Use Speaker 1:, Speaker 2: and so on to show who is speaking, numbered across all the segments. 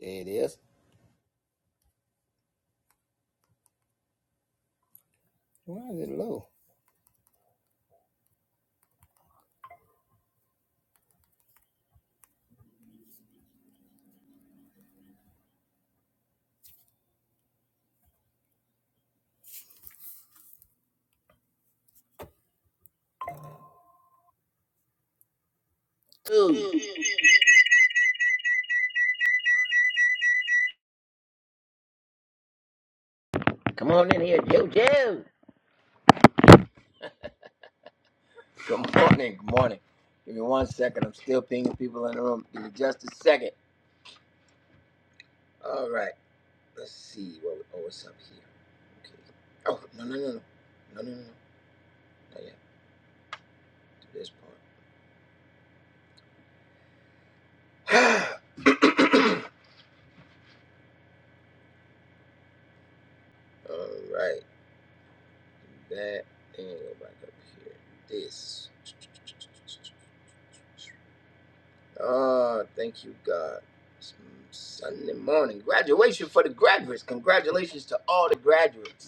Speaker 1: There it is. Why is it low? Dude,
Speaker 2: Come on in here, JoJo. Good morning. Good morning. Give me one second. I'm still pinging people in the room. Give me just a second. All right. Let's see. What, oh, what's up here? Okay. Oh, no, no, no, no. No, no, no. no. Not yet. To this part. All right. Do that. Then go back up here. This. Oh, thank you, God. It's Sunday morning. Graduation for the graduates. Congratulations to all the graduates.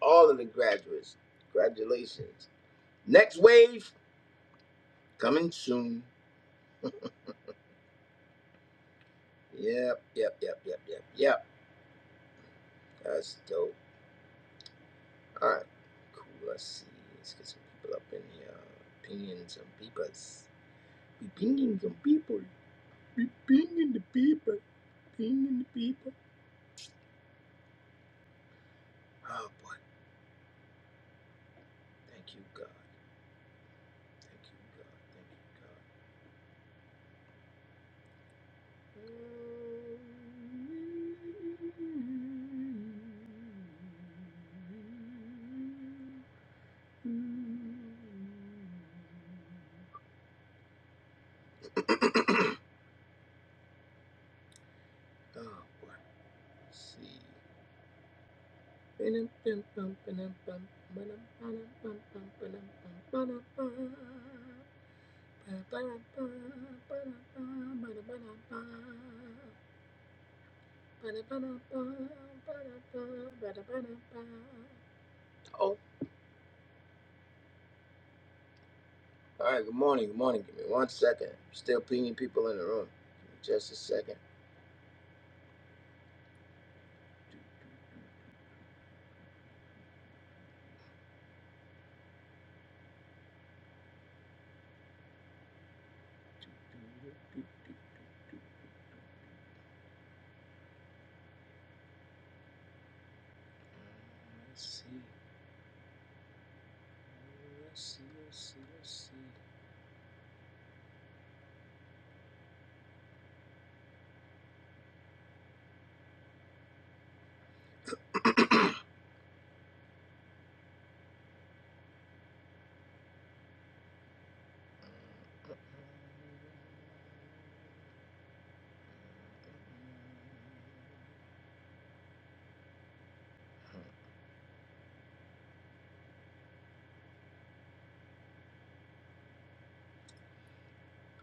Speaker 2: all of the graduates. Congratulations. Next wave coming soon. Yep, yep, yep, yep, yep, yep. That's dope. All right, cool. Let's see. Let's get some people up in here. Pinging some peoples. We pinging some people. We pinging the people. Pinging the people. Oh boy. Thank you, God. Thank you, God. Thank you, God. Mm. Oh, boy. Let's see. Oh, all right. Good morning. Good morning. Give me one second. Still pinging people in the room. Give me just a second. Let's see. Let's see. Let's see. Let's see.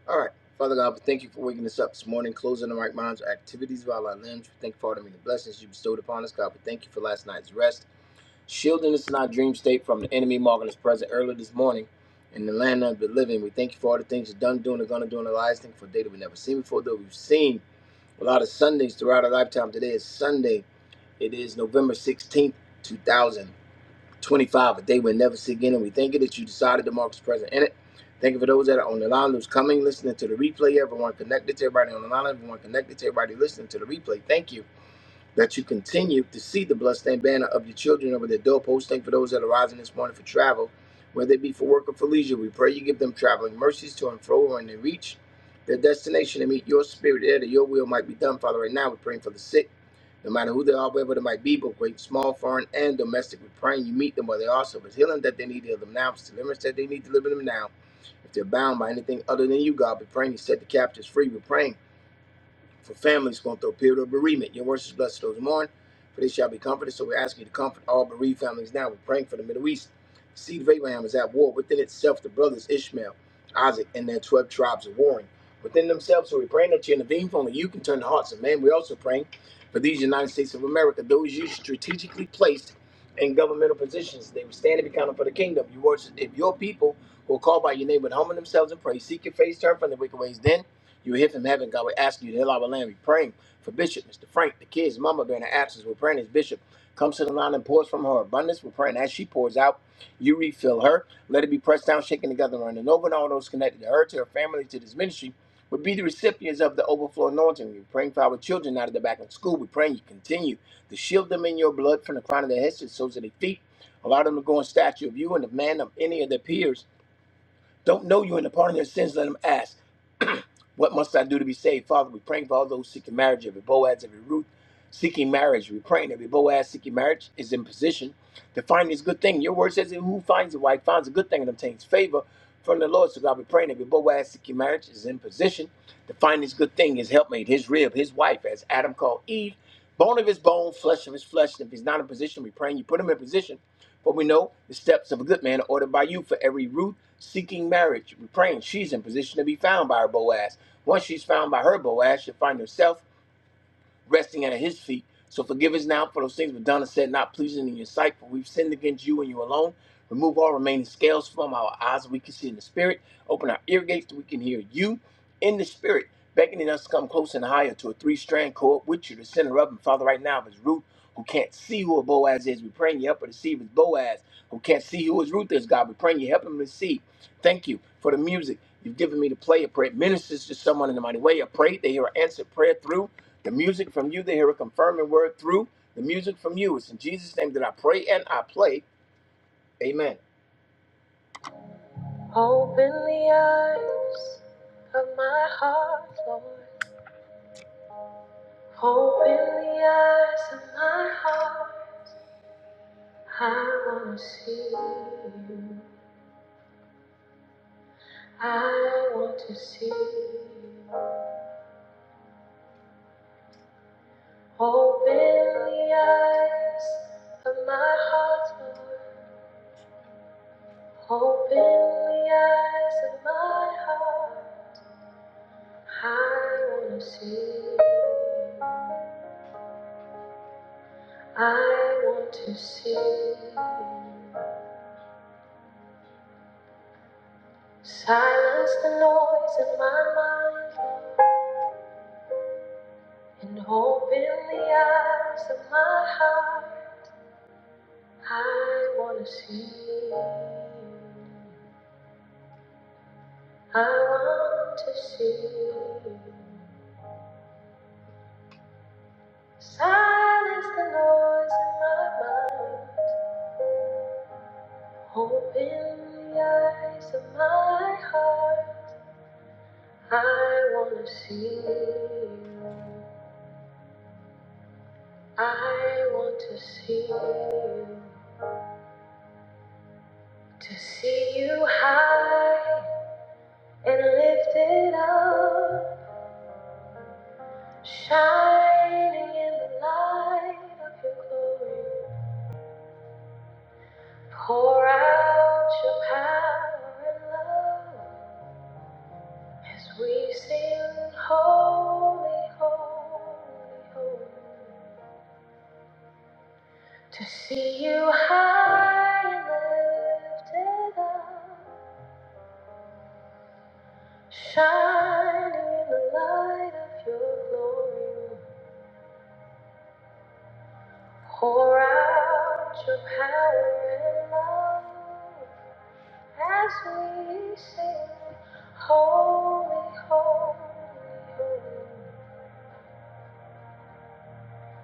Speaker 2: All right. Father God, we thank you for waking us up this morning, closing the right minds, activities of all our limbs. We thank you for all the many blessings you bestowed upon us. God, we thank you for last night's rest. Shielding us in our dream state from the enemy marking us present earlier this morning in the land of the living. We thank you for all the things you've done, doing, and gonna do in our lives. Thank you for data we've never seen before, though we've seen a lot of Sundays throughout our lifetime. Today is Sunday. It is November 16th, 2025, a day we'll never see again. And we thank you that you decided to mark us present in it. Thank you for those that are on the line, those coming, listening to the replay, everyone connected to everybody on the line, everyone connected to everybody listening to the replay. Thank you that you continue to see the bloodstained banner of your children over their doorposts. Thank for those that are rising this morning for travel, whether it be for work or for leisure. We pray you give them traveling mercies to and fro when they reach their destination and meet your spirit there, that your will might be done. Father, right now we're praying for the sick, no matter who they are, wherever they might be, both great, small, foreign, and domestic. We're praying you meet them where they are. So if it's healing that they need, heal them now. If it's deliverance that they need, deliver them now. If they're bound by anything other than you, God, we're praying you set the captives free. We're praying for families going through a period of bereavement. Your words is blessed to those who mourn, for they shall be comforted. So we're asking you to comfort all bereaved families now. We're praying for the Middle East. The seed of Abraham is at war within itself. The brothers Ishmael, Isaac, and their 12 tribes are warring within themselves. So we're praying that you intervene, for only you can turn the hearts of man. We're also praying for these United States of America, those you strategically placed in governmental positions. They will stand and be counted for the kingdom. Your words, if your people who are called by your name would humble themselves and pray, seek your face, turn from the wicked ways, then you will hear from heaven, God will ask you to heal our land. we are praying for Bishop, Mr. Frank, the kids, Mama during the absence. We're praying as Bishop comes to the line and pours from her abundance. We're praying as she pours out, you refill her. Let it be pressed down, shaken together, and running over, and all those connected to her, to her family, to this ministry. Would be the recipients of the overflow anointing. We're praying for our children out of the back of school. We're praying you continue to shield them in your blood from the crown of their heads to the soles of their feet. Allow them to go in stature of you and the man of any of their peers. Don't know you and the pardon of their sins, let them ask. What must I do to be saved? Father, we're praying for all those seeking marriage, every Boaz, every Ruth seeking marriage. We're praying every Boaz seeking marriage is in position to find this good thing. Your word says, that Who finds a wife finds a good thing and obtains favor from the Lord. So, God, we're praying every Boaz seeking marriage is in position to find this good thing, his helpmate, his rib, his wife, as Adam called Eve, bone of his bone, flesh of his flesh. And if he's not in position, we're praying you put him in position for we know the steps of a good man are ordered by you for every Ruth seeking marriage. We're praying she's in position to be found by her Boaz. Once she's found by her Boaz, she'll find herself resting at his feet. So forgive us now for those things we've done and said not pleasing in your sight, for we've sinned against you and you alone. Remove all remaining scales from our eyes that we can see in the spirit. Open our ear gates that we can hear you in the spirit, beckoning us to come close and higher to a three strand cord with you, the center of them. Father, right now, if it's Ruth who can't see who a Boaz is. We pray and you help her to see if it's Boaz, who can't see who his Ruth is, God. We pray and you help him to see. Thank you for the music you've given me to play. I pray it ministers to someone in the mighty way. I pray they hear an answered prayer through the music from you. They hear a confirming word through the music from you. It's in Jesus' name that I pray and I play. Amen. Open the eyes of my heart, Lord. Open the eyes of my heart. I want to see you. I want to see. Open the eyes of my heart, Lord. Open the eyes of my heart. I want to see. I want to see. Silence the noise in my mind and open the eyes of my heart. I want to see. I want to see you. Silence the noise in my mind. Open the eyes of my heart. I want to see you. I want to see you. To see you high and lifted up. Shining in the light of your glory. Pour out your power and love as we sing holy, holy, holy. To see you high and lifted up, shining in the light of your glory. Pour out your power and love as we sing holy, holy, holy.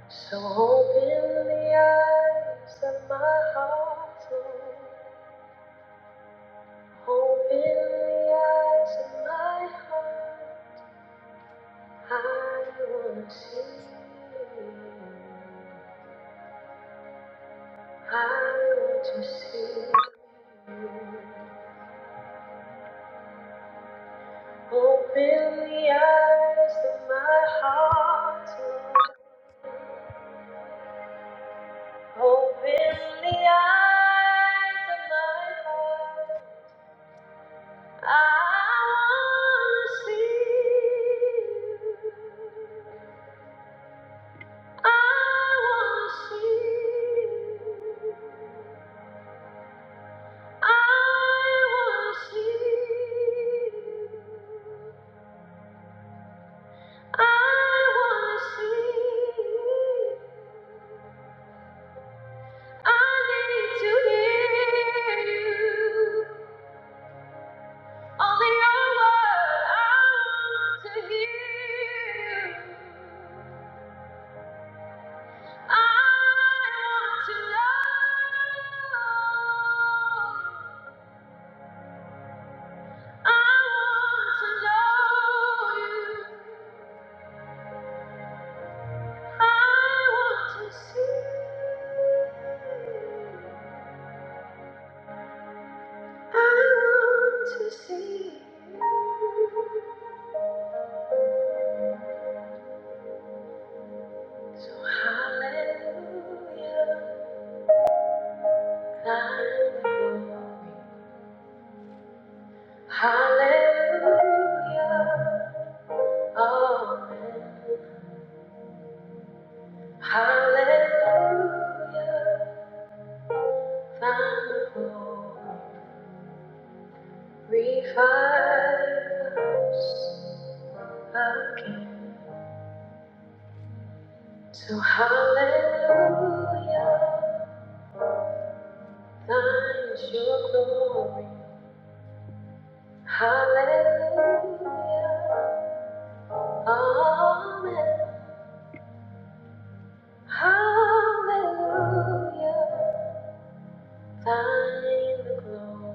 Speaker 2: So open the eyes of my heart, Lord. Open the eyes of my heart. I want to see you. I want to see you. Open the eyes of my heart, Lord. Open the eyes of my heart. I wanna see you. I wanna see you. I wanna see you. I want to know. I want to know you. I want to see. I want to see. So hallelujah, thine glory. Hallelujah, amen. Hallelujah. Revive us again. So hallelujah, thine is your glory. Hallelujah, amen. Hallelujah, thine the glory.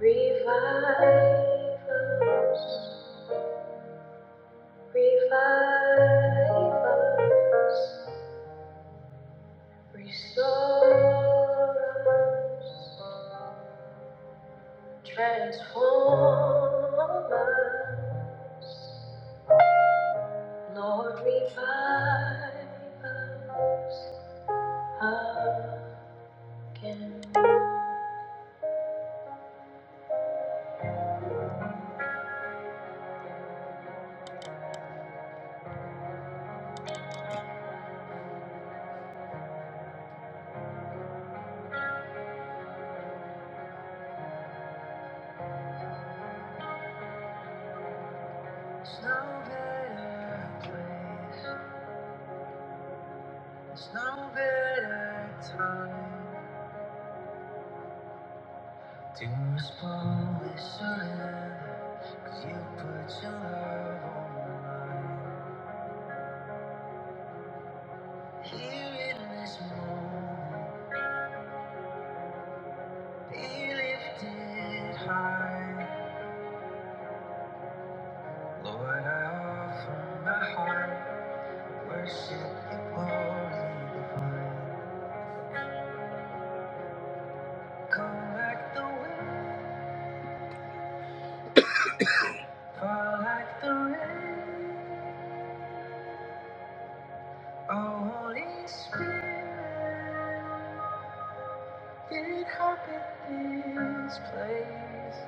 Speaker 2: Revive us, revive us. Restore us, transform us, Lord, revive us again. There's no better place, there's no better time to respond with surrender, 'cause you put your love on mine. Here in this moment. Be lifted high, Lord. I offer my heart, worship and glory divine. Come like the wind, fall like the rain. Oh, Holy Spirit, inhabit this place.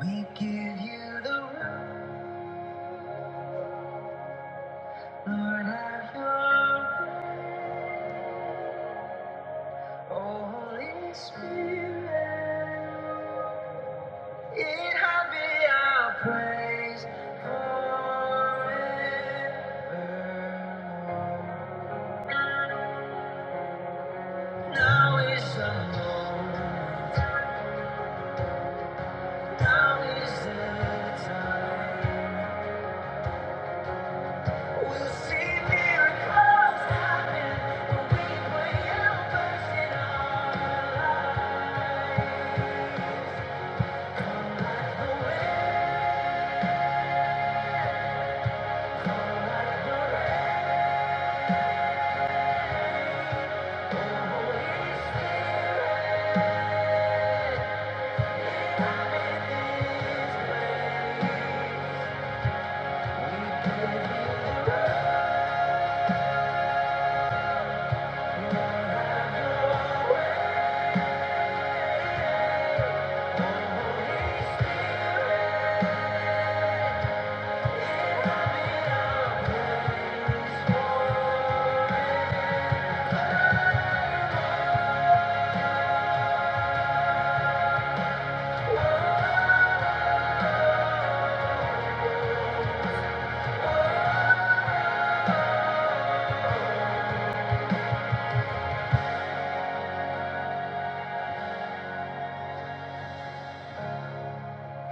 Speaker 2: We give you the room, Lord. Have your way. Oh, Holy Spirit. It have been our praise forever. Now is the moment. Now is the time. We'll see miracles happen when we put Him our lives. Like the way it have been our praise forever.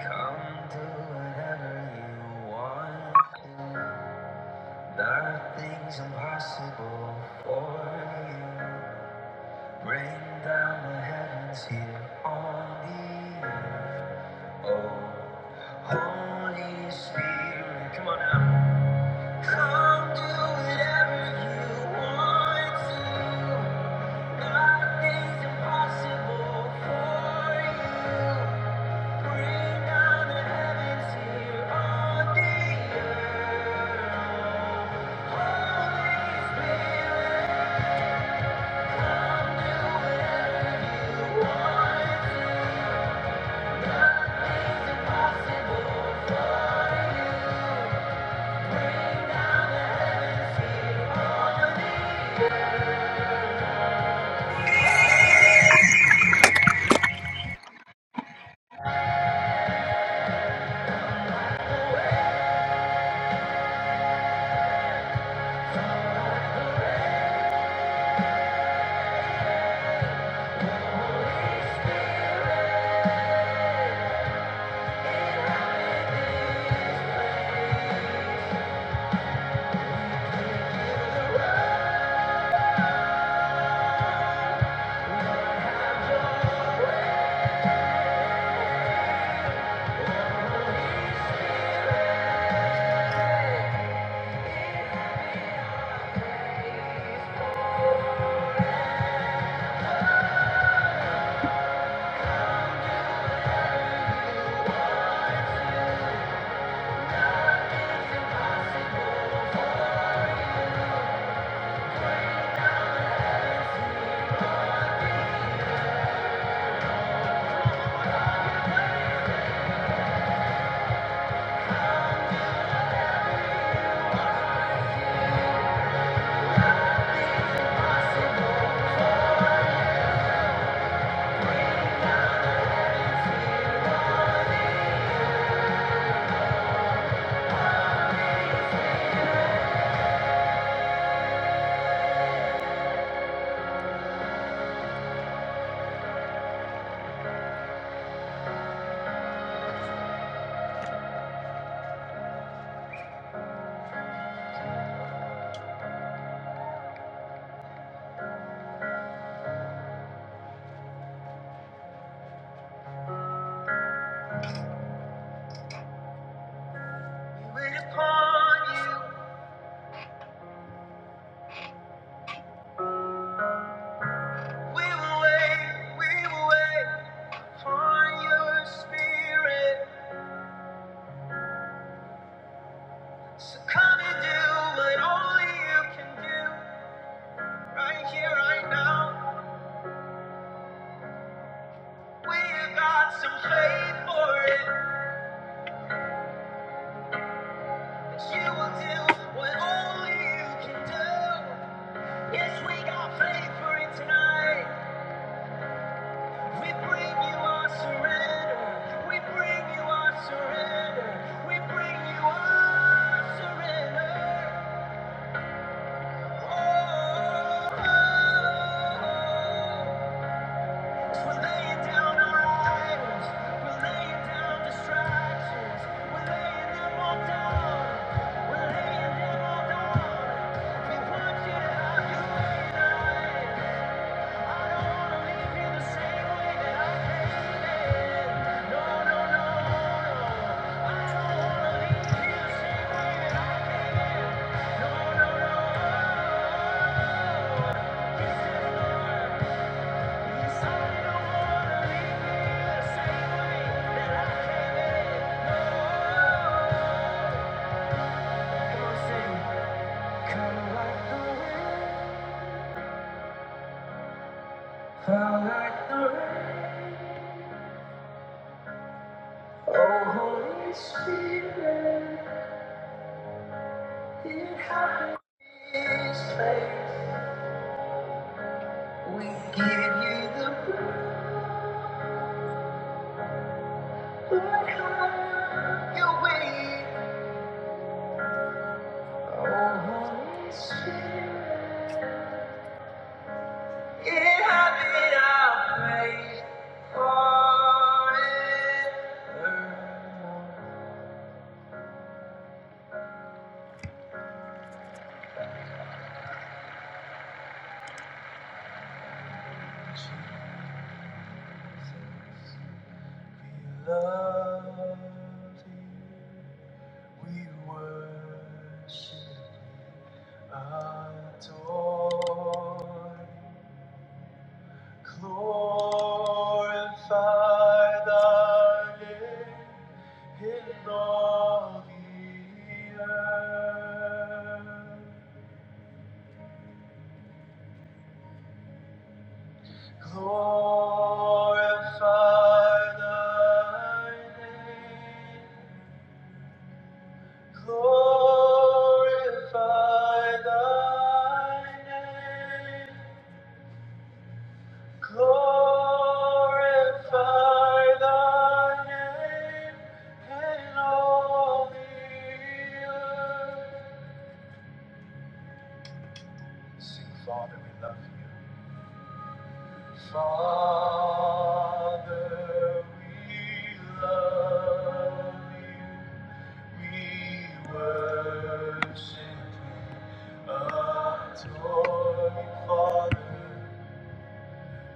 Speaker 2: Come do whatever you want to. Nothing's impossible for you. Bring down the heavens here on the earth. Oh, Holy Spirit, come on now. Come do whatever you want to. Nothing's impossible for you. Bring down the heavens here on the earth. Wait upon you. We will wait. We will wait upon your spirit. So come and do what only you can do. Right here, right now. We got some faith for it. That you will do what only you can do. Yes, we got faith for it tonight. We bring you our surrender. We bring you our surrender. We bring you our surrender. Oh, we're laying down our idols. We're laying down distractions. We're laying them all down. We're laying them all down. We want you to have your way tonight. Oh, Holy Spirit, it happens. in this place. We give you the praise. Your way, oh Holy Spirit, inhabit our praise forevermore. Jesus, we love you. We worship, adore Glorify thy name in all the earth. Glorify thy name. Glorify thy name. Glorify thy name in all the earth. Sing, Father, we love you. Father, we love you. We worship you, adore you, Father.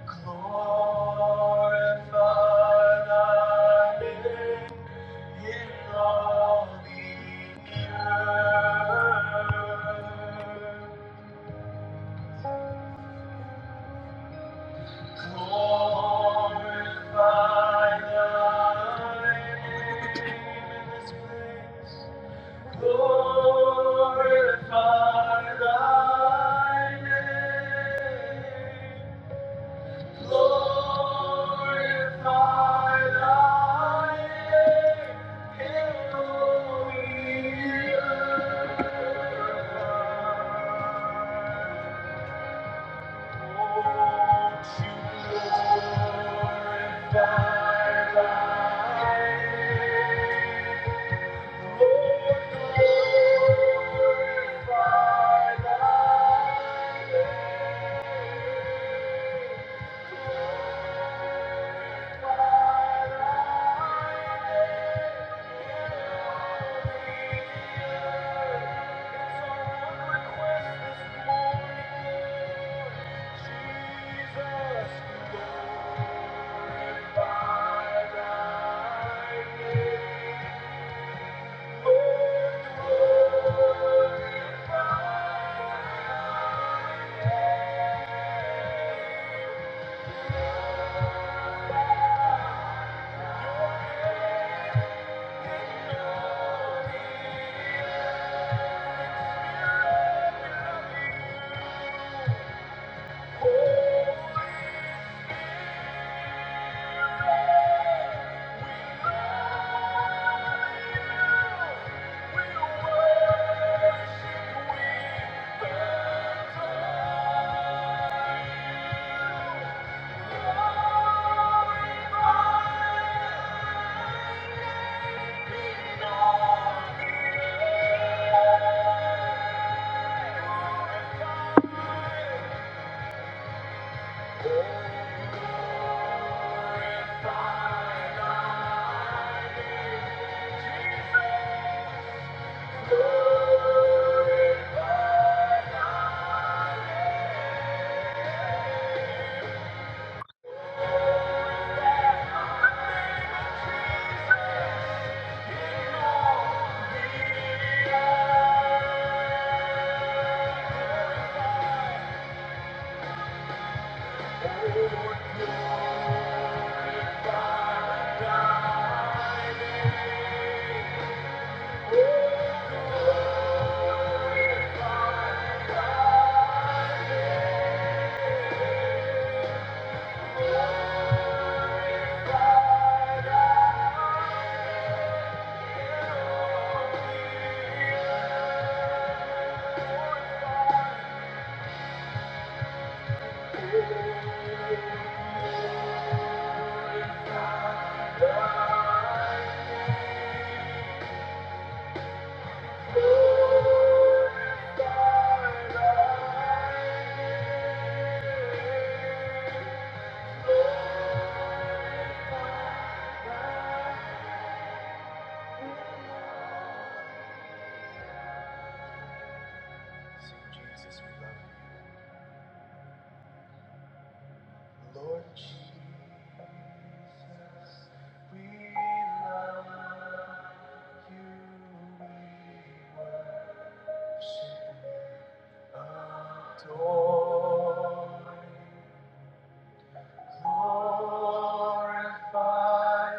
Speaker 2: Glorify thy name in all the earth. Glorify thy name in this place. Glorify thy name. Jesus, we love you. Lord Jesus, we love you. We worship, adore. Glorify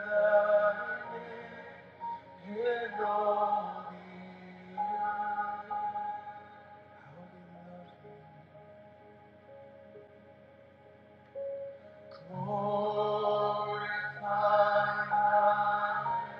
Speaker 2: the name of the Lord. Glorify thy name.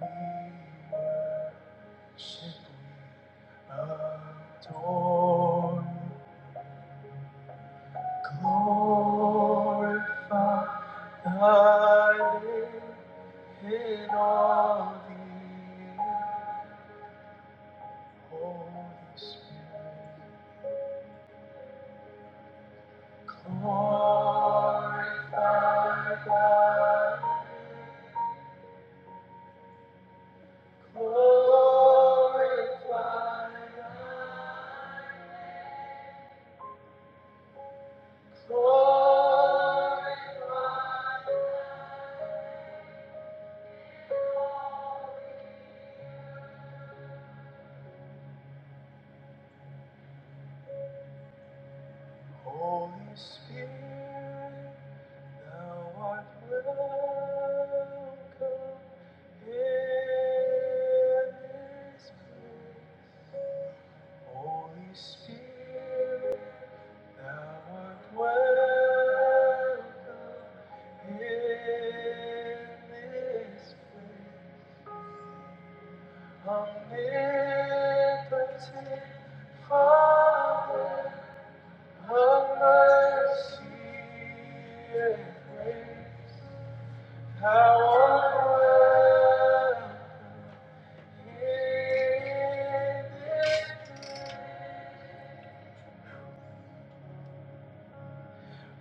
Speaker 2: We worship, adore. Glorify thy name in all the earth, Holy Spirit. Glorify thy, glorify thy, glorify Thou art welcome in this place. Holy Spirit, thou art welcome in this place. Omnipotent Father of mercy, thou art welcome.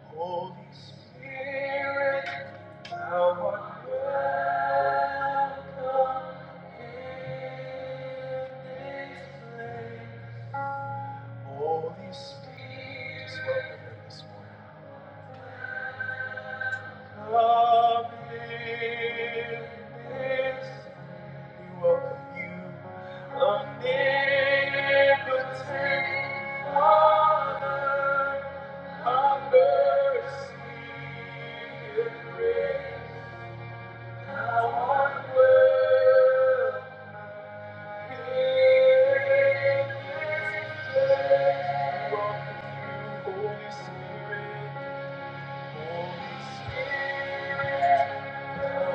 Speaker 2: Holy Spirit, Holy Spirit, just welcome this morning. Come in this. We welcome you, omnipotent Father of mercy and grace. Thou art worthy in this place. Holy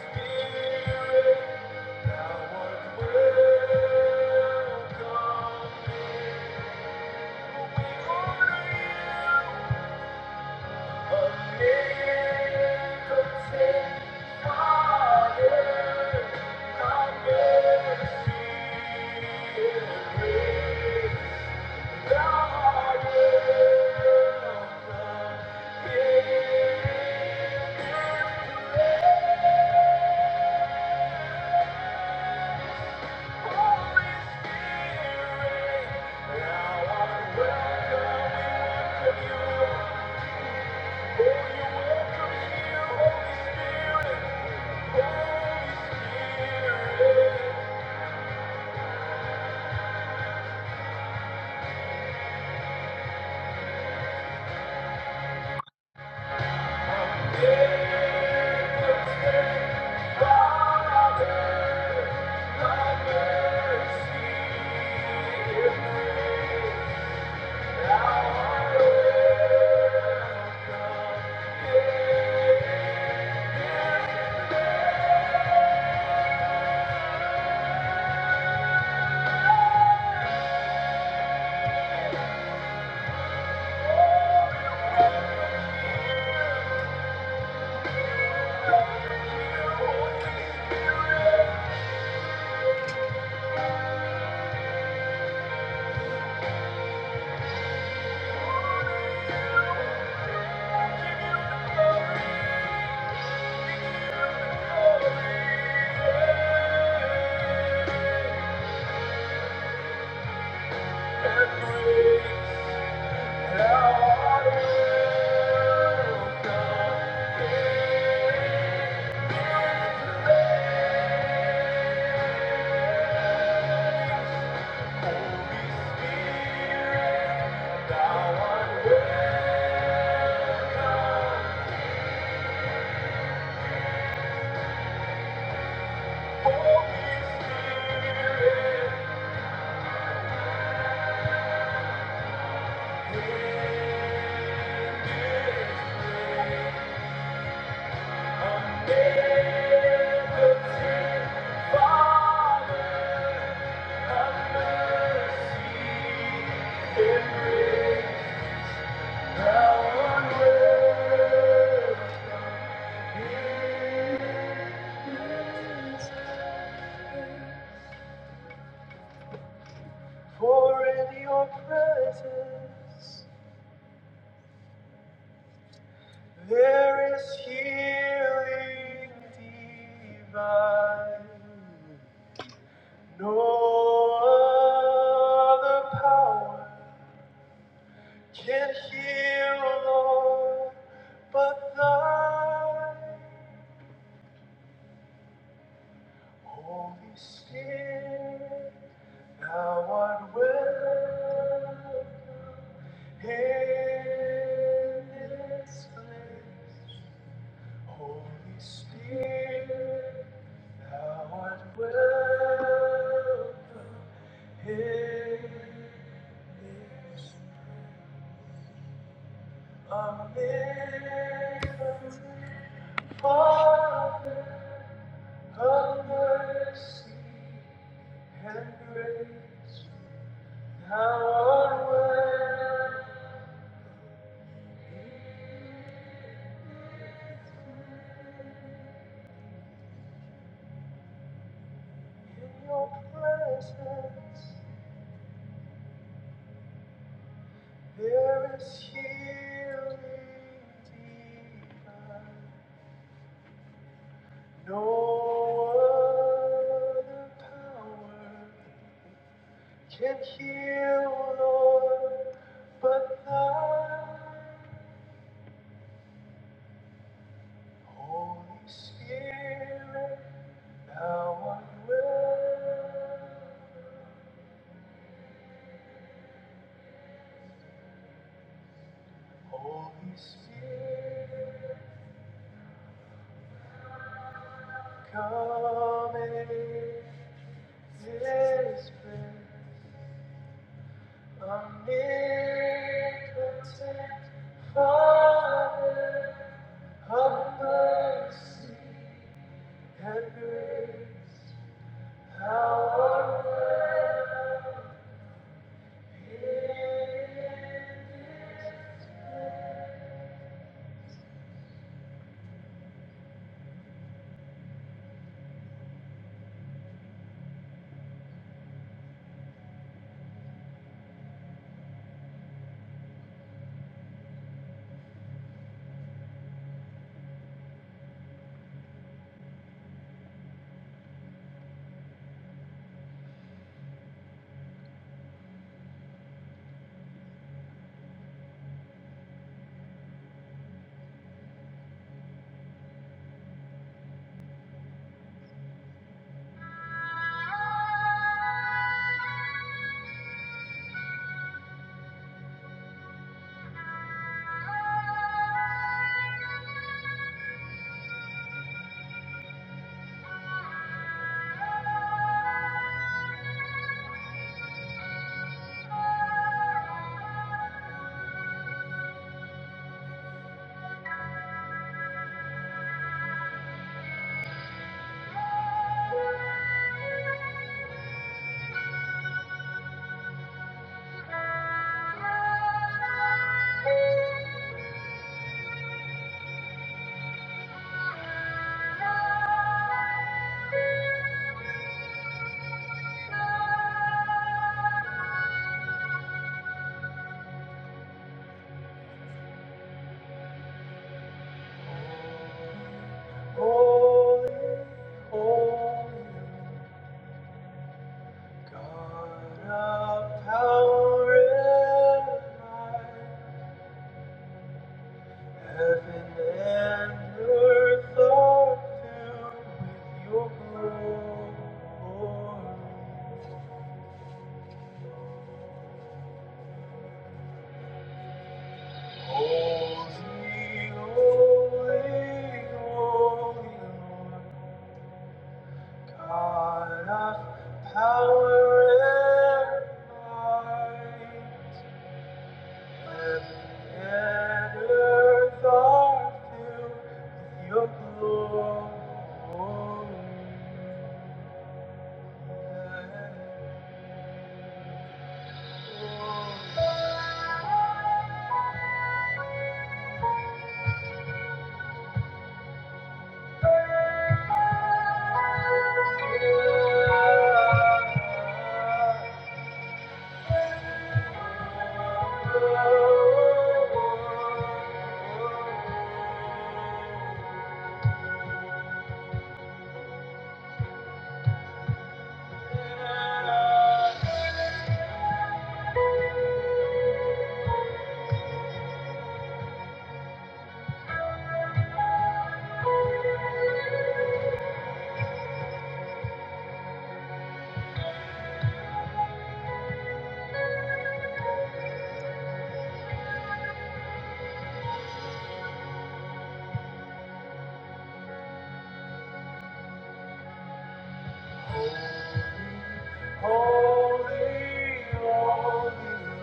Speaker 2: Spirit, now what will come? For in your presence. There is healing divine. No other power can heal, Lord, but Thy Holy Spirit. Thou art welcome in this Spirit. Thou art welcome. in this Spirit. Amid the living mercy and grace. Now in your presence there is healing divine. No other power can heal, Lord, but Thy Holy Spirit. Now I will. Holy Spirit, come and this place. i near, content, Father of mercy and grace. How Holy, holy, God of power and might. Heaven and earth are filled with your glory. Holy, holy, holy Lord God of power and might. Heaven and earth are filled with your glory. Holy, holy,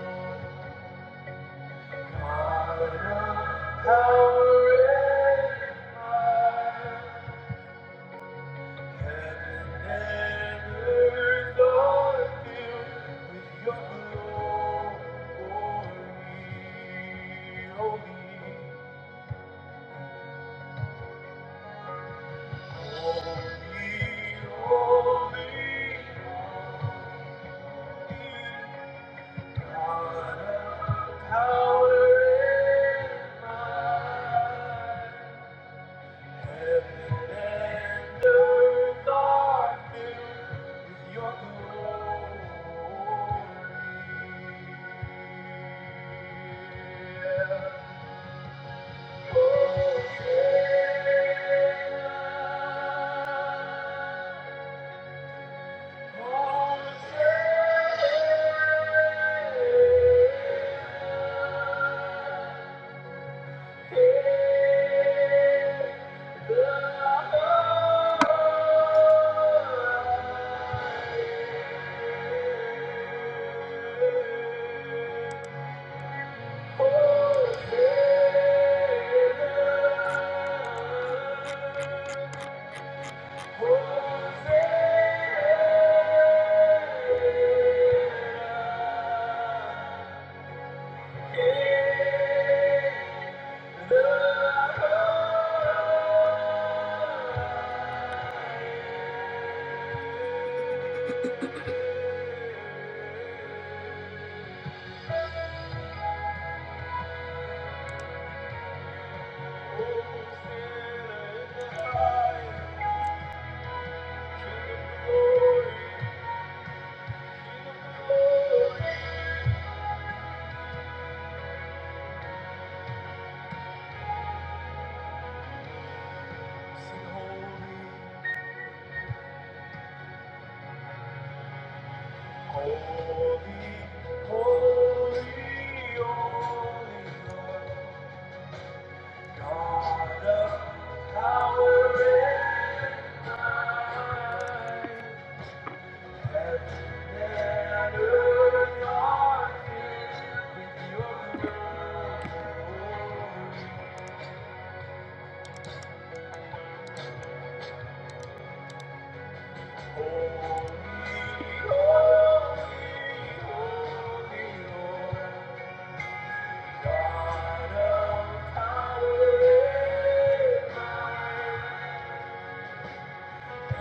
Speaker 2: Mara, Tower and high. Heaven and earth are filled with your glory. Holy, holy, holy. holy, Mother, Tower and fire. Yeah. Thank you. Lay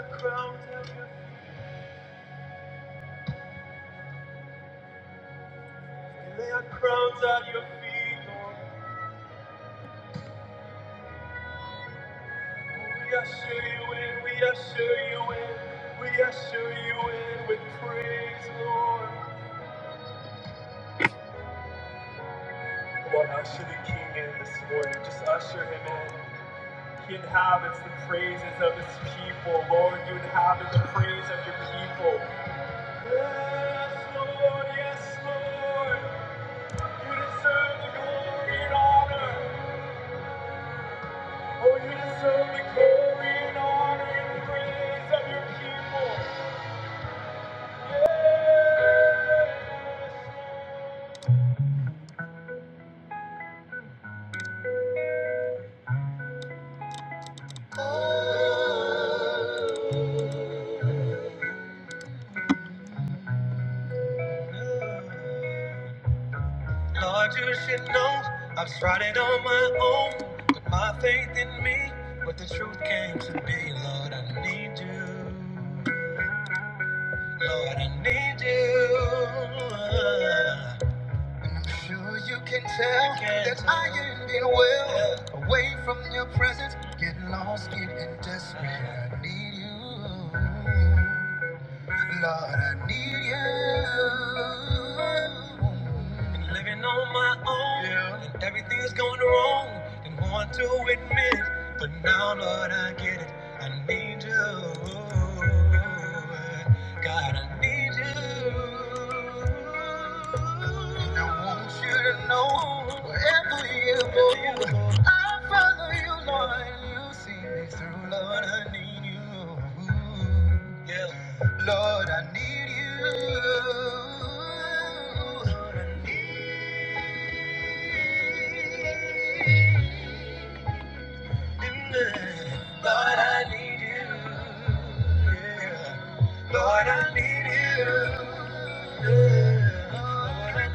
Speaker 2: crowns at your feet. Lay crowns at your feet, Lord. We usher you in. We usher you in. We usher you in with praise, Lord. Come on, usher the King in this morning. Just usher him in. He inhabits the praises of his people, Lord. You inhabit the praise of your people. Yes, Lord, yes, Lord. You deserve the glory and honor. Oh, you deserve the glory honor and praise of your people. Lord, you should know I've tried it on my own. Put my faith in me, but the truth came to me. Lord, I need you. Lord, I need you. And I'm sure you can tell that I ain't been well. Away from your presence, getting lost, getting desperate. I need you. Lord, I need you. Been living on my own, yeah. and everything's going wrong. Didn't want to admit, but now, Lord, I get it. I need you. God, I need you. And I want you to know wherever you go. I follow you, Lord, and you see me through, Lord. I need you. Yeah. Lord, I need you. Yeah. Lord, I need you. Yeah. Lord, I need you. Yeah. Lord, I need you. Yeah. Lord, I need you. Yeah.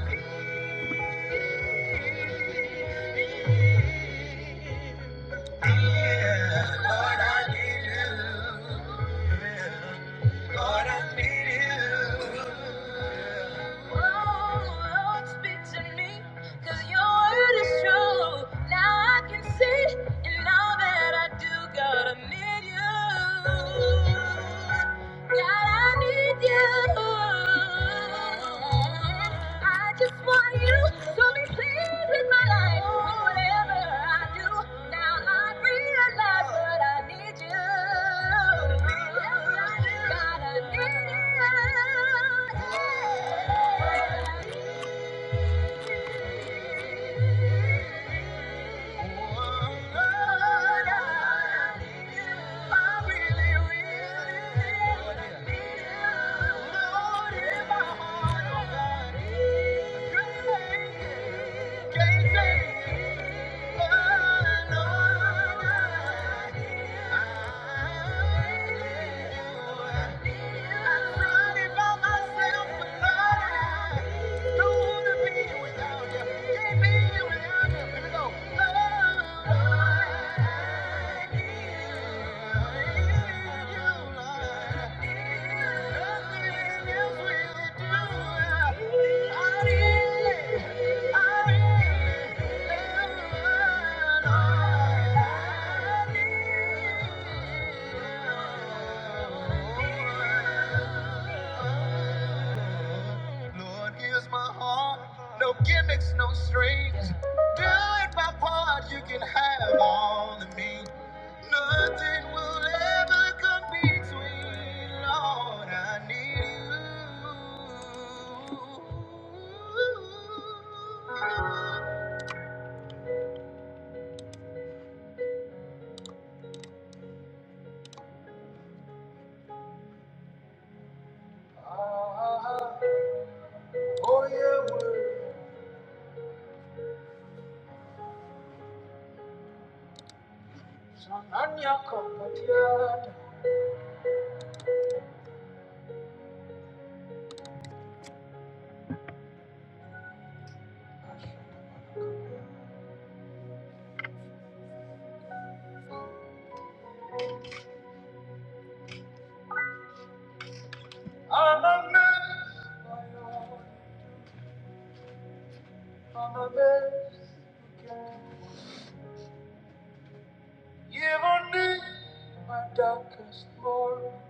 Speaker 2: Lord, I need you. Lord, I need you. Oh, speak to me, 'cause your word is true. Now I can see, and all that I do, God, I need you. God, I need you. I just want you to be pleased with my life. Whatever I do, now I realize that I need you. God, I need you. Thank you. I really, I really am alive. Lord, here's my heart. No gimmicks, no strings. Doing my part, you can have all of me. Nothing will ever come between. Lord, I need you. Ah, oh yeah, well, Sananya kapatiyata. I'm amazed, my Lord, I'm a mess again. Even in my darkest moment.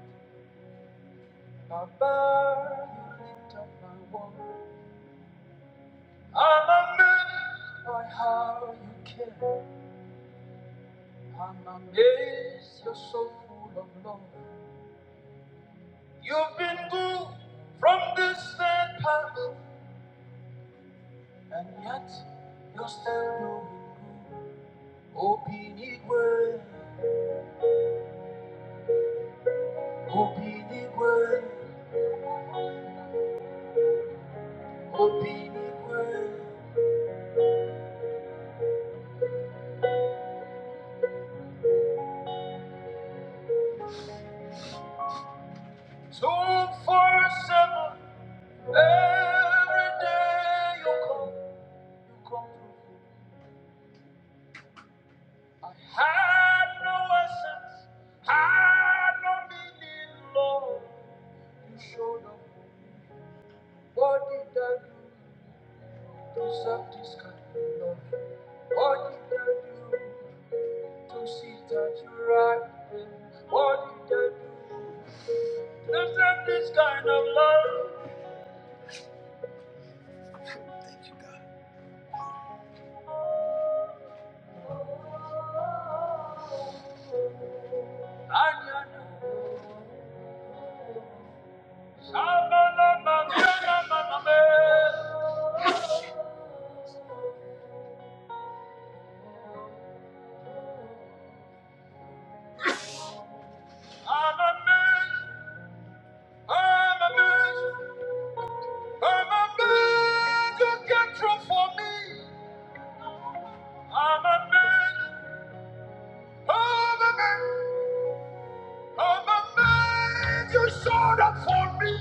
Speaker 2: My birth, my making, amaze you, Go from this day past. Obi, Obi, the word, Obi, the word. Two, four, seven. Every day you come. Had no essence, had no meaning, Lord. You showed up. What did I do to serve this kind of love? What did I do? to see that you're right. What did I do? Deserve this kind of love. And you know, Shama Lama Mama Mama Mama. I'm amazed, I'm amazed, i you came through for me. I'm amazed, I'm amazed, I'm amazed you showed up for me.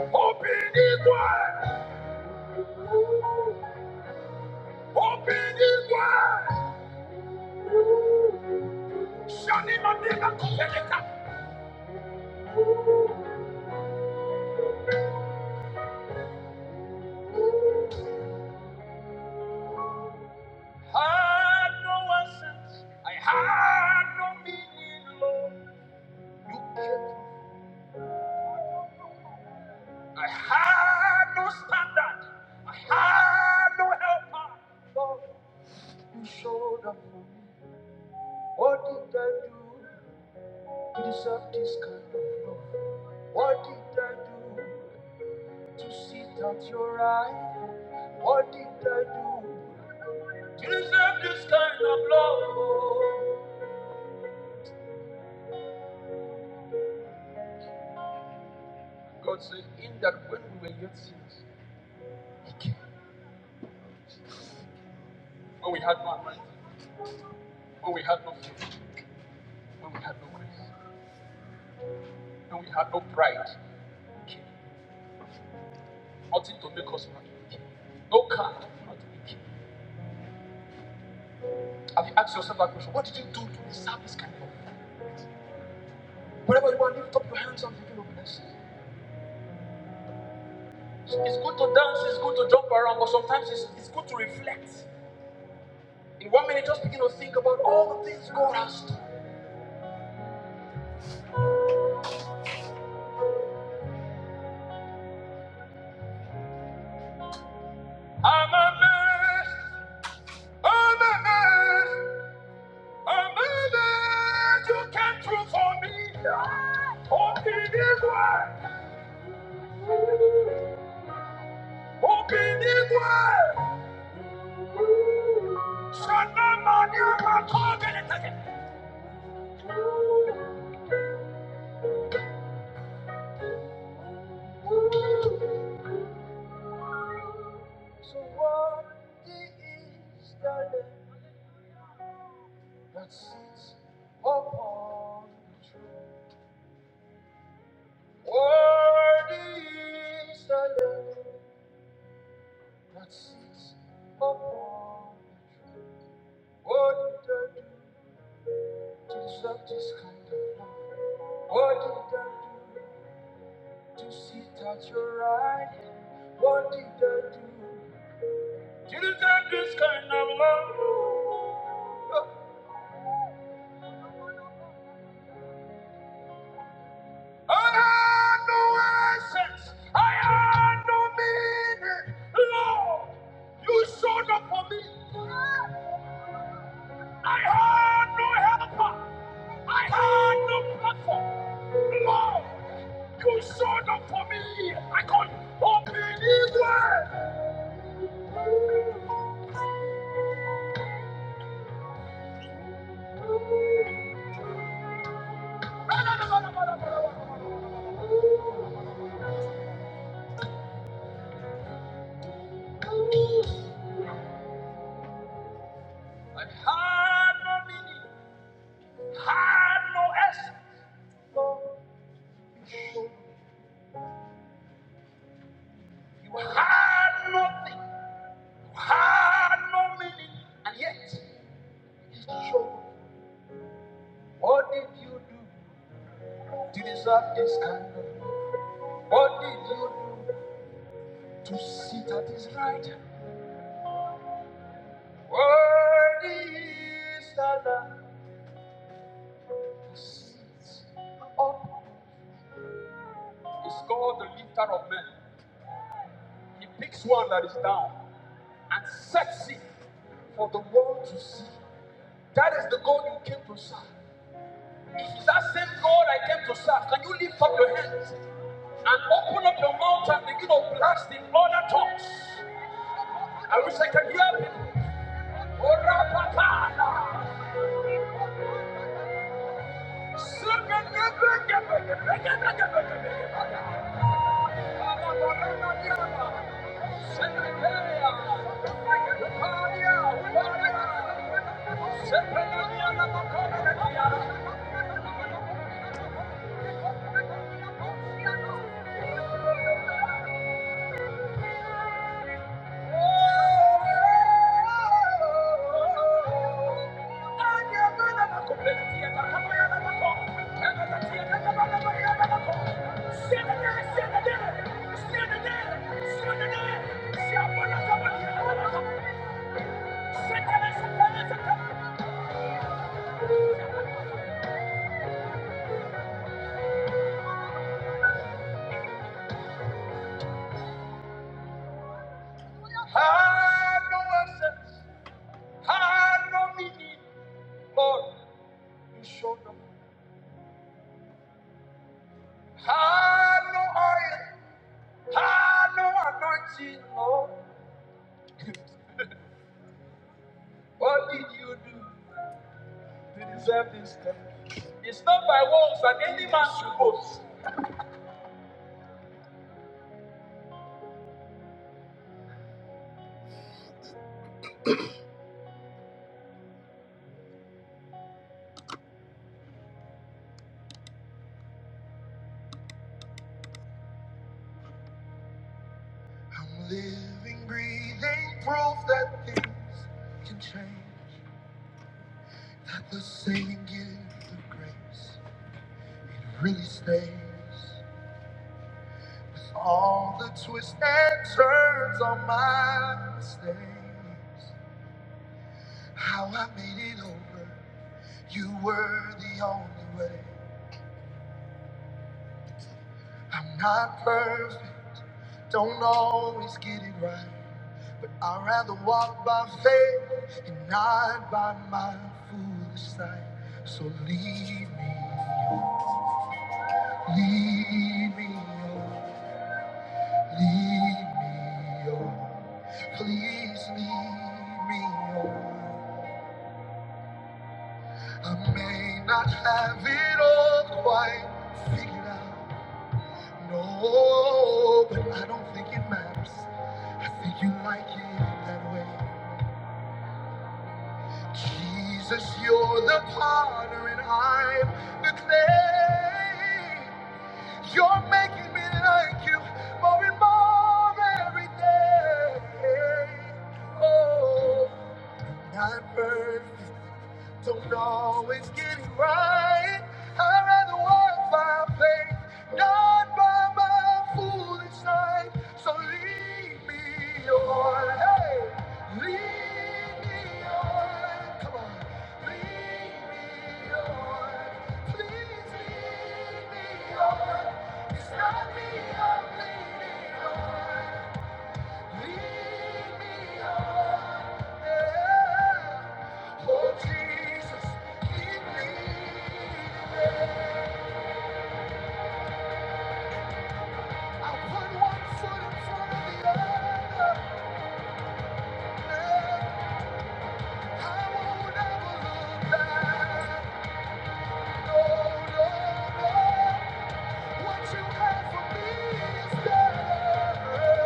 Speaker 2: Open it wide, open it wide. Shani Mandela I had no essence. I had no meaning, Lord. You came. I had no standard. I had no helper. Lord, you showed up for me. What did I do to deserve this kind of love? What did I do to sit at your right? What did I do to deserve this kind of love? God said, In that when we were yet sinners. when we had no right, when we had no faith, when we had no grace, when we had no pride, nothing to make us happy, no car, nothing Have you asked yourself that question? What did you do to deserve this kind of love? Whenever you want, lift up your hands and begin to bless. It's good to dance, it's good to jump around, but sometimes it's, it's good to reflect. In one minute, just begin to think about all the things God has done. I'm amazed, I'm amazed. Amanda, you came through for me. Obinigwe, Obinigwe, Shana Mania Makogene. So worthy is the Lamb that sits upon the throne. Worthy is the Lamb that sits upon the throne. What did I do to deserve this kind of love? What did I do? To sit at your right hand, what did I do? Didn't I do this kind of love? Oh, I had no essence. I had no meaning. Lord, you showed up for me. I had no helper. I had no platform. Lord, you showed up for me. I could open it wide. And had no meaning, had no essence, you had nothing, you had no meaning, and yet it showed. What did you do to deserve this kind of? love? What did you do to sit at his right? hand? What is that to sit up? It's called the lifter of men. He picks one that is down and sets it for the world to see. That is the God you came to serve. If it's that same God I came to serve, can you lift up your hands and open up the mountain and you know blast in all that talks? I wish I could hear. people. Oh, my God! Sing it, sing it, sing it, sing it, sing it, sing it, sing it. Thank you. I no assets, had no meaning, Lord, you showed them. Had no oil, I no anointing, Lord. What did you do to deserve this kindness? It's not by works that any man should boast. I'm living, breathing proof that things can change. That the saving gift of grace, it really stays. With all the twists and turns on my mistakes, how I made it over, you were the only way. I'm not perfect, don't always get it right, but I'd rather walk by faith and not by my foolish sight. So lead me, oh, lead me, oh, lead me, oh, please lead me, oh. I may not have it all quite figured out. No, but I don't think it matters. I think you like it that way. Jesus, you're the potter and I'm the clay. You're making me like you more and more every day. Oh. Not perfect, don't always get it right. I'd rather walk by faith, not by my foolish sight. So lead me on, hey, lead me on. Come on, lead me on. Please lead me on. 'Cause I won't allow, oh, oh, what you have for me is better.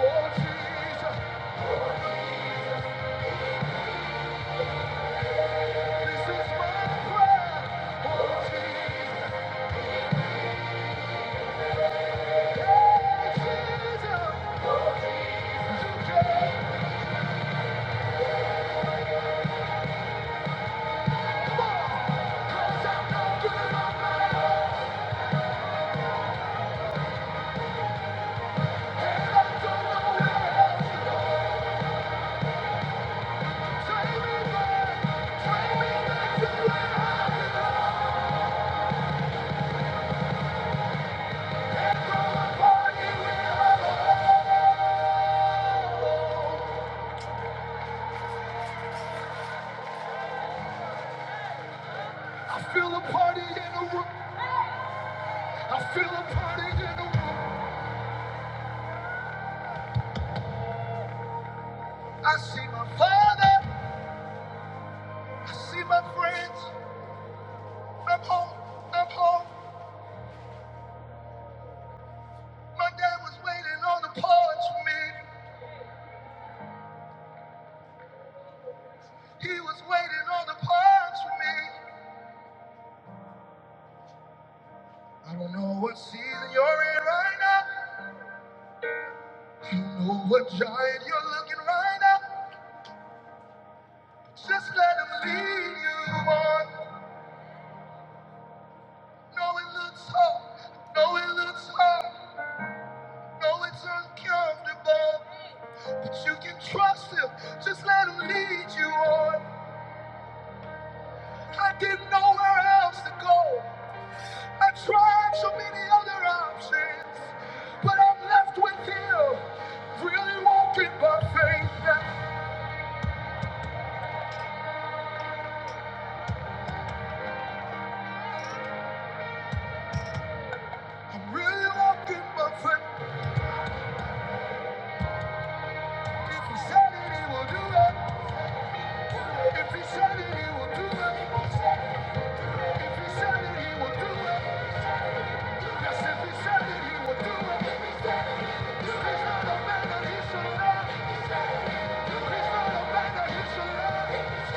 Speaker 2: Oh, Jesus, this is my prayer. Oh, Jesus. I feel a party in the room. I feel a party in the room. I see my father. I see my friends. I'm home. I'm home. My dad was waiting on the porch for me. He was waiting on the porch for me. I don't know what season you're in right now. You know what giant you're looking right now. Just let him lead you on. No, it looks hard. No, it looks hard. No, it's uncomfortable. But you can trust him. Just let him lead you on. I didn't know where else to go. I tried so many other options. But I'm left with him. Really walking by faith now. I'm really walking by faith. If he said it, he will do it. If he said it, he will do it. If he said it, he will do it. Yes, if he said it, he will do it. He's not a man that he should He's not a man that he should lie.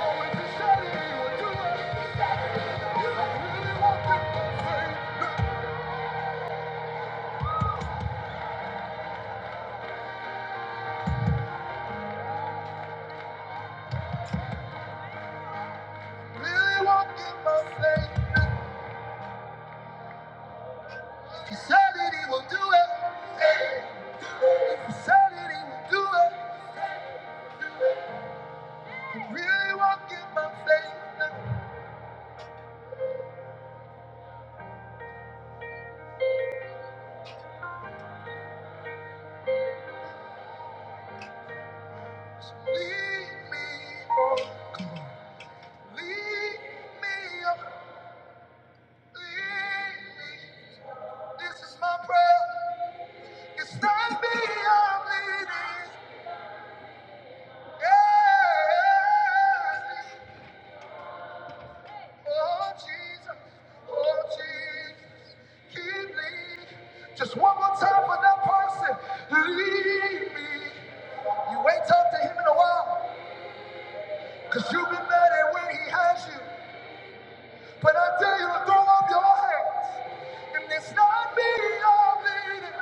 Speaker 2: Oh, if he said it, he will do it. I really want it by faith. Really want it by faith. he said it, he will do it. Hey. If he said it, he will do it. Really walking my faith now. So lead me, oh, lead me, oh, lead me. This is my prayer. It's not me I'm leading. Yeah. Oh Jesus, oh Jesus, keep leading. Just one more time for that person. Lead me. You ain't talked to him in a while, cause you've been mad at where he has you. But I tell you to throw up your hands, and it's not me I'm leading.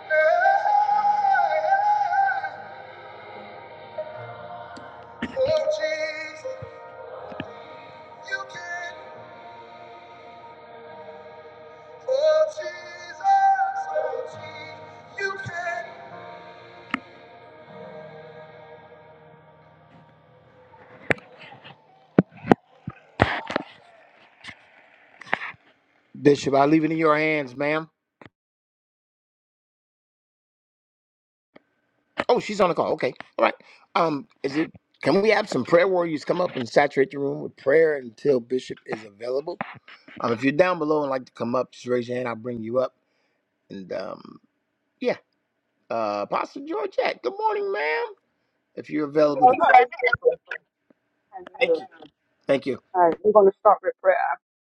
Speaker 2: Hey, oh, you can, oh Jesus, oh Jesus, you can. Bishop, I leave it in your hands, ma'am. Oh, she's on the call. Okay, all right. Um, is it? Can we have some prayer warriors come up and saturate the room with prayer until Bishop is available? Um, if you're down below and like to come up, just raise your hand. I'll bring you up. And um, yeah, uh, Pastor Georgette, good morning, ma'am. if you're
Speaker 3: You
Speaker 2: available to
Speaker 3: love her. I
Speaker 2: thank
Speaker 3: knew.
Speaker 2: you thank you
Speaker 3: All right, we're going to start with prayer.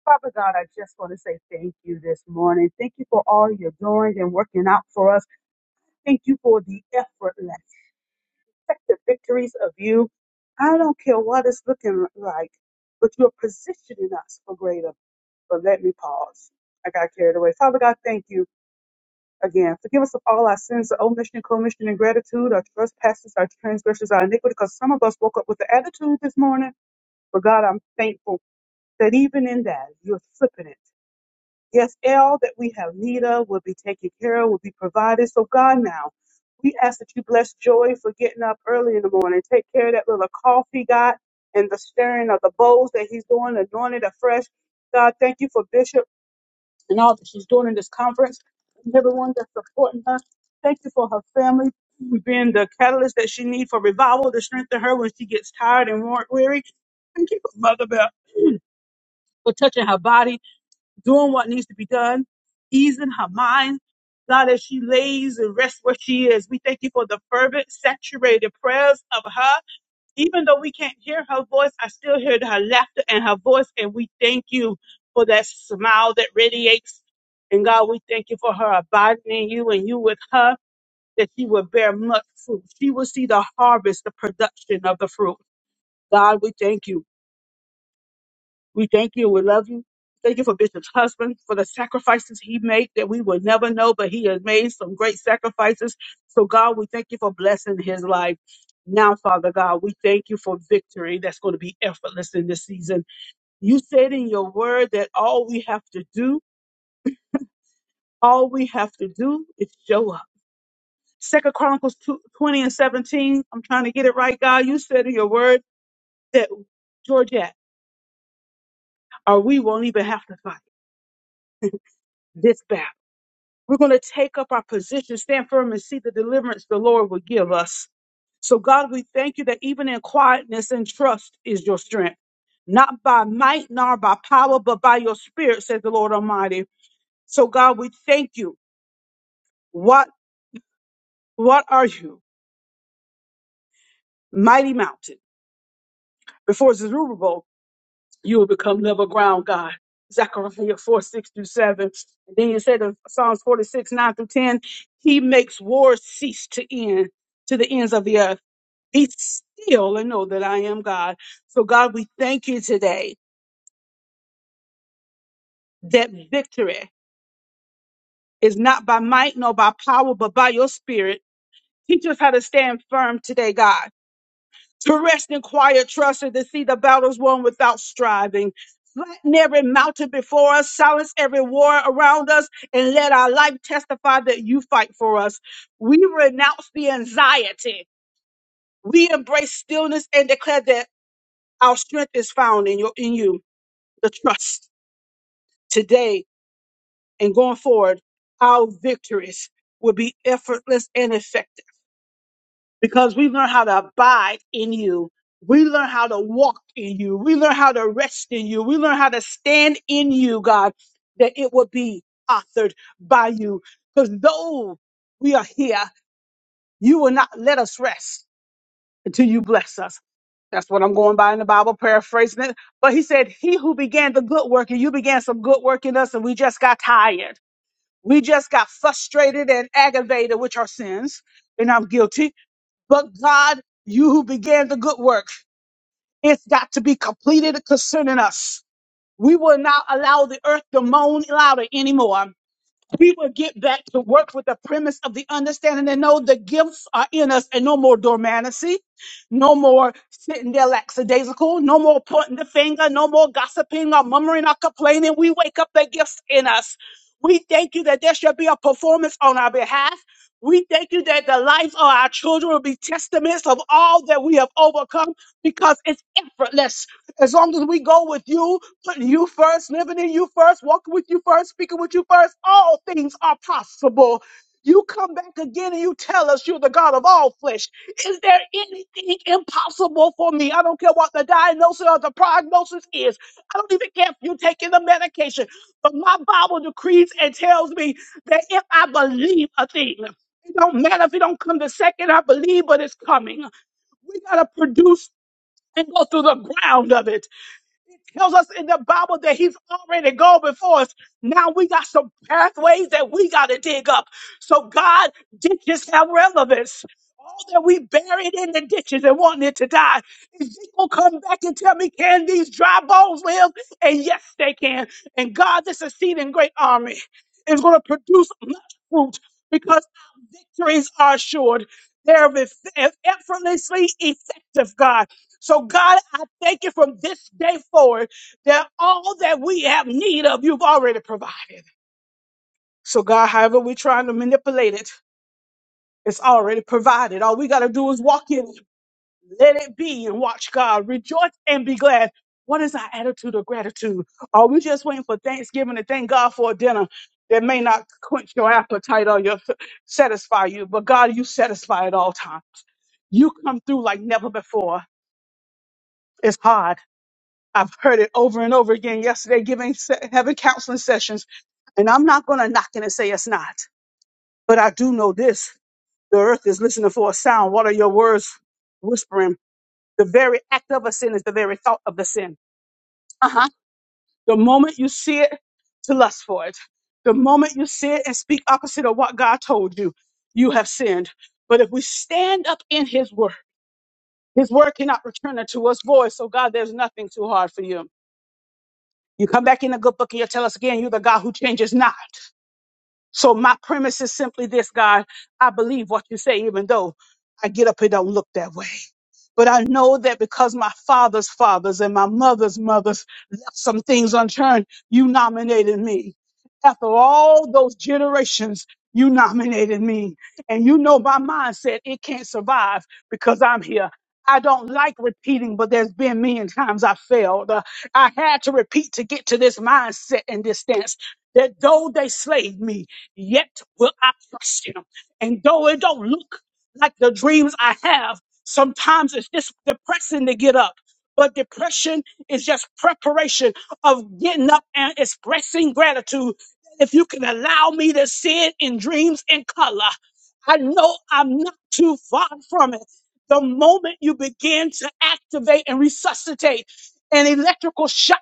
Speaker 3: Father God, I just want to say thank you this morning. Thank you for all you're doing and working out for us. Thank you for the effortless, effective victories of you. I don't care what it's looking like, but you're positioning us for greater. But let me pause. I got carried away. Father God, thank you again. Forgive us of all our sins, our omission, commission, and gratitude, our trespasses, our transgressions, our iniquity, because some of us woke up with the attitude this morning. But God, I'm thankful that even in that you're flipping it. Yes, all that we have need of will be taken care of, will be provided. So God now, we ask that you bless Joy for getting up early in the morning. Take care of that little cough he got and the stirring of the bowls that he's doing, anointed afresh. God, thank you for Bishop and all that she's doing in this conference and everyone that's supporting her. Thank you for her family being the catalyst that she needs for revival to strengthen her when she gets tired and wa- weary. Thank you for Mother Bell for touching her body doing what needs to be done, easing her mind. God, as she lays and rests where she is, we thank you for the fervent, saturated prayers of her. Even though we can't hear her voice, I still hear her laughter and her voice, and we thank you for that smile that radiates. And God, we thank you for her abiding in you and you with her, that she will bear much fruit. She will see the harvest, the production of the fruit. God, we thank you. We thank you. We love you. Thank you for Bishop's husband, for the sacrifices he made that we would never know, but he has made some great sacrifices. So, God, we thank you for blessing his life. Now, Father God, we thank you for victory that's going to be effortless in this season. You said in your word that all we have to do, all we have to do is show up. Second Chronicles 2, 20 and 17, I'm trying to get it right, God. You said in your word that, Georgette, or we won't even have to fight this battle. We're going to take up our position, stand firm, and see the deliverance the Lord will give us. So, God, we thank you that even in quietness and trust is your strength, not by might nor by power, but by your spirit, says the Lord Almighty. So, God, we thank you. What what are you, mighty mountain? Before Zerubbabel, you will become level ground, God. Zechariah 4, 6 through 7. And then you said in Psalms 46, 9 through 10, He makes wars cease to end to the ends of the earth. be still and know that I am God. So, God, we thank you today that victory is not by might nor by power, but by your spirit. Teach us how to stand firm today, God, to rest in quiet trust and to see the battles won without striving. Flatten every mountain before us, silence every war around us, and let our life testify that you fight for us. We renounce the anxiety. We embrace stillness and declare that our strength is found in your in you, the trust. Today and going forward, our victories will be effortless and effective because we learn how to abide in you. We learn how to walk in you. We learn how to rest in you. We learn how to stand in you, God, that it will be authored by you. Because though we are here, you will not let us rest until you bless us. That's what I'm going by in the Bible, paraphrasing it. But he said, He who began the good work, and you began some good work in us, and we just got tired. We just got frustrated and aggravated with our sins, and I'm guilty. But God, you who began the good work, it's got to be completed concerning us. We will not allow the earth to moan louder anymore we will get back to work with the premise of the understanding that no, the gifts are in us and no more dormancy, no more sitting there lackadaisical, no more pointing the finger, no more gossiping or murmuring or complaining. We wake up the gifts in us. We thank you that there shall be a performance on our behalf. We thank you that the life of our children will be testaments of all that we have overcome because it's effortless. As long as we go with you, putting you first, living in you first, walking with you first, speaking with you first. All things are possible. You come back again and you tell us you're the God of all flesh. Is there anything impossible for me? I don't care what the diagnosis or the prognosis is. I don't even care if you're taking the medication. But my Bible decrees and tells me that if I believe a thing, it don't matter if it don't come the second I believe, but it's coming. We gotta produce and go through the ground of it tells us in the Bible that He's already gone before us. Now we got some pathways that we got to dig up. So God ditches have relevance. All that we buried in the ditches and wanting it to die. Ezekiel come back and tell me, can these dry bones live? And yes, they can. And God, this exceeding great army is going to produce much fruit because our victories are assured. They're eff- effortlessly effective, God. So, God, I thank you from this day forward that all that we have need of, you've already provided. So, God, however we're trying to manipulate it, it's already provided. All we got to do is walk in, let it be, and watch God rejoice and be glad. What is our attitude of gratitude? Are we just waiting for Thanksgiving to thank God for a dinner that may not quench your appetite or your satisfy you? But God, you satisfy at all times. You come through like never before. It's hard. I've heard it over and over again yesterday, giving se- having counseling sessions, and I'm not going to knock it and say it's not. But I do know this: the earth is listening for a sound. What are your words whispering? The very act of a sin is the very thought of the sin. Uh huh. The moment you see it, to lust for it. The moment you see it and speak opposite of what God told you, you have sinned. But if we stand up in His word, His word cannot return unto us void. So God, there's nothing too hard for you. You come back in the good book and you tell us again, you're the God who changes not. So my premise is simply this, God, I believe what you say, even though I get up and don't look that way. But I know that because my father's fathers and my mother's mothers left some things unturned, you nominated me. After all those generations, you nominated me. And you know my mindset, it can't survive because I'm here. I don't like repeating, but there's been many times I failed. Uh, I had to repeat to get to this mindset and this stance that though they slayed me, yet will I trust him. And though it don't look like the dreams I have. Sometimes it's just depressing to get up, but depression is just preparation of getting up and expressing gratitude. If you can allow me to see it in dreams in color, I know I'm not too far from it. The moment you begin to activate and resuscitate, an electrical shock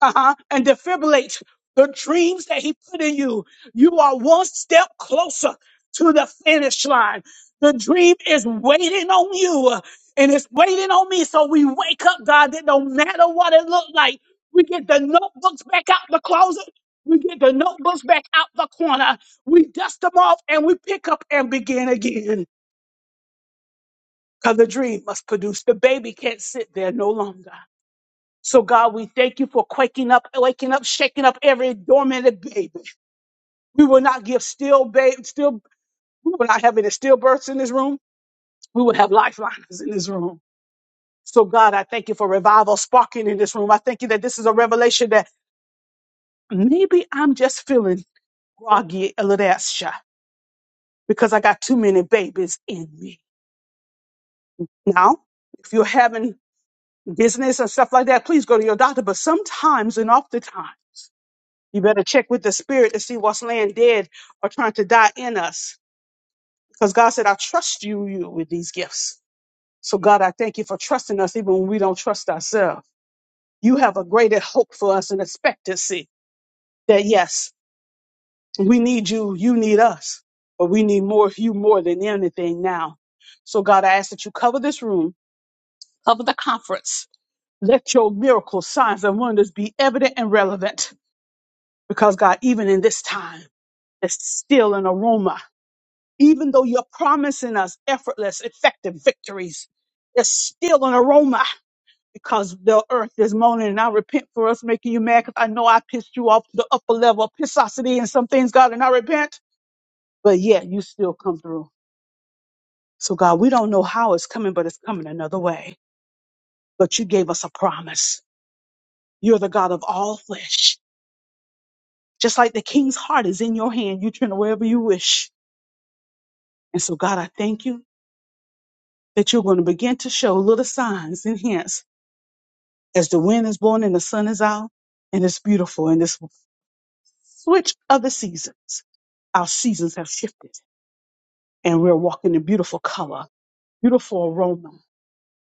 Speaker 3: uh-huh, and defibrillate the dreams that he put in you. You are one step closer to the finish line. The dream is waiting on you uh, and it's waiting on me. So we wake up, God, that no matter what it looked like, we get the notebooks back out the closet. We get the notebooks back out the corner. We dust them off and we pick up and begin again. Because the dream must produce. The baby can't sit there no longer. So God, we thank you for quaking up, waking up, shaking up every dormant baby. We will not give still babe, still, we will not have any stillbirths in this room. We will have lifelines in this room. So God, I thank you for revival sparking in this room. I thank you that this is a revelation that maybe I'm just feeling groggy a little extra because I got too many babies in me. Now, if you're having business and stuff like that, please go to your doctor. But sometimes and oftentimes You better check with the spirit to see what's laying dead or trying to die in us. Because God said, I trust you, you with these gifts. So God, I thank you for trusting us even when we don't trust ourselves. You have a greater hope for us and expectancy that yes, we need you, you need us, but we need more of you more than anything now. So God, I ask that you cover this room, cover the conference. Let your miracles, signs, and wonders be evident and relevant. Because God, even in this time, it's still an aroma Even though you're promising us effortless, effective victories, there's still an aroma because the earth is moaning. And I repent for us making you mad because I know I pissed you off to the upper level of pissosity and some things, God, and I repent. But yet you still come through. So, God, we don't know how it's coming, but it's coming another way. But you gave us a promise. You're the God of all flesh. Just like the king's heart is in your hand, you turn it wherever you wish. And so, God, I thank you that you're going to begin to show little signs and hints as the wind is blowing and the sun is out and it's beautiful and this switch of the seasons our seasons have shifted and we're walking in beautiful color beautiful aroma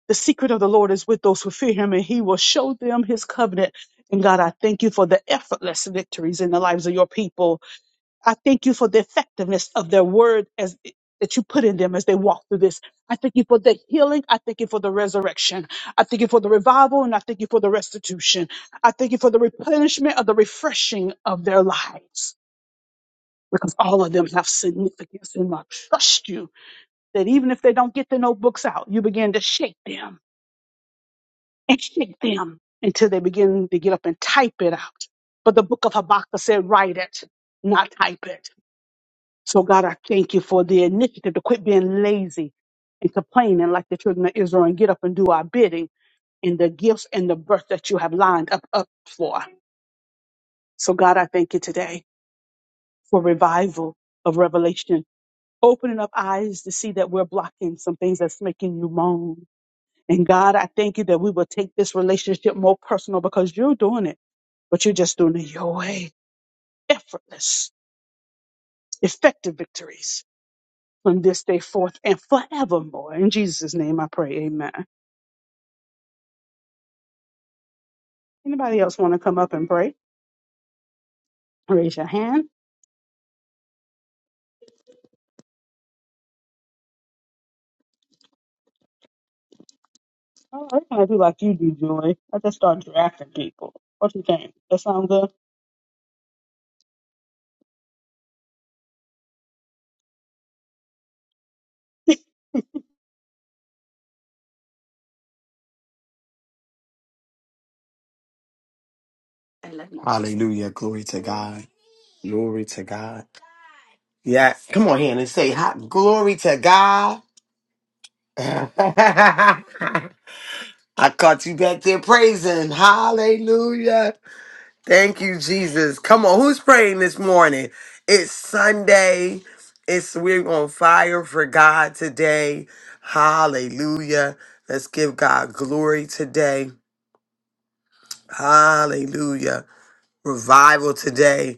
Speaker 3: the secret of the lord is with those who fear him and he will show them his covenant and god i thank you for the effortless victories in the lives of your people I thank you for the effectiveness of their word as that you put in them as they walk through this. I thank you for the healing. I thank you for the resurrection. I thank you for the revival and I thank you for the restitution. I thank you for the replenishment of the refreshing of their lives because all of them have significance. And I trust you that even if they don't get the notebooks out, you begin to shake them and shake them until they begin to get up and type it out. But the book of Habakkuk said, write it, not type it. So, God, I thank you for the initiative to quit being lazy and complaining like the children of Israel and get up and do our bidding in the gifts and the birth that you have lined up, up for. So, God, I thank you today for revival of revelation, opening up eyes to see that we're blocking some things that's making you moan. And God, I thank you that we will take this relationship more personal because you're doing it, but you're just doing it your way. Effortless, effective victories. from this day forth and forevermore. In Jesus' name I pray, amen. Anybody else want to come up and pray? Raise your hand. Oh, I kind of do like you do, Joy. I just start drafting people. What you think? That sound good?
Speaker 4: Hallelujah. Glory to God. Glory to God. Yeah. Come on here and say hi. glory to God. I caught you back there praising. Hallelujah. Thank you, Jesus. Come on. Who's praying this morning? It's Sunday. It's we're on fire for God today. Hallelujah. Let's give God glory today. Hallelujah. Revival today.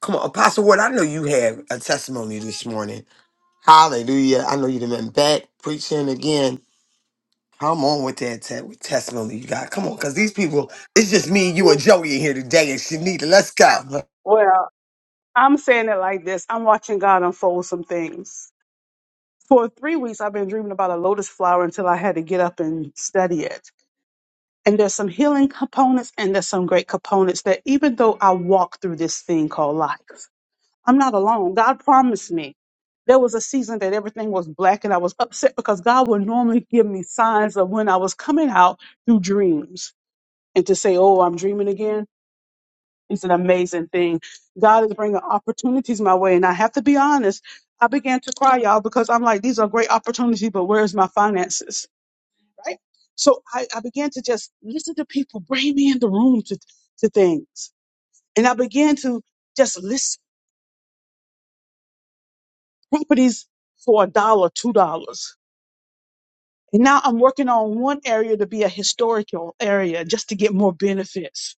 Speaker 4: Come on, Apostle Ward, I know you have a testimony this morning. Hallelujah. I know you've been back preaching again. Come on with that te- with testimony you got. Come on, because these people, it's just me, you, and Joey in here today, and Shanita. Let's go.
Speaker 3: Well, I'm saying it like this. I'm watching God unfold some things. For three weeks, I've been dreaming about a lotus flower until I had to get up and study it. And there's some healing components and there's some great components that even though I walk through this thing called life, I'm not alone. God promised me. There was a season that everything was black and I was upset because God would normally give me signs of when I was coming out through dreams and to say, Oh, I'm dreaming again. It's an amazing thing. God is bringing opportunities my way. And I have to be honest, I began to cry, y'all, because I'm like, these are great opportunities, but where's my finances? Right? So I, I began to just listen to people, bring me in the room to, to things. And I began to just listen properties for a dollar, two dollars. And now I'm working on one area to be a historical area just to get more benefits.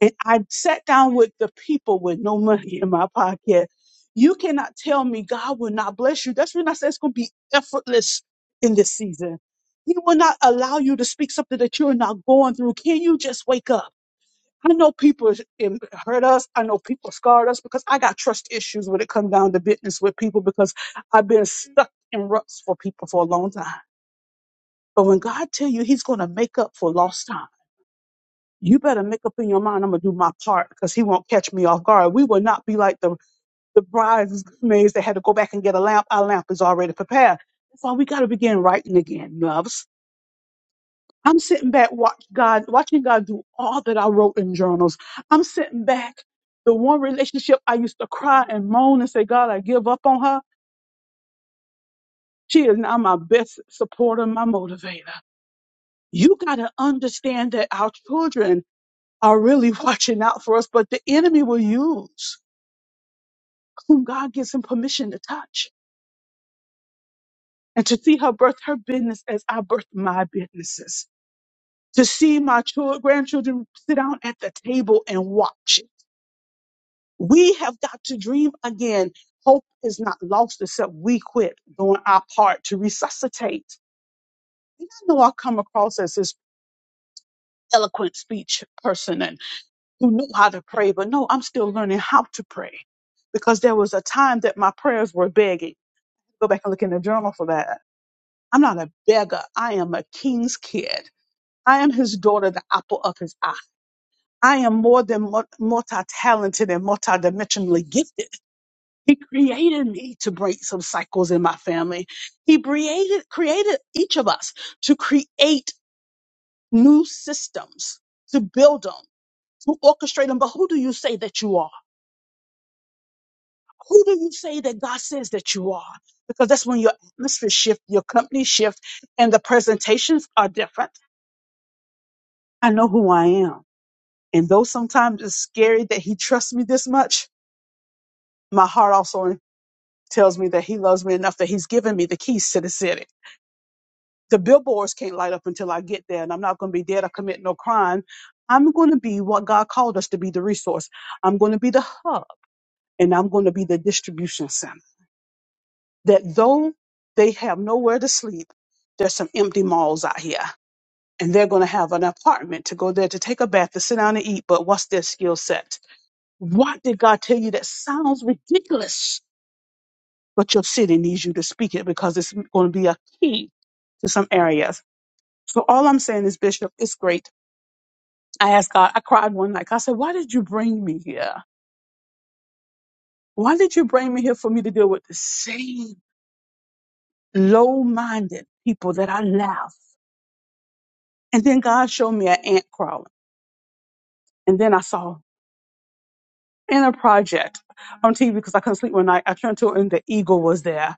Speaker 3: And I sat down with the people with no money in my pocket. You cannot tell me God will not bless you. That's when I said it's going to be effortless in this season. He will not allow you to speak something that you're not going through. Can you just wake up? I know people im- hurt us. I know people scarred us because I got trust issues when it comes down to business with people because I've been stuck in ruts for people for a long time. But when God tell you He's going to make up for lost time, you better make up in your mind. I'm going to do my part because He won't catch me off guard. We will not be like the the bridesmaids that had to go back and get a lamp. Our lamp is already prepared. That's why we got to begin writing again, loves I'm sitting back watch God, watching God do all that I wrote in journals. I'm sitting back. The one relationship I used to cry and moan and say, God, I give up on her. She is now my best supporter, my motivator. You got to understand that our children are really watching out for us, but the enemy will use whom God gives him permission to touch and to see her birth her business as I birth my businesses, to see my children, grandchildren sit down at the table and watch it We have got to dream again. Hope is not lost except we quit doing our part to resuscitate. And I know I come across as this eloquent speech person and who knew how to pray, but no, I'm still learning how to pray because there was a time that my prayers were begging. Go back and look in the journal for that. I'm not a beggar. I am a king's kid. I am his daughter, the apple of his eye. I am more than multi talented and multi dimensionally gifted He created me to break some cycles in my family. He created, created each of us to create new systems, to build them, to orchestrate them. But who do you say that you are? Who do you say that God says that you are? Because that's when your atmosphere shift, your company shift, and the presentations are different. I know who I am. And though sometimes it's scary that he trusts me this much, my heart also tells me that he loves me enough that he's given me the keys to the city. the billboards can't light up until I get there, and I'm not going to be there to commit no crime. I'm going to be what God called us to be the resource. I'm going to be the hub, and I'm going to be the distribution center. That though they have nowhere to sleep, there's some empty malls out here, and they're going to have an apartment to go there to take a bath, to sit down and eat. But what's their skill set? What did God tell you that sounds ridiculous? But your city needs you to speak it because it's going to be a key to some areas. So all I'm saying is, Bishop, it's great I asked God, I cried one night. I said, Why did you bring me here? Why did you bring me here for me to deal with the same low minded people that I left? And then God showed me an ant crawling. And then I saw Inner project on TV because I couldn't sleep one night. I turned to it and the eagle was there.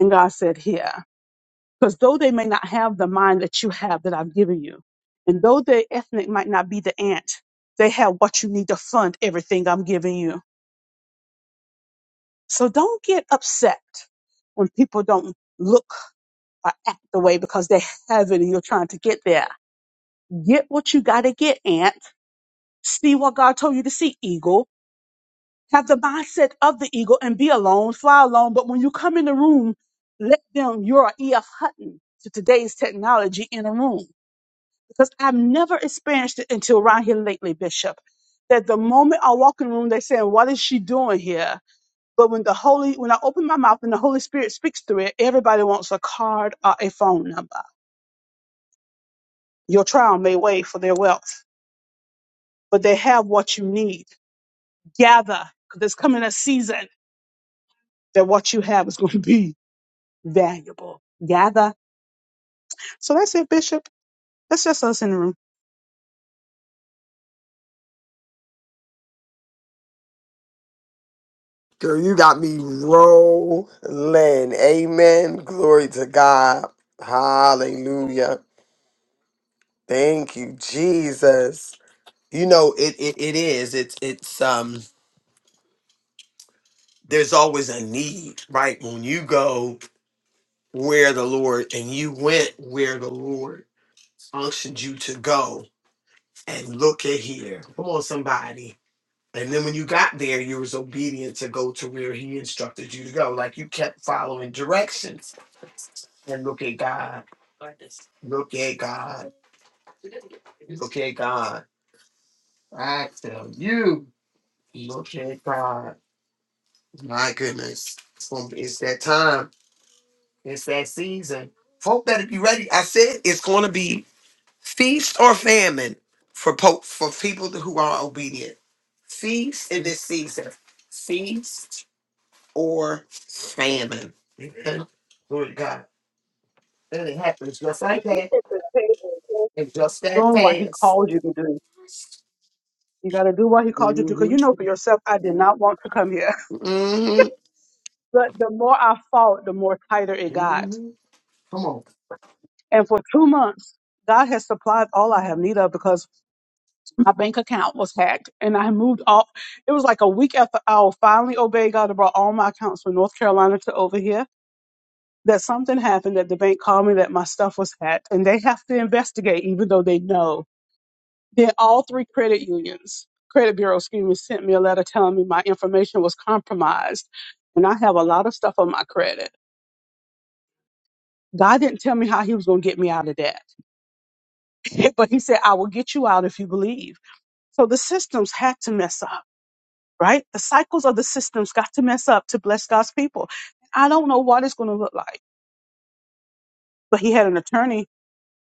Speaker 3: And God said, Here, because though they may not have the mind that you have that I've given you, and though their ethnic might not be the ant, they have what you need to fund everything I'm giving you. So don't get upset when people don't look or act the way because they haven't and you're trying to get there. Get what you got to get, Aunt. See what God told you to see, eagle. Have the mindset of the eagle and be alone, fly alone. But when you come in the room, let them, you're a E.F. Hutton to today's technology in a room. Because I've never experienced it until around here lately, Bishop, that the moment I walk in the room, they say, what is she doing here? But when the Holy, when I open my mouth and the Holy Spirit speaks through it, everybody wants a card or a phone number. Your trial may wait for their wealth, but they have what you need. Gather, because there's coming a season that what you have is going to be valuable. Gather. So that's it, Bishop. That's just us in the room.
Speaker 4: Girl, you got me rolling. Amen. Glory to God. Hallelujah. Thank you, Jesus. You know, it, it, it is. It's, it's, um, there's always a need, right? When you go where the Lord and you went where the Lord unctioned you to go. And look at here. Come on, somebody. And then when you got there, you was obedient to go to where he instructed you to go. Like you kept following directions. And look at God. Look at God. Look at God. I tell you, look at God. My goodness. It's gonna be- it's that time. It's that season. Folk better be ready. I said it's gonna be Feast or famine for po- for people who are obedient. Feast in this season. Feast or famine. Okay. Glory to God. And it happens just like
Speaker 3: But
Speaker 4: that
Speaker 3: Bishop is capable of
Speaker 4: and just that
Speaker 3: doing what he
Speaker 4: fast.
Speaker 3: called you to do. You got to do what he called you to do.
Speaker 4: hmm
Speaker 3: Because you know for yourself, I did not want to come here.
Speaker 4: hmm
Speaker 3: But the more I fought, the more tighter it got
Speaker 4: hmm Come on.
Speaker 3: And for two months, God has supplied all I have need of because my bank account was hacked and I moved off. It was like a week after I finally obeyed God and brought all my accounts from North Carolina to over here. That something happened that the bank called me that my stuff was hacked and they have to investigate even though they know. Then all three credit unions, credit bureau, excuse me, sent me a letter telling me my information was compromised and I have a lot of stuff on my credit. God didn't tell me how he was going to get me out of that, but he said, I will get you out if you believe. So the systems had to mess up, right? The cycles of the systems got to mess up to bless God's people. I don't know what it's going to look like, but he had an attorney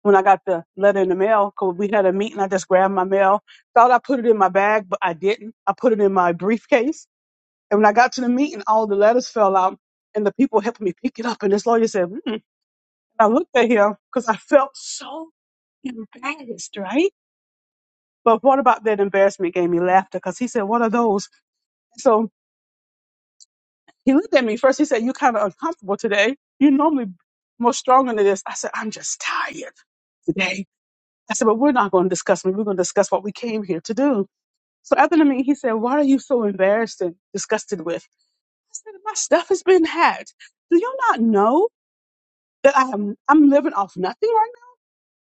Speaker 3: when I got the letter in the mail because we had a meeting. I just grabbed my mail, thought I put it in my bag, but I didn't. I put it in my briefcase. And when I got to the meeting, all the letters fell out and the people helped me pick it up. And this lawyer said, hmm. I looked at him because I felt so embarrassed, right? But what about that embarrassment gave me laughter? Because he said, what are those? So. He looked at me first. He said, "You kind of uncomfortable today. You normally more stronger than this." I said, "I'm just tired today." I said, "But we're not going to discuss me. We're going to discuss what we came here to do." So after the meeting, he said, "What are you so embarrassed and disgusted with?" I said, "My stuff has been hacked. Do you not know that I am I'm living off nothing right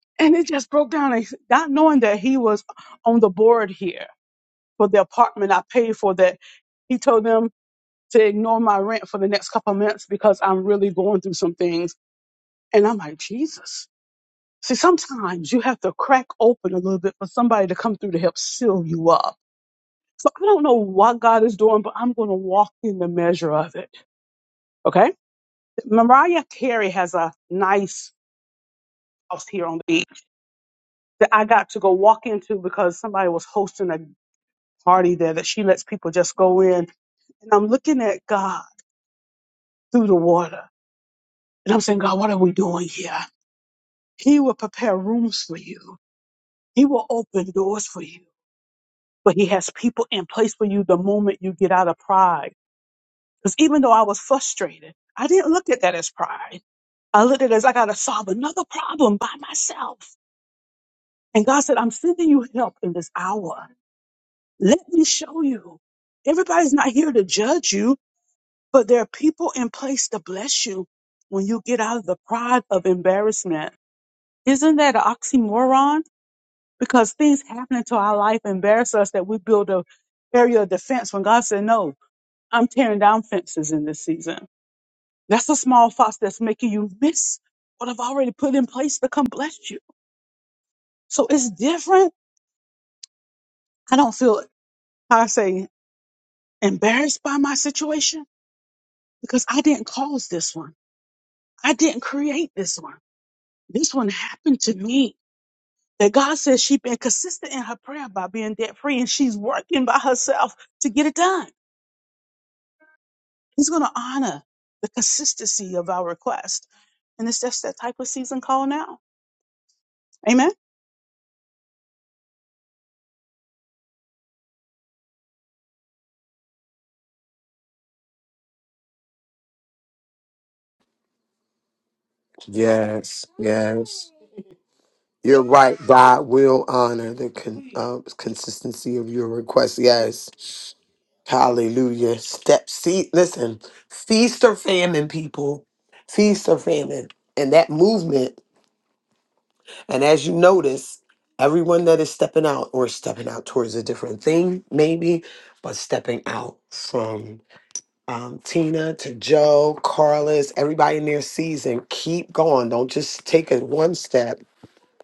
Speaker 3: now?" And it just broke down. And Not knowing that he was on the board here for the apartment I paid for, that he told them to ignore my rent for the next couple of months because I'm really going through some things And I'm like, Jesus. See, sometimes you have to crack open a little bit for somebody to come through to help seal you up. So I don't know what God is doing, but I'm going to walk in the measure of it. Okay. Mariah Carey has a nice house here on the beach that I got to go walk into because somebody was hosting a party there that she lets people just go in. And I'm looking at God through the water and I'm saying, God, what are we doing here? He will prepare rooms for you. He will open doors for you. but he has people in place for you the moment you get out of pride. Because even though I was frustrated, I didn't look at that as pride. I looked at it as I got to solve another problem by myself. And God said, I'm sending you help in this hour. Let me show you. Everybody's not here to judge you, but there are people in place to bless you when you get out of the pride of embarrassment. Isn't that an oxymoron? Because things happening to our life embarrass us that we build a area of defense when God said no. I'm tearing down fences in this season. That's a small fox that's making you miss what I've already put in place to come bless you. So it's different. I don't feel, how I say, embarrassed by my situation because I didn't cause this one. I didn't create this one. This one happened to me. That God says she's been consistent in her prayer by being debt free and she's working by herself to get it done. He's going to honor the consistency of our request. And it's just that type of season call now. Amen.
Speaker 4: Yes, yes. You're right. God will honor the con- uh, consistency of your request. Yes. Hallelujah. Step see listen, feast or famine, people. Feast or famine. And that movement, and as you notice, everyone that is stepping out or stepping out towards a different thing, maybe, but stepping out from um, Tina to Joe, Carlos, everybody in their season, keep going. Don't just take it one step,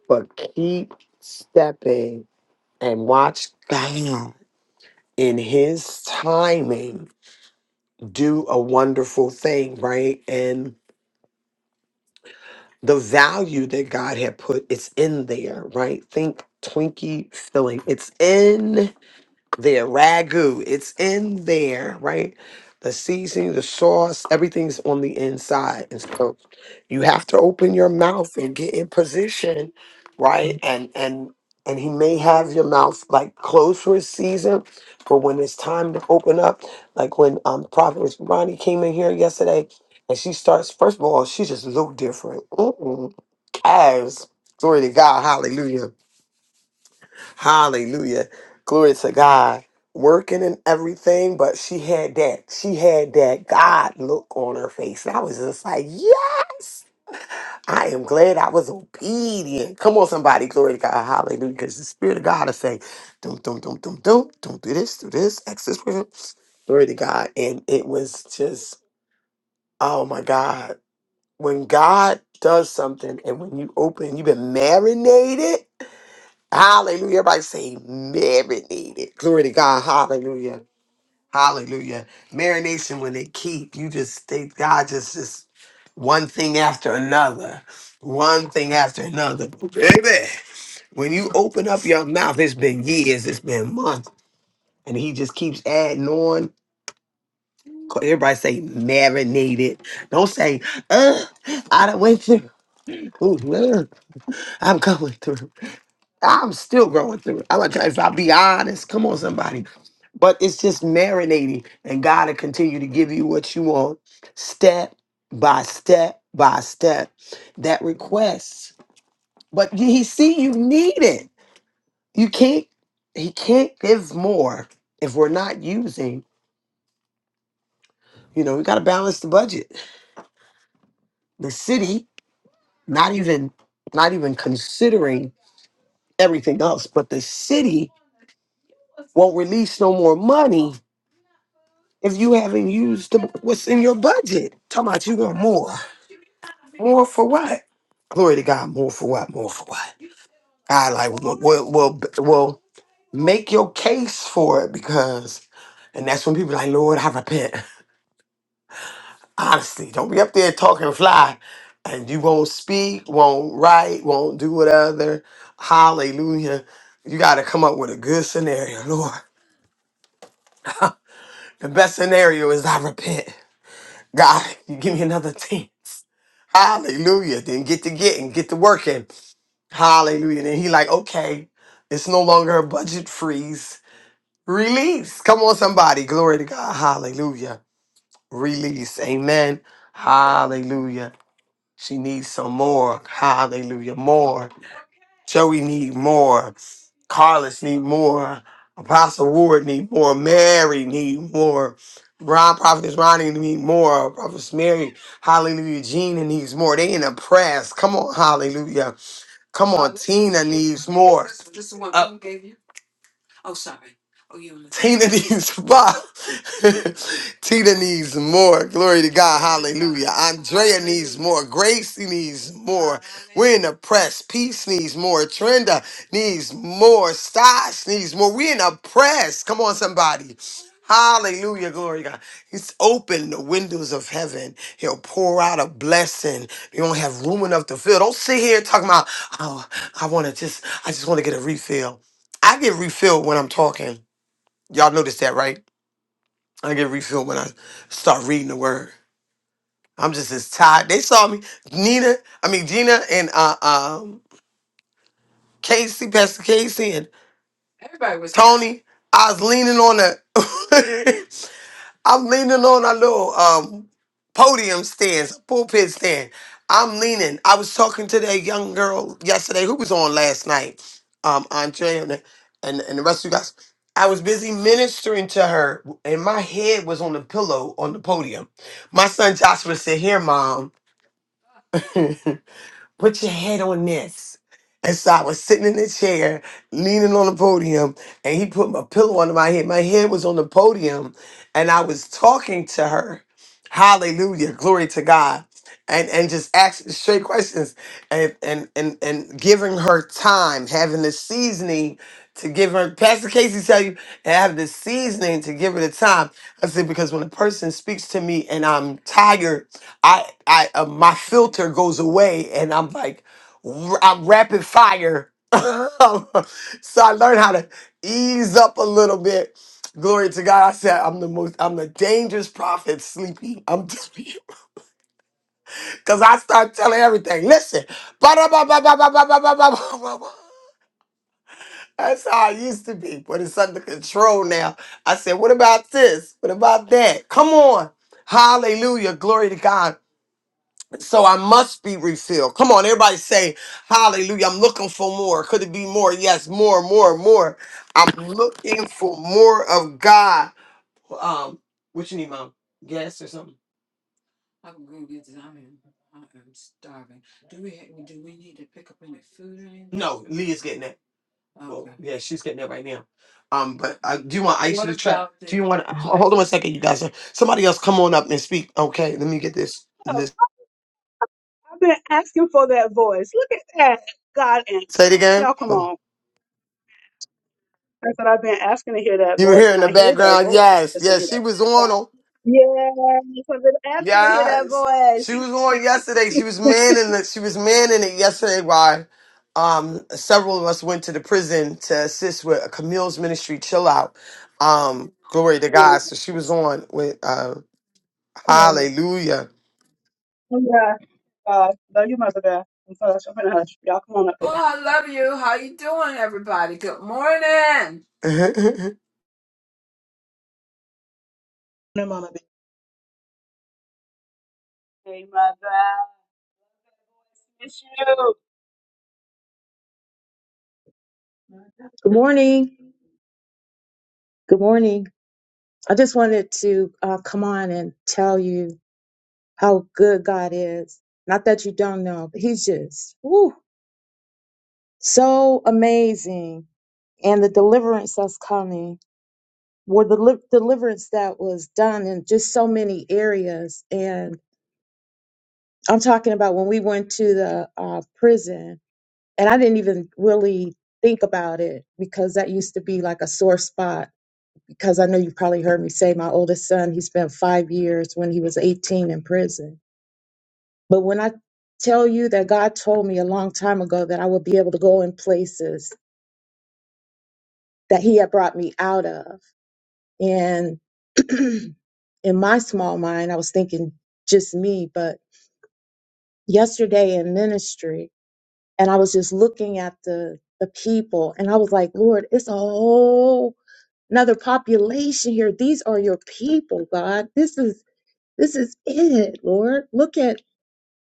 Speaker 4: but keep stepping and watch God in his timing do a wonderful thing, right? And the value that God had put, it's in there, right? Think Twinkie filling. It's in there. Ragu. It's in there, right? The seasoning, the sauce, everything's on the inside. And so you have to open your mouth and get in position, right? and and and he may have your mouth like closed for a season, but when it's time to open up, like when um Prophet Ronnie came in here yesterday, and she starts. First of all, she just looked different. Mm-mm. Calves, glory to God, Hallelujah, Hallelujah, glory to God. Working and everything, but she had that. She had that God look on her face, and I was just like, yes. I am glad I was obedient. Come on, somebody. Glory to God. Hallelujah. Because the Spirit of God is saying, don't, don't, don't, don't, don't, don't do this, do this, X this. way." Glory to God. And it was just, oh my God. When God does something and when you open, you've been marinated. Hallelujah. Everybody say marinated. Glory to God. Hallelujah Hallelujah. Marination when they keep, you just think God just just one thing after another. One thing after another. Baby. When you open up your mouth, it's been years, it's been months, and he just keeps adding on. Everybody say marinated. Don't say, uh, I don't went through. Ooh, uh, I'm going through. I'm still growing through it. I'm like, if I be honest, come on, somebody. But it's just marinating, and God will continue to give you what you want, step by step by step. That request, but He see you need it. You can't. He can't give more if we're not using. You know, we got to balance the budget. The city, not even, not even considering everything else, but the city won't release no more money if you haven't used the, what's in your budget. Talking about you want more. More for what? Glory to God. More for what? More for what? I like, well, well, well, well, make your case for it because, and that's when people like, Lord, I repent. Honestly, don't be up there talking fly and you won't speak, won't write, won't do whatever. Hallelujah. You got to come up with a good scenario, Lord. The best scenario is I repent. God, you give me another chance. Hallelujah. Then get to getting, get to working. Hallelujah. Then he like, okay, it's no longer a budget freeze. Release. Come on, somebody. Glory to God. Hallelujah. Release. Amen. Hallelujah. She needs some more. Hallelujah. More. Joey need more. Carlos need more. Apostle Ward need more. Mary need more. Ron Prophetess Ronnie need more. Prophetess Mary, Hallelujah. Gina needs more. They in the press. Come on, Hallelujah. Come on, Tina needs more. Tina needs more. Tina needs more. Glory to God. Hallelujah. More. Gracie needs more. We're in a press. Peace needs more. Trenda needs more. Stas needs more. We're in a press. Come on, somebody. Hallelujah. Glory to God. He's opened the windows of heaven. He'll pour out a blessing. You don't have room enough to fill. Don't sit here talking about, oh, I want to just, I just want to get a refill. I get refilled when I'm talking. Y'all notice that, right? I get refilled when I start reading the word. I'm just as tired. They saw me, Nina, I mean Gina and uh, um Casey, Pastor Casey, and Tony. I was leaning on the, I'm leaning on a little um podium stands, pulpit stand. I'm leaning. I was talking to that young girl yesterday who was on last night, um, Andrea and, and and the rest of you guys. I was busy ministering to her, and my head was on the pillow on the podium. My son Joshua said, "Here, mom." put your head on this. And so I was sitting in the chair, leaning on the podium, and he put my pillow under my head. My head was on the podium, and I was talking to her. Hallelujah, glory to God. And and just asking straight questions and and and and giving her time, having the seasoning to give her Pastor Casey tell you, and have the seasoning to give her the time. I said, because when a person speaks to me and I'm tired I I uh, my filter goes away and I'm like r- I'm rapid fire. so I learned how to ease up a little bit. Glory to God. I said I'm the most I'm the dangerous prophet sleeping. I'm telling you. Cause I start telling everything. Listen. Ba-da-ba-ba-ba-ba-ba-ba-ba-ba-ba. That's how I used to be, but it's under control now. I said, what about this? What about that? Come on. Hallelujah. Glory to God. So I must be refilled. Come on, everybody say hallelujah. I'm looking for more. Could it be more? Yes, more, more, more. I'm looking for more of God. Um, what you need, mom? Gas or something? Getting that. Yeah, she's getting that right now. Um, but I do want hold on one second, you guys. Somebody else come on up and speak. Okay, let me get this this
Speaker 3: I've been asking for that voice. Look at that. God
Speaker 4: say it
Speaker 3: answered.
Speaker 4: again.
Speaker 3: Y'all come
Speaker 4: Huh.
Speaker 3: on. That's what I've been asking to hear that
Speaker 4: You were
Speaker 3: voice,
Speaker 4: here in
Speaker 3: and
Speaker 4: the
Speaker 3: I hear that
Speaker 4: background.
Speaker 3: voice.
Speaker 4: Yes,
Speaker 3: Just don't
Speaker 4: yes,
Speaker 3: hear
Speaker 4: she
Speaker 3: that.
Speaker 4: was
Speaker 3: voice.
Speaker 4: on.
Speaker 3: Yes, I've been asking to hear that
Speaker 4: Yes. She
Speaker 3: voice.
Speaker 4: was on yesterday. She was manning the she was manning it yesterday while um several of us went to the prison to assist with Camille's ministry chill out. Um glory to God. So she was
Speaker 3: Yes.
Speaker 4: on with uh
Speaker 3: Oh,
Speaker 4: hallelujah.
Speaker 3: yeah. Uh, no, you mother bear. I'm sorry, I'm finna hush. Y'all come on up here.
Speaker 5: morning, Mama B.
Speaker 3: Hey, mother. Miss you.
Speaker 6: Good morning. Good morning. I just wanted to uh, come on and tell you how good God is. Not that you don't know, but He's just woo, so amazing. And the deliverance that's coming, or the li- deliverance that was done in just so many areas. And I'm talking about when we went to the uh, prison, and I didn't even really think about it because that used to be like a sore spot because I know you've probably heard me say my oldest son, he spent five years when he was 18 in prison. But when I tell you that God told me a long time ago that I would be able to go in places that he had brought me out of, and in my small mind, I was thinking just me, but yesterday in ministry, and I was just looking at the the people, and I was like, Lord, it's a whole another population here. These are your people, God. This is This is it, Lord. Look at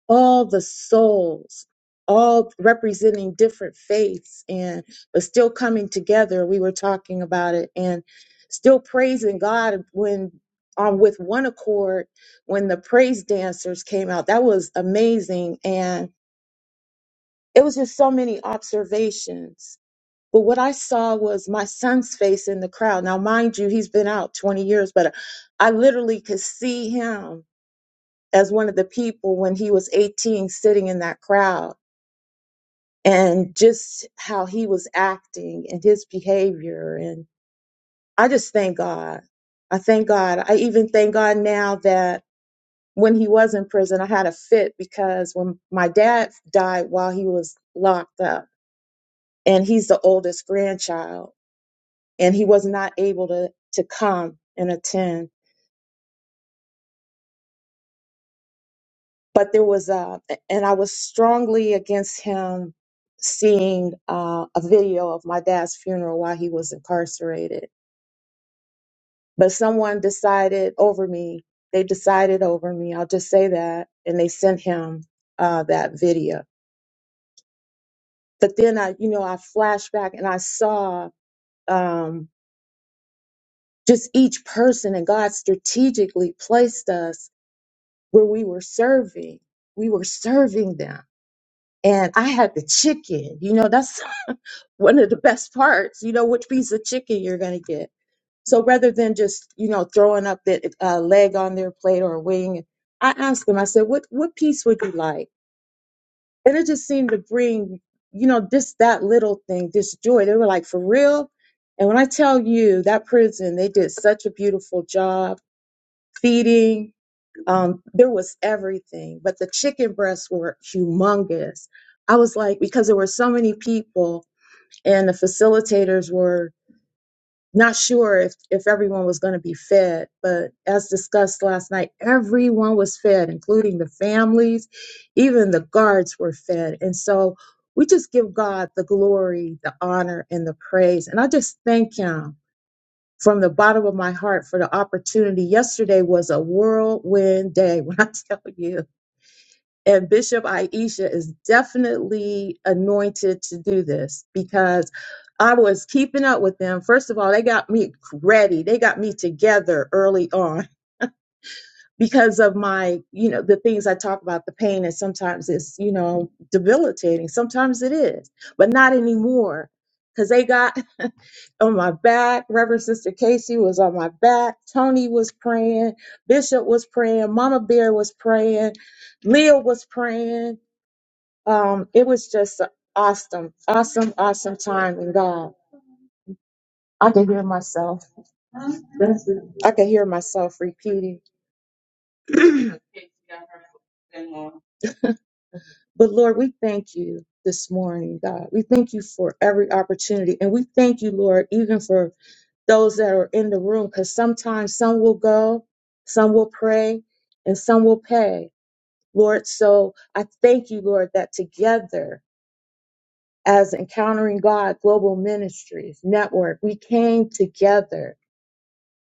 Speaker 6: all the souls, all representing different faiths and but still coming together. We were talking about it and still praising God when um, with one accord when the praise dancers came out. That was amazing and it was just so many observations. But what I saw was my son's face in the crowd. Now, mind you, he's been out 20 years, but I literally could see him as one of the people when he was 18 sitting in that crowd and just how he was acting and his behavior. And I just thank God. I thank God. I even thank God now that when he was in prison, I had a fit because when my dad died while he was locked up, and he's the oldest grandchild, and he was not able to, to come and attend but there was a, and I was strongly against him seeing uh, a video of my dad's funeral while he was incarcerated. But someone decided over me. They decided over me. I'll just say that, and they sent him uh, that video. But then I, you know, I flashed back and I saw um, just each person, and God strategically placed us where we were serving. We were serving them and I had the chicken. You know, that's one of the best parts, you know, which piece of chicken you're going to get. So rather than just, you know, throwing up that uh, leg on their plate or a wing, I asked them, I said, what, what piece would you like? And it just seemed to bring, you know, just that little thing, this joy. They were like, for real? And when I tell you that prison, they did such a beautiful job feeding. Um, there was everything, but the chicken breasts were humongous. I was like, because there were so many people and the facilitators were Not sure if, if everyone was going to be fed, but as discussed last night, everyone was fed, including the families, even the guards were fed. And so we just give God the glory, the honor, and the praise. And I just thank Him from the bottom of my heart for the opportunity. Yesterday was a whirlwind day, when I tell you. And Bishop Aisha is definitely anointed to do this because I was keeping up with them. First of all, they got me ready. They got me together early on because of my, you know, the things I talk about, the pain, and sometimes it's, you know, debilitating. Sometimes it is, but not anymore. Because they got on my back. Reverend Sister Casey was on my back. Tony was praying. Bishop was praying. Mama Bear was praying. Leah was praying um, it was just a awesome, awesome, awesome time in God. I can hear myself. I can hear myself repeating. But Lord, we thank you this morning, God. We thank you for every opportunity. And we thank you, Lord, even for those that are in the room, because sometimes some will go, some will pray, and some will pay. Lord, so I thank you, Lord, that together as Encountering God Global Ministries Network, we came together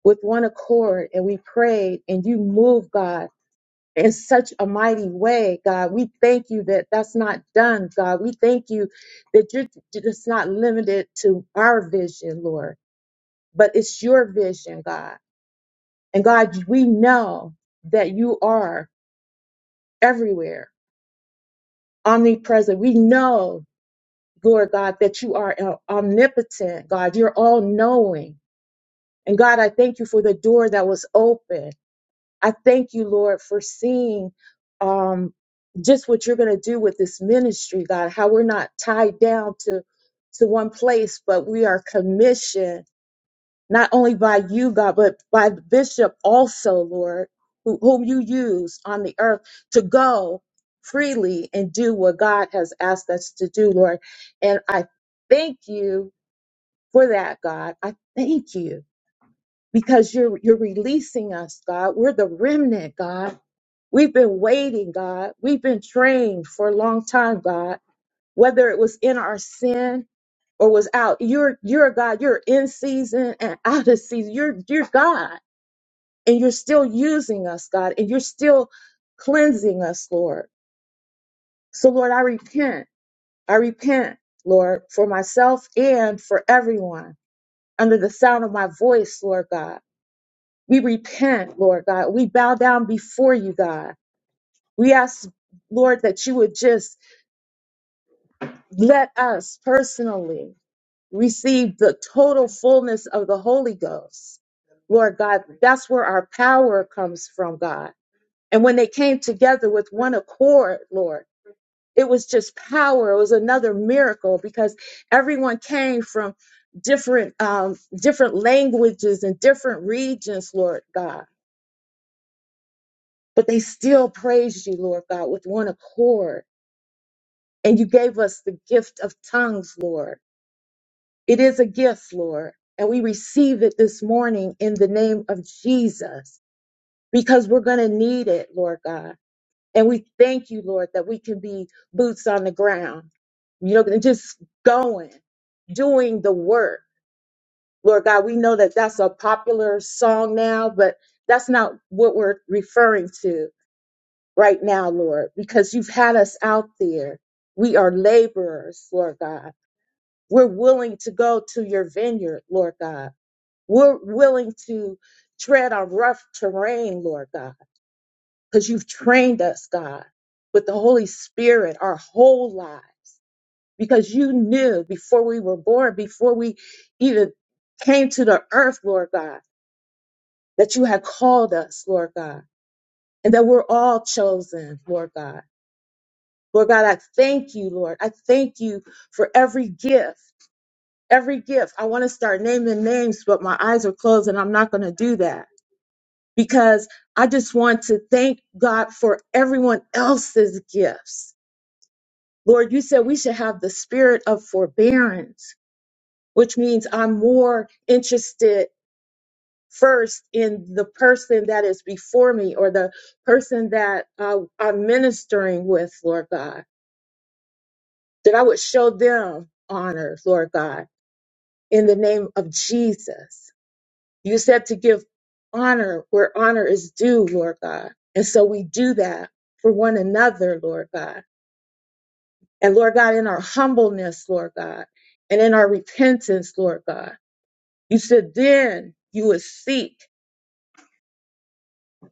Speaker 6: with one accord and we prayed and you moved, God, in such a mighty way, God. We thank you that that's not done, God. We thank you that you're just not limited to our vision, Lord, but it's your vision, God. And God, we know that you are everywhere, omnipresent. We know, Lord God, that you are uh, omnipotent, God. You're all knowing. And God, I thank you for the door that was open. I thank you, Lord, for seeing um, just what you're going to do with this ministry, God, how we're not tied down to, to one place, but we are commissioned not only by you, God, but by the bishop also, Lord, who, whom you use on the earth to go freely and do what God has asked us to do, Lord. And I thank you for that, God. I thank you because you're, you're releasing us, God. We're the remnant, God We've been waiting, God. We've been trained for a long time, God. Whether it was in our sin or was out, you're you're a God. You're in season and out of season. You're you're God, and you're still using us, God, and you're still cleansing us, Lord. So, Lord, I repent. I repent, Lord, for myself and for everyone under the sound of my voice, Lord God. We repent, Lord God. We bow down before you, God. We ask, Lord, that you would just Let us personally receive the total fullness of the Holy Ghost. Lord God, that's where our power comes from, God. And when they came together with one accord, Lord, it was just power. It was another miracle because everyone came from different um, different languages and different regions, Lord God. But they still praised you, Lord God, with one accord. And you gave us the gift of tongues, Lord. It is a gift, Lord, and we receive it this morning in the name of Jesus because we're going to need it, Lord God. And we thank you, Lord, that we can be boots on the ground, you know, and just going, doing the work. Lord God, we know that that's a popular song now, but that's not what we're referring to right now, Lord, because you've had us out there. We are laborers, Lord God. We're willing to go to your vineyard, Lord God We're willing to tread on rough terrain, Lord God, because you've trained us, God, with the Holy Spirit our whole lives, because you knew before we were born, before we even came to the earth, Lord God, that you had called us, Lord God, and that we're all chosen, Lord God. Lord God, I thank you, Lord. I thank you for every gift, every gift. I want to start naming names, but my eyes are closed and I'm not going to do that. because I just want to thank God for everyone else's gifts. Lord, you said we should have the spirit of forbearance, which means I'm more interested first in the person that is before me or the person that uh, I'm ministering with, Lord God, that I would show them honor, Lord God, in the name of Jesus. You said to give honor where honor is due, Lord God. And so we do that for one another, Lord God. And Lord God, in our humbleness, Lord God, and in our repentance, Lord God, you said then you would seek,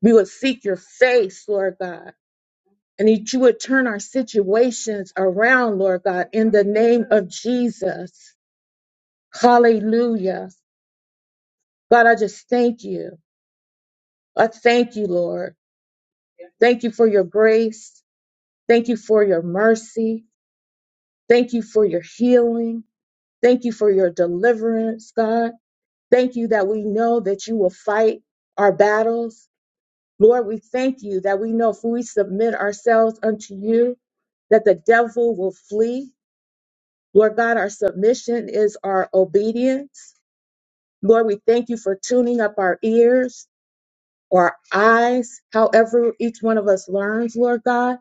Speaker 6: we would seek your face, Lord God, and that you would turn our situations around, Lord God, in the name of Jesus. Hallelujah. God, I just thank you. I thank you, Lord. Thank you for your grace. Thank you for your mercy. Thank you for your healing. Thank you for your deliverance, God. Thank you that we know that you will fight our battles. Lord, we thank you that we know if we submit ourselves unto you, that the devil will flee. Lord God, our submission is our obedience. Lord, we thank you for tuning up our ears or our eyes, however each one of us learns, Lord God,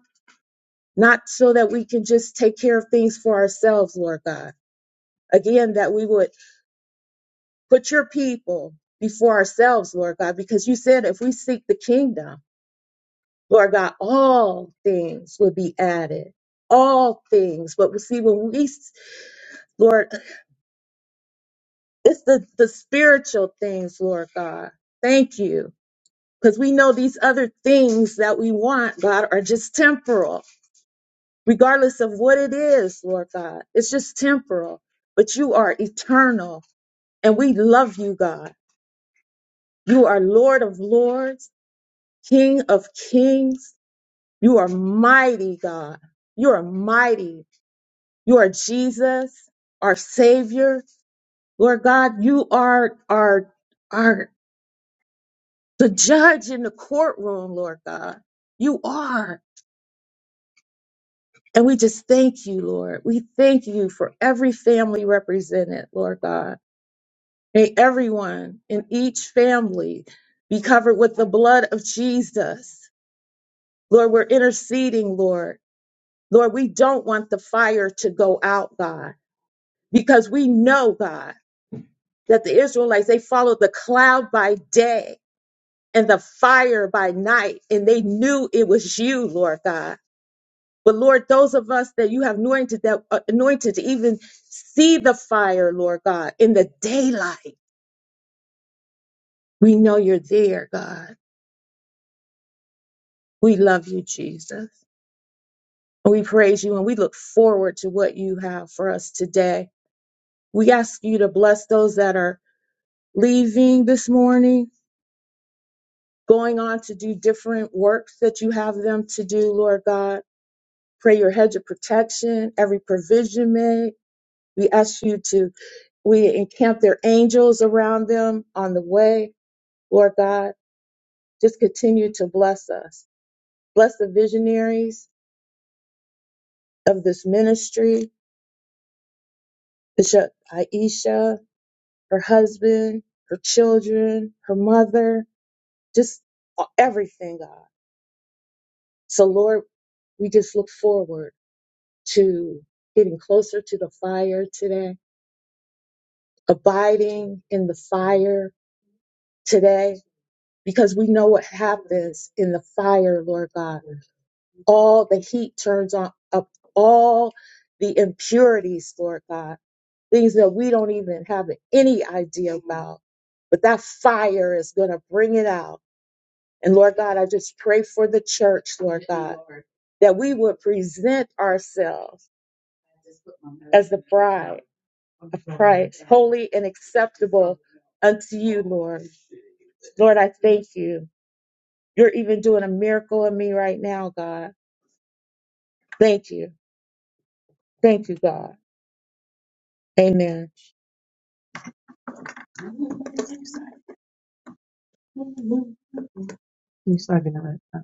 Speaker 6: not so that we can just take care of things for ourselves, Lord God Again, that we would put your people before ourselves, Lord God, because you said if we seek the kingdom, Lord God, all things will be added. All things. But we see when we, Lord, it's the, the spiritual things, Lord God. Thank you. Because we know these other things that we want, God, are just temporal, regardless of what it is, Lord God. It's just temporal, but you are eternal. And we love you, God. You are Lord of Lords. King of kings. You are mighty, God. You are mighty. You are Jesus, our Savior. Lord God, you are our, our, the judge in the courtroom, Lord God. You are. And we just thank you, Lord. We thank you for every family represented, Lord God. May everyone in each family be covered with the blood of Jesus. Lord, we're interceding, Lord. Lord, we don't want the fire to go out, God, because we know, God, that the Israelites, they followed the cloud by day and the fire by night, and they knew it was you, Lord God. But Lord, those of us that you have anointed, that uh, anointed to even see the fire, Lord God, in the daylight, we know you're there, God. We love you, Jesus. And we praise you and we look forward to what you have for us today. We ask you to bless those that are leaving this morning, going on to do different works that you have them to do, Lord God. Pray your hedge of protection, every provision made. We ask you to, we encamp their angels around them on the way, Lord God. Just continue to bless us. Bless the visionaries of this ministry, Bishop Aisha, her husband, her children, her mother, just everything, God. So, Lord, we just look forward to getting closer to the fire today, abiding in the fire today, because we know what happens in the fire, Lord God. All the heat turns on up, all the impurities, Lord God, things that we don't even have any idea about. But that fire is going to bring it out. And Lord God, I just pray for the church, Lord, that we would present ourselves holy and ex- unto Lord. Lord, I thank you You're even doing a miracle in me right now, God. Thank you. Thank you, God. Amen. I'm sorry, God.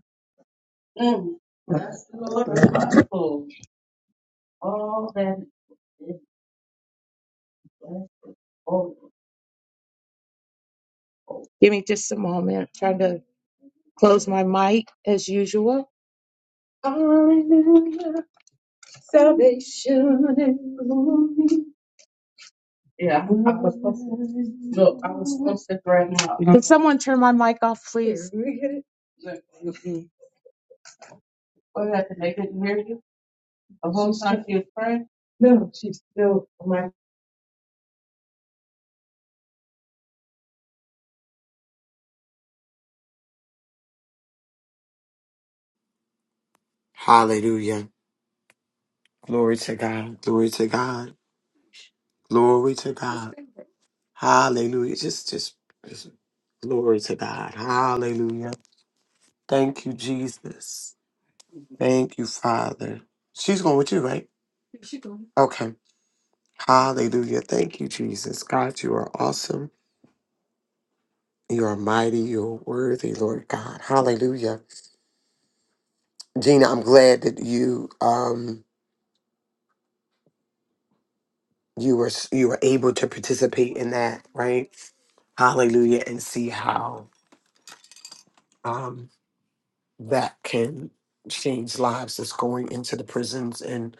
Speaker 6: Give me just a moment. trying to close my mic as usual. Hallelujah. Salvation and glory. Someone turn my mic off, please. No, she's still my
Speaker 4: hallelujah. Glory to God. Glory to God. Glory to God. Hallelujah. Just just, just glory to God. Hallelujah. Thank you, Jesus. Thank you, Father. She's going with you, right? Okay. Hallelujah. Thank you, Jesus. God, you are awesome. You are mighty. You are worthy, Lord God. Hallelujah. Gina, I'm glad that you um you were you were able to participate in that, right? Hallelujah. And see how um that can change lives that's going into the prisons and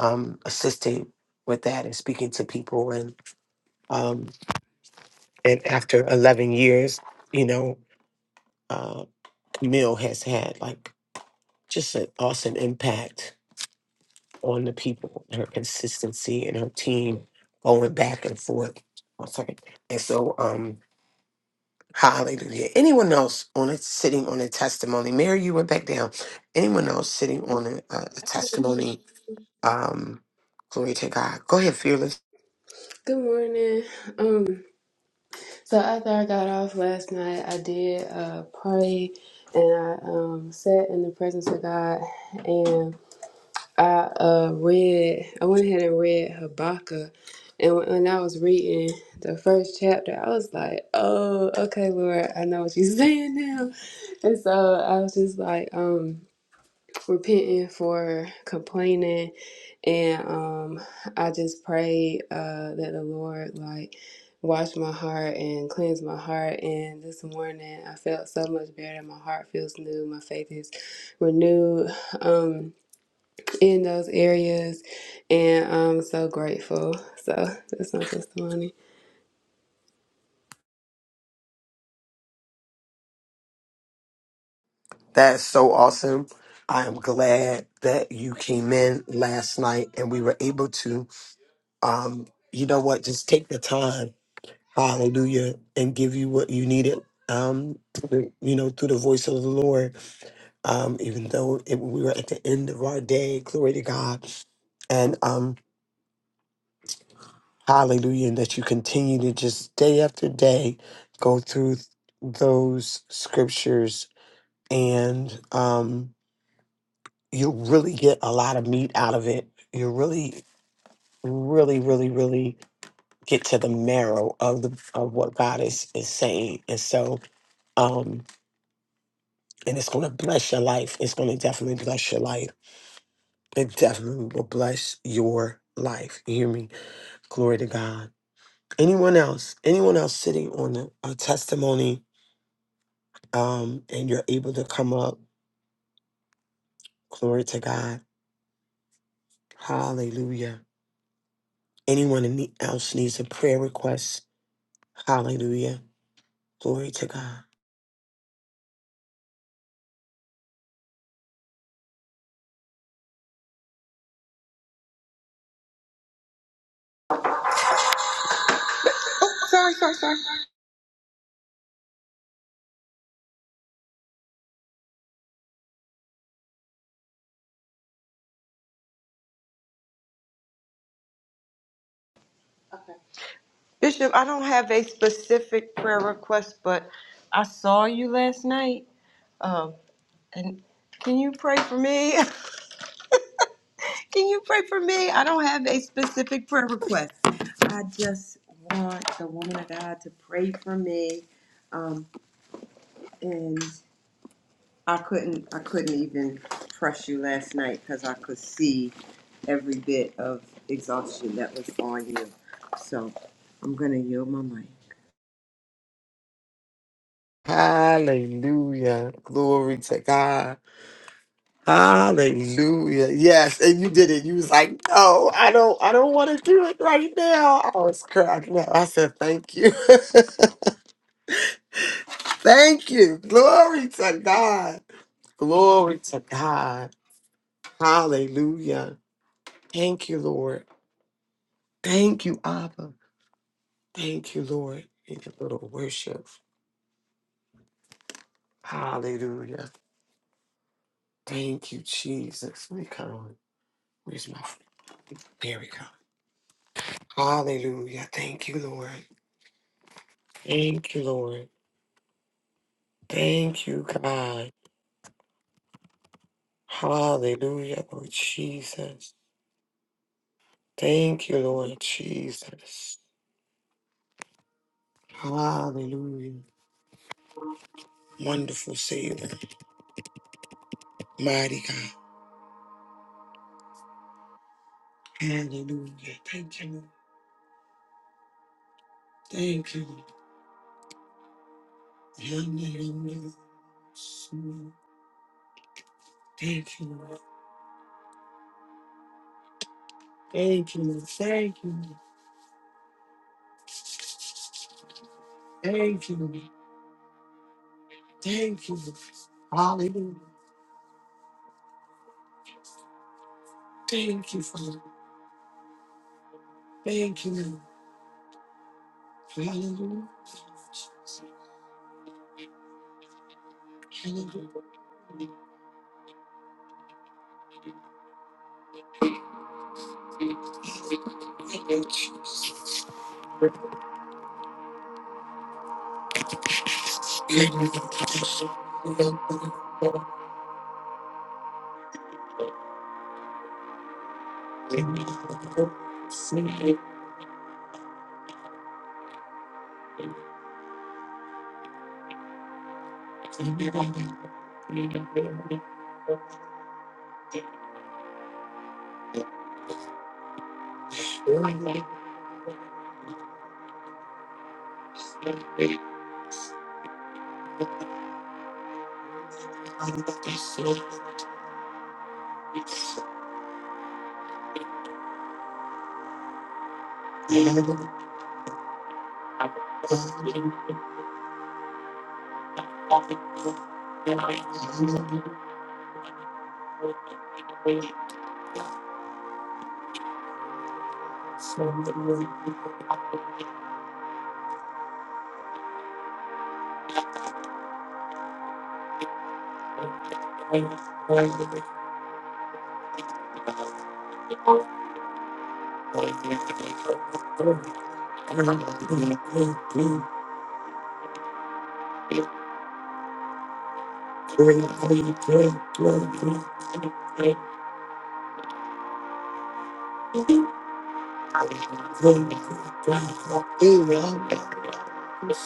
Speaker 4: um assisting with that and speaking to people and um and after eleven years, you know, uh Camille has had like just an awesome impact on the people her consistency and her team going back and forth. One second. And so, um, hallelujah. Anyone else on it sitting on a testimony? Mary, you went back down. Anyone else sitting on a, a a testimony? Um, glory to God. Go ahead, fearless.
Speaker 7: Good morning. Um, so after I got off last night, I did uh pray and I um sat in the presence of God and I uh read I went ahead and read Habakkuk and when, when I was reading the first chapter, I was like, Oh, okay, Lord, I know what you're saying now. And so I was just like, um repenting for complaining and um i just pray uh that the lord like wash my heart and cleanse my heart and this morning i felt so much better my heart feels new my faith is renewed um in those areas and i'm so grateful so that's my testimony
Speaker 4: That's so awesome. I am glad that you came in last night and we were able to, um, you know what, just take the time hallelujah, and give you what you needed. Um, through the- you know, through the voice of the Lord, um, even though it, we were at the end of our day, glory to God, and um, hallelujah, and that you continue to just day after day go through th- those scriptures, and um, you'll really get a lot of meat out of it. you really, really, really, really get to the marrow of the of what God is is saying, and so. Um, and it's going to bless your life. It's going to definitely bless your life. It definitely will bless your life. You hear me? Glory to God. Anyone else? Anyone else sitting on a, a testimony um, and you're able to come up? Glory to God. Hallelujah. Anyone in the- else needs a prayer request? Hallelujah. Glory to God.
Speaker 8: Sorry, sorry, sorry. Bishop, I don't have a specific prayer request, but I saw you last night. Um, and can you pray for me? can you pray for me? I don't have a specific prayer request. I just want the woman of God to pray for me. Um, and I couldn't, I couldn't even press you last night because I could see every bit of exhaustion that was on you. So I'm gonna yield my mic.
Speaker 4: Hallelujah. Glory to God. Hallelujah. Yes. And you did it. You was like, no, I don't, I don't want to do it right now. I was cracking up. I said, thank you. thank you. Glory to God. Glory to God. Hallelujah. Thank you, Lord. Thank you, Abba. Thank you, Lord. Need a little worship. Hallelujah. Thank you, Jesus. Let me come on. Where's my, there we go. Hallelujah. Thank you, Lord. Thank you, Lord. Thank you, God. Hallelujah, Lord Jesus. Thank you, Lord Jesus. Hallelujah. Wonderful Savior. Mighty God. Hallelujah. Thank you, Lord. Thank you, Lord. Hallelujah. Thank you, Lord. Thank you, Lord. Thank you, Lord. Thank you, Lord. Thank you, Lord. Hallelujah. Thank you, Father. Thank you, Lord. Hallelujah. Hallelujah. Thank you, Jesus. Thank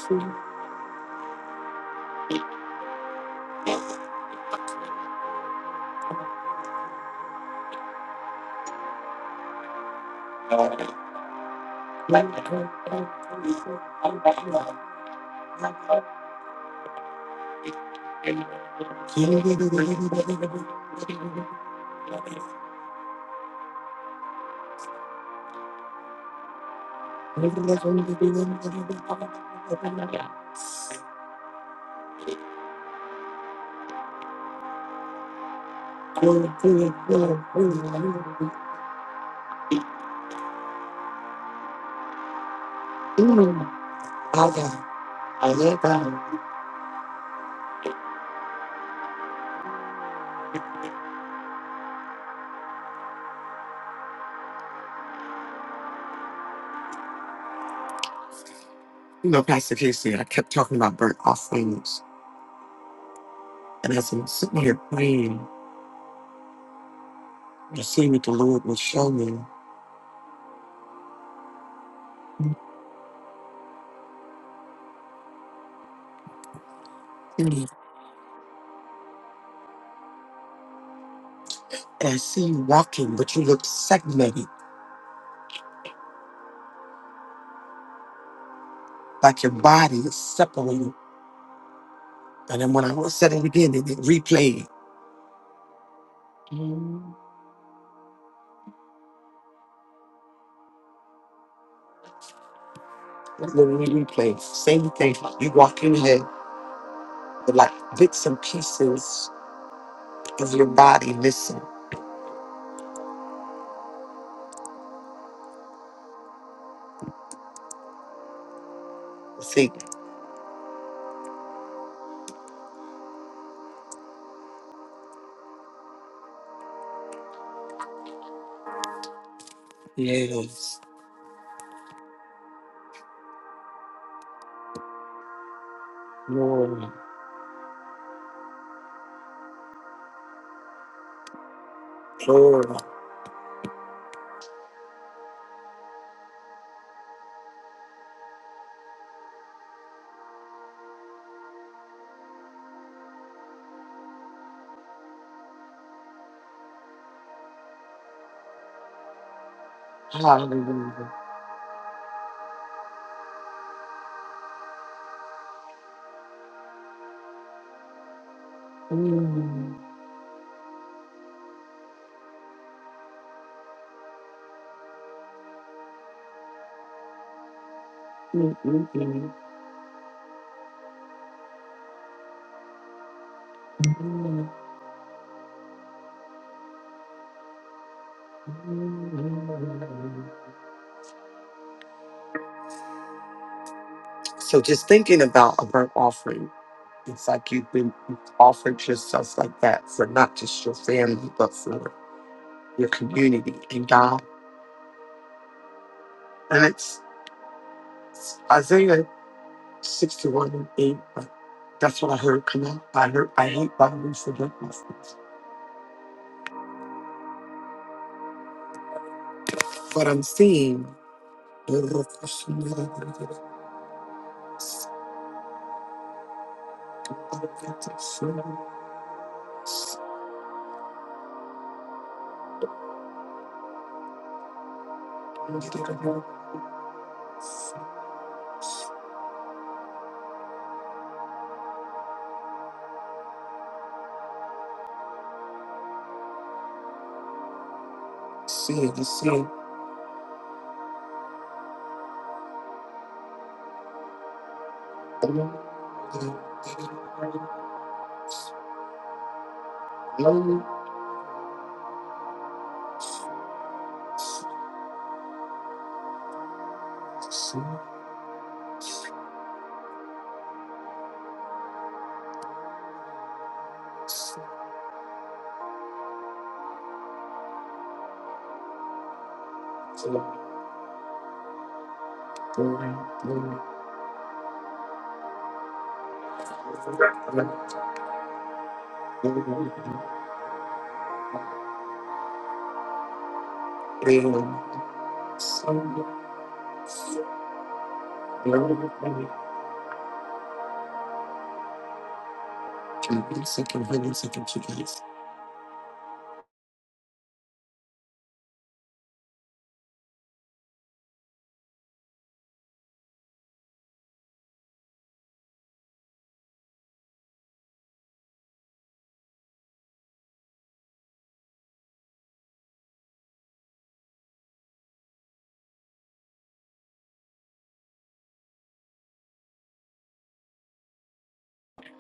Speaker 4: you. You know, Pastor Casey, I kept talking about burnt offerings. And as I'm sitting here praying, I see what the Lord will show me. And I see you walking, but you look segmented, like your body is separated. And then when I was said it again, they it replayed. It literally replayed. Same thing. You walk in here with like bits and pieces of your body missing. Think Yes. Lord. Lord. Hallelujah. Mm, mm, mm, mm, mm, mm. So just thinking about a burnt offering, it's like you've been you've offered yourself like that for not just your family, but for your community. And God and it's it's Isaiah 61 and 8. But that's what I heard come out. I heard, I hate violence and darkness. But I'm seeing. Seeing, seeing.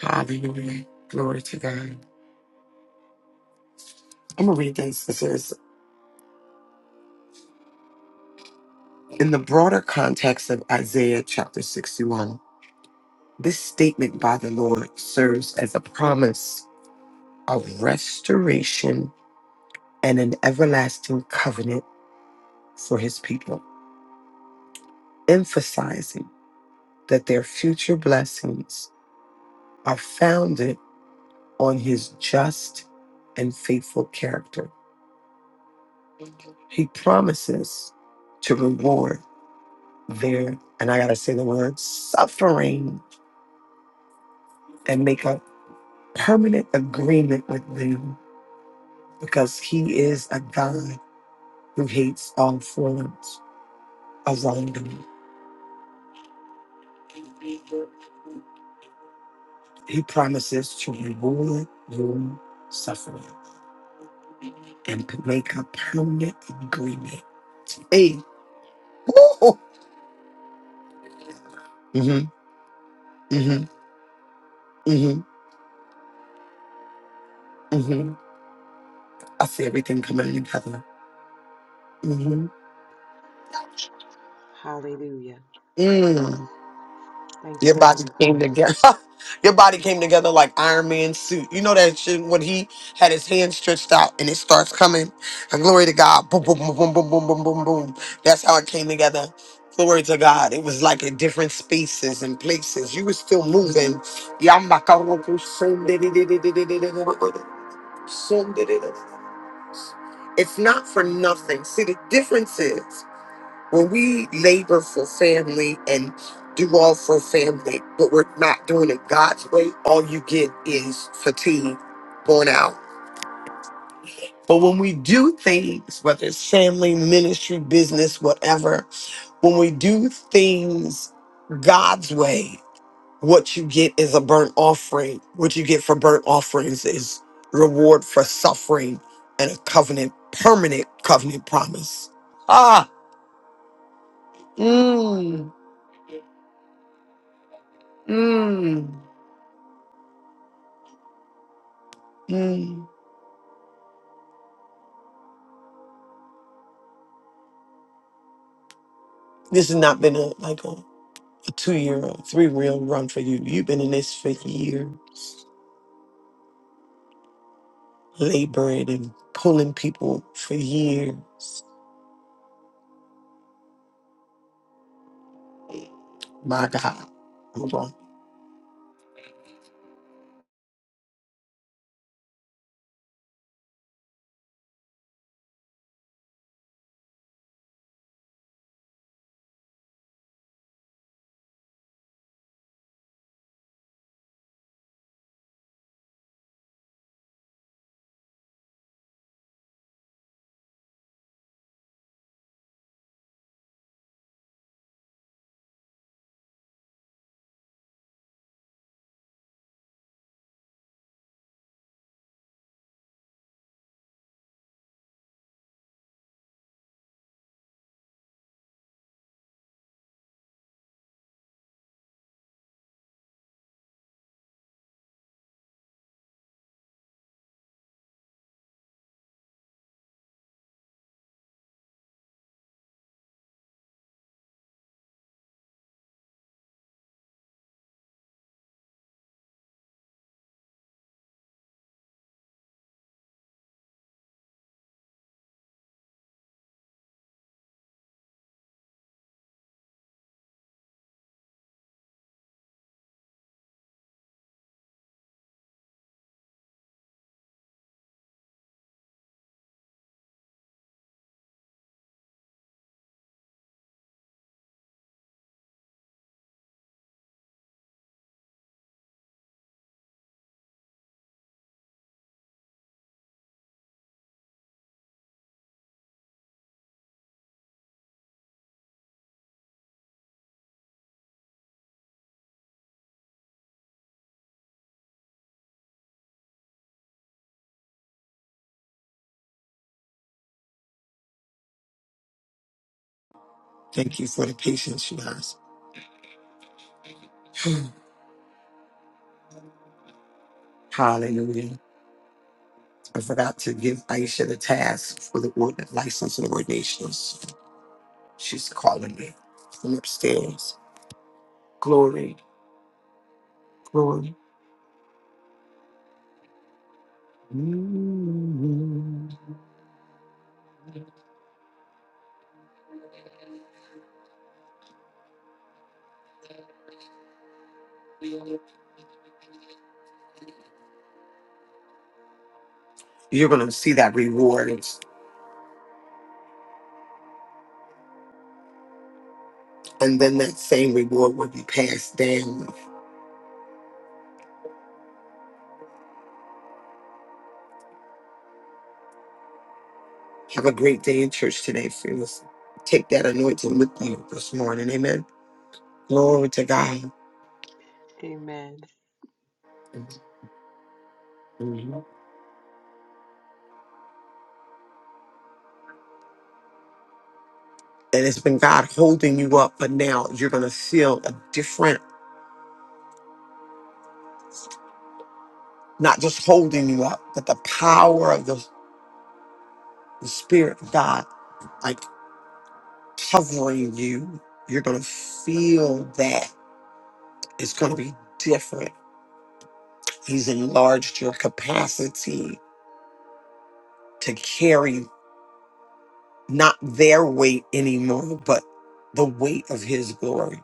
Speaker 4: Hallelujah. Glory to God. I'm going to read this. It says, in the broader context of Isaiah chapter 61, this statement by the Lord serves as a promise of restoration and an everlasting covenant for his people, emphasizing that their future blessings are founded on his just and faithful character. He promises to reward. there, and I gotta say the word suffering and make a permanent agreement with them because He is a God who hates all forms of wrongdoing. He promises to reward your suffering and to make a permanent agreement. Hey, woo! Mm-hmm, mm-hmm, mm-hmm, mm-hmm. I see everything coming together. Mm-hmm.
Speaker 8: Hallelujah.
Speaker 4: Mm.
Speaker 8: Thank
Speaker 4: Your
Speaker 8: you,
Speaker 4: body
Speaker 8: God.
Speaker 4: came together. Your body came together like Iron Man suit. You know that when he had his hands stretched out and it starts coming. Glory to God! Boom, boom, boom, boom, boom, boom, boom, boom, boom. That's how it came together. Glory to God. It was like in different spaces and places. You were still moving. So it's not for nothing. See the differences. When we labor for family and do all for family, but we're not doing it God's way, all you get is fatigue, burnout. But when we do things, whether it's family, ministry, business, whatever, when we do things God's way, what you get is a burnt offering. What you get for burnt offerings is reward for suffering and a covenant, permanent covenant promise. Ah, mm, mm. Mm. This has not been a like a, a two year or three year run for you. You've been in this for years, laboring and pulling people for years. My God. Hold on. Thank you for the patience, you guys. Hallelujah. I forgot to give Aisha the task for the ord- license and ordinations. She's calling me from upstairs. Glory, glory. Mm. You're going to see that reward. And then that same reward will be passed down. Have a great day in church today, friends. Take that anointing with you this morning. Amen. Glory to God.
Speaker 8: Amen.
Speaker 4: Mhm. And it's been God holding you up, but now you're going to feel a different, not just holding you up, but the power of the, the Spirit of God, like covering you. You're going to feel that. It's going to be different. He's enlarged your capacity to carry not their weight anymore, but the weight of his glory.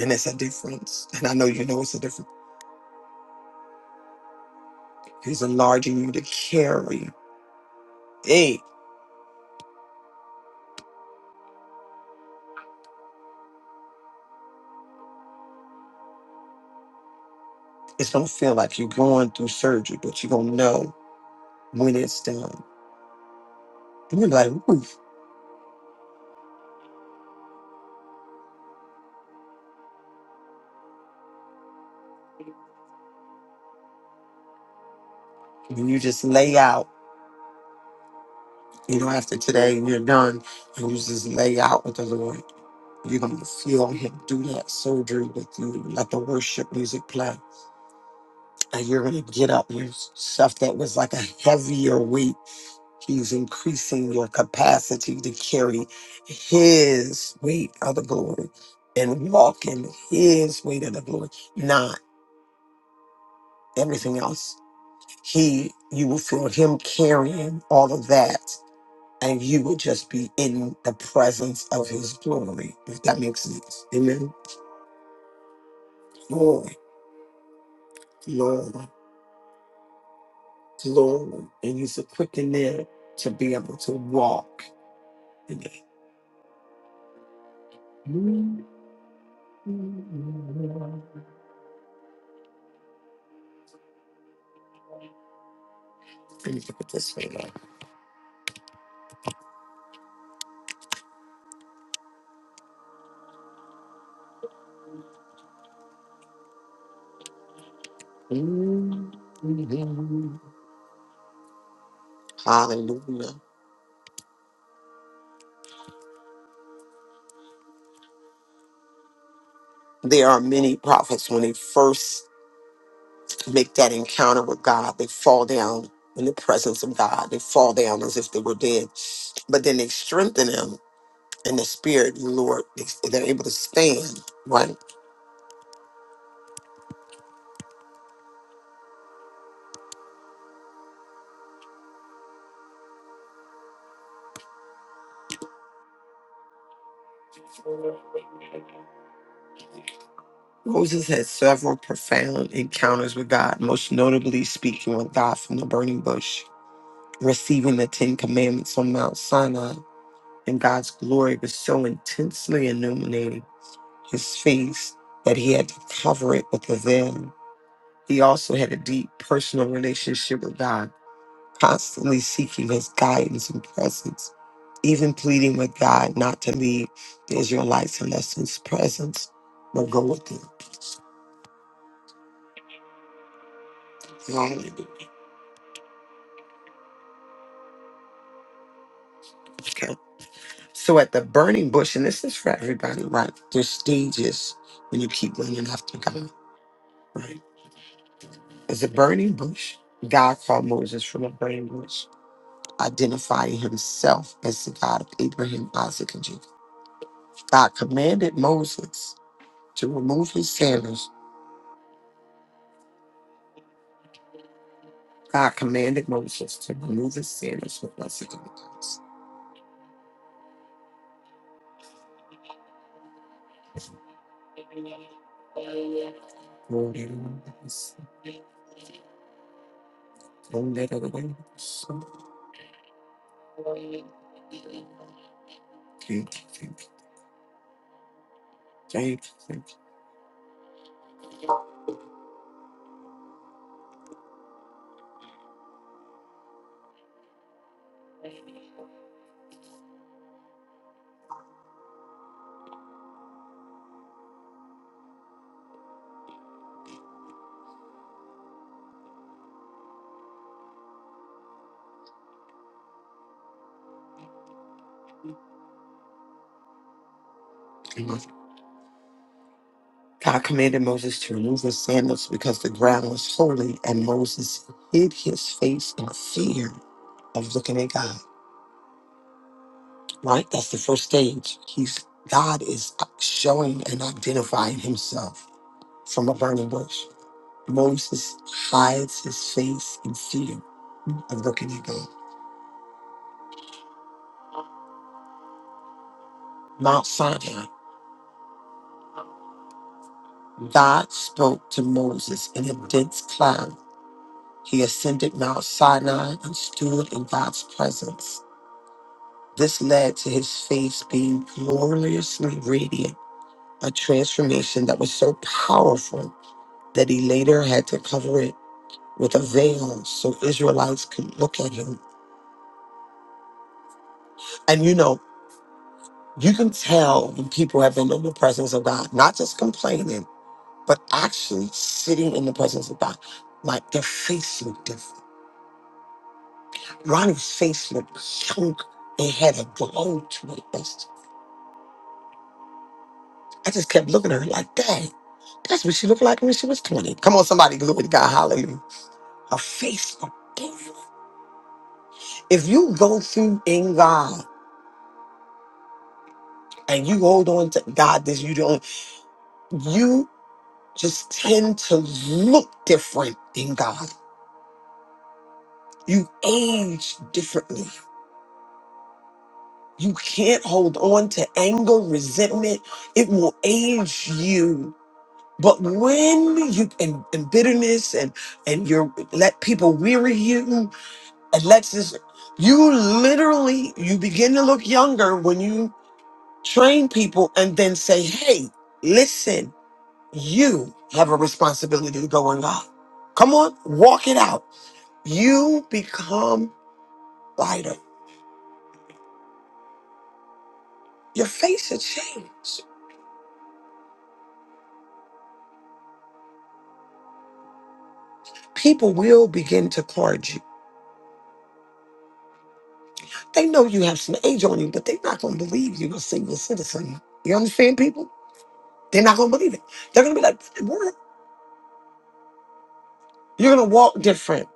Speaker 4: And it's a difference. And I know you know it's a difference. He's enlarging you to carry. Hey, it's gonna feel like you're going through surgery, but you're gonna know when it's done. And you're like, oof. When you just lay out, you know, after today and you're done, and you just lay out with the Lord. You're gonna feel him do that surgery with you. Let the worship music play. And you're going to get up your stuff that was like a heavier weight. He's increasing your capacity to carry His weight of the glory and walk in His weight of the glory, not everything else. He, you will feel Him carrying all of that, and you will just be in the presence of His glory, if that makes sense. Amen. Glory, glory, glory. And He's equipped in there to be able to walk. Look at this way, Lord. Hallelujah. There are many prophets when they first make that encounter with God, they fall down in the presence of God. They fall down as if they were dead. But then they strengthen them in the spirit, of the Lord. They- They're able to stand, right? Moses had several profound encounters with God, most notably speaking with God from the burning bush. receiving the Ten Commandments on Mount Sinai, and God's glory was so intensely illuminating his face that he had to cover it with a veil. He also had a deep personal relationship with God, constantly seeking his guidance and presence, even pleading with God not to leave the Israelites unless his presence would go with them. Hallelujah. Okay. So at the burning bush, and this is for everybody, right? There's stages when you keep running after God, right? As a burning bush, God called Moses from a burning bush, identifying himself as the God of Abraham, Isaac, and Jacob. God commanded Moses to remove his sandals. God commanded Moses to remove his sandals from us at the house. Lord, I want this. Don't let other way. So, Thank you, thank you, thank you, thank you. Amen. God commanded Moses to remove his sandals because the ground was holy, and Moses hid his face in fear of looking at God. right? That's the first stage. He's God is showing and identifying himself from a burning bush. Moses hides his face in fear of looking at God. Mount Sinai, God spoke to Moses in a dense cloud. He ascended Mount Sinai and stood in God's presence. This led to his face being gloriously radiant, a transformation that was so powerful that he later had to cover it with a veil so Israelites could look at him. And you know, you can tell when people have been in the presence of God, not just complaining, but actually sitting in the presence of God. Like their face looked different. Ronnie's face looked young. It had a glow to it. That's- I just kept looking at her like, dang, that's what she looked like when she was 20. Come on, somebody, glory to God, hallelujah. Her face looked different. If you go through in God and you hold on to God, this you don't. just tend to look different in God. You age differently. You can't hold on to anger, resentment. It will age you. But when you and, and bitterness and and you let people weary you and let's just you literally you begin to look younger when you train people and then say, hey, listen, you have a responsibility to go in God. Come on, walk it out. you become lighter. Your face has changed. People will begin to card you. They know you have some age on you, but they're not going to believe you are a senior citizen. You understand, people? They're not going to believe it. They're going to be like, what? You're going to walk different.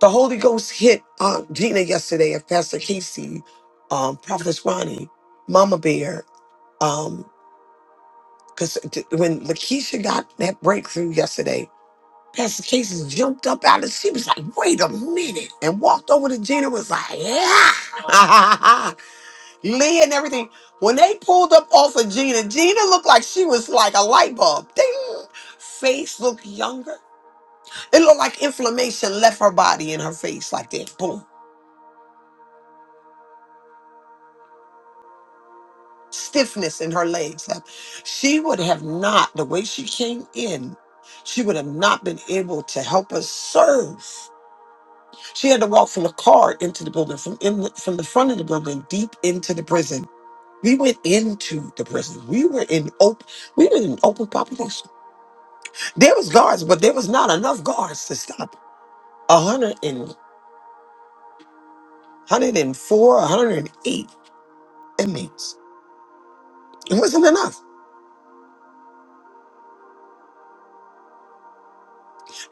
Speaker 4: The Holy Ghost hit Aunt Gina yesterday and Pastor Casey, um, Prophetess Ronnie, Mama Bear, um, because when Lakeisha got that breakthrough yesterday, Pastor Casey jumped up out of she was like, wait a minute, and walked over to Gina was like, yeah, Lee and everything. When they pulled up off of Gina, Gina looked like she was like a light bulb. Ding! Face looked younger. It looked like inflammation left her body and her face like that. Boom. Stiffness in her legs. Like, She would have not, the way she came in, she would have not been able to help us serve. She had to walk from the car into the building, from in from the front of the building, deep into the prison. We went into the prison. We were in open. We were in open population. There was guards, but there was not enough guards to stop a hundred and one hundred and four, a hundred and eight inmates. It wasn't enough.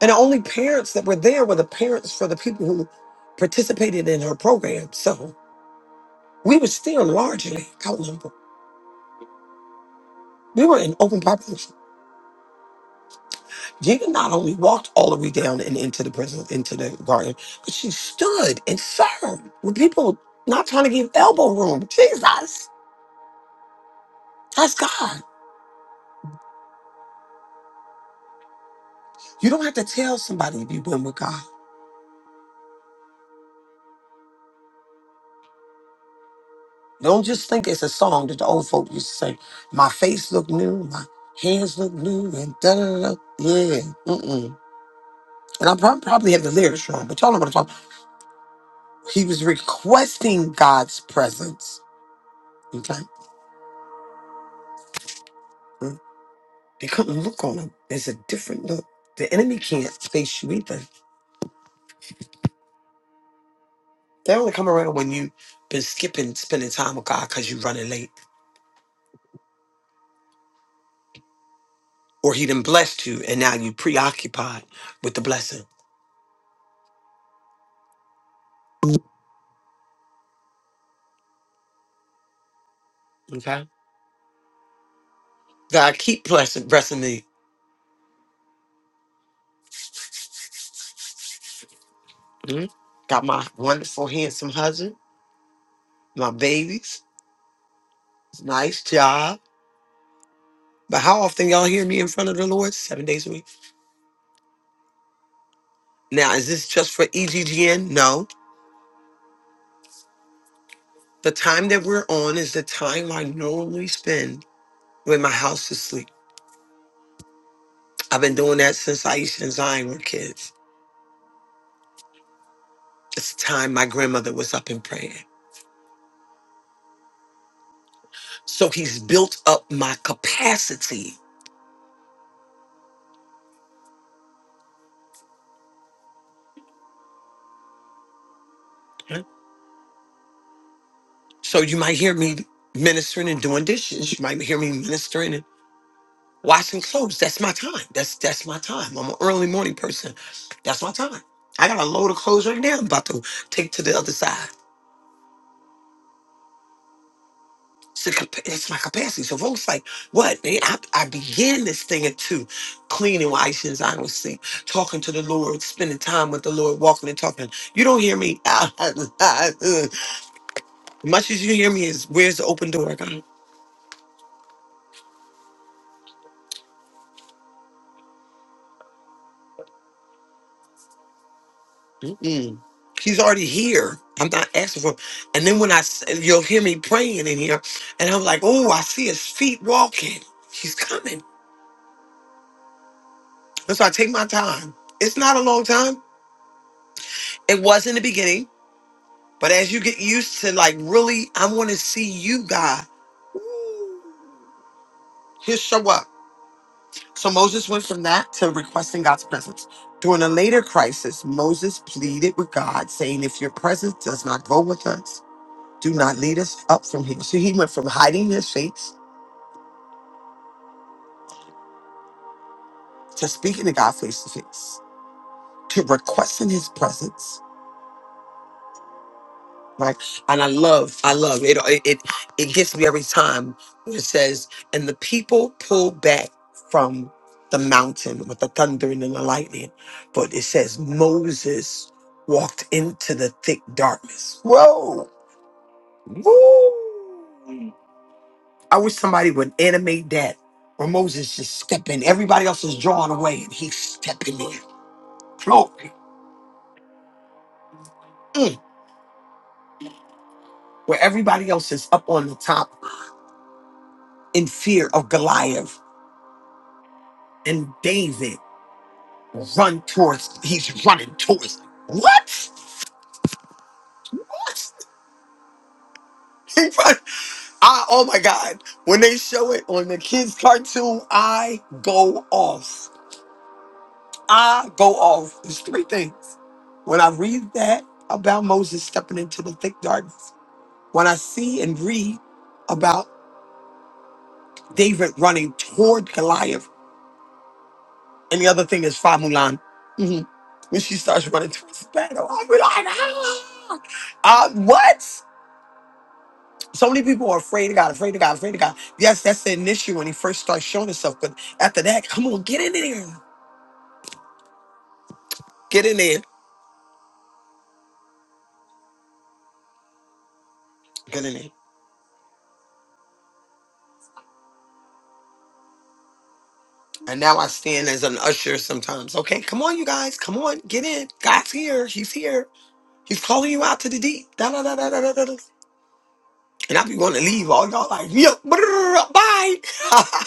Speaker 4: And the only parents that were there were the parents for the people who participated in her program. So we were still largely outnumbered. We were in open population. Jesus not only walked all the way down and into the prison, into the garden, but she stood and served with people not trying to give elbow room. Jesus, that's God. You don't have to tell somebody if you went with God. Don't just think it's a song that the old folk used to say. My face look new, my hands look new, and da da da. da." Yeah, mm-mm. And I prob- probably have the lyrics wrong, but y'all know what I'm talking. He was requesting God's presence. Okay. They couldn't look on them. It's a different look. The enemy can't face you either. They only come around when you've been skipping, spending time with God because you're running late. Or he done blessed you and now you preoccupied with the blessing. Okay. God keep blessing, blessing me. Mhm. Got my wonderful, handsome husband, my babies, nice job. But how often y'all hear me in front of the Lord? Seven days a week. Now, is this just for EGGN? No. The time that we're on is the time I normally spend with my house to sleep. I've been doing that since Aisha and Zion were kids. It's time my grandmother was up and praying. So he's built up my capacity. Okay. So you might hear me ministering and doing dishes. You might hear me ministering and washing clothes. That's my time. That's that's my time. I'm an early morning person. That's my time. I got a load of clothes right now. I'm about to take to the other side. It's, a, capa- it's my capacity. So folks like, what? They, I, I began this thing at two, cleaning, washing, and I was sleep, talking to the Lord, spending time with the Lord, walking and talking. You don't hear me. as much as you hear me is, where's the open door, God? Mm-mm. He's already here. I'm not asking for. And then when I, s- you'll hear me praying in here, and I'm like, oh, I see his feet walking. He's coming. And so I take my time. It's not a long time. It was in the beginning. But as you get used to like really, I want to see you, God. Ooh, He'll show up. So Moses went from that to requesting God's presence. During a later crisis, Moses pleaded with God, saying, "If your presence does not go with us, do not lead us up from here." So he went from hiding his face to speaking to God face to face to requesting His presence Right. And I love, I love it. It it, it gets me every time when it says, and the people pull back from the mountain with the thundering and the lightning. But it says Moses walked into the thick darkness. Whoa. Woo. I wish somebody would animate that. Where Moses just stepping, everybody else is drawing away and he's stepping in. Glory. Mm. Where everybody else is up on the top in fear of Goliath and David. run towards. He's running towards. What? What? He run. I, oh my God! When they show it on the kids' cartoon, I go off. I go off. There's three things. When I read that about Moses stepping into the thick darkness, when I see and read about David running toward Goliath, and the other thing is Fa Mulan, Mhm. When she starts running towards the battle, I'm like, ah! Uh, what? So many people are afraid of God, afraid of God, afraid of God. Yes, that's an issue when he first starts showing himself. But after that, come on, get in there. Get in there. Get in there. And now I stand as an usher sometimes. Okay, come on, you guys. Come on, get in. God's here. He's here. He's calling you out to the deep. Da da da da da da da. da. And I be wanting to leave. All y'all like, yo, brrr, bye.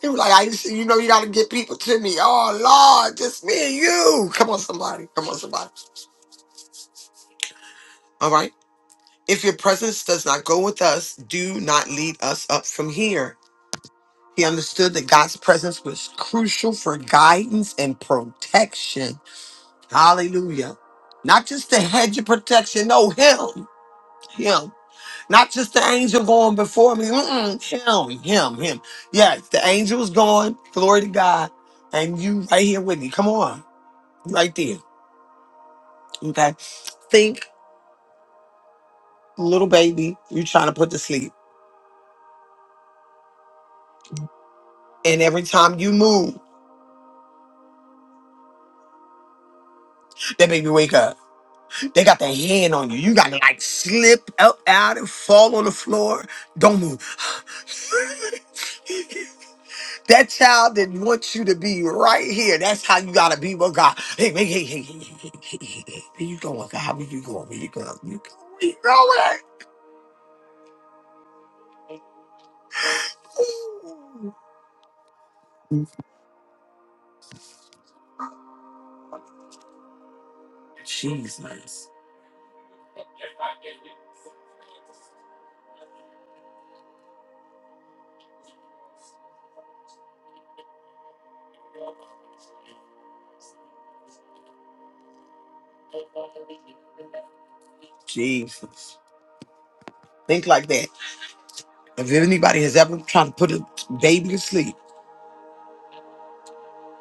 Speaker 4: he was like, I just, you know, you gotta get people to me. Oh Lord, just me and you. Come on, somebody. Come on, somebody. All right. If your presence does not go with us, do not lead us up from here. He understood that God's presence was crucial for guidance and protection. Hallelujah. Not just the hedge of protection, no, him, him. Not just the angel going before me, mm-mm, him, him, him. Yes, the angel's going, glory to God, and you right here with me. Come on, right there. Okay. Think, little baby, you trying to put to sleep. And every time you move, that baby wake up. They got their hand on you. You got to like slip up out and fall on the floor. Don't move. that child didn't want you to be right here. That's how you got to be with God. Hey, hey, hey, hey, hey, hey, hey, hey, hey. hey. Where you going, God? Where you going? Where you going? Where you going? Where you going? Jesus. Jesus. Think like that. If anybody has ever tried to put a baby to sleep,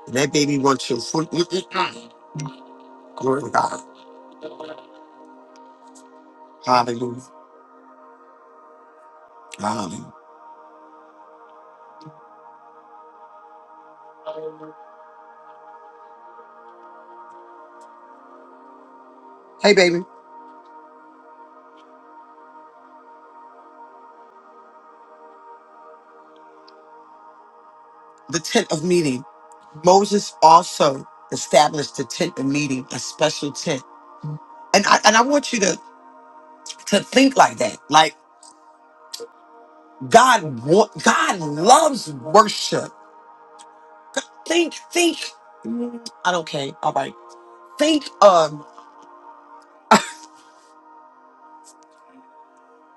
Speaker 4: and that baby wants your foot, mm, mm, mm. glory to God. Hallelujah. Hallelujah. Hey, baby. The tent of meeting. Moses also established the tent of meeting, a special tent. And I and I want you to to think like that. Like God, wa- God loves worship. Think, think. mm, I don't care. All right. Think.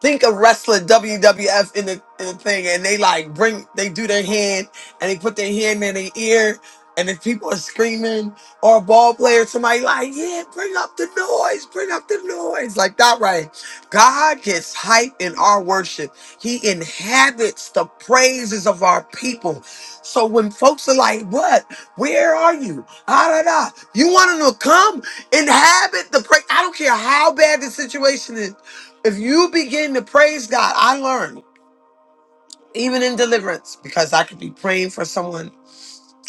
Speaker 4: Think of wrestler WWF in the, in the thing, and they like bring, they do their hand, and they put their hand in their ear, and if people are screaming or a ball player, somebody like, yeah, bring up the noise, bring up the noise, like that, right? God gets hype in our worship. He inhabits the praises of our people. So when folks are like, what? Where are you? Ah, da, da. You want them to come inhabit the praise. I don't care how bad the situation is. If you begin to praise God, I learned even in deliverance because I could be praying for someone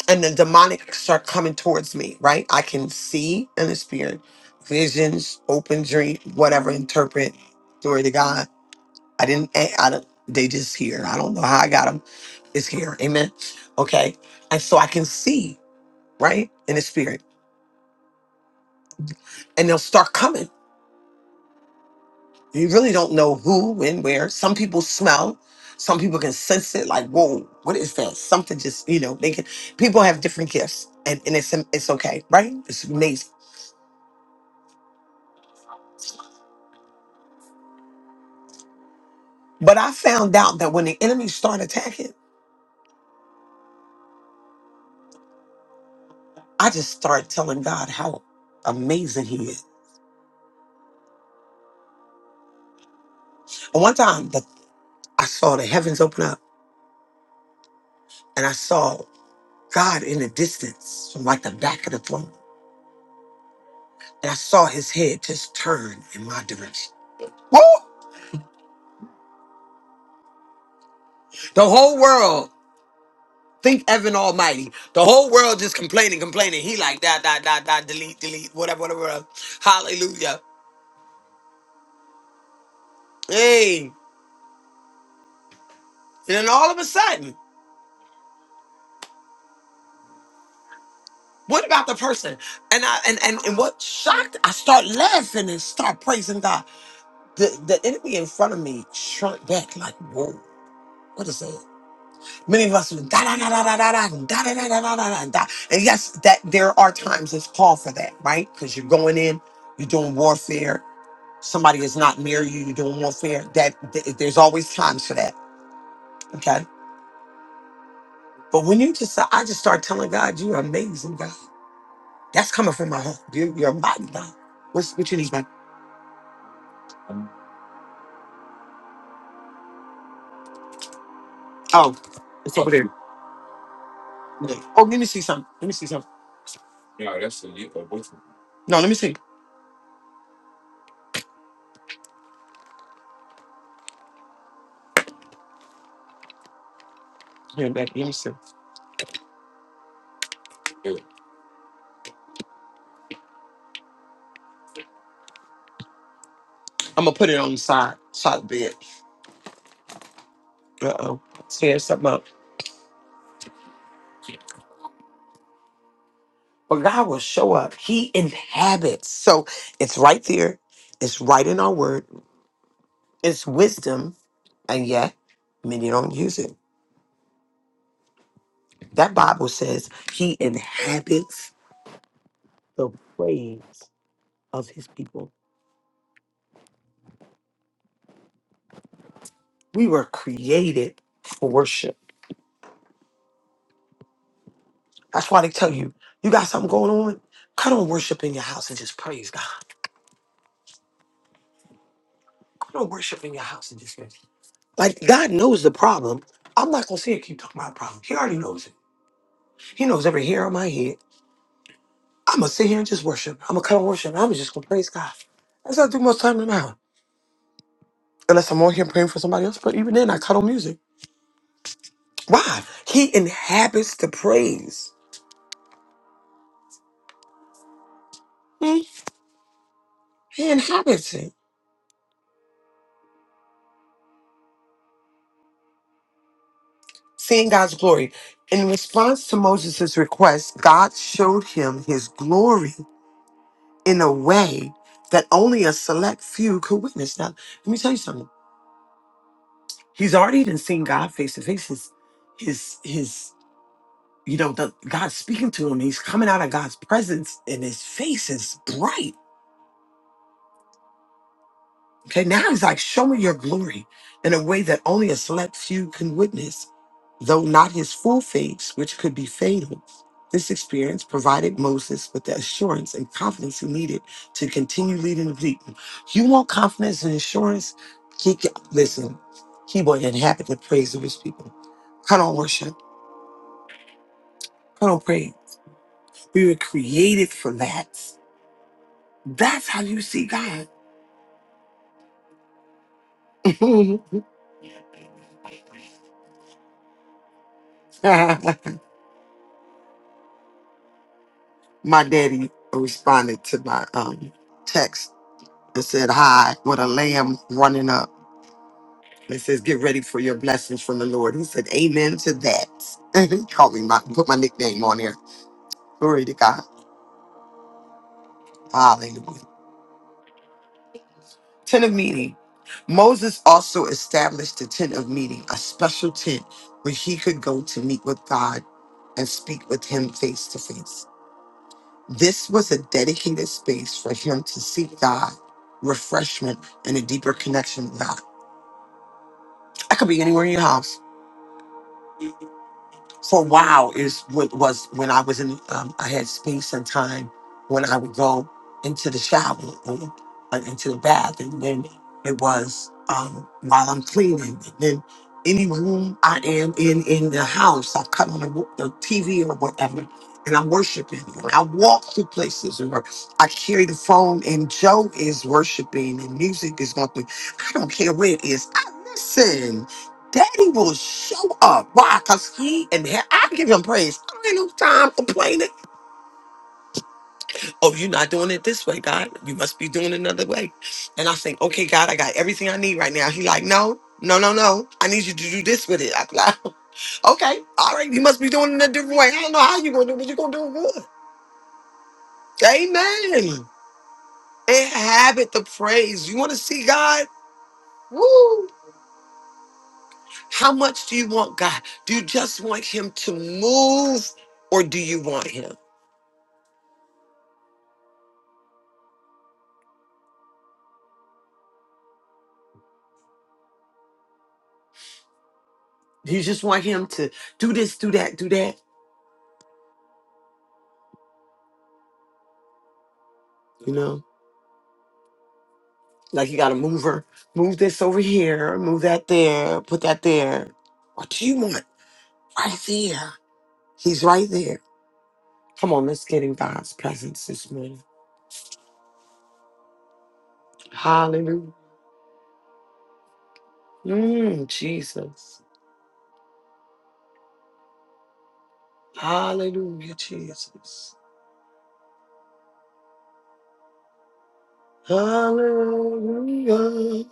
Speaker 4: and the demonic start coming towards me, right? I can see in the spirit visions, open dream, whatever, interpret. Glory to God. I didn't, I I don't, they just here. I don't know how I got them. It's here. Amen. Okay. And so I can see, right, in the spirit. And they'll start coming. You really don't know who, when, where. Some people smell. Some people can sense it. Like, whoa, what is that? Something just, you know, they can. People have different gifts, and, and it's it's okay, right? It's amazing. But I found out that when the enemy started attacking, I just started telling God how amazing He is. And one time, the, I saw the heavens open up, and I saw God in the distance from like the back of the throne, and I saw His head just turn in my direction. Woo! The whole world. Think Evan Almighty. The whole world just complaining, complaining. He like da da da da delete, delete, whatever, whatever. whatever. Hallelujah. Hey. And then all of a sudden, what about the person? And I and and, and what shocked, I start laughing and start praising God. The the enemy in front of me shrunk back like, whoa, what is that? Many of us da da da da da da da da da da da da da da. da. And yes, that there are times it's called for that, right? Because you're going in, you're doing warfare, somebody is not near you, you're doing warfare, that th- there's always times for that. Okay. But when you just, I just start telling God, you're amazing, God. That's coming from my heart. You're, you're mighty, God. What's, what you need, man? Oh, it's over there. Yeah. Oh, let me see something. Let me see something. No, let me see. Here, back. Let me see. I'm going to put it on the side, side of the bed. Uh oh. Tear something up. But God will show up. He inhabits. So it's right there. It's right in our word. It's wisdom. And yet, many don't use it. That Bible says he inhabits the praise of his people. We were created for worship. That's why they tell you, you got something going on? Come on, worship in your house and just praise God. Come on, worship in your house and just praise. Like, God knows the problem. I'm not going to sit here and keep talking about the problem. He already knows it. He knows every hair on my head. I'm going to sit here and just worship. I'm going to come and worship. I'm just going to praise God. That's what I do most time now. Unless I'm on here praying for somebody else. But even then, I cut on music. Why? He inhabits the praise. Hmm? He inhabits it. Seeing God's glory. In response to Moses' request, God showed him his glory in a way that only a select few could witness. Now, let me tell you something. He's already even seen God face to face. His, his, his, you know, the, God speaking to him. He's coming out of God's presence, and his face is bright Okay, now he's like, show me your glory in a way that only a select few can witness. Though not his full face, which could be fatal, this experience provided Moses with the assurance and confidence he needed to continue leading the people. You want confidence and assurance? He can, listen, he will inhabit the praise of his people. Come on, worship. Come on, pray. We were created for that. That's how you see God. my daddy responded to my um, text and said hi with a lamb running up. It says, "Get ready for your blessings from the Lord." He said, "Amen to that." And he called me my put my nickname on there. Glory to God. Hallelujah. Tent of meeting. Moses also established the tent of meeting, a special tent where he could go to meet with God and speak with Him face to face. This was a dedicated space for him to seek God, refreshment, and a deeper connection with God. I could be anywhere in your house. for a while is what was when I was in um, I had space and time when I would go into the shower or uh, into the bath and then it was um, while I'm cleaning and then any room I am in in the house I cut on the, wo- the TV or whatever and I'm worshiping and I walk through places or I carry the phone and Joe is worshiping and music is going through I don't care where it is I listen Daddy will show up. Why? Because he and he- I give him praise. I ain't no time complaining. Oh, you're not doing it this way, God. You must be doing it another way. And I think, okay, God, I got everything I need right now. He like, no, no, no, no. I need you to do this with it. I'm like, okay, all right. You must be doing it a different way. I don't know how you're going to do it, but you're going to do it good. Amen. Inhabit the praise. You want to see God? Woo. How much do you want God? Do you just want him to move or do you want him? You just want him to do this, do that, do that. You know, like you got to move her, move this over here, move that there, put that there. What do you want? Right there. He's right there. Come on, let's get in God's presence this morning. Hallelujah. Mm, Jesus. Hallelujah, Jesus. Hallelujah.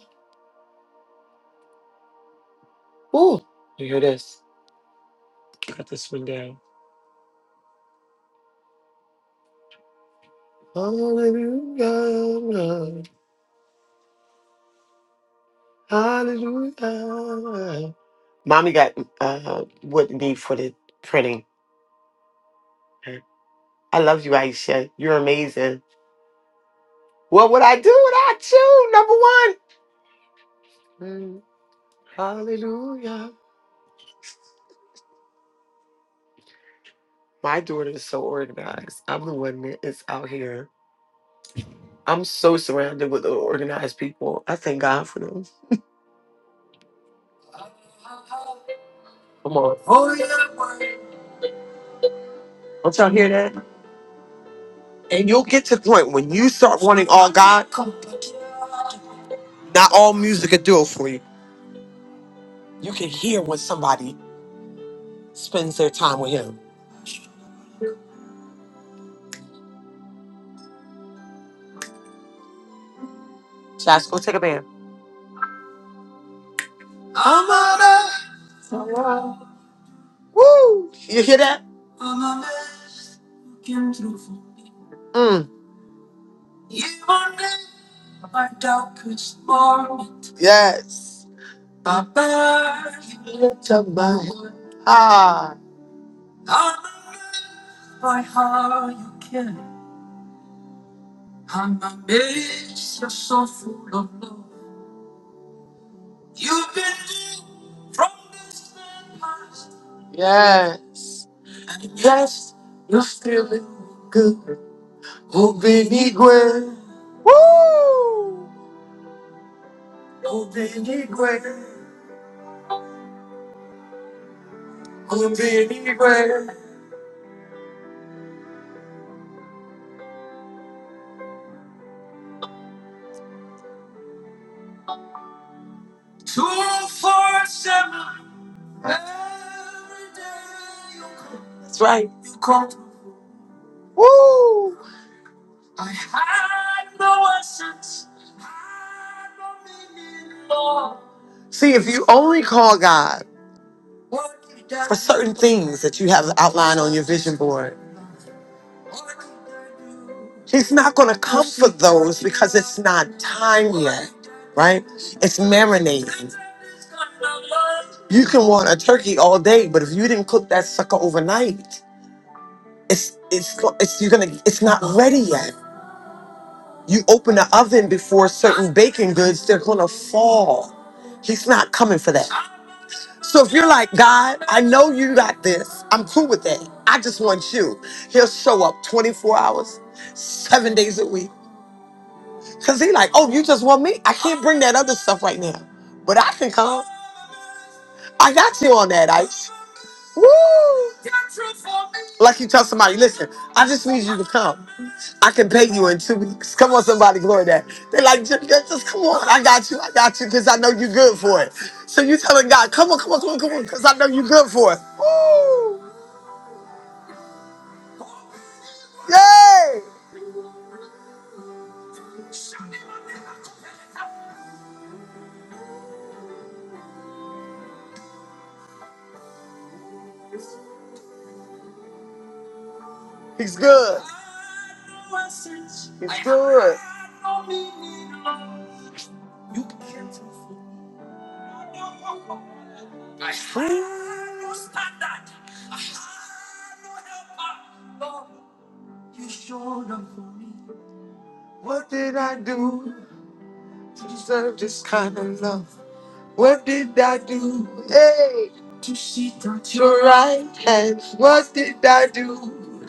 Speaker 4: Ooh, you hear this? Cut this one down. Hallelujah. Hallelujah. Mommy got uh, what you need for the printing. I love you, Aisha. You're amazing. What would I do without you? Number one. Mm, hallelujah. My daughter is so organized. I'm the one that is out here. I'm so surrounded with organized people. I thank God for them. Come on. Oh, yeah. Don't y'all hear that? And you'll get to the point when you start wanting all God, not all music will do it for you. You can hear when somebody spends their time with Him. Josh, go take a bath. Woo! You hear that? Mm. Yes. Ah. Yes. Yes. Mm. Woo! I'm being for seven. That's right. You call. Woo! See, if you only call God certain things that you have outlined on your vision board, He's not going to come for those because it's not time, right? It's marinating. You can want a turkey all day, but if you didn't cook that sucker overnight, it's it's it's you're gonna it's not ready yet. You open the oven before certain baking goods, they're gonna fall. He's not coming for that. So if you're like, God, I know you got this. I'm cool with that. I just want you. He'll show up 24 hours, seven days a week. Cause he like, oh, you just want me? I can't bring that other stuff right now. But I can come. I got you on that ice. Woo! Like you tell somebody, listen, I just need you to come. I can pay you in two weeks. Come on, somebody, glory that. They're like, just, just come on, I got you, I got you, because I know you're good for it. So you telling God, come on, come on, come on, come on, because I know you're good for it. Woo! Yay! He's good. He's good. What did I do to deserve this kind of love? What did I do? Hey, your right hand. What did I do?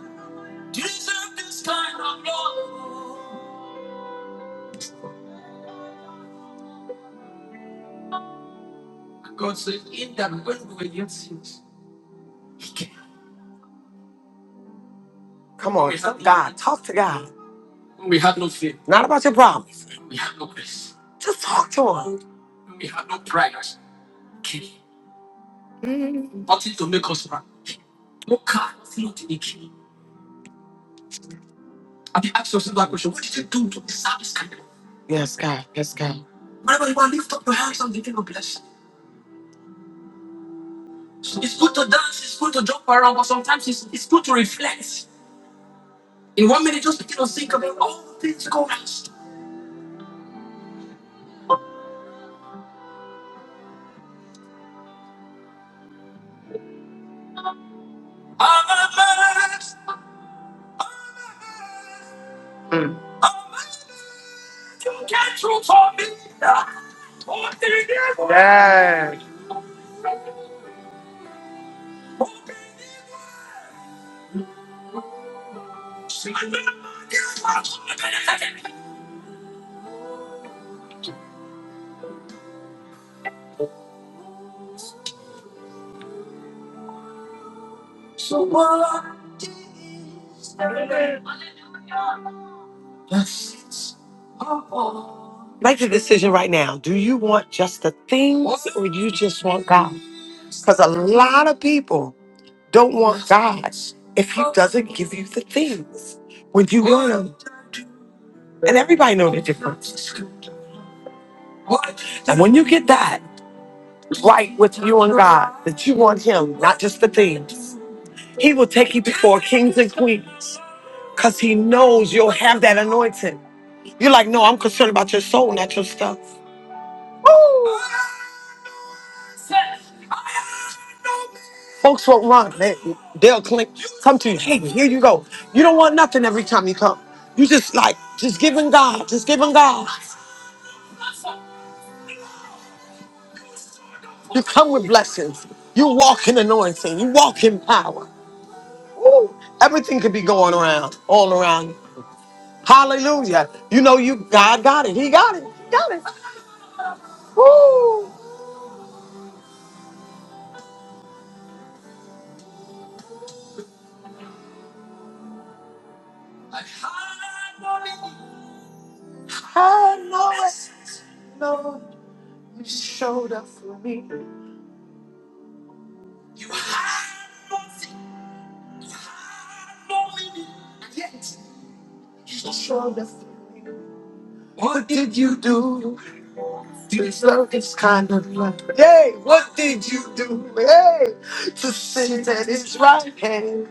Speaker 4: Come on, God, talk to God. Not about your problems. Just talk to him. Yes, God. Yes, God. Yes. Make the decision right now. Do you want just a thing or you just want God? Because a lot of people don't want if doesn't give you the things when you want, and everybody know the difference. And when you get that right with you and God, that you want him, not just the things, he will take you before kings and queens because he knows you'll have that anointing. You're like, no, I'm concerned about your soul, not your stuff. Folks won't run. They, they'll cling. come to you. Hey, here you go. You don't want nothing every time you come. You just like, just giving God, just giving God. You come with blessings. You walk in anointing. You walk in power. Ooh, everything could be going around, all around. you. Hallelujah. You know you God got it. He got it. He got it. Woo! Yay! What did you do? Hey, to sin that is hand.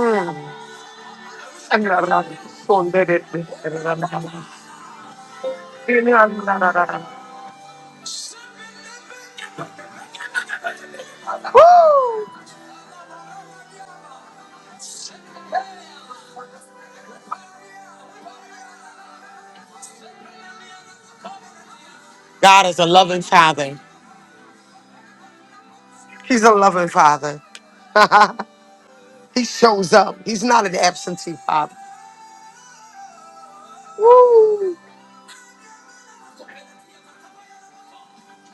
Speaker 4: Woo! Woo! God is a loving father. He's a loving father. he shows up. He's not an absentee father. Woo!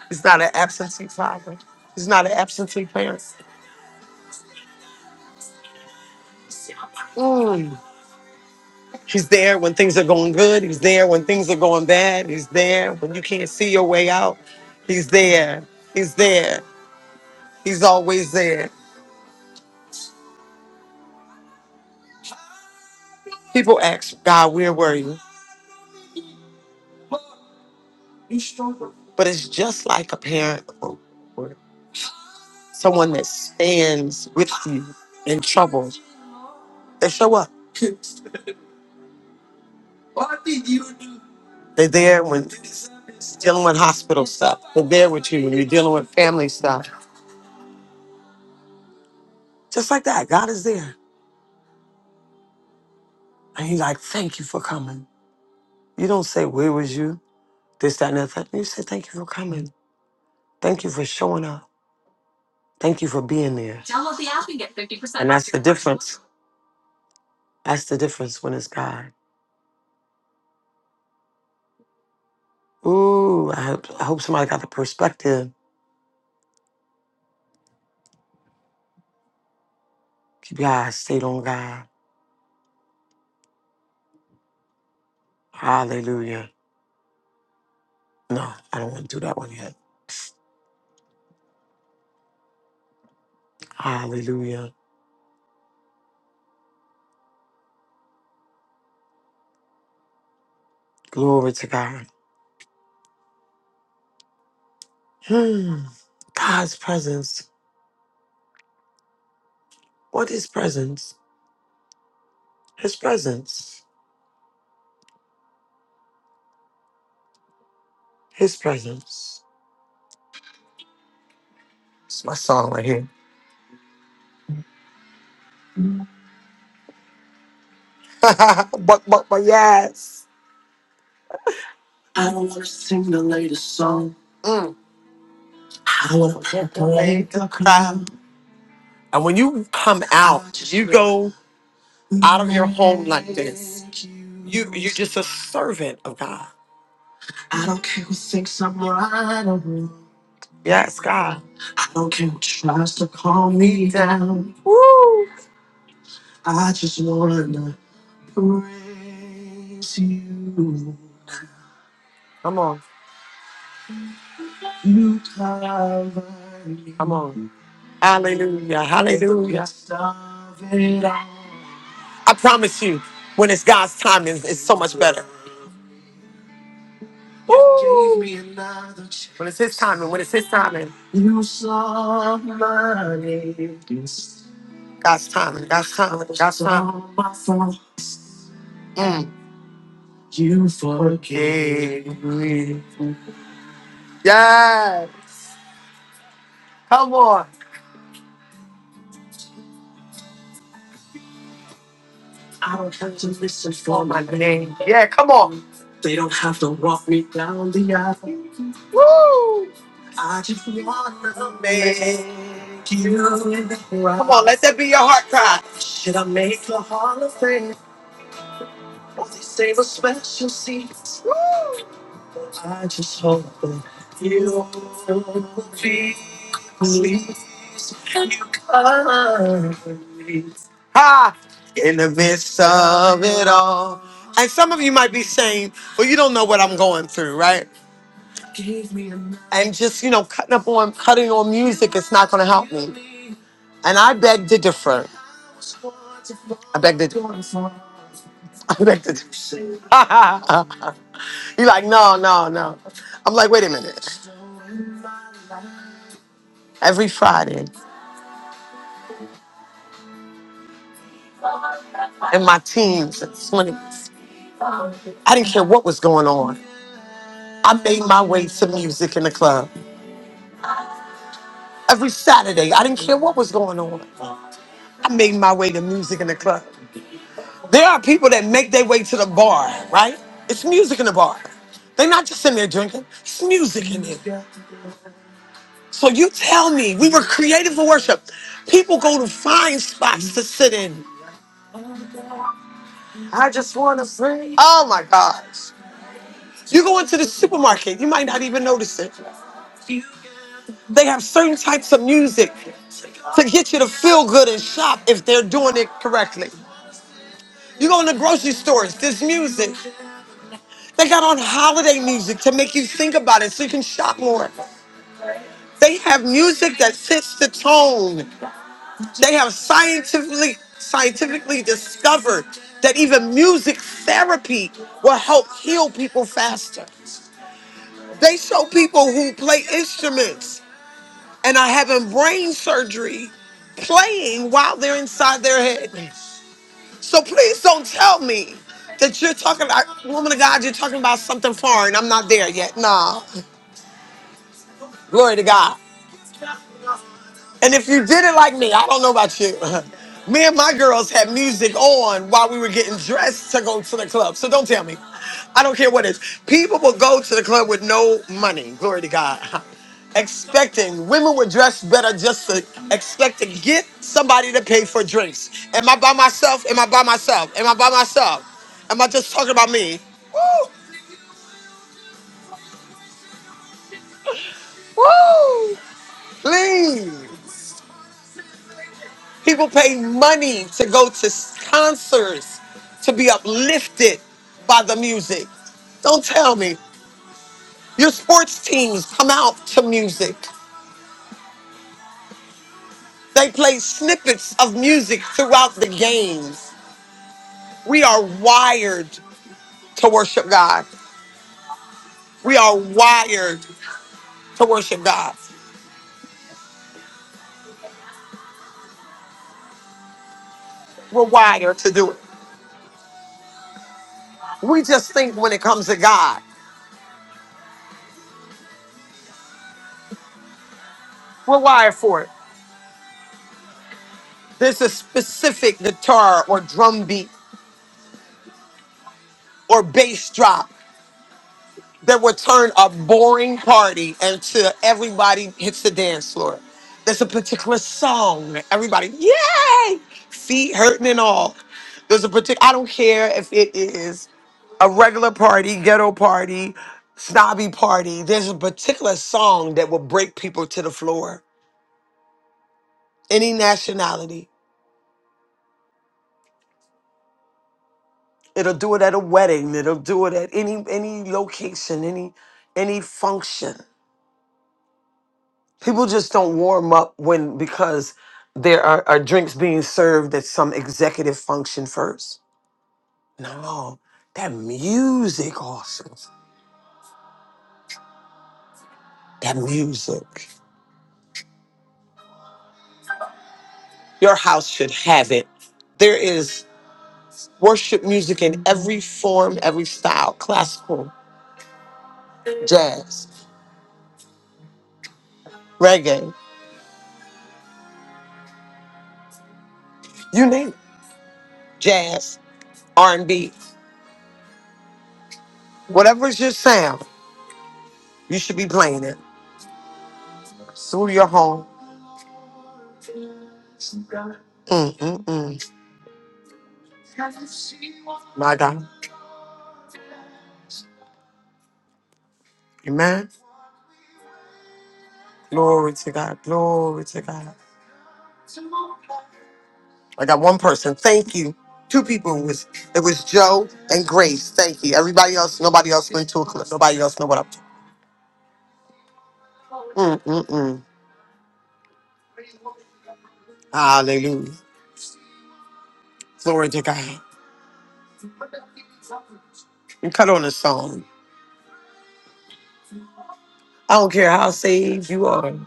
Speaker 4: He's not an absentee father. He's not an absentee parent. Mm. He's there when things are going good. He's there when things are going bad. He's there when you can't see your way out. He's there. He's there. He's always there. People ask God, where were you? But it's just like a parent or or someone that stands with you in trouble They show up. They're there when dealing with hospital stuff. They're there with you when you're dealing with family stuff. Just like that, God is there. And He's like, thank you for coming. You don't say, where was you? This, that, and the other thing. You say, thank you for coming. Thank you for showing up. Thank you for being there. Download the app And get fifty percent. And that's the difference. That's the difference when it's God. Ooh, I hope, I hope somebody got the perspective. Keep your eyes stayed on God. Hallelujah. No, I don't want to do that one yet. Hallelujah. Glory to God. Hmm. God's presence. What is presence? His presence. His presence. It's my song right here. but but but yes. Mm. I don't wanna And when you come out, you go out of your home like this. You're just a servant of God. Yes, God. Come on, come on. Hallelujah. Hallelujah. I promise you, when it's God's timing, it's so much better. Woo! When it's His timing, when it's His timing, God's timing, God's timing, God's. Mm. Yes. Come on. Come on. Come on, let that be your heart cry. Ha! In the midst of it all. And some of you might be saying, well, you don't know what I'm going through, right? And just, you know, cutting up on cutting on music, it's not gonna help. And I beg to differ. I beg to I beg to differ. You're like, no, no, no. I'm like, wait a minute. Every Friday in my teens and 20s, I didn't care what was going on. I made my way to music in the club. Every Saturday, I didn't care what was going on. I made my way to music in the club. There are people that make their way to the bar, right? It's music in the bar. They're not just in there drinking, it's music in there. So you tell me, we were created for worship. People go to find spots to sit in. Oh my gosh. You go into the supermarket, you might not even notice it. They have certain types of music to get you to feel good and shop if they're doing it correctly. You go in the grocery stores, there's music. They got on holiday music to make you think about it so you can shop more. They have music that sets the tone. They have scientifically scientifically discovered that even music therapy will help heal people faster. They show people who play instruments and are having brain surgery playing while they're inside their head. So please don't tell me that you're talking about, woman of God, you're talking about something foreign. I'm not there yet. Nah. Glory to God. And if you did it like me, I don't know about you. Me and my girls had music on while we were getting dressed to go to the club. So don't tell me. I don't care what it is. People will go to the club with no money. Glory to God. Expecting women were dressed better just to expect to get somebody to pay for drinks. Am I by myself? Am I by myself? Am I by myself? Am I just talking about me? Woo! Woo! Leave. People pay money to go to s- concerts to be uplifted by the music. Don't tell me. Your sports teams come out to music. They play snippets of music throughout the games. We are wired to worship God. We are wired to worship God. We're wired to do it. We just think when it comes to God, we're wired for it. There's a specific guitar or drum beat or bass drop that would turn a boring party until everybody hits the dance floor. There's a particular song that everybody, yay, feet hurting and all. There's a particular, I don't care if it is a regular party, ghetto party, snobby party. There's a particular song that will break people to the floor, any nationality. It'll do it at a wedding. It'll do it at any any location, any any function. people just don't warm up when because there are, are drinks being served at some executive function first. No, that music also. That music. Your house should have it. There is worship music in every form, every style: classical, jazz, reggae, you name it. Jazz, R and B, whatever's your sound, you should be playing it through your home. Mm mm mm. My God, Amen. Glory to God. Glory to God. I got one person. Thank you. Two people It was it was Joe and Grace. Thank you. Everybody else, nobody else went to a club. Nobody else know what I'm talking. Mm, mm, mm. Hallelujah. Glory to God. And cut on a song. I don't care how saved you are.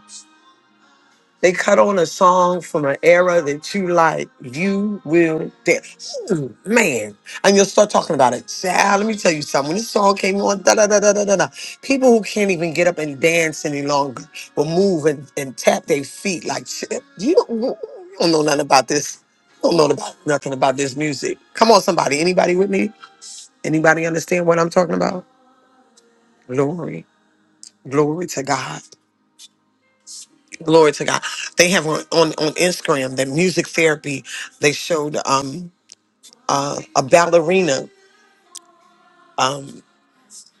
Speaker 4: They cut on a song from an era that you like. You will dance. Ooh, man. And you'll start talking about it. Child, let me tell you something. When this song came on, da da da da da da da. People who can't even get up and dance any longer will move and, and tap their feet like shit. You don't, you don't know nothing about this. You don't know about, nothing about this music. Come on, somebody. Anybody with me? Anybody understand what I'm talking about? Glory. Glory to God. Glory to God. They have on, on, on Instagram that music therapy, they showed um, uh, a ballerina. Um,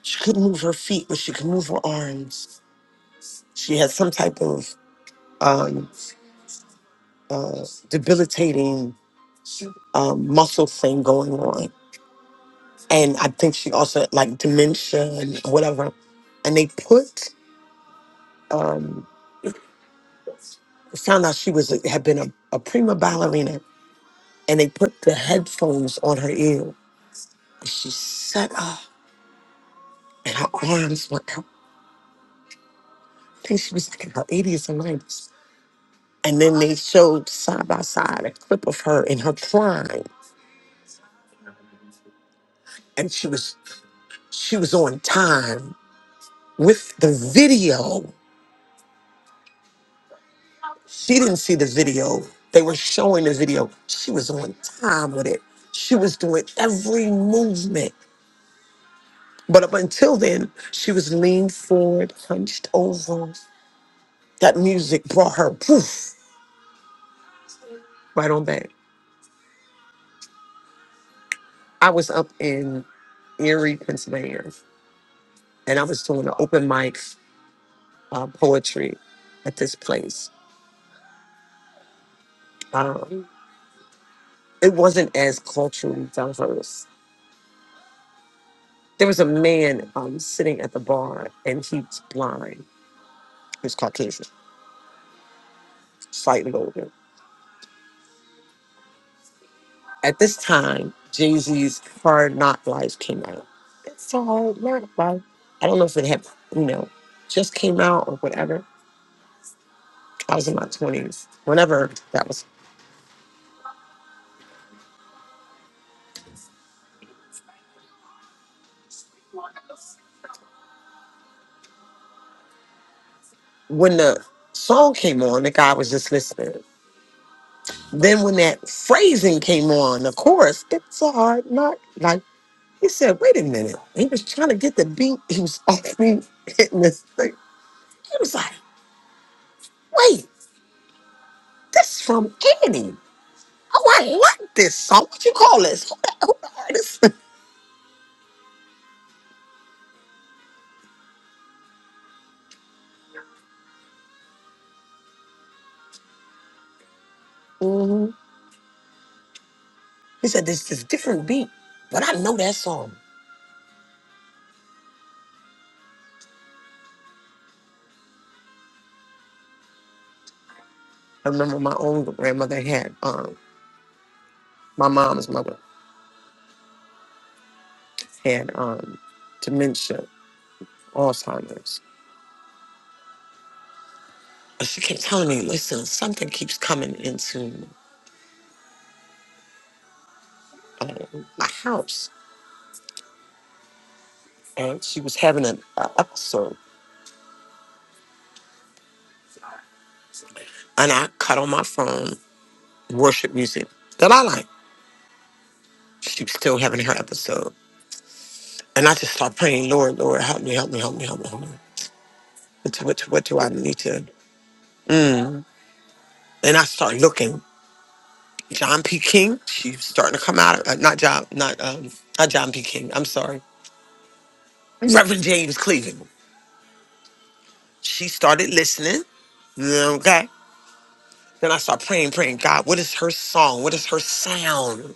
Speaker 4: she couldn't move her feet, but she could move her arms. She had some type of um, uh, debilitating um, muscle thing going on. And I think she also had like dementia and whatever. And they put, um, found out she was had been a, a prima ballerina, and they put the headphones on her ear. She sat up and her arms went out. I think she was like in her 80s and 90s. And then they showed side by side a clip of her in her prime, and she was she was on time with the video. She didn't see the video; they were showing the video. She was on time with it. She was doing every movement. But up until then, she was leaned forward, hunched over. That music brought her poof right on back. I was up in Erie, Pennsylvania and I was doing an open mic uh, poetry at this place. Um, it wasn't as culturally diverse. There was a man um, sitting at the bar, and he's blind. He's Caucasian, slightly older. At this time, Jay Z's "Hard Knock Life" came out. It's a hard knock life. I don't know if it had, you know, just came out or whatever. I was in my twenties. Whenever that was, when the song came on, the guy was just listening Then when that phrasing came on, the chorus, it's a hard knock. Like he said, wait a minute. He was trying to get the beat. He was off beat hitting this thing. He was like, wait, this is from Annie. Oh, I like this song. What you call this? Who the, who the artist? Mhm. He said, this is different beat, but I know that song. I remember my own grandmother had, um, my mom's mother had um, dementia, Alzheimer's. But she kept telling me, listen, something keeps coming into um, my house, and she was having an uh, episode, and I cut on my phone worship music that I like. She was still having her episode, and I just started praying, Lord, Lord, help me, help me, help me, help me, help me. What, do- what, do- what do I need to? Mm. And I started looking. John P. King, she's starting to come out. uh, not John, not um, not John P. King. I'm sorry, Reverend James Cleveland. She started listening. Okay. Then I start praying, praying, God, what is her song? What is her sound?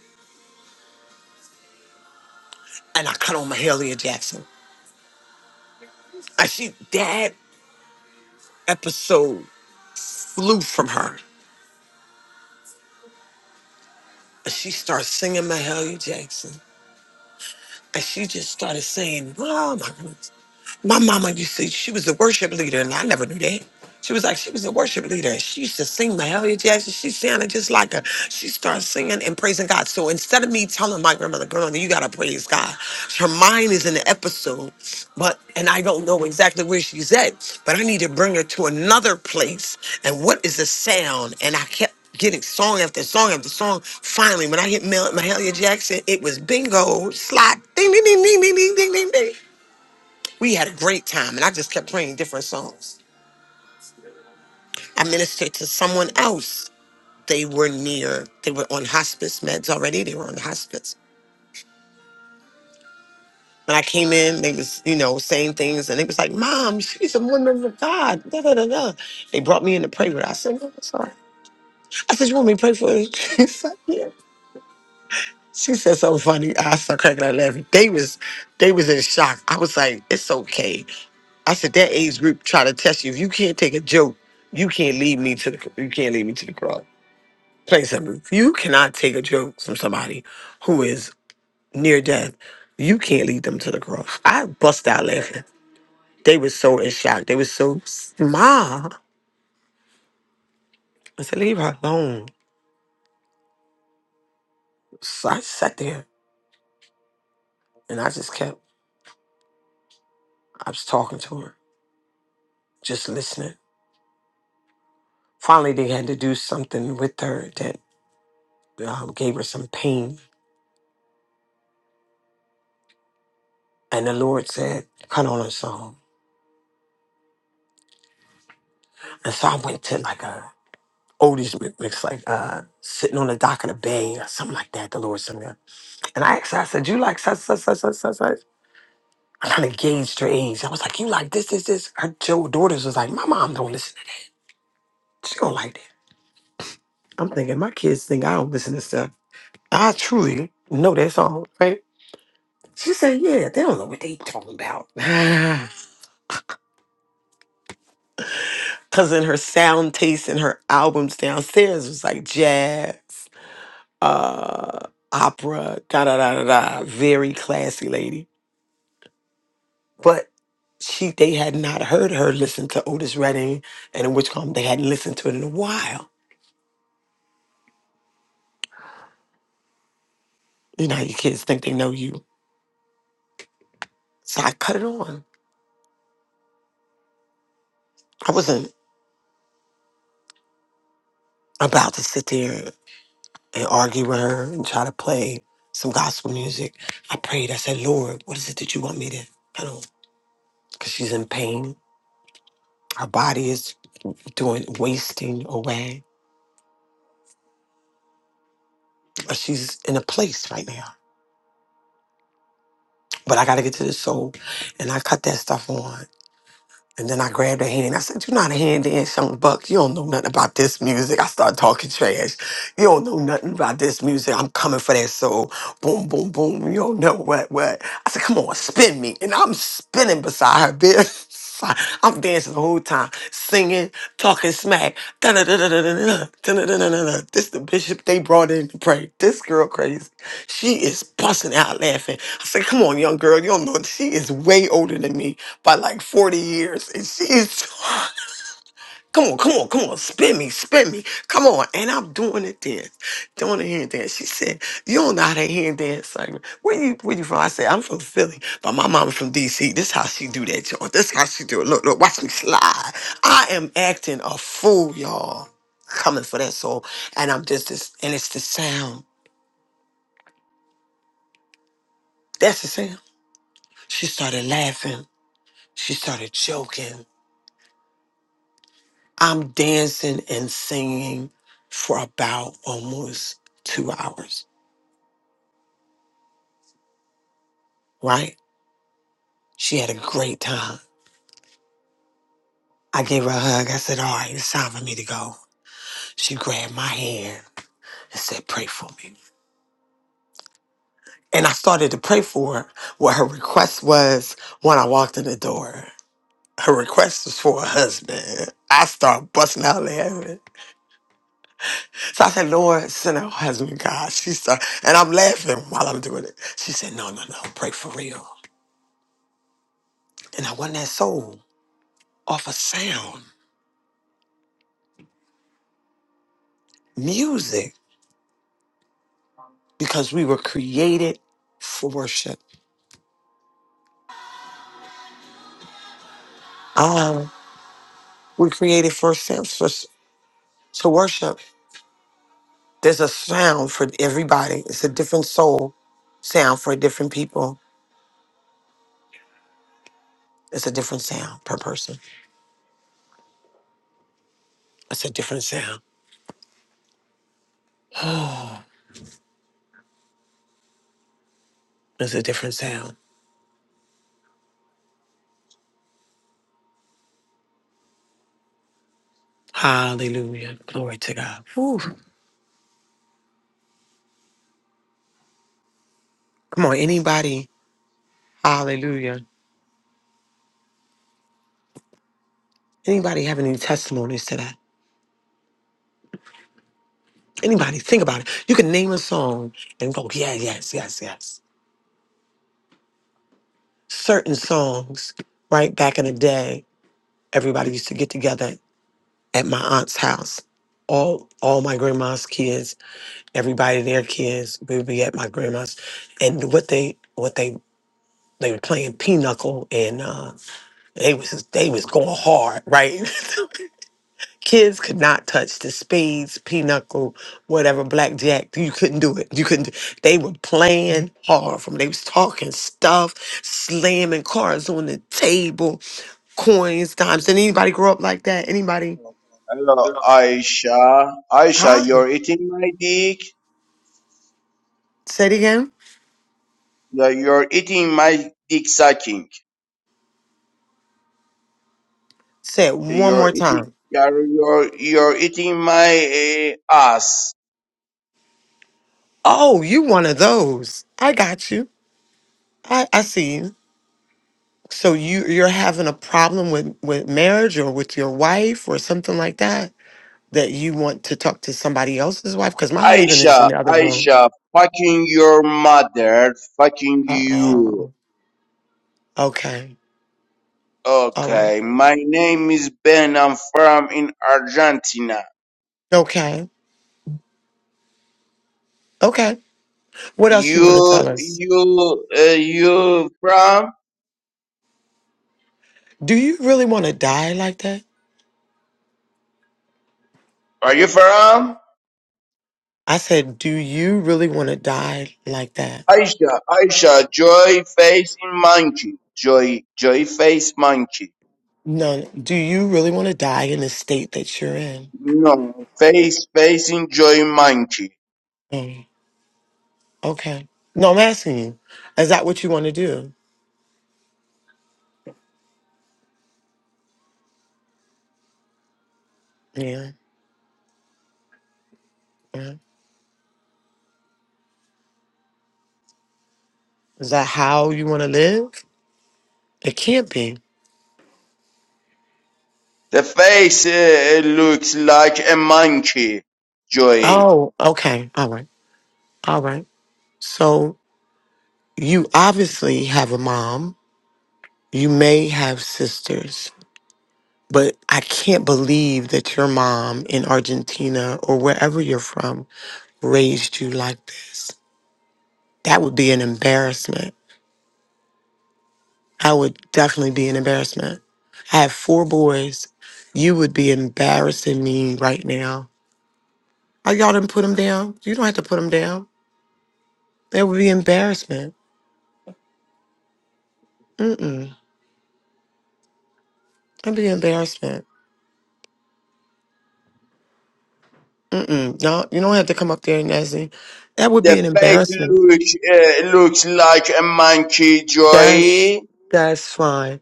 Speaker 4: and I cut on Mahalia Jackson. And she that episode flew from her. And she starts singing Mahalia Jackson. And she just started saying, Oh my god. My mama used to, she was a worship leader, and I never knew that. She was like, she was a worship leader. and She used to sing Mahalia Jackson. She sounded just like her. She started singing and praising God. So instead of me telling my grandmother, girl, you gotta praise God. Her mind is in the episode, but and I don't know exactly where she's at, but I need to bring her to another place. And what is the sound? And I kept getting song after song after song. Finally, when I hit Mel- Mahalia Jackson, it was bingo, slot, ding, ding, ding, ding, ding, ding, ding, ding, ding. We had a great time, and I just kept playing different songs. I ministered to someone else. They were near, they were on hospice meds already. They were on hospice. When I came in, they was, you know, saying things, and they was like, Mom, she's a woman of God. Da, da, da, da. They brought me in to pray with her. I said, No, it's all right. I said, You want me to pray for you? She said something funny. I started cracking up laughing. They was they was in shock. I was like, it's okay. I said that age group try to test you. If you can't take a joke, you can't lead me to the you can't lead me to the cross. Plain simple. If you cannot take a joke from somebody who is near death, you can't lead them to the cross. I bust out laughing. They were so in shock. They were so smart. I said, leave her alone. So I sat there and I just kept I was talking to her, just listening. Finally, they had to do something with her that um, gave her some pain. And the Lord said, cut on a song. And so I went to like a oldies mi- mix, like uh, sitting on the dock of the bay or something like that. The Lord sent me. And I asked her, I said, you like such, such, such, such, such, such? I kind of gauged her age. I was like, you like this, this, this. Her two daughters was like, my mom don't listen to that. She don't like that. I'm thinking, my kids think I don't listen to stuff. I truly know that song, right? She said, yeah, they don't know what they talking about. Cause in her sound taste and her albums downstairs was like jazz, uh, opera, da da da da da. Very classy lady. But she they had not heard her listen to Otis Redding and in which come they hadn't listened to it in a while. You know, how your kids think they know you. So I cut it on. I wasn't about to sit there and argue with her and try to play some gospel music. I prayed, I said, Lord, what is it that you want me to I don't because she's in pain. Her body is doing wasting away. But she's in a place right now. But I gotta get to the soul. And I cut that stuff on. And then I grabbed her hand and I said, You are not a hand dance, young buck. You don't know nothing about this music. I started talking trash. You don't know nothing about this music. I'm coming for that soul. Boom, boom, boom. You don't know what, what. I said, Come on, spin me. And I'm spinning beside her, bitch. I'm dancing dancing the whole time, singing, talking smack. Da-da-da-da-da-da-da, da-da-da-da-da-da. This the bishop they brought in to pray. This girl crazy. She is busting out laughing. I said, come on, young girl, you don't know. She is way older than me by like 40 years. And she is Come on, come on, come on, spin me, spin me. Come on. And I'm doing the dance, doing the hand dance. She said, You don't know how to hand dance, Simon. Where you where you from? I said, I'm from Philly, but my mama from DC. This how she do that, y'all. This how she do it. Look, look, watch me slide. I am acting a fool, y'all. Coming for that soul. And I'm just this, and it's the sound. That's the sound. She started laughing. She started joking. I'm dancing and singing for about almost two hours. right? She had a great time. I gave her a hug. I said, All right, it's time for me to go. She grabbed my hand and said, Pray for me. And I started to pray for her. What her request was when I walked in the door. Her request was for a husband. I started busting out laughing. So I said, Lord, send her husband, God. She started, and I'm laughing while I'm doing it. She said, No, no, no, pray for real. And I won that soul off of sound, music, because we were created for worship. Um, we created for sense for s- to worship. There's a sound for everybody. It's a different soul sound for different people. It's a different sound per person. It's a different sound. It's a different sound. Hallelujah. Glory to God. Whew. Come on, anybody. Hallelujah. Anybody have any testimonies to that? Anybody, think about it. You can name a song and go, yeah, yes, yes, yes. Certain songs, right back in the day, everybody used to get together at my aunt's house. All all my grandma's kids, everybody their kids, we would be at my grandma's, and what they what they they were playing pinochle and uh, they was they was going hard, right? kids could not touch the spades, pinochle, whatever, blackjack. You couldn't do it. You couldn't. do- They were playing hard. From they was talking stuff, slamming cards on the table, coins, dimes. Did anybody grow up like that? Anybody?
Speaker 9: Hello, Aisha. Aisha,
Speaker 4: Huh?
Speaker 9: you're eating my dick.
Speaker 4: Say it again.
Speaker 9: Yeah, you're eating my dick sucking.
Speaker 4: Say it
Speaker 9: Yeah,
Speaker 4: one
Speaker 9: You're
Speaker 4: more
Speaker 9: eating.
Speaker 4: time.
Speaker 9: You're you're, you're eating my uh, ass.
Speaker 4: Oh, you one of those. I got you. I, I see you. So you you're having a problem with with marriage or with your wife or something like that that you want to talk to somebody else's wife because my husband is in
Speaker 9: Aisha,
Speaker 4: the other room.
Speaker 9: Aisha, fucking your mother, fucking
Speaker 4: Uh
Speaker 9: you.
Speaker 4: oh. Okay. All right.
Speaker 9: Okay, my name is Ben. I'm from in Argentina.
Speaker 4: Okay. Okay. What else you want to
Speaker 9: You,
Speaker 4: tell us?
Speaker 9: you, uh, you from?
Speaker 4: Do you really want to die like that?
Speaker 9: Are you from?
Speaker 4: I said, do you really want to die like that?
Speaker 9: Aisha, Aisha, joy facing monkey, joy, joy face monkey.
Speaker 4: No. Do you really want to die in the state that you're in?
Speaker 9: No, face facing joy monkey.
Speaker 4: Mm. Okay. No, I'm asking you. Is that what you want to do? Yeah. yeah. Is that how you want to live? It can't be.
Speaker 9: The face uh, looks like a monkey, joy.
Speaker 4: Oh, okay. All right. All right. So you obviously have a mom. You may have sisters, but I can't believe that your mom in Argentina or wherever you're from raised you like this. That would be an embarrassment. I would definitely be an embarrassment. I have four boys. You would be embarrassing me right now. Oh, y'all didn't put them down. You don't have to put them down. That would be embarrassment. Mm-mm. That'd be embarrassment. Mm-mm. No, you don't have to come up there, Nezzy. That would be
Speaker 9: The
Speaker 4: an
Speaker 9: face
Speaker 4: embarrassment.
Speaker 9: looks uh, looks like a monkey,
Speaker 4: That's
Speaker 9: joy.
Speaker 4: that's fine.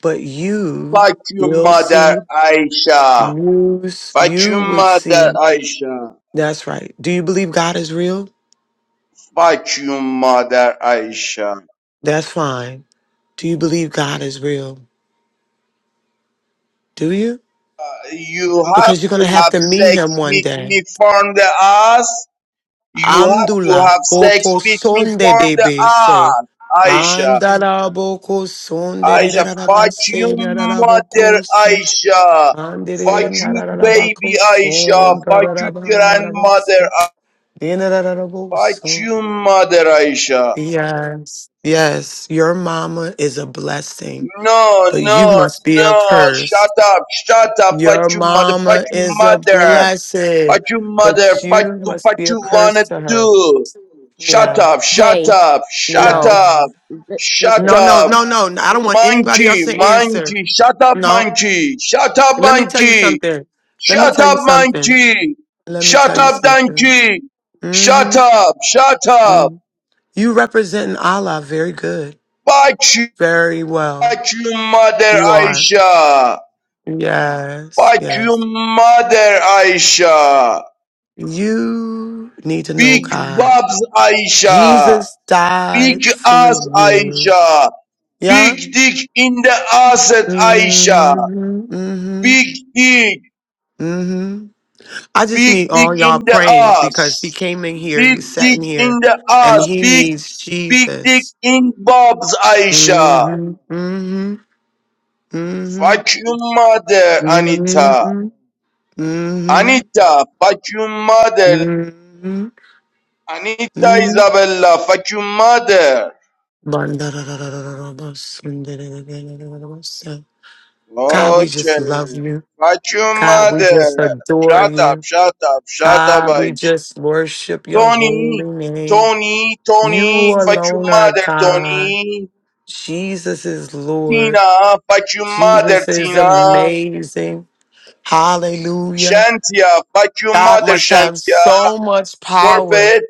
Speaker 4: But you,
Speaker 9: Fuck you,
Speaker 4: you'll
Speaker 9: mother
Speaker 4: see.
Speaker 9: Aisha.
Speaker 4: You, s-
Speaker 9: Fuck
Speaker 4: you
Speaker 9: you,
Speaker 4: would
Speaker 9: mother
Speaker 4: see.
Speaker 9: Aisha.
Speaker 4: That's right. Do you believe God is real?
Speaker 9: Fuck you, mother Aisha.
Speaker 4: That's fine. Do you believe God is real? Do you?
Speaker 9: you have
Speaker 4: because you're going to
Speaker 9: to
Speaker 4: have
Speaker 9: have
Speaker 4: to meet him
Speaker 9: sex
Speaker 4: one
Speaker 9: with
Speaker 4: day.
Speaker 9: me from the ass. You have to
Speaker 4: Amdula
Speaker 9: have sex
Speaker 4: boko
Speaker 9: with me
Speaker 4: sonde
Speaker 9: from
Speaker 4: de
Speaker 9: the
Speaker 4: be se.
Speaker 9: ass. Aisha,
Speaker 4: Andala boko sonde de da
Speaker 9: Aisha,
Speaker 4: da da ba
Speaker 9: fuck
Speaker 4: se
Speaker 9: you,
Speaker 4: da da da
Speaker 9: mother
Speaker 4: boko so.
Speaker 9: Aisha.
Speaker 4: Ande de
Speaker 9: Fuck
Speaker 4: na
Speaker 9: you,
Speaker 4: da da da ba ko
Speaker 9: baby Aisha.
Speaker 4: son da
Speaker 9: Fuck
Speaker 4: da
Speaker 9: you,
Speaker 4: da ba na da ba
Speaker 9: grandmother.
Speaker 4: se.
Speaker 9: A-
Speaker 4: De na da da da bo
Speaker 9: Fuck
Speaker 4: so.
Speaker 9: you, mother Aisha.
Speaker 4: Yes, yes, your mama is a blessing,
Speaker 9: No,
Speaker 4: but you
Speaker 9: no,
Speaker 4: must be a
Speaker 9: no.
Speaker 4: curse.
Speaker 9: Shut up, shut up. Fuck
Speaker 4: Your
Speaker 9: you, mother. Fuck
Speaker 4: mama
Speaker 9: you,
Speaker 4: is a
Speaker 9: mother.
Speaker 4: blessing,
Speaker 9: Fight your
Speaker 4: but
Speaker 9: mother, fight
Speaker 4: you
Speaker 9: the
Speaker 4: must
Speaker 9: fight
Speaker 4: be a
Speaker 9: you
Speaker 4: curse
Speaker 9: wanna
Speaker 4: to her.
Speaker 9: do. Shut
Speaker 4: Yeah.
Speaker 9: up, shut
Speaker 10: Hey,
Speaker 9: up, shut
Speaker 10: no,
Speaker 4: Yeah.
Speaker 9: up,
Speaker 10: B-
Speaker 9: shut
Speaker 10: Bishop.
Speaker 4: No, no,
Speaker 9: up.
Speaker 4: no, no. n- I don't want anybody else
Speaker 9: Monkey,
Speaker 4: to answer.
Speaker 9: monkey, shut up,
Speaker 4: No.
Speaker 9: monkey, shut up,
Speaker 4: Let me tell you
Speaker 9: monkey,
Speaker 4: something. Let me
Speaker 9: shut
Speaker 4: tell you
Speaker 9: up,
Speaker 4: something.
Speaker 9: monkey,
Speaker 4: Let me tell
Speaker 9: shut
Speaker 4: you
Speaker 9: up,
Speaker 4: something.
Speaker 9: donkey, shut
Speaker 4: Mm-hmm.
Speaker 9: up, shut up.
Speaker 4: hmm You representing Allah very good.
Speaker 9: Fight you,
Speaker 4: Very well.
Speaker 9: fight you, mother
Speaker 4: You are.
Speaker 9: Aisha.
Speaker 4: Yes.
Speaker 9: Fight you,
Speaker 4: Yes.
Speaker 9: mother Aisha.
Speaker 4: You need to know
Speaker 9: Big
Speaker 4: God.
Speaker 9: Bob's Aisha.
Speaker 4: Jesus
Speaker 9: Big
Speaker 4: died for
Speaker 9: ass
Speaker 4: you.
Speaker 9: Aisha.
Speaker 4: Yeah.
Speaker 9: Big dick in the ass at Aisha.
Speaker 4: Mm-hmm. Mm-hmm.
Speaker 9: Big dick.
Speaker 4: Mm-hmm. I just need
Speaker 9: Big dick
Speaker 4: all
Speaker 9: in
Speaker 4: y'all
Speaker 9: the
Speaker 4: praying because
Speaker 9: ass.
Speaker 4: he came in here,
Speaker 9: Big
Speaker 4: he's
Speaker 9: dick
Speaker 4: sitting here,
Speaker 9: in the
Speaker 4: and
Speaker 9: ass.
Speaker 4: he
Speaker 9: Big,
Speaker 4: needs
Speaker 9: big dick
Speaker 4: Jesus.
Speaker 9: in Bob's
Speaker 4: hmm
Speaker 9: Aisha.
Speaker 4: hmm hmm hmm
Speaker 9: Fuck your mother, Anita.
Speaker 4: hmm
Speaker 9: Anita, fuck your mother.
Speaker 4: hmm
Speaker 9: Anita
Speaker 4: hmm
Speaker 9: Isabella, fuck your mother.
Speaker 4: God, we just
Speaker 9: Okay.
Speaker 4: love you.
Speaker 9: Fuck your
Speaker 4: God, we just
Speaker 9: mother.
Speaker 4: adore
Speaker 9: Shut up,
Speaker 4: you.
Speaker 9: shut up, shut up,
Speaker 4: God, we
Speaker 9: Aisha.
Speaker 4: just worship your
Speaker 9: Tony,
Speaker 4: holy name.
Speaker 9: Tony,
Speaker 4: You
Speaker 9: Tony, fuck your
Speaker 4: alone are
Speaker 9: mother,
Speaker 4: God.
Speaker 9: Tony.
Speaker 4: Jesus is Lord.
Speaker 9: Tina, fuck your mother,
Speaker 4: Jesus is
Speaker 9: Tina.
Speaker 4: amazing. Hallelujah.
Speaker 9: Shantia, fuck your
Speaker 4: God
Speaker 9: mother,
Speaker 4: must have
Speaker 9: Shantia.
Speaker 4: so much power.
Speaker 9: Corpet,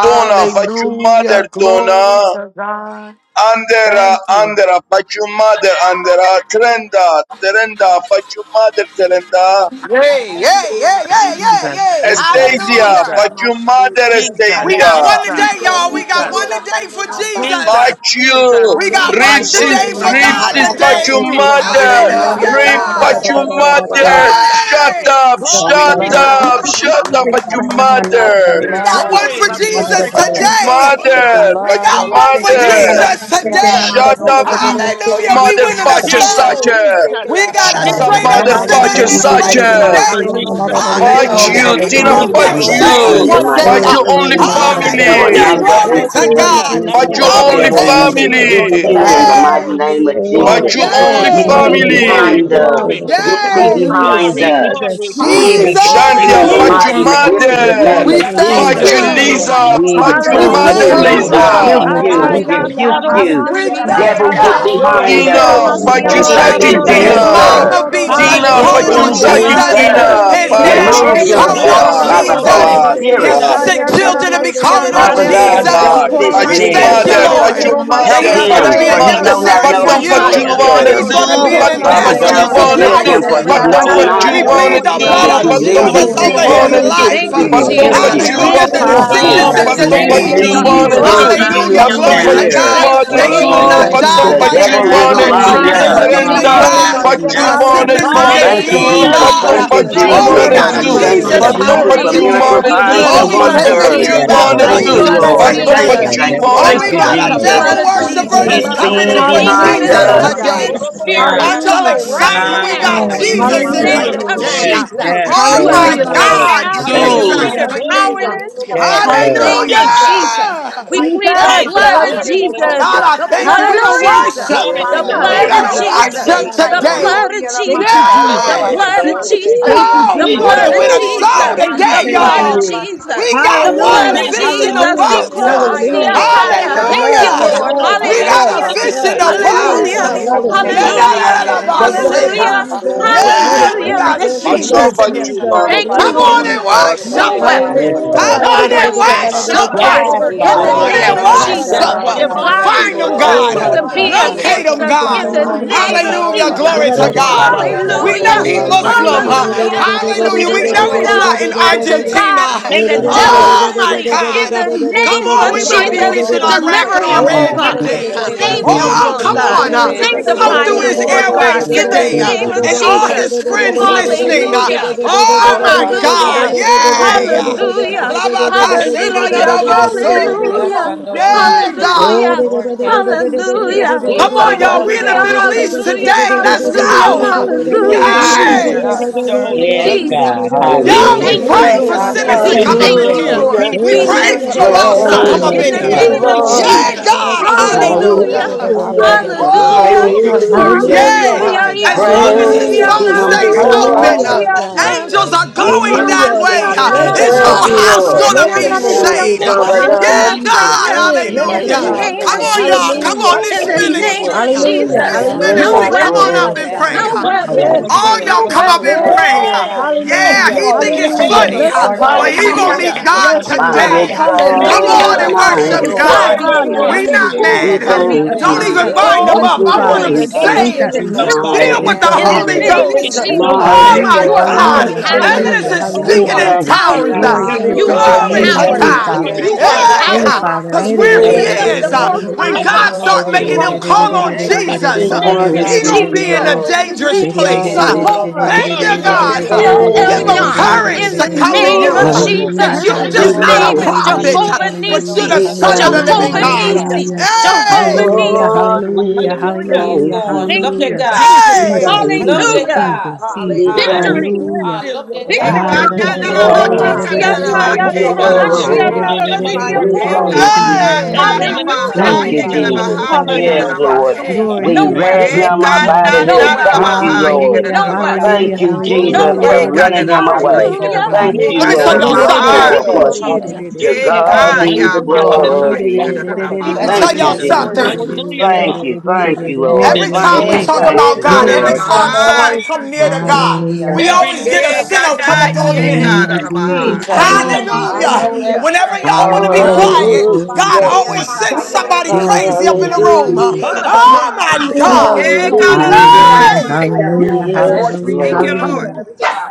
Speaker 9: Donna, fuck your mother,
Speaker 4: Glory
Speaker 9: Donna.
Speaker 4: to God.
Speaker 9: Andera,
Speaker 4: Thank you.
Speaker 9: Andera, fuck your mother, Andera. Trenda, Trenda, fuck your mother, Trenda.
Speaker 4: Yay, yay, yay,
Speaker 5: Jesus,
Speaker 4: yay, yay, yay.
Speaker 5: Jesus, Jesus,
Speaker 9: Estasia,
Speaker 4: Hallelujah.
Speaker 5: Jesus,
Speaker 9: fuck your mother,
Speaker 5: Jesus,
Speaker 4: We got
Speaker 9: Estasia.
Speaker 4: one
Speaker 5: Jesus,
Speaker 4: today, y'all. We got
Speaker 5: Jesus,
Speaker 4: one today for
Speaker 5: Jesus,
Speaker 4: Jesus.
Speaker 9: but
Speaker 11: Bala
Speaker 9: you.
Speaker 4: We
Speaker 8: Ayo
Speaker 4: got
Speaker 5: Jesus,
Speaker 4: one
Speaker 9: Reeves
Speaker 8: moshe
Speaker 5: glory
Speaker 9: is,
Speaker 4: today
Speaker 5: to the
Speaker 4: for
Speaker 9: Reeves
Speaker 4: God
Speaker 5: Father.
Speaker 8: yarase.
Speaker 9: is but
Speaker 4: today.
Speaker 9: your
Speaker 5: Jesus,
Speaker 8: Ayo
Speaker 9: mother.
Speaker 5: hallelujah,
Speaker 4: Hallelujah,
Speaker 9: Reeves
Speaker 8: lopori
Speaker 9: but
Speaker 4: God.
Speaker 9: your
Speaker 5: hallelujah,
Speaker 8: yarabasi
Speaker 5: Papa,
Speaker 9: mother.
Speaker 5: hallelujah.
Speaker 8: yaramasi.
Speaker 9: Shut
Speaker 4: Yay!
Speaker 9: up,
Speaker 8: The
Speaker 5: Glory,
Speaker 9: shut
Speaker 5: Jesus,
Speaker 8: blood
Speaker 9: up,
Speaker 8: of
Speaker 9: shut up, but
Speaker 5: hallelujah,
Speaker 9: your
Speaker 8: Jesus.
Speaker 5: Papa.
Speaker 8: The
Speaker 9: mother.
Speaker 4: We got
Speaker 8: blood
Speaker 4: one
Speaker 8: of
Speaker 5: Glory,
Speaker 4: for
Speaker 5: glory,
Speaker 4: Jesus
Speaker 9: But your
Speaker 8: Jesus.
Speaker 5: glory,
Speaker 4: today.
Speaker 5: glory,
Speaker 8: The
Speaker 5: Jesus,
Speaker 9: mother,
Speaker 4: We
Speaker 9: but
Speaker 8: blood
Speaker 9: your
Speaker 4: got
Speaker 8: of
Speaker 4: one for
Speaker 9: mother.
Speaker 5: Jesus,
Speaker 4: Jesus
Speaker 8: Jesus.
Speaker 5: Jesus,
Speaker 4: today.
Speaker 9: Shut up,
Speaker 5: Jesus,
Speaker 9: m-
Speaker 8: Yaramayorosi.
Speaker 4: Hallelujah. We winning a
Speaker 9: motherfucker
Speaker 5: Jesus, Jesus,
Speaker 4: soul.
Speaker 9: sucker.
Speaker 8: Ihayorose
Speaker 5: Jesus,
Speaker 4: We got a
Speaker 9: Shut
Speaker 5: Jesus, Jesus, Jesus, Jesus, Jesus, Jesus,
Speaker 9: up,
Speaker 4: straight
Speaker 5: Jesus,
Speaker 12: Hallelujah,
Speaker 8: yarabase.
Speaker 4: up
Speaker 5: Jesus,
Speaker 4: sinner in
Speaker 9: motherfucker
Speaker 12: hallelujah,
Speaker 4: this
Speaker 5: Jesus, Jesus, Jesus,
Speaker 4: place
Speaker 5: Jesus,
Speaker 12: hallelujah,
Speaker 9: sucker.
Speaker 5: Jesus,
Speaker 4: today.
Speaker 12: hallelujah,
Speaker 8: Hayorosi
Speaker 9: Fuck
Speaker 4: Hallelujah.
Speaker 9: you,
Speaker 4: And he's
Speaker 9: Tina,
Speaker 4: going to
Speaker 12: hallelujah,
Speaker 13: I
Speaker 9: fuck
Speaker 4: get
Speaker 8: yaramahayoro.
Speaker 5: Jesus, Jesus,
Speaker 13: rebuke you
Speaker 4: saved
Speaker 5: Jesus,
Speaker 13: in
Speaker 8: Pori
Speaker 9: you.
Speaker 13: the
Speaker 4: one day.
Speaker 13: mighty
Speaker 5: Jesus, Jesus,
Speaker 9: Fuck
Speaker 12: hallelujah,
Speaker 9: your
Speaker 4: Uh,
Speaker 13: name of
Speaker 8: yarabasi
Speaker 9: only
Speaker 13: Jesus.
Speaker 8: yaramasi.
Speaker 12: Jesus.
Speaker 13: You are
Speaker 4: Hallelujah.
Speaker 13: not
Speaker 9: family.
Speaker 5: Jesus,
Speaker 13: welcome
Speaker 4: Glory
Speaker 12: Yes, in
Speaker 4: to
Speaker 8: Hallelujah,
Speaker 13: here.
Speaker 12: America,
Speaker 5: Jesus.
Speaker 8: glory,
Speaker 4: God.
Speaker 12: and it's-
Speaker 9: Fuck
Speaker 4: God,
Speaker 9: your
Speaker 4: we
Speaker 8: glory,
Speaker 9: only
Speaker 8: glory,
Speaker 13: Devil, we
Speaker 4: thank
Speaker 8: Yarabasi,
Speaker 4: you.
Speaker 13: rebuke
Speaker 8: Yaramahayo,
Speaker 9: family.
Speaker 13: you in the mighty
Speaker 4: Yay.
Speaker 13: name of
Speaker 9: Fight
Speaker 13: Jesus.
Speaker 5: Glory,
Speaker 12: glory,
Speaker 9: your only
Speaker 11: Thank
Speaker 5: glory,
Speaker 12: glory,
Speaker 13: Get
Speaker 4: Yay.
Speaker 13: thee
Speaker 5: glory,
Speaker 12: glory,
Speaker 5: glory, glory,
Speaker 9: family.
Speaker 12: glory,
Speaker 13: behind us.
Speaker 12: glory.
Speaker 5: glory,
Speaker 13: Get thee
Speaker 4: Yay.
Speaker 12: Hallelujah,
Speaker 13: behind us.
Speaker 12: Jesus,
Speaker 5: glory,
Speaker 13: We
Speaker 5: glory,
Speaker 12: Jesus,
Speaker 4: Jesus.
Speaker 13: rebuke
Speaker 5: glory,
Speaker 13: you
Speaker 9: Shantia,
Speaker 13: in the
Speaker 5: glory,
Speaker 9: fight your
Speaker 13: mighty,
Speaker 12: Jesus,
Speaker 5: Jesus,
Speaker 12: Jesus,
Speaker 13: magnificent
Speaker 9: mother.
Speaker 13: name of
Speaker 4: We
Speaker 12: Jesus,
Speaker 4: thank
Speaker 5: Jesus,
Speaker 9: Fight
Speaker 12: Jesus
Speaker 13: Jesus.
Speaker 9: your
Speaker 5: the
Speaker 12: is
Speaker 5: blood
Speaker 6: I'm
Speaker 4: you.
Speaker 5: of
Speaker 12: Lord.
Speaker 9: Lisa.
Speaker 6: not
Speaker 5: Jesus,
Speaker 13: We
Speaker 9: Fight your
Speaker 4: We
Speaker 6: Jesus.
Speaker 13: rebuke
Speaker 6: He came
Speaker 9: mother,
Speaker 12: Hallelujah,
Speaker 4: thank
Speaker 13: you.
Speaker 5: the
Speaker 4: you,
Speaker 13: We
Speaker 8: Yarabasi,
Speaker 5: blood
Speaker 6: to
Speaker 5: of
Speaker 6: see
Speaker 13: rebuke
Speaker 9: Lisa.
Speaker 4: God.
Speaker 6: a
Speaker 12: hallelujah,
Speaker 5: Jesus,
Speaker 13: you.
Speaker 8: Ayoroko,
Speaker 6: day.
Speaker 5: the
Speaker 13: We
Speaker 5: blood
Speaker 6: He
Speaker 5: of
Speaker 6: came
Speaker 12: hallelujah,
Speaker 13: rebuke
Speaker 5: Jesus,
Speaker 8: Yarabasi,
Speaker 13: you.
Speaker 6: to
Speaker 4: We
Speaker 6: see a
Speaker 12: hallelujah,
Speaker 4: thank
Speaker 13: Devil,
Speaker 6: day.
Speaker 8: Yaramahayo,
Speaker 13: get
Speaker 4: you.
Speaker 5: the
Speaker 6: He
Speaker 13: behind
Speaker 12: Glory,
Speaker 6: came
Speaker 8: Yarabase.
Speaker 5: blood of
Speaker 9: Tina,
Speaker 13: us.
Speaker 6: to
Speaker 12: glory,
Speaker 6: see
Speaker 9: fight your
Speaker 5: Jesus.
Speaker 4: We
Speaker 8: Ayala
Speaker 13: Get
Speaker 12: glory
Speaker 4: thank
Speaker 12: to
Speaker 6: another
Speaker 9: sucking
Speaker 13: thee
Speaker 4: you
Speaker 12: your
Speaker 6: day.
Speaker 8: siye
Speaker 4: that
Speaker 5: Hallelujah,
Speaker 12: name,
Speaker 4: his
Speaker 8: yarama
Speaker 13: beneath
Speaker 5: Father.
Speaker 12: Father
Speaker 9: Tina.
Speaker 8: kayo
Speaker 12: God.
Speaker 13: us.
Speaker 4: mama be
Speaker 8: yarama
Speaker 6: He
Speaker 4: uh,
Speaker 6: came
Speaker 9: Tina,
Speaker 5: Hallelujah,
Speaker 13: Get
Speaker 8: kayo
Speaker 9: fight
Speaker 4: calling
Speaker 6: to
Speaker 9: your
Speaker 13: thee
Speaker 5: Father.
Speaker 4: on
Speaker 8: mo
Speaker 6: see
Speaker 12: Hallelujah,
Speaker 6: a
Speaker 5: Glory
Speaker 9: sucking
Speaker 8: ayala
Speaker 13: beneath
Speaker 5: to
Speaker 4: Jesus,
Speaker 5: your
Speaker 6: day.
Speaker 5: holy
Speaker 13: us.
Speaker 9: Tina.
Speaker 8: siye
Speaker 4: his
Speaker 6: He
Speaker 5: name.
Speaker 9: Fight
Speaker 12: hallelujah.
Speaker 6: came
Speaker 8: yarama
Speaker 4: daddy
Speaker 6: to
Speaker 13: Remove
Speaker 4: be
Speaker 6: see
Speaker 9: you,
Speaker 4: calling on
Speaker 5: Glory
Speaker 6: another
Speaker 13: yourself
Speaker 6: day.
Speaker 5: to
Speaker 9: fight,
Speaker 8: ayo
Speaker 13: by
Speaker 5: your
Speaker 13: the
Speaker 5: holy
Speaker 8: loko
Speaker 13: Holy
Speaker 4: Jesus,
Speaker 5: name.
Speaker 9: fight,
Speaker 8: siye
Speaker 13: Spirit.
Speaker 4: his
Speaker 9: fight,
Speaker 5: Jesus,
Speaker 8: yarama
Speaker 9: fight,
Speaker 4: sick
Speaker 6: He came
Speaker 8: si
Speaker 9: fight.
Speaker 4: children
Speaker 6: to
Speaker 4: be
Speaker 6: see
Speaker 4: calling on
Speaker 6: another
Speaker 13: Father
Speaker 6: day.
Speaker 8: ayo
Speaker 13: God,
Speaker 5: Jesus.
Speaker 8: loko
Speaker 6: He
Speaker 13: help
Speaker 4: Jesus.
Speaker 9: Fuck,
Speaker 13: this
Speaker 9: fuck
Speaker 8: ayala
Speaker 4: We
Speaker 9: your
Speaker 13: man.
Speaker 4: thank
Speaker 8: siye
Speaker 4: you,
Speaker 9: mother,
Speaker 8: yarama
Speaker 9: fuck
Speaker 4: Lord,
Speaker 9: your
Speaker 8: siye
Speaker 5: Hallelujah,
Speaker 8: loko
Speaker 4: that
Speaker 13: Help
Speaker 9: mother,
Speaker 4: he's
Speaker 5: Father.
Speaker 8: yarama
Speaker 4: going
Speaker 9: fuck
Speaker 4: to
Speaker 13: him,
Speaker 9: your
Speaker 4: be
Speaker 8: siye
Speaker 4: an
Speaker 13: for he
Speaker 5: Jesus.
Speaker 9: mother.
Speaker 13: know
Speaker 6: came
Speaker 8: loko
Speaker 6: to
Speaker 13: not
Speaker 4: emissary
Speaker 9: Fuck
Speaker 6: see
Speaker 13: know
Speaker 4: for
Speaker 9: them,
Speaker 13: he
Speaker 8: yarama
Speaker 9: what
Speaker 6: a
Speaker 13: what
Speaker 9: you
Speaker 4: you,
Speaker 6: day.
Speaker 13: he
Speaker 8: si
Speaker 5: Glory,
Speaker 4: that
Speaker 9: wanna
Speaker 13: does.
Speaker 4: he's going
Speaker 5: glory,
Speaker 4: to be
Speaker 9: do,
Speaker 4: an
Speaker 8: Ayoro
Speaker 9: fuck
Speaker 5: glory,
Speaker 9: them,
Speaker 13: Father
Speaker 6: Koromasi
Speaker 9: what
Speaker 4: ambassador
Speaker 8: Setiana
Speaker 9: you
Speaker 13: God,
Speaker 5: glory.
Speaker 6: anada
Speaker 4: for
Speaker 9: wanna
Speaker 13: forgive
Speaker 9: do.
Speaker 8: Mayoriana
Speaker 4: Christ
Speaker 13: him,
Speaker 4: for
Speaker 13: for
Speaker 6: doromasi
Speaker 13: he
Speaker 8: Base.
Speaker 9: Fuck
Speaker 4: you.
Speaker 9: them,
Speaker 13: know
Speaker 9: what
Speaker 6: ataya
Speaker 5: Glory,
Speaker 9: you
Speaker 13: not,
Speaker 4: We
Speaker 9: wanna
Speaker 4: plead
Speaker 5: glory,
Speaker 6: koromasi
Speaker 4: the
Speaker 8: Ayoriana
Speaker 13: because
Speaker 4: blood
Speaker 13: if
Speaker 9: do,
Speaker 6: anada
Speaker 4: of
Speaker 13: he
Speaker 9: fuck them,
Speaker 6: dia
Speaker 8: Mahase
Speaker 13: knew,
Speaker 9: what
Speaker 4: Jesus
Speaker 13: he'd
Speaker 8: Yolo
Speaker 13: do
Speaker 9: you
Speaker 4: over
Speaker 5: Hallelujah.
Speaker 4: his
Speaker 13: better.
Speaker 9: wanna
Speaker 8: Koriana
Speaker 9: do.
Speaker 4: life.
Speaker 6: Thank
Speaker 13: We
Speaker 4: Uh,
Speaker 6: you,
Speaker 9: Fuck
Speaker 8: Mase.
Speaker 5: Glory
Speaker 9: them,
Speaker 13: rebuke
Speaker 9: what
Speaker 6: Jesus.
Speaker 9: you
Speaker 13: you.
Speaker 8: There
Speaker 13: We
Speaker 8: are
Speaker 4: Hallelujah.
Speaker 6: Thank
Speaker 4: That
Speaker 9: wanna
Speaker 8: more
Speaker 6: you,
Speaker 14: Father
Speaker 13: rebuke
Speaker 8: with
Speaker 13: you.
Speaker 14: God,
Speaker 4: sickness
Speaker 9: do,
Speaker 8: us
Speaker 14: I
Speaker 6: Jesus.
Speaker 4: and
Speaker 9: fuck
Speaker 8: than
Speaker 9: them,
Speaker 6: Thank
Speaker 8: there
Speaker 12: Hallelujah.
Speaker 9: what
Speaker 14: command
Speaker 8: are
Speaker 6: you,
Speaker 14: that
Speaker 4: disease.
Speaker 9: you
Speaker 13: We
Speaker 8: with
Speaker 4: uh,
Speaker 8: them.
Speaker 9: wanna
Speaker 14: evil
Speaker 6: Jesus.
Speaker 12: Glory
Speaker 13: rebuke
Speaker 14: come
Speaker 9: do.
Speaker 8: Yana
Speaker 12: to
Speaker 6: Thank
Speaker 14: out
Speaker 12: your
Speaker 14: of
Speaker 13: you
Speaker 6: you,
Speaker 4: Hallelujah.
Speaker 9: Fuck
Speaker 11: Why
Speaker 13: off
Speaker 8: Mayoro
Speaker 14: him
Speaker 12: precious
Speaker 9: them,
Speaker 13: of
Speaker 4: Glory
Speaker 9: what
Speaker 14: now.
Speaker 4: to
Speaker 6: Jesus.
Speaker 12: name.
Speaker 9: you
Speaker 13: here.
Speaker 4: God.
Speaker 6: Thank
Speaker 8: Masiana
Speaker 9: mother
Speaker 6: you,
Speaker 4: That he
Speaker 12: Glory
Speaker 4: will
Speaker 12: to your
Speaker 9: do,
Speaker 5: to
Speaker 4: not
Speaker 14: Oh,
Speaker 8: Mahase.
Speaker 6: Jesus.
Speaker 9: fuck
Speaker 5: your
Speaker 12: name,
Speaker 14: he's
Speaker 9: them,
Speaker 5: holy
Speaker 4: die
Speaker 14: in
Speaker 12: Father
Speaker 13: The
Speaker 9: what
Speaker 5: name.
Speaker 4: by
Speaker 12: God.
Speaker 6: In
Speaker 4: a,
Speaker 6: the
Speaker 9: you
Speaker 13: devil
Speaker 4: a,
Speaker 13: is
Speaker 14: disguise
Speaker 13: a
Speaker 6: name
Speaker 4: a
Speaker 9: wanna
Speaker 6: of
Speaker 14: and
Speaker 9: do.
Speaker 14: denial,
Speaker 4: lust
Speaker 13: liar.
Speaker 5: Jesus,
Speaker 6: Jesus,
Speaker 12: Hallelujah,
Speaker 14: Father.
Speaker 4: demon,
Speaker 14: We
Speaker 9: Surrender,
Speaker 5: Jesus,
Speaker 14: got
Speaker 4: God,
Speaker 9: fuck
Speaker 14: him
Speaker 12: hallelujah,
Speaker 6: Ikoromasi
Speaker 4: or
Speaker 9: you
Speaker 14: now.
Speaker 15: Hallelujah,
Speaker 9: wanna,
Speaker 4: sickness and
Speaker 12: hallelujah.
Speaker 9: wanna
Speaker 13: Thank
Speaker 6: save
Speaker 12: The
Speaker 13: you,
Speaker 5: Jesus,
Speaker 4: disease,
Speaker 6: him,
Speaker 9: do,
Speaker 12: blood
Speaker 14: Hallelujah.
Speaker 12: of
Speaker 13: Jesus.
Speaker 9: fuck
Speaker 6: Lord
Speaker 4: God.
Speaker 9: them,
Speaker 6: God.
Speaker 4: Uh,
Speaker 5: Jesus.
Speaker 13: Thank you,
Speaker 9: what
Speaker 12: Jesus,
Speaker 8: Ayoro
Speaker 9: you
Speaker 12: the
Speaker 6: Deliver
Speaker 4: Oh,
Speaker 13: Jesus.
Speaker 4: we
Speaker 12: blood
Speaker 6: him,
Speaker 9: wanna
Speaker 12: of
Speaker 14: Hallelujah.
Speaker 4: got
Speaker 6: Lord
Speaker 4: a
Speaker 9: do.
Speaker 8: Setiana
Speaker 14: Glory
Speaker 6: God.
Speaker 14: be
Speaker 12: Jesus,
Speaker 13: Thank
Speaker 14: to
Speaker 6: Set
Speaker 13: you,
Speaker 12: the
Speaker 4: Jesus
Speaker 9: Fuck
Speaker 6: him
Speaker 14: God.
Speaker 9: them,
Speaker 12: blood
Speaker 13: Jesus,
Speaker 12: of
Speaker 9: what
Speaker 4: follower
Speaker 13: for
Speaker 6: free.
Speaker 9: you
Speaker 8: Mayoriana
Speaker 5: Hallelujah,
Speaker 4: today.
Speaker 12: Jesus,
Speaker 13: miracles,
Speaker 9: wanna
Speaker 6: We
Speaker 12: the
Speaker 13: signs,
Speaker 5: hallelujah,
Speaker 12: blood
Speaker 6: plead
Speaker 4: Oh,
Speaker 6: the
Speaker 12: of
Speaker 13: and
Speaker 9: do,
Speaker 4: we
Speaker 5: Father.
Speaker 9: fuck
Speaker 6: blood
Speaker 8: Mase.
Speaker 9: them,
Speaker 5: Glory
Speaker 6: of
Speaker 4: came
Speaker 12: Jesus,
Speaker 5: be
Speaker 4: in
Speaker 9: what
Speaker 5: to
Speaker 13: wonders.
Speaker 4: here
Speaker 9: you
Speaker 5: your
Speaker 14: Yes,
Speaker 12: the
Speaker 6: Jesus,
Speaker 5: holy
Speaker 4: about
Speaker 9: wanna
Speaker 6: the
Speaker 8: Hallelujah.
Speaker 5: name.
Speaker 14: Lord.
Speaker 12: blood,
Speaker 13: Thank
Speaker 9: do.
Speaker 12: the
Speaker 14: Yes,
Speaker 13: you,
Speaker 6: blood
Speaker 4: Jesus
Speaker 8: Thank
Speaker 5: For
Speaker 6: of
Speaker 12: blood,
Speaker 14: Lord.
Speaker 9: But
Speaker 13: Lord.
Speaker 5: you
Speaker 12: the
Speaker 14: Yes,
Speaker 9: don't
Speaker 5: and
Speaker 12: blood
Speaker 5: you
Speaker 13: Thank
Speaker 9: what
Speaker 4: today.
Speaker 6: Jesus.
Speaker 12: of
Speaker 13: you,
Speaker 14: Lord.
Speaker 8: you,
Speaker 9: you
Speaker 5: alone
Speaker 13: thank
Speaker 14: Yes,
Speaker 5: are
Speaker 13: you,
Speaker 12: Jesus.
Speaker 5: worthy
Speaker 4: Oh,
Speaker 9: wanna
Speaker 6: We
Speaker 8: Jesus.
Speaker 5: to
Speaker 13: thank
Speaker 4: we
Speaker 14: Lord.
Speaker 13: you,
Speaker 5: be
Speaker 6: call
Speaker 14: Yes,
Speaker 4: got a
Speaker 5: praised.
Speaker 6: the
Speaker 12: Hallelujah.
Speaker 14: Lord.
Speaker 13: Jesus.
Speaker 6: blood
Speaker 12: Thank
Speaker 4: devil
Speaker 14: Yes,
Speaker 12: you,
Speaker 6: of
Speaker 8: Yarabasi,
Speaker 14: Lord.
Speaker 4: worshiper
Speaker 12: Jesus.
Speaker 6: Jesus
Speaker 13: Get
Speaker 4: that's
Speaker 5: Somebody
Speaker 4: coming
Speaker 5: have
Speaker 13: thee
Speaker 4: in
Speaker 5: their
Speaker 4: for
Speaker 5: head
Speaker 8: Yoroko,
Speaker 14: Yes,
Speaker 5: up,
Speaker 13: behind
Speaker 12: Hallelujah,
Speaker 5: head
Speaker 6: incubus,
Speaker 4: Jesus
Speaker 5: it
Speaker 13: us.
Speaker 5: up,
Speaker 14: Lord.
Speaker 12: Father
Speaker 5: Papa.
Speaker 8: Mayarase,
Speaker 12: God.
Speaker 4: today.
Speaker 5: Glory,
Speaker 6: succubus
Speaker 14: Ah,
Speaker 6: spirit,
Speaker 4: Aren't y'all
Speaker 12: Hallelujah,
Speaker 6: go
Speaker 8: Ayarabasi,
Speaker 6: right
Speaker 12: Jesus.
Speaker 4: excited? We got
Speaker 14: ah,
Speaker 6: now
Speaker 8: Yoroko,
Speaker 6: in the
Speaker 4: Jesus in
Speaker 14: yes.
Speaker 4: here
Speaker 12: Hallelujah,
Speaker 6: name of
Speaker 12: Lord.
Speaker 8: Yaramahayoro,
Speaker 4: today.
Speaker 14: Yes,
Speaker 5: glory,
Speaker 6: Jesus.
Speaker 14: yes,
Speaker 5: glory.
Speaker 4: Oh
Speaker 6: You have
Speaker 14: Lord.
Speaker 4: my
Speaker 6: been
Speaker 12: Hallelujah, Lord
Speaker 8: Ayarabasi,
Speaker 14: Oh,
Speaker 6: cast
Speaker 12: God.
Speaker 4: God,
Speaker 14: in
Speaker 6: out.
Speaker 14: the
Speaker 6: You have
Speaker 14: name
Speaker 8: Yoroko,
Speaker 14: of
Speaker 6: been
Speaker 12: Hallelujah,
Speaker 9: do.
Speaker 14: Jesus.
Speaker 4: Jesus
Speaker 5: Hallelujah,
Speaker 6: rendered
Speaker 5: glory,
Speaker 4: today.
Speaker 12: hallelujah,
Speaker 8: Mayarase,
Speaker 6: powerless
Speaker 5: hallelujah.
Speaker 8: Yorobasi,
Speaker 14: Yes,
Speaker 6: in the
Speaker 14: Lord.
Speaker 6: name
Speaker 12: hallelujah.
Speaker 6: of
Speaker 5: Jesus,
Speaker 8: Yaramahayoro,
Speaker 6: Jesus.
Speaker 4: Hallelujah.
Speaker 6: We plead the
Speaker 12: Jesus,
Speaker 4: Thank
Speaker 12: the
Speaker 5: Jesus,
Speaker 4: you.
Speaker 6: blood
Speaker 12: blood
Speaker 6: of
Speaker 8: Ayarabasi,
Speaker 12: of
Speaker 15: hallelujah.
Speaker 5: glory,
Speaker 6: Jesus,
Speaker 12: Jesus.
Speaker 15: hallelujah.
Speaker 4: God,
Speaker 5: hallelujah.
Speaker 8: Yoroko,
Speaker 4: I
Speaker 6: the
Speaker 4: thank you. We're
Speaker 6: blood of
Speaker 4: going to
Speaker 8: Mayarasi,
Speaker 12: Hallelujah.
Speaker 6: Jesus,
Speaker 4: worship.
Speaker 5: Glory to
Speaker 6: the
Speaker 5: your
Speaker 4: We're
Speaker 6: blood
Speaker 8: Hayoro,
Speaker 16: Sandoro
Speaker 15: Yes,
Speaker 5: name.
Speaker 6: of
Speaker 4: going to
Speaker 16: Basi
Speaker 12: Jesus,
Speaker 5: Glory
Speaker 16: and
Speaker 12: thank
Speaker 5: to
Speaker 6: Jesus,
Speaker 12: you,
Speaker 5: your name.
Speaker 4: worship
Speaker 8: Yarabase,
Speaker 12: Father
Speaker 15: Jesus,
Speaker 6: the
Speaker 12: God.
Speaker 15: Jesus,
Speaker 4: today.
Speaker 6: blood
Speaker 8: Hayoro,
Speaker 6: of
Speaker 12: Thank you,
Speaker 6: Jesus, the
Speaker 8: Yaramahayoro,
Speaker 12: Jesus.
Speaker 15: the
Speaker 5: Hallelujah.
Speaker 4: Yes.
Speaker 6: blood of
Speaker 15: blood of
Speaker 8: Yaramasi.
Speaker 15: Jesus.
Speaker 6: Jesus, the
Speaker 14: Woo-hoo,
Speaker 12: Thank
Speaker 16: Dedea
Speaker 12: you,
Speaker 4: Oh,
Speaker 6: blood
Speaker 4: we
Speaker 16: Sandoro
Speaker 4: gonna
Speaker 12: Jesus.
Speaker 6: blood
Speaker 5: Jesus,
Speaker 4: win
Speaker 6: of
Speaker 4: a
Speaker 14: woo-hoo.
Speaker 8: Ayorori
Speaker 4: soul
Speaker 5: Jesus,
Speaker 6: Jesus,
Speaker 12: Thank
Speaker 14: He's
Speaker 12: you,
Speaker 6: the
Speaker 8: aramasi
Speaker 4: today,
Speaker 8: de
Speaker 6: blood
Speaker 5: Jesus,
Speaker 14: chasing
Speaker 6: of
Speaker 4: y'all.
Speaker 12: Jesus.
Speaker 14: you.
Speaker 8: arabase
Speaker 6: Jesus,
Speaker 4: We got
Speaker 6: the
Speaker 15: Yes,
Speaker 6: blood
Speaker 4: one
Speaker 12: Hallelujah.
Speaker 6: of
Speaker 5: Jesus,
Speaker 4: fish in
Speaker 6: Jesus.
Speaker 4: the
Speaker 5: God's
Speaker 8: aramasi.
Speaker 6: The
Speaker 12: Hallelujah.
Speaker 15: that
Speaker 5: holy
Speaker 15: one
Speaker 4: boat.
Speaker 15: today,
Speaker 5: Lamb,
Speaker 15: that
Speaker 12: Hallelujah.
Speaker 8: Ayorori
Speaker 5: Jesus,
Speaker 6: korosiataya.
Speaker 12: The
Speaker 15: one
Speaker 6: Thank
Speaker 8: arabase
Speaker 6: you,
Speaker 12: blood,
Speaker 8: ye
Speaker 12: the
Speaker 15: today.
Speaker 4: Hallelujah.
Speaker 5: God
Speaker 6: Lord.
Speaker 5: in
Speaker 12: blood,
Speaker 5: the
Speaker 12: the
Speaker 4: We
Speaker 5: flesh,
Speaker 12: blood,
Speaker 4: got a
Speaker 6: Hallelujah.
Speaker 12: the
Speaker 4: fish
Speaker 8: aramasi.
Speaker 4: in
Speaker 5: Jesus,
Speaker 12: blood,
Speaker 4: the
Speaker 12: the
Speaker 15: Hallelujah,
Speaker 12: blood,
Speaker 15: yes,
Speaker 12: the
Speaker 6: Hallelujah.
Speaker 4: boat.
Speaker 12: blood
Speaker 15: Lord.
Speaker 12: of
Speaker 8: Ayoroshe
Speaker 4: Yeah,
Speaker 12: Jesus.
Speaker 8: ye
Speaker 4: da,
Speaker 5: Holy
Speaker 6: Hallelujah.
Speaker 4: da,
Speaker 8: arabase
Speaker 4: da, da,
Speaker 5: Spirit,
Speaker 4: ba,
Speaker 12: The
Speaker 5: move in
Speaker 12: blood
Speaker 8: olori
Speaker 4: say,
Speaker 5: this
Speaker 12: of
Speaker 4: huh?
Speaker 6: Hallelujah.
Speaker 5: place,
Speaker 8: aramasi.
Speaker 5: dear
Speaker 12: Jesus,
Speaker 5: Lord.
Speaker 15: Yes,
Speaker 12: the
Speaker 5: Holy
Speaker 12: blood
Speaker 14: Yes,
Speaker 12: of
Speaker 4: yeah, we
Speaker 6: Hallelujah.
Speaker 5: Spirit,
Speaker 4: got
Speaker 14: Lord.
Speaker 16: Basandoro
Speaker 12: Jesus,
Speaker 6: Thank
Speaker 12: the
Speaker 6: you,
Speaker 9: But
Speaker 15: Jesus,
Speaker 12: blood
Speaker 4: Jesus
Speaker 9: don't
Speaker 12: of
Speaker 9: what
Speaker 4: in
Speaker 6: Jesus.
Speaker 9: you
Speaker 4: here.
Speaker 12: Jesus,
Speaker 15: Jesus.
Speaker 16: Ishandoro
Speaker 12: the
Speaker 9: wanna
Speaker 6: Thank
Speaker 12: blood
Speaker 6: you,
Speaker 4: Come
Speaker 12: of
Speaker 9: do.
Speaker 4: on
Speaker 5: Holy
Speaker 16: paciente
Speaker 6: Lord.
Speaker 4: and
Speaker 16: de
Speaker 12: Jesus.
Speaker 16: de
Speaker 9: But
Speaker 5: Spirit,
Speaker 16: de
Speaker 9: don't
Speaker 4: worship.
Speaker 16: de de
Speaker 6: No
Speaker 5: Father
Speaker 15: Lord,
Speaker 9: what
Speaker 5: God,
Speaker 9: you
Speaker 16: de
Speaker 14: Yes,
Speaker 6: weapons,
Speaker 15: hallelujah,
Speaker 16: Sandoro
Speaker 14: Lord.
Speaker 4: Come
Speaker 9: wanna
Speaker 6: no
Speaker 4: on and
Speaker 5: mercy,
Speaker 16: paciente de de de
Speaker 6: weapons
Speaker 15: hallelujah.
Speaker 5: up,
Speaker 6: shall
Speaker 4: worship.
Speaker 5: mercy.
Speaker 14: Yes,
Speaker 6: prosper
Speaker 16: de
Speaker 15: We
Speaker 6: in
Speaker 4: Come
Speaker 8: The
Speaker 6: the
Speaker 14: Baba,
Speaker 4: on
Speaker 16: Isandama
Speaker 6: name
Speaker 4: and
Speaker 14: Yes,
Speaker 6: of
Speaker 15: glorify you,
Speaker 5: There's
Speaker 16: masandoro
Speaker 14: Baba,
Speaker 6: Jesus.
Speaker 15: God.
Speaker 5: one
Speaker 16: si
Speaker 8: fire
Speaker 6: If
Speaker 4: worship.
Speaker 5: lost,
Speaker 15: Hallelujah.
Speaker 6: God
Speaker 5: dear
Speaker 16: tendere
Speaker 6: be
Speaker 4: Find
Speaker 16: de
Speaker 5: Lord.
Speaker 4: them,
Speaker 6: for
Speaker 5: There's a
Speaker 8: of
Speaker 6: us,
Speaker 16: este
Speaker 6: who
Speaker 4: God.
Speaker 14: Yes,
Speaker 5: lost
Speaker 16: coro
Speaker 6: can
Speaker 5: one,
Speaker 6: be
Speaker 14: Father.
Speaker 8: God.
Speaker 5: dear
Speaker 16: pasa
Speaker 4: Locate
Speaker 5: Lord.
Speaker 6: against
Speaker 4: them,
Speaker 6: us
Speaker 4: God.
Speaker 6: in the
Speaker 16: Isandoro
Speaker 8: I'm the
Speaker 16: si
Speaker 8: master
Speaker 6: name of
Speaker 16: endoro
Speaker 4: Hallelujah.
Speaker 6: Jesus?
Speaker 4: Glory
Speaker 5: There's
Speaker 16: paciente
Speaker 5: a
Speaker 4: to
Speaker 14: No
Speaker 5: lost
Speaker 16: de de de
Speaker 14: fire,
Speaker 4: God.
Speaker 5: soul,
Speaker 16: de
Speaker 5: dear
Speaker 14: no
Speaker 5: Lord.
Speaker 4: We know
Speaker 6: Hallelujah.
Speaker 5: Touch
Speaker 16: Sandoro
Speaker 4: he
Speaker 5: his
Speaker 16: pasi
Speaker 14: warrior.
Speaker 5: heart,
Speaker 4: Muslim.
Speaker 5: Father.
Speaker 14: Ah,
Speaker 6: Hallelujah.
Speaker 14: my
Speaker 16: Inanana
Speaker 4: Hallelujah.
Speaker 5: Speak
Speaker 16: roco
Speaker 6: Submit
Speaker 5: to
Speaker 4: We
Speaker 5: him,
Speaker 4: know
Speaker 14: Lord.
Speaker 5: Lord
Speaker 4: he's
Speaker 16: Sandoro
Speaker 6: yourself
Speaker 4: not in
Speaker 5: Jesus.
Speaker 16: paciente
Speaker 6: unto
Speaker 16: de de de
Speaker 6: God
Speaker 4: Argentina.
Speaker 16: de
Speaker 6: and
Speaker 5: Speak to
Speaker 6: the
Speaker 14: My
Speaker 5: him,
Speaker 16: Sandoro
Speaker 6: devil
Speaker 5: Lord
Speaker 14: Lord.
Speaker 4: Oh
Speaker 6: will
Speaker 5: Jesus.
Speaker 4: my
Speaker 6: flee.
Speaker 16: paciente
Speaker 6: In
Speaker 4: God.
Speaker 6: the
Speaker 4: Come
Speaker 6: name
Speaker 4: on,
Speaker 6: of
Speaker 4: we
Speaker 5: There's a
Speaker 4: might be
Speaker 5: lost
Speaker 6: Jesus,
Speaker 16: Yishandoro
Speaker 4: reaching
Speaker 12: Hallelujah.
Speaker 5: soul among
Speaker 4: Iraq
Speaker 5: us,
Speaker 4: and
Speaker 6: deliver
Speaker 5: dear
Speaker 16: basandoro
Speaker 6: him,
Speaker 12: Hey,
Speaker 5: Lord.
Speaker 6: oh
Speaker 4: Iran
Speaker 5: Speak
Speaker 6: God.
Speaker 5: to
Speaker 16: yetete
Speaker 4: today.
Speaker 5: him, Lord
Speaker 6: Save
Speaker 16: dediyasa.
Speaker 5: Jesus.
Speaker 6: him,
Speaker 4: Oh,
Speaker 6: Lord
Speaker 4: come
Speaker 6: God.
Speaker 4: on.
Speaker 16: Yitete
Speaker 5: Bring us
Speaker 4: Flow
Speaker 6: Sanctify
Speaker 5: to
Speaker 16: dediyasa
Speaker 4: through
Speaker 5: him,
Speaker 6: him,
Speaker 4: his
Speaker 16: doro
Speaker 5: Lord
Speaker 6: Lord
Speaker 5: Jesus.
Speaker 6: God.
Speaker 4: airways
Speaker 6: In
Speaker 16: basandoro
Speaker 6: the
Speaker 4: today.
Speaker 6: name of
Speaker 4: And
Speaker 16: yishandoro
Speaker 4: all
Speaker 6: Jesus.
Speaker 4: his
Speaker 16: yitete
Speaker 5: Hallelujah,
Speaker 4: friends
Speaker 5: Father.
Speaker 16: dediyasa.
Speaker 4: listening.
Speaker 5: Hallelujah.
Speaker 6: Hallelujah.
Speaker 11: is
Speaker 4: Oh
Speaker 16: Yishandoro
Speaker 11: this?
Speaker 4: my
Speaker 16: basiyende
Speaker 4: God.
Speaker 6: Hallelujah.
Speaker 5: Hallelujah,
Speaker 11: Oh, no, no,
Speaker 4: Yay.
Speaker 5: Father.
Speaker 11: no,
Speaker 5: God.
Speaker 16: dediyasa
Speaker 11: no, no, no, no, no,
Speaker 6: Hallelujah.
Speaker 11: no.
Speaker 16: dediyasa.
Speaker 5: In the name of
Speaker 6: Hallelujah.
Speaker 5: Jesus.
Speaker 4: Rabatashenanaboso.
Speaker 5: Hallelujah,
Speaker 6: Hallelujah.
Speaker 11: Do
Speaker 16: Dediyasa
Speaker 5: Father.
Speaker 11: it
Speaker 16: doro
Speaker 5: Glory
Speaker 11: for
Speaker 5: to
Speaker 11: him,
Speaker 5: your
Speaker 4: Yeah,
Speaker 16: yisa.
Speaker 11: Jesus.
Speaker 5: name.
Speaker 11: Do
Speaker 4: God.
Speaker 16: The
Speaker 6: Hallelujah.
Speaker 11: it
Speaker 16: Lord
Speaker 11: for him,
Speaker 16: came to seek
Speaker 11: Jesus.
Speaker 16: and to
Speaker 6: Hallelujah.
Speaker 4: Come
Speaker 16: save
Speaker 5: Glory
Speaker 16: the
Speaker 5: to
Speaker 4: on,
Speaker 5: your
Speaker 4: y'all.
Speaker 16: lost
Speaker 4: We
Speaker 5: holy
Speaker 4: in the
Speaker 6: Hallelujah.
Speaker 5: name.
Speaker 4: Middle
Speaker 11: Do
Speaker 4: East
Speaker 11: it for
Speaker 16: yeah.
Speaker 11: him,
Speaker 6: Hallelujah.
Speaker 16: You
Speaker 4: today.
Speaker 16: said
Speaker 4: Let's
Speaker 16: that the
Speaker 6: Hallelujah.
Speaker 8: of
Speaker 11: Jesus.
Speaker 16: word
Speaker 4: go.
Speaker 11: Do it for him, Jesus.
Speaker 16: would.
Speaker 5: Yes,
Speaker 11: Healing,
Speaker 6: Hallelujah.
Speaker 5: Father
Speaker 16: You
Speaker 11: healing,
Speaker 5: God.
Speaker 16: will
Speaker 4: Yay.
Speaker 11: healing.
Speaker 6: Jesus.
Speaker 5: Glory
Speaker 16: not
Speaker 5: to your
Speaker 16: return
Speaker 5: holy
Speaker 16: till
Speaker 14: Yes,
Speaker 5: name.
Speaker 16: everyone
Speaker 6: Jesus.
Speaker 14: God.
Speaker 16: who hears
Speaker 6: We
Speaker 16: your
Speaker 4: Y'all,
Speaker 5: Jesus.
Speaker 14: Hallelujah.
Speaker 4: we
Speaker 16: voice,
Speaker 6: thank you,
Speaker 17: Oh,
Speaker 13: Hallelujah.
Speaker 4: pray
Speaker 11: Deliverance
Speaker 4: for
Speaker 11: is
Speaker 16: God,
Speaker 6: Lord.
Speaker 11: this
Speaker 16: and
Speaker 14: Give
Speaker 4: sinners to
Speaker 6: We
Speaker 16: that
Speaker 14: him
Speaker 11: person.
Speaker 16: they
Speaker 4: come up
Speaker 6: thank
Speaker 4: in
Speaker 16: will
Speaker 6: you,
Speaker 4: here.
Speaker 14: deliverance.
Speaker 16: know
Speaker 6: Lord.
Speaker 13: Hallelujah.
Speaker 4: We
Speaker 6: We
Speaker 5: Jesus.
Speaker 16: the,
Speaker 4: pray
Speaker 6: lift
Speaker 4: for
Speaker 11: Healing.
Speaker 4: the
Speaker 6: you up,
Speaker 16: that
Speaker 14: Give
Speaker 12: Hallelujah.
Speaker 4: lost
Speaker 16: you
Speaker 4: to
Speaker 11: Oh,
Speaker 16: would
Speaker 4: come
Speaker 6: God,
Speaker 13: Praise
Speaker 14: him,
Speaker 11: yeah,
Speaker 4: up
Speaker 14: oh
Speaker 6: in
Speaker 11: no,
Speaker 16: be
Speaker 4: in
Speaker 6: the
Speaker 11: no, no,
Speaker 5: Hallelujah.
Speaker 13: thee,
Speaker 11: no,
Speaker 4: here.
Speaker 13: the
Speaker 14: God.
Speaker 6: name
Speaker 11: no,
Speaker 6: of
Speaker 5: Hallelujah,
Speaker 11: no, no,
Speaker 16: King
Speaker 13: Lord.
Speaker 11: no, no,
Speaker 5: Father.
Speaker 4: Yeah,
Speaker 11: no.
Speaker 6: Jesus.
Speaker 4: God,
Speaker 5: Glory,
Speaker 16: and
Speaker 5: glory,
Speaker 16: God. That
Speaker 5: glory.
Speaker 6: Hallelujah.
Speaker 4: hallelujah.
Speaker 16: I
Speaker 13: Hallelujah.
Speaker 16: pray that you would
Speaker 5: Glory,
Speaker 6: Hallelujah.
Speaker 16: change
Speaker 5: glory,
Speaker 4: Woo!
Speaker 16: his heart,
Speaker 5: glory,
Speaker 16: change
Speaker 13: Hallelujah.
Speaker 5: glory,
Speaker 16: his
Speaker 4: Yay!
Speaker 6: Hallelujah.
Speaker 16: mind,
Speaker 5: glory,
Speaker 4: As
Speaker 16: God,
Speaker 11: Oh,
Speaker 16: in
Speaker 11: no, no, no, no, no, no, no, no, no, no. Oh, no, no,
Speaker 4: long
Speaker 16: the
Speaker 4: as
Speaker 11: no, no, no, no, no, no, no, no, no, no. Oh, no, no, no, no, no, no, no,
Speaker 4: his
Speaker 16: name
Speaker 6: Ikoromasia
Speaker 13: Praise
Speaker 16: of
Speaker 12: Hallelujah.
Speaker 11: no.
Speaker 4: phone
Speaker 13: him, the
Speaker 16: Jesus.
Speaker 4: stays
Speaker 5: glory.
Speaker 16: God,
Speaker 4: open,
Speaker 12: Hallelujah,
Speaker 13: Lord.
Speaker 14: Yes,
Speaker 16: the
Speaker 4: uh,
Speaker 12: oh
Speaker 6: nararararamasiata.
Speaker 14: yes,
Speaker 12: God.
Speaker 16: mockery that
Speaker 4: angels
Speaker 14: Lord.
Speaker 16: has
Speaker 4: are
Speaker 9: do.
Speaker 16: come
Speaker 4: going
Speaker 16: against
Speaker 12: Hallelujah,
Speaker 4: that
Speaker 12: oh
Speaker 5: Hallelujah,
Speaker 11: Oh,
Speaker 6: Ikoromasia
Speaker 4: way.
Speaker 12: God.
Speaker 4: Uh,
Speaker 12: Bless
Speaker 14: Yes,
Speaker 16: the
Speaker 5: hallelujah,
Speaker 12: him,
Speaker 4: his
Speaker 13: Thank
Speaker 14: Lord.
Speaker 4: whole
Speaker 12: Father.
Speaker 13: you,
Speaker 5: hallelujah.
Speaker 14: Yes,
Speaker 4: house
Speaker 14: Lord.
Speaker 13: Lord.
Speaker 4: gonna
Speaker 12: Bless
Speaker 14: Yes, Lord. Yes,
Speaker 6: nararararamasiata.
Speaker 16: Lamb
Speaker 4: be
Speaker 16: of
Speaker 14: Lord.
Speaker 12: him,
Speaker 13: Thank
Speaker 16: God,
Speaker 6: Naredia
Speaker 12: Lord.
Speaker 13: you,
Speaker 4: saved.
Speaker 5: In
Speaker 4: Uh,
Speaker 5: the
Speaker 16: I
Speaker 13: Father
Speaker 12: Bless
Speaker 5: name
Speaker 16: pray
Speaker 5: of
Speaker 12: him,
Speaker 16: that
Speaker 4: yeah,
Speaker 13: God.
Speaker 16: you
Speaker 5: Jesus,
Speaker 16: would
Speaker 12: Jesus.
Speaker 4: God,
Speaker 5: I
Speaker 6: koromasiataya.
Speaker 16: rebuke
Speaker 5: thank
Speaker 16: him
Speaker 5: you,
Speaker 12: Bless
Speaker 6: In
Speaker 12: him,
Speaker 16: right
Speaker 5: dear
Speaker 6: the
Speaker 8: the
Speaker 4: hallelujah.
Speaker 17: Hallelujah.
Speaker 16: now
Speaker 5: Lord.
Speaker 12: Father
Speaker 16: in
Speaker 6: name
Speaker 16: the
Speaker 4: Come
Speaker 6: of
Speaker 12: God.
Speaker 4: on,
Speaker 8: universe.
Speaker 16: name of
Speaker 4: y'all.
Speaker 11: no, no,
Speaker 6: Jesus.
Speaker 4: Come
Speaker 5: I
Speaker 12: Hallelujah.
Speaker 4: on,
Speaker 16: Jesus.
Speaker 6: In
Speaker 4: this
Speaker 5: thank
Speaker 6: the
Speaker 11: no.
Speaker 5: you,
Speaker 16: That
Speaker 8: Oh
Speaker 16: you
Speaker 5: Lord. I
Speaker 16: would
Speaker 6: name
Speaker 11: Oh,
Speaker 6: of
Speaker 4: ministry. uh,
Speaker 5: thank
Speaker 16: take
Speaker 5: you,
Speaker 16: him
Speaker 14: Yes,
Speaker 17: Thank
Speaker 12: Hallelujah.
Speaker 5: Lord.
Speaker 6: Jesus.
Speaker 17: you.
Speaker 4: this
Speaker 14: Lord.
Speaker 16: down,
Speaker 14: yes,
Speaker 16: and
Speaker 6: No
Speaker 12: Hallelujah.
Speaker 4: ministry,
Speaker 16: God,
Speaker 13: Yes,
Speaker 14: Lord.
Speaker 12: Bless
Speaker 4: come
Speaker 16: that
Speaker 12: him,
Speaker 16: you
Speaker 4: on
Speaker 16: would
Speaker 4: up
Speaker 6: weapons.
Speaker 12: Father
Speaker 13: Lord,
Speaker 4: and
Speaker 16: cast
Speaker 12: God.
Speaker 4: pray.
Speaker 6: No
Speaker 4: uh.
Speaker 5: Father, let
Speaker 16: it.
Speaker 5: him
Speaker 14: right
Speaker 12: Yes,
Speaker 17: Thank
Speaker 6: weapons.
Speaker 4: all
Speaker 5: encounter
Speaker 6: No
Speaker 5: you
Speaker 12: Lord.
Speaker 4: y'all
Speaker 5: in a
Speaker 4: come
Speaker 16: Clean
Speaker 4: up
Speaker 16: his
Speaker 5: mighty
Speaker 4: and
Speaker 5: way.
Speaker 12: Yes,
Speaker 16: heart,
Speaker 6: weapons.
Speaker 4: pray.
Speaker 16: Father
Speaker 4: uh.
Speaker 14: Hey,
Speaker 12: Lord.
Speaker 16: God, in the
Speaker 14: yes,
Speaker 17: you.
Speaker 4: yeah,
Speaker 16: name
Speaker 12: Hallelujah.
Speaker 16: of
Speaker 4: he
Speaker 14: Lord.
Speaker 4: think
Speaker 16: Jesus.
Speaker 14: Yeah,
Speaker 4: it's
Speaker 16: Clean
Speaker 12: Hallelujah.
Speaker 5: There's a
Speaker 16: his
Speaker 14: hey.
Speaker 4: funny,
Speaker 12: Bless
Speaker 4: uh,
Speaker 5: lost
Speaker 12: him,
Speaker 16: heart,
Speaker 14: Oh, my,
Speaker 12: Father
Speaker 4: but
Speaker 16: God,
Speaker 5: soul,
Speaker 4: he
Speaker 5: dear
Speaker 14: my,
Speaker 12: God.
Speaker 4: gonna
Speaker 14: my,
Speaker 5: Lord,
Speaker 16: that
Speaker 5: that
Speaker 4: meet
Speaker 6: Hallelujah.
Speaker 16: he will
Speaker 5: needs
Speaker 12: Bless
Speaker 4: God
Speaker 14: my.
Speaker 16: come
Speaker 5: you,
Speaker 12: him,
Speaker 16: to the
Speaker 5: Father
Speaker 8: my
Speaker 12: Lord.
Speaker 8: God.
Speaker 13: mighty
Speaker 4: today.
Speaker 5: God.
Speaker 14: Fire.
Speaker 4: uh.
Speaker 5: He
Speaker 16: repentance
Speaker 5: needs
Speaker 12: Bless
Speaker 14: Thank
Speaker 4: come
Speaker 16: of
Speaker 14: you,
Speaker 12: him,
Speaker 16: you,
Speaker 5: to
Speaker 13: God,
Speaker 6: Hallelujah.
Speaker 4: on
Speaker 5: know
Speaker 4: and
Speaker 16: God.
Speaker 12: Father
Speaker 14: Lord.
Speaker 5: Jesus
Speaker 12: God.
Speaker 16: In
Speaker 5: as
Speaker 13: mighty
Speaker 4: worship
Speaker 6: If
Speaker 5: his
Speaker 8: Ayoro
Speaker 16: the
Speaker 5: Lord
Speaker 14: Yeah,
Speaker 6: God
Speaker 5: and
Speaker 6: be
Speaker 16: name
Speaker 4: God.
Speaker 14: yeah,
Speaker 16: of
Speaker 13: God,
Speaker 6: for
Speaker 14: yeah,
Speaker 17: Hallelujah.
Speaker 5: Savior.
Speaker 4: We
Speaker 8: Basayara.
Speaker 6: us,
Speaker 16: Jesus.
Speaker 14: yeah,
Speaker 12: Hallelujah,
Speaker 4: not
Speaker 14: yeah.
Speaker 6: who
Speaker 13: we
Speaker 4: mad.
Speaker 12: Jesus.
Speaker 6: can
Speaker 4: huh?
Speaker 14: Yes,
Speaker 12: Thank
Speaker 6: be
Speaker 12: you,
Speaker 13: thank
Speaker 4: Don't
Speaker 14: God.
Speaker 12: Father.
Speaker 6: against
Speaker 4: even
Speaker 6: us?
Speaker 13: you,
Speaker 5: Lord, we
Speaker 4: bind
Speaker 8: Ayoro
Speaker 4: them
Speaker 6: What
Speaker 5: give
Speaker 14: Oh,
Speaker 12: Thank
Speaker 5: him
Speaker 4: up.
Speaker 12: you,
Speaker 5: the
Speaker 4: I
Speaker 13: we
Speaker 6: can
Speaker 4: want
Speaker 5: glory.
Speaker 12: Father.
Speaker 4: them
Speaker 6: be
Speaker 14: thank
Speaker 8: Homayara.
Speaker 14: you
Speaker 5: He
Speaker 13: thank
Speaker 14: for
Speaker 16: God,
Speaker 5: needs
Speaker 16: I
Speaker 6: against
Speaker 12: Thank
Speaker 5: you,
Speaker 13: you,
Speaker 12: you,
Speaker 6: us?
Speaker 4: saved.
Speaker 5: dear
Speaker 14: deliverance
Speaker 16: rebuke
Speaker 14: on
Speaker 5: Lord,
Speaker 16: him
Speaker 12: Jesus.
Speaker 5: Father.
Speaker 16: right
Speaker 4: Deal
Speaker 6: Nothing.
Speaker 14: today.
Speaker 5: He's
Speaker 13: mighty
Speaker 4: with
Speaker 12: Thank
Speaker 17: Hallelujah.
Speaker 4: the
Speaker 12: you,
Speaker 16: now,
Speaker 6: In the
Speaker 14: Get
Speaker 5: seeking
Speaker 16: God,
Speaker 4: Holy
Speaker 5: you.
Speaker 16: in
Speaker 12: Jesus.
Speaker 14: your
Speaker 13: God,
Speaker 16: the
Speaker 6: name
Speaker 5: He
Speaker 6: of
Speaker 4: Ghost.
Speaker 16: name
Speaker 14: deliverance
Speaker 16: of
Speaker 5: came
Speaker 14: on
Speaker 5: among
Speaker 16: Jesus,
Speaker 5: your
Speaker 6: Jesus,
Speaker 4: Oh
Speaker 13: mighty
Speaker 14: today.
Speaker 16: God.
Speaker 12: Hallelujah.
Speaker 4: my
Speaker 6: you
Speaker 5: people,
Speaker 6: are
Speaker 14: Get
Speaker 5: dear
Speaker 6: rendered
Speaker 4: God.
Speaker 14: your
Speaker 5: Lord.
Speaker 16: You
Speaker 5: He
Speaker 12: Hallelujah.
Speaker 13: God,
Speaker 16: got
Speaker 5: came
Speaker 14: deliverance
Speaker 5: among
Speaker 6: powerless.
Speaker 4: Evidence
Speaker 5: the
Speaker 12: Hallelujah.
Speaker 14: on
Speaker 4: is
Speaker 16: that,
Speaker 14: today.
Speaker 13: we
Speaker 6: You
Speaker 5: chosen,
Speaker 4: speaking
Speaker 6: are
Speaker 12: Hallelujah.
Speaker 4: in
Speaker 5: Father.
Speaker 13: thank
Speaker 14: Get
Speaker 8: Jesus.
Speaker 4: tongues.
Speaker 14: your
Speaker 12: Glory
Speaker 13: you,
Speaker 12: to
Speaker 6: powerless.
Speaker 12: your
Speaker 14: deliverance
Speaker 6: You
Speaker 17: God,
Speaker 12: precious
Speaker 6: are
Speaker 14: on
Speaker 13: Lord,
Speaker 8: Hallelujah.
Speaker 16: God, we
Speaker 4: Glory
Speaker 13: we
Speaker 14: today.
Speaker 12: name,
Speaker 4: to
Speaker 16: cast
Speaker 5: Glory,
Speaker 12: Holy
Speaker 13: thank
Speaker 6: powerless.
Speaker 16: his
Speaker 14: Get your
Speaker 4: God.
Speaker 14: deliverance
Speaker 12: Father.
Speaker 5: glory,
Speaker 16: spirit
Speaker 6: You
Speaker 13: you,
Speaker 8: Thank you,
Speaker 6: are
Speaker 16: down
Speaker 14: on
Speaker 5: glory.
Speaker 4: Hey,
Speaker 8: God.
Speaker 16: right
Speaker 12: Holy
Speaker 14: today.
Speaker 5: Show us
Speaker 6: powerless.
Speaker 16: now,
Speaker 12: Father.
Speaker 16: God,
Speaker 4: because
Speaker 8: Hallelujah.
Speaker 12: Hallelujah,
Speaker 5: something,
Speaker 14: Get
Speaker 6: I
Speaker 4: where
Speaker 5: dear
Speaker 14: your
Speaker 4: he
Speaker 16: that
Speaker 6: lift
Speaker 16: we
Speaker 5: Lord.
Speaker 6: up
Speaker 16: would
Speaker 14: deliverance
Speaker 6: the
Speaker 4: is,
Speaker 13: thank
Speaker 4: uh,
Speaker 16: pray
Speaker 14: on
Speaker 17: Thank
Speaker 6: Most
Speaker 16: that
Speaker 4: when
Speaker 14: today.
Speaker 6: High
Speaker 16: he
Speaker 17: you.
Speaker 5: Touch
Speaker 13: you,
Speaker 16: would
Speaker 5: his
Speaker 6: God.
Speaker 4: God
Speaker 16: come
Speaker 5: heart,
Speaker 4: start
Speaker 16: unto
Speaker 5: dear
Speaker 4: making
Speaker 5: Lord,
Speaker 4: them
Speaker 16: the
Speaker 13: Lord,
Speaker 5: Father
Speaker 4: call
Speaker 16: knowing
Speaker 17: Thank
Speaker 5: God.
Speaker 4: on
Speaker 8: Thank
Speaker 16: that
Speaker 6: Hallelujah.
Speaker 8: you.
Speaker 5: Touch
Speaker 16: who
Speaker 5: his
Speaker 6: His
Speaker 13: we
Speaker 4: Jesus,
Speaker 16: you
Speaker 4: uh,
Speaker 5: mind,
Speaker 6: name
Speaker 16: are,
Speaker 5: dear
Speaker 6: is
Speaker 13: thank
Speaker 4: he
Speaker 16: God, in
Speaker 5: Lord.
Speaker 17: you.
Speaker 4: gonna
Speaker 16: the
Speaker 13: you,
Speaker 4: be in
Speaker 6: Jesus.
Speaker 16: name
Speaker 4: a
Speaker 16: of
Speaker 13: Lord,
Speaker 6: His
Speaker 16: Jesus.
Speaker 4: dangerous
Speaker 13: we
Speaker 6: name is
Speaker 4: place. uh.
Speaker 13: thank
Speaker 16: Shekoro
Speaker 13: you,
Speaker 6: Jehovah.
Speaker 17: Hallelujah.
Speaker 16: basi
Speaker 4: Thank
Speaker 6: His
Speaker 5: Glory,
Speaker 4: you,
Speaker 6: name
Speaker 5: glory,
Speaker 6: is
Speaker 5: glory.
Speaker 4: God.
Speaker 16: dekereya
Speaker 6: El
Speaker 5: Touch his
Speaker 4: Give them
Speaker 16: sandoro
Speaker 5: mind,
Speaker 13: thank
Speaker 6: Elyon.
Speaker 16: basi
Speaker 5: Father. God.
Speaker 4: courage
Speaker 6: In
Speaker 4: to
Speaker 6: the
Speaker 13: you,
Speaker 4: come to
Speaker 17: Thank you.
Speaker 16: ketereya
Speaker 6: name
Speaker 4: you.
Speaker 6: of
Speaker 16: sa.
Speaker 13: Lord,
Speaker 16: E
Speaker 4: That
Speaker 6: Jesus.
Speaker 4: you're
Speaker 5: Jesus,
Speaker 17: Hallelujah.
Speaker 6: His
Speaker 4: just
Speaker 13: we
Speaker 16: sandoro
Speaker 5: mighty
Speaker 12: hallelujah, hallelujah,
Speaker 4: not
Speaker 5: name.
Speaker 4: a
Speaker 6: name
Speaker 13: thank
Speaker 6: is
Speaker 18: to
Speaker 4: prophet,
Speaker 13: you.
Speaker 16: basandareya
Speaker 6: Jehovah
Speaker 4: but you're
Speaker 16: sandoro
Speaker 12: hallelujah,
Speaker 4: the
Speaker 6: Nisi.
Speaker 13: We
Speaker 16: yase.
Speaker 4: son of the
Speaker 13: thank
Speaker 5: Hallelujah,
Speaker 12: hallelujah,
Speaker 4: living
Speaker 6: Jehovah
Speaker 13: you,
Speaker 16: Hey
Speaker 4: God.
Speaker 5: hallelujah,
Speaker 16: God,
Speaker 6: Nisi.
Speaker 12: hallelujah,
Speaker 17: Thank
Speaker 16: he's
Speaker 17: you.
Speaker 16: gone.
Speaker 4: Hey!
Speaker 6: Jehovah
Speaker 5: hallelujah,
Speaker 12: hallelujah,
Speaker 6: Nisi.
Speaker 5: Father
Speaker 13: Lord.
Speaker 5: God.
Speaker 12: hallelujah,
Speaker 13: We
Speaker 5: Hallelujah.
Speaker 16: He's
Speaker 12: hallelujah,
Speaker 13: thank
Speaker 17: Hallelujah.
Speaker 16: gone.
Speaker 6: Thank
Speaker 16: Look
Speaker 13: you.
Speaker 16: at
Speaker 12: hallelujah.
Speaker 6: you.
Speaker 16: God.
Speaker 5: Jesus,
Speaker 13: We
Speaker 5: mighty
Speaker 4: Yay!
Speaker 12: Jesus,
Speaker 5: name.
Speaker 13: thank
Speaker 16: Look
Speaker 12: Jesus,
Speaker 16: at
Speaker 13: you.
Speaker 17: Thank
Speaker 6: Hallelujah.
Speaker 5: Hallelujah.
Speaker 8: Hallelujah.
Speaker 17: you.
Speaker 12: Jesus,
Speaker 16: God.
Speaker 17: Lord.
Speaker 13: We
Speaker 12: Jesus,
Speaker 8: Hallelujah.
Speaker 16: Huh?
Speaker 5: Wherever
Speaker 13: thank
Speaker 6: Victory.
Speaker 5: he
Speaker 11: Hard.
Speaker 13: you.
Speaker 5: is,
Speaker 17: Thank
Speaker 12: hallelujah.
Speaker 16: Uh,
Speaker 8: Uh-uh,
Speaker 5: dear
Speaker 16: look
Speaker 17: you.
Speaker 5: Lord,
Speaker 16: at
Speaker 18: all
Speaker 19: Ye
Speaker 5: work
Speaker 18: they
Speaker 12: Glory
Speaker 16: God.
Speaker 5: on
Speaker 19: God,
Speaker 6: Victory.
Speaker 5: him,
Speaker 18: did.
Speaker 16: When
Speaker 5: Father
Speaker 16: we
Speaker 5: God.
Speaker 14: Father
Speaker 16: all come
Speaker 19: ye
Speaker 14: God,
Speaker 8: but
Speaker 14: Father,
Speaker 13: Praise
Speaker 8: that
Speaker 16: together as
Speaker 6: Ikoromasiataya
Speaker 16: a
Speaker 8: fire
Speaker 13: the
Speaker 8: is
Speaker 5: Work on
Speaker 8: still
Speaker 16: corporate
Speaker 5: him,
Speaker 8: on
Speaker 5: dear
Speaker 16: prayer,
Speaker 8: him.
Speaker 5: Lord. Do
Speaker 13: Lord.
Speaker 5: your
Speaker 8: That
Speaker 5: mighty
Speaker 16: hallelujah.
Speaker 8: fire
Speaker 5: work,
Speaker 8: is
Speaker 13: We
Speaker 8: still
Speaker 5: Father.
Speaker 13: thank
Speaker 16: We
Speaker 6: toromashianaradidiyakoro.
Speaker 12: to
Speaker 8: on him.
Speaker 12: your
Speaker 16: lift
Speaker 13: you.
Speaker 12: name,
Speaker 4: Yay!
Speaker 5: And
Speaker 12: Lord.
Speaker 5: him and his
Speaker 17: Lord.
Speaker 13: Thank
Speaker 6: Hallelujah.
Speaker 12: Glory
Speaker 5: family,
Speaker 13: you,
Speaker 12: to
Speaker 5: dear
Speaker 12: your
Speaker 8: Hold
Speaker 5: Lord.
Speaker 8: on,
Speaker 12: name,
Speaker 13: Jesus.
Speaker 5: Do a
Speaker 12: Father
Speaker 8: say,
Speaker 5: mighty
Speaker 13: Yes,
Speaker 12: God.
Speaker 5: work in
Speaker 6: Hallelujah.
Speaker 5: his
Speaker 13: Lord.
Speaker 18: I'm
Speaker 8: Aramasi.
Speaker 18: not
Speaker 5: Father
Speaker 17: Thank
Speaker 5: God, I
Speaker 17: you.
Speaker 12: Glory
Speaker 13: We
Speaker 12: to
Speaker 6: No
Speaker 17: Lord.
Speaker 12: your
Speaker 5: pray.
Speaker 13: ran
Speaker 12: precious
Speaker 13: him
Speaker 6: weapons.
Speaker 8: Yeah, I
Speaker 13: up
Speaker 16: you
Speaker 12: name,
Speaker 16: up
Speaker 13: out
Speaker 8: don't
Speaker 13: of
Speaker 12: Lord.
Speaker 16: right
Speaker 6: No
Speaker 13: here.
Speaker 8: know,
Speaker 16: now,
Speaker 5: Glory,
Speaker 13: Thank
Speaker 16: God,
Speaker 5: glory,
Speaker 16: in
Speaker 13: you,
Speaker 16: the
Speaker 6: weapons.
Speaker 8: Aramasi.
Speaker 16: name
Speaker 5: glory.
Speaker 13: Lord.
Speaker 16: of
Speaker 12: Hallelujah,
Speaker 6: No
Speaker 16: Jesus,
Speaker 17: Hallelujah.
Speaker 16: God. We
Speaker 12: hallelujah,
Speaker 13: Thank
Speaker 6: weapons.
Speaker 16: ask
Speaker 13: you,
Speaker 8: I
Speaker 16: you
Speaker 17: Thank
Speaker 16: to
Speaker 8: don't
Speaker 17: you,
Speaker 5: Glory,
Speaker 16: prick
Speaker 6: No
Speaker 13: Jesus,
Speaker 8: know,
Speaker 16: his
Speaker 17: Lord.
Speaker 13: for
Speaker 16: heart,
Speaker 5: Father.
Speaker 12: hallelujah.
Speaker 16: God.
Speaker 6: weapons.
Speaker 13: running him
Speaker 16: Prick
Speaker 8: Aramasi.
Speaker 17: Thank
Speaker 13: away.
Speaker 16: his
Speaker 17: you.
Speaker 16: soul,
Speaker 6: Hallelujah.
Speaker 16: God,
Speaker 13: Thank
Speaker 16: in
Speaker 5: Glory,
Speaker 16: the
Speaker 4: Let
Speaker 13: you,
Speaker 4: me
Speaker 8: I
Speaker 17: Thank
Speaker 4: tell
Speaker 5: dear
Speaker 16: name
Speaker 13: Lord.
Speaker 8: don't
Speaker 4: y'all
Speaker 16: of
Speaker 13: You
Speaker 5: Lord.
Speaker 13: are
Speaker 8: know,
Speaker 16: Jesus,
Speaker 4: something.
Speaker 5: Glory.
Speaker 16: that
Speaker 6: Thank
Speaker 16: he
Speaker 6: you,
Speaker 16: will
Speaker 14: oh,
Speaker 13: powerful.
Speaker 16: come
Speaker 17: you. Thank
Speaker 8: Aramasi.
Speaker 14: Lord,
Speaker 6: Jesus.
Speaker 17: you,
Speaker 13: To
Speaker 16: into the
Speaker 17: Lord.
Speaker 13: God
Speaker 16: knowing of
Speaker 13: be
Speaker 16: who
Speaker 13: the
Speaker 16: you
Speaker 5: Hallelujah,
Speaker 16: are,
Speaker 5: hallelujah,
Speaker 16: that he
Speaker 5: Father.
Speaker 13: glory.
Speaker 16: will
Speaker 4: Let me
Speaker 16: confess
Speaker 4: tell
Speaker 13: Thank
Speaker 16: you
Speaker 13: you,
Speaker 4: y'all
Speaker 16: as Lord
Speaker 13: Jesus.
Speaker 4: something.
Speaker 16: and
Speaker 5: Hallelujah,
Speaker 13: Thank
Speaker 16: Savior
Speaker 13: you,
Speaker 5: Father.
Speaker 16: in
Speaker 13: thank
Speaker 16: Jesus'
Speaker 13: you,
Speaker 16: name.
Speaker 13: Lord.
Speaker 5: In
Speaker 4: Every
Speaker 5: the
Speaker 13: Thank
Speaker 4: time
Speaker 5: name
Speaker 4: we
Speaker 5: of
Speaker 13: you,
Speaker 16: Hey,
Speaker 4: talk
Speaker 13: thank
Speaker 16: God.
Speaker 5: Jesus,
Speaker 4: about
Speaker 13: you,
Speaker 5: in the
Speaker 4: God,
Speaker 5: name
Speaker 4: every
Speaker 5: of
Speaker 13: Lord.
Speaker 4: time
Speaker 5: Jesus,
Speaker 4: somebody
Speaker 16: Ishandorosi
Speaker 4: come near to God,
Speaker 16: ketedededia
Speaker 12: Hallelujah.
Speaker 4: we
Speaker 5: every
Speaker 4: always
Speaker 5: knee
Speaker 4: get a
Speaker 5: shall
Speaker 16: sandoroka.
Speaker 5: bow,
Speaker 4: sinner
Speaker 5: every
Speaker 4: come up on
Speaker 5: tongue shall
Speaker 4: here
Speaker 12: Hallelujah,
Speaker 16: Mm,
Speaker 5: confess.
Speaker 12: Jesus,
Speaker 16: Jesus.
Speaker 12: Jesus,
Speaker 5: Jesus is
Speaker 16: I
Speaker 12: Jesus.
Speaker 5: Lord.
Speaker 4: Hallelujah.
Speaker 16: know
Speaker 8: Hallelujah.
Speaker 16: that's
Speaker 4: Whenever
Speaker 16: right.
Speaker 4: y'all want to be
Speaker 12: Hallelujah,
Speaker 5: Father,
Speaker 16: Hey.
Speaker 4: quiet,
Speaker 8: Ayoro
Speaker 12: Jesus,
Speaker 4: God
Speaker 8: basiye
Speaker 12: Jesus,
Speaker 13: Hallelujah,
Speaker 4: always
Speaker 8: yara
Speaker 12: Jesus.
Speaker 4: sends
Speaker 5: Father,
Speaker 8: makayoro
Speaker 4: somebody
Speaker 8: yara
Speaker 12: Jesus,
Speaker 4: crazy up in the
Speaker 12: Jesus,
Speaker 4: room. huh?
Speaker 12: Jesus.
Speaker 13: hallelujah,
Speaker 5: Father,
Speaker 4: Oh
Speaker 5: holy is
Speaker 4: my
Speaker 5: the Lord.
Speaker 8: Ayoro
Speaker 4: God.
Speaker 19: Yeah,
Speaker 8: yara
Speaker 5: Father,
Speaker 8: masiye
Speaker 13: hallelujah.
Speaker 8: yara
Speaker 12: Hallelujah,
Speaker 4: Hey!
Speaker 19: God,
Speaker 12: hallelujah,
Speaker 4: That's
Speaker 13: Yes,
Speaker 4: gorgeous,
Speaker 12: hallelujah,
Speaker 19: Thank
Speaker 4: baby.
Speaker 19: you,
Speaker 13: Lord.
Speaker 19: Lord.
Speaker 12: hallelujah.
Speaker 5: Hallelujah,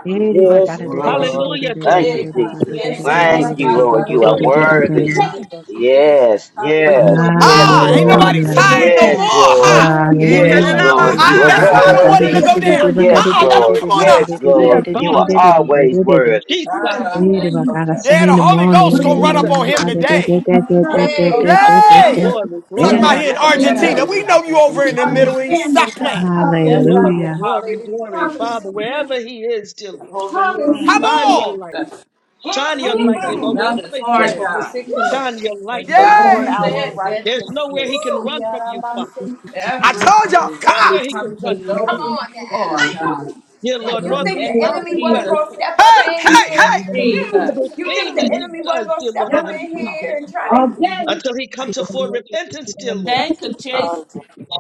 Speaker 12: Ere
Speaker 13: Yes,
Speaker 12: bakara de-
Speaker 15: Yes,
Speaker 12: de- de- de- de-
Speaker 13: Lord.
Speaker 12: de-
Speaker 5: Hallelujah, dear
Speaker 12: de-
Speaker 13: Thank
Speaker 5: Lord.
Speaker 13: you,
Speaker 12: de-
Speaker 13: Jesus.
Speaker 16: Yes.
Speaker 12: de-
Speaker 13: Thank
Speaker 12: de-
Speaker 13: you, Lord. You are
Speaker 5: Glory be
Speaker 8: Hallelujah.
Speaker 12: de-
Speaker 5: unto your
Speaker 13: worthy.
Speaker 12: de-
Speaker 5: holy name.
Speaker 13: Yes,
Speaker 5: For you
Speaker 13: yes,
Speaker 5: and you
Speaker 13: yes,
Speaker 5: alone
Speaker 4: Ah,
Speaker 5: are
Speaker 4: ain't
Speaker 13: Lord.
Speaker 5: worthy
Speaker 4: nobody
Speaker 5: to
Speaker 12: Hallelujah.
Speaker 5: be
Speaker 6: Lord
Speaker 4: tired
Speaker 5: praised.
Speaker 4: no
Speaker 13: Yes,
Speaker 6: God,
Speaker 4: more,
Speaker 13: Lord.
Speaker 4: huh?
Speaker 5: You
Speaker 6: We
Speaker 5: and you
Speaker 19: Yay,
Speaker 6: worship
Speaker 13: Yes,
Speaker 6: you,
Speaker 12: Hallelujah.
Speaker 5: alone are
Speaker 13: Lord.
Speaker 12: Bakara de-
Speaker 5: worthy
Speaker 4: I,
Speaker 12: de-
Speaker 5: to
Speaker 13: You are
Speaker 5: be
Speaker 6: Lord.
Speaker 12: de-
Speaker 4: that's
Speaker 19: Kanadabaha!
Speaker 4: why I
Speaker 5: praised,
Speaker 4: don't
Speaker 5: dear
Speaker 4: want him
Speaker 6: We
Speaker 4: to
Speaker 13: worthy.
Speaker 5: Lord.
Speaker 4: go
Speaker 12: de-
Speaker 6: adore
Speaker 4: down.
Speaker 6: you,
Speaker 12: bakara
Speaker 13: Yes,
Speaker 4: Uh-uh,
Speaker 12: de-
Speaker 6: Jesus.
Speaker 4: let
Speaker 12: de-
Speaker 4: him
Speaker 12: de-
Speaker 13: Lord.
Speaker 12: de-
Speaker 4: come on up.
Speaker 13: Yes,
Speaker 12: bakara de- de-
Speaker 6: We
Speaker 12: de-
Speaker 13: Lord.
Speaker 12: de- de- de-
Speaker 13: You
Speaker 12: de-
Speaker 13: are
Speaker 6: adore
Speaker 12: de- de-
Speaker 5: Father,
Speaker 12: de-
Speaker 6: you, Jesus.
Speaker 12: de- de-
Speaker 13: always
Speaker 12: de- de- de-
Speaker 13: worthy.
Speaker 5: Jesus,
Speaker 6: We adore
Speaker 18: fire,
Speaker 12: Ere
Speaker 6: you,
Speaker 12: bakara
Speaker 6: Jesus.
Speaker 12: sene
Speaker 4: Yeah,
Speaker 12: in
Speaker 4: the
Speaker 12: the
Speaker 4: Holy
Speaker 12: morning,
Speaker 4: Ghost
Speaker 12: and
Speaker 6: When
Speaker 4: gonna
Speaker 6: it
Speaker 12: then
Speaker 4: run up
Speaker 5: Jesus,
Speaker 12: and
Speaker 6: is
Speaker 4: on
Speaker 5: dear
Speaker 4: him
Speaker 12: bakara
Speaker 5: Lord.
Speaker 12: de
Speaker 6: time,
Speaker 12: de de
Speaker 4: today.
Speaker 6: like a
Speaker 12: de de
Speaker 6: flood,
Speaker 12: de
Speaker 6: you
Speaker 12: de de
Speaker 6: are
Speaker 12: de
Speaker 4: Yay!
Speaker 12: de.
Speaker 5: Glory,
Speaker 4: Talking
Speaker 12: Ere de
Speaker 6: and a
Speaker 5: glory,
Speaker 4: about here in
Speaker 12: bakara de
Speaker 5: glory,
Speaker 12: de de
Speaker 4: Argentina.
Speaker 12: de de
Speaker 4: We
Speaker 5: glory,
Speaker 12: de
Speaker 4: know you
Speaker 12: de de
Speaker 4: over
Speaker 6: You
Speaker 12: de
Speaker 4: in the
Speaker 6: are
Speaker 12: de.
Speaker 6: the
Speaker 4: Middle East. Stop
Speaker 6: standard,
Speaker 4: playing.
Speaker 6: God. Hallelujah.
Speaker 5: glory,
Speaker 12: Hallelujah.
Speaker 5: glory, glory. Father, wherever he is, dear Lord,
Speaker 4: Come
Speaker 5: shine your
Speaker 4: on!
Speaker 6: Hallelujah.
Speaker 5: light. Shine your light, dear Lord.
Speaker 16: Now
Speaker 6: Hallelujah.
Speaker 16: this
Speaker 5: Wherever he
Speaker 16: hard,
Speaker 6: Lord
Speaker 5: is,
Speaker 16: God.
Speaker 6: God.
Speaker 5: shine your
Speaker 16: When
Speaker 5: light, dear
Speaker 16: God
Speaker 8: Come
Speaker 5: Lord.
Speaker 4: Yay!
Speaker 16: has said
Speaker 5: There's nowhere he
Speaker 16: that
Speaker 5: can run from you, Father.
Speaker 4: I
Speaker 16: everyone
Speaker 4: told y'all,
Speaker 16: will
Speaker 5: Nowhere
Speaker 4: God.
Speaker 5: he
Speaker 16: come
Speaker 5: can
Speaker 16: to
Speaker 5: run
Speaker 16: know
Speaker 5: from
Speaker 16: who
Speaker 5: you.
Speaker 8: on
Speaker 16: you
Speaker 8: now.
Speaker 16: are, God.
Speaker 5: Dear
Speaker 16: In
Speaker 5: Lord,
Speaker 8: You
Speaker 16: the
Speaker 8: think
Speaker 5: northeast,
Speaker 16: name
Speaker 8: the
Speaker 5: south,
Speaker 16: of
Speaker 8: enemy
Speaker 5: and
Speaker 8: wasn't
Speaker 5: west.
Speaker 8: going to
Speaker 16: Jesus,
Speaker 8: step up
Speaker 4: Hey,
Speaker 6: The
Speaker 8: in
Speaker 4: hey,
Speaker 8: here?
Speaker 4: hey!
Speaker 16: Jesus.
Speaker 8: You think
Speaker 5: Everything
Speaker 8: the
Speaker 5: that he
Speaker 8: enemy wasn't
Speaker 5: does,
Speaker 8: going to
Speaker 5: dear
Speaker 8: step
Speaker 5: Lord,
Speaker 8: up
Speaker 5: let
Speaker 8: in
Speaker 5: him seek
Speaker 8: here
Speaker 5: you
Speaker 8: and try to.
Speaker 6: object is
Speaker 5: until he comes to full repentance, dear Lord.
Speaker 16: Ten
Speaker 6: placed
Speaker 16: could chase
Speaker 18: fire,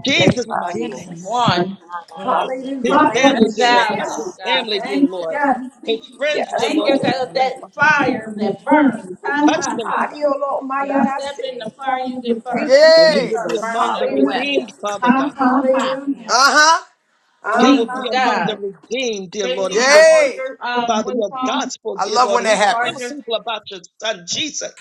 Speaker 5: Jesus'
Speaker 18: fire.
Speaker 5: mighty name.
Speaker 16: one,
Speaker 6: on
Speaker 16: mm,
Speaker 8: Hallelujah.
Speaker 5: His
Speaker 6: top
Speaker 8: Thank
Speaker 6: of
Speaker 16: ten
Speaker 5: family,
Speaker 6: the
Speaker 5: dear
Speaker 8: you,
Speaker 5: Lord.
Speaker 16: thousand.
Speaker 5: Touch
Speaker 6: table.
Speaker 5: his
Speaker 16: God,
Speaker 5: family, dear
Speaker 16: thank you.
Speaker 5: Lord. His friends, dear
Speaker 16: Thank
Speaker 5: Lord.
Speaker 16: you,
Speaker 5: Touch
Speaker 16: God, that
Speaker 5: them,
Speaker 8: Jesus.
Speaker 5: Fa-
Speaker 6: And
Speaker 16: fire that burns. Ha
Speaker 5: touch
Speaker 16: ha
Speaker 5: them,
Speaker 16: ha.
Speaker 5: Fa-
Speaker 16: You
Speaker 8: Hallelujah.
Speaker 16: step in the fire, you
Speaker 6: the
Speaker 16: get burned.
Speaker 5: and he
Speaker 4: Yay!
Speaker 5: will be
Speaker 16: Start burning
Speaker 5: among
Speaker 16: it
Speaker 5: the
Speaker 16: away.
Speaker 6: burn.
Speaker 5: redeemed, Father God.
Speaker 4: Uh-huh.
Speaker 5: He will
Speaker 8: Hallelujah.
Speaker 16: Seeking
Speaker 5: be among
Speaker 16: God.
Speaker 5: the redeemed, dear
Speaker 16: Tracy,
Speaker 5: Lord.
Speaker 16: you
Speaker 5: He
Speaker 16: got
Speaker 5: will
Speaker 16: all
Speaker 5: preach,
Speaker 4: Yay!
Speaker 16: your um
Speaker 5: Father,
Speaker 16: what's
Speaker 5: your
Speaker 16: wrong,
Speaker 5: gospel,
Speaker 4: I
Speaker 5: dear
Speaker 4: love when
Speaker 5: Lord.
Speaker 4: that
Speaker 5: He will tell
Speaker 16: chargers
Speaker 4: happens.
Speaker 5: people about your son, Jesus.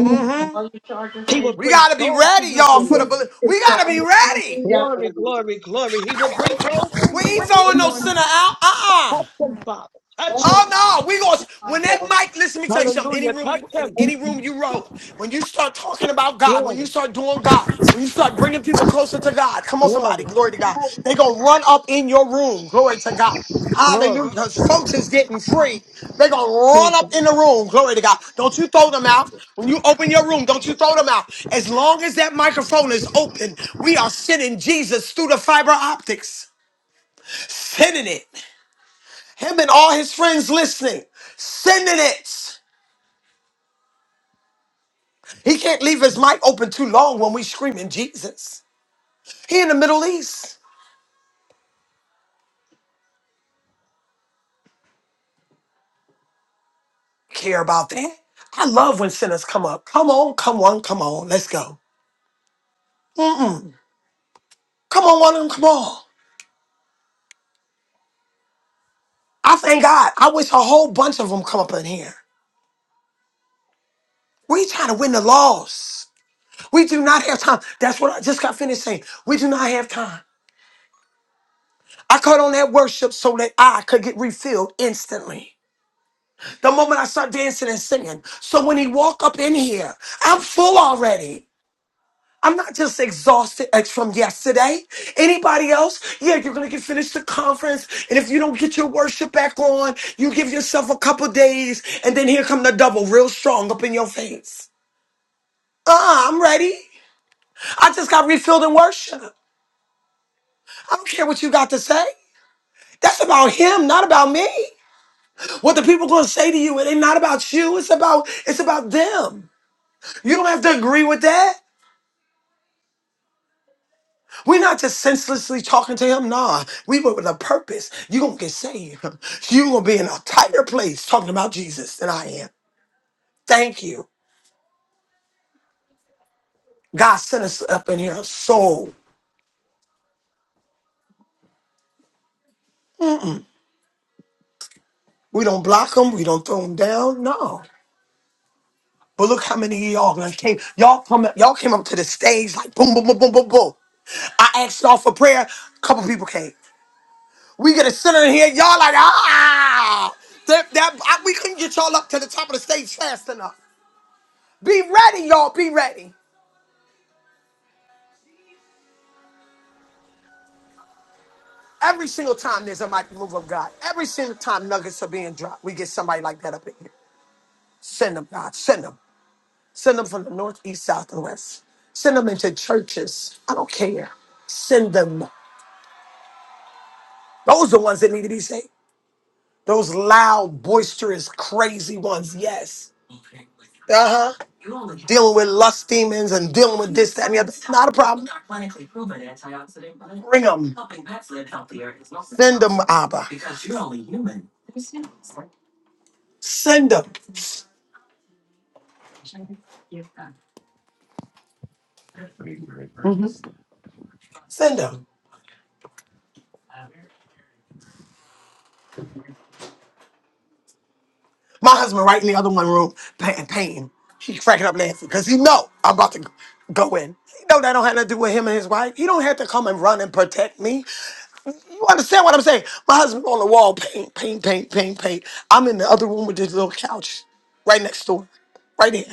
Speaker 4: Mm-hmm.
Speaker 16: All your charging
Speaker 5: He
Speaker 16: stations.
Speaker 5: will
Speaker 4: We
Speaker 5: bring
Speaker 4: gotta be
Speaker 5: souls to
Speaker 4: ready,
Speaker 5: you,
Speaker 4: y'all,
Speaker 5: dear
Speaker 4: for the
Speaker 5: Lord.
Speaker 4: bullet. We gotta be ready.
Speaker 16: Yeah.
Speaker 5: Glory, glory, glory. He will bring souls to
Speaker 4: We
Speaker 5: you,
Speaker 4: ain't
Speaker 5: Father.
Speaker 6: Good
Speaker 4: throwing no sinner
Speaker 6: morning.
Speaker 4: out. Uh-uh.
Speaker 5: Touch them, Father. Touch them.
Speaker 4: Oh no, we going to when
Speaker 16: Yeah.
Speaker 4: that mic, listen, let me tell you something. Any
Speaker 5: Hallelujah.
Speaker 4: room
Speaker 5: Touch
Speaker 4: you in,
Speaker 5: them.
Speaker 4: any room you roll, when you start talking about God, when you
Speaker 5: Glory,
Speaker 4: start doing God, when you start bringing people closer to God, come on, somebody,
Speaker 5: glory,
Speaker 4: glory to God. They gonna run up in your room, glory to God.
Speaker 5: glory.
Speaker 4: Hallelujah, because folks is getting free. They gonna run
Speaker 5: Jesus.
Speaker 4: up
Speaker 5: I
Speaker 4: in the room, glory to God. Don't you throw them out. When you open your room, don't you throw them out. As long as that microphone is open, we are sending Jesus through the fiber optics. Sending it. Him and all his friends listening, sending it. He can't leave his mic open too long when we screaming Jesus. He in the Middle East. Care about that. I love when sinners come up. Come on, come on, come on. Let's go. Come on, one of them, come on. I thank God. I wish a whole bunch of them come up in here. We trying to win the loss. We do not have time. That's what I just got finished saying. We do not have time. I caught on that worship so that I could get refilled instantly. the moment I start dancing and singing. So when he walk up in here, I'm full already. I'm not just exhausted ex- from yesterday. Anybody else? Yeah, you're gonna get finished the conference, and if you don't get your worship back on, you give yourself a couple days, and then here come the double, real strong up in your face. Uh, I'm ready. I just got refilled in worship. I don't care what you got to say. That's about him, not about me. What the people gonna say to you, it ain't not about you. It's about it's about them. You don't have to agree with that. We're not just senselessly talking to him. Nah, we went with a purpose. you going to get saved. you going to be in a tighter place talking about Jesus than I am. Thank you. God sent us up in here so we don't block them. We don't throw them down. No. But look how many of y'all done came. Y'all come up, y'all came up to the stage like boom, boom, boom, boom, boom, boom. I asked y'all for prayer. A couple people came. We get a sinner in here. Y'all like ah, that, that I, we couldn't get y'all up to the top of the stage fast enough. Be ready, y'all. Be ready. Every single time there's a mighty move of God, every single time nuggets are being dropped, we get somebody like that up in here. Send them, God. Send them. Send them from the north, east, south, and west. Send them into churches. I don't care. Send them. Those are the ones that need to be saved. Those loud, boisterous, crazy ones. Yes. Uh huh. Dealing with lust demons and dealing with this. Bring them. Send them, Abba. Send them. Send them. My husband right in the other one room painting, painting. He cracking up laughing because he know I'm about to go in. He know that don't have nothing to do with him and his wife. He don't have to come and run and protect me. You understand what I'm saying? My husband on the wall, paint, paint, paint, paint, paint. I'm in the other room with this little couch right next door, right there.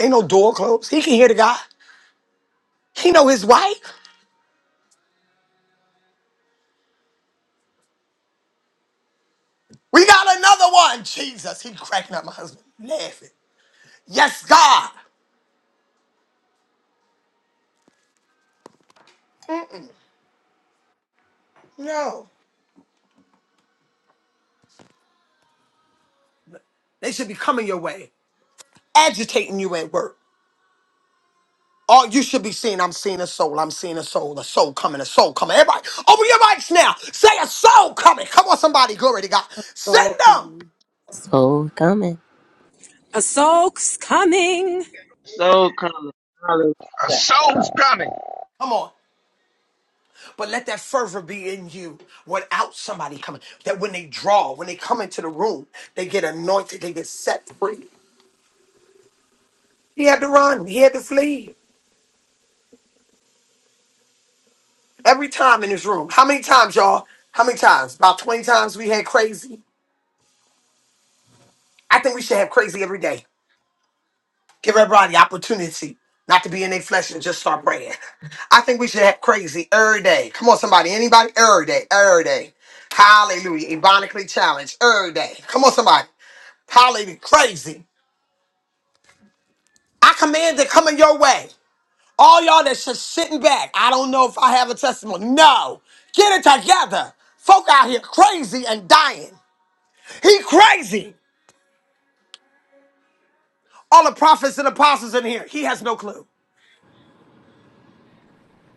Speaker 4: Ain't no door closed. He can hear the guy. He know his wife. We got another one. Jesus, he cracking up my husband, laughing. Yes, God. No, they should be coming your way, agitating you at work. Oh, you should be seeing. I'm seeing a soul. I'm seeing a soul. A soul coming. A soul coming. Everybody, open your mics now. Say a soul coming. Come on, somebody. Glory to God.
Speaker 17: It's
Speaker 4: Send
Speaker 17: all
Speaker 4: them.
Speaker 17: coming.
Speaker 10: So coming.
Speaker 20: A soak's coming.
Speaker 18: So color, hallelujah.
Speaker 1: I so was trying to
Speaker 4: Come on. But let that fervor be in you without somebody coming. That when they draw, when they come into the room, they get anointed. They get set free. He had to run. He had to flee. Every time in this room. How many times, y'all? How many times? About 20 times we had crazy. I think we should have crazy every day. Give everybody opportunity not to be in their flesh and just start praying. I think we should have crazy every day. Come on, somebody. Anybody? Every day. Every day. Hallelujah. Ebonically challenged. Every day. Come on, somebody. Hallelujah. Crazy. I command it coming your way. All y'all that's just sitting back. I don't know if I have a testimony. No. Get it together. Folk out here crazy and dying. He crazy. All the prophets and apostles in here. He has no clue.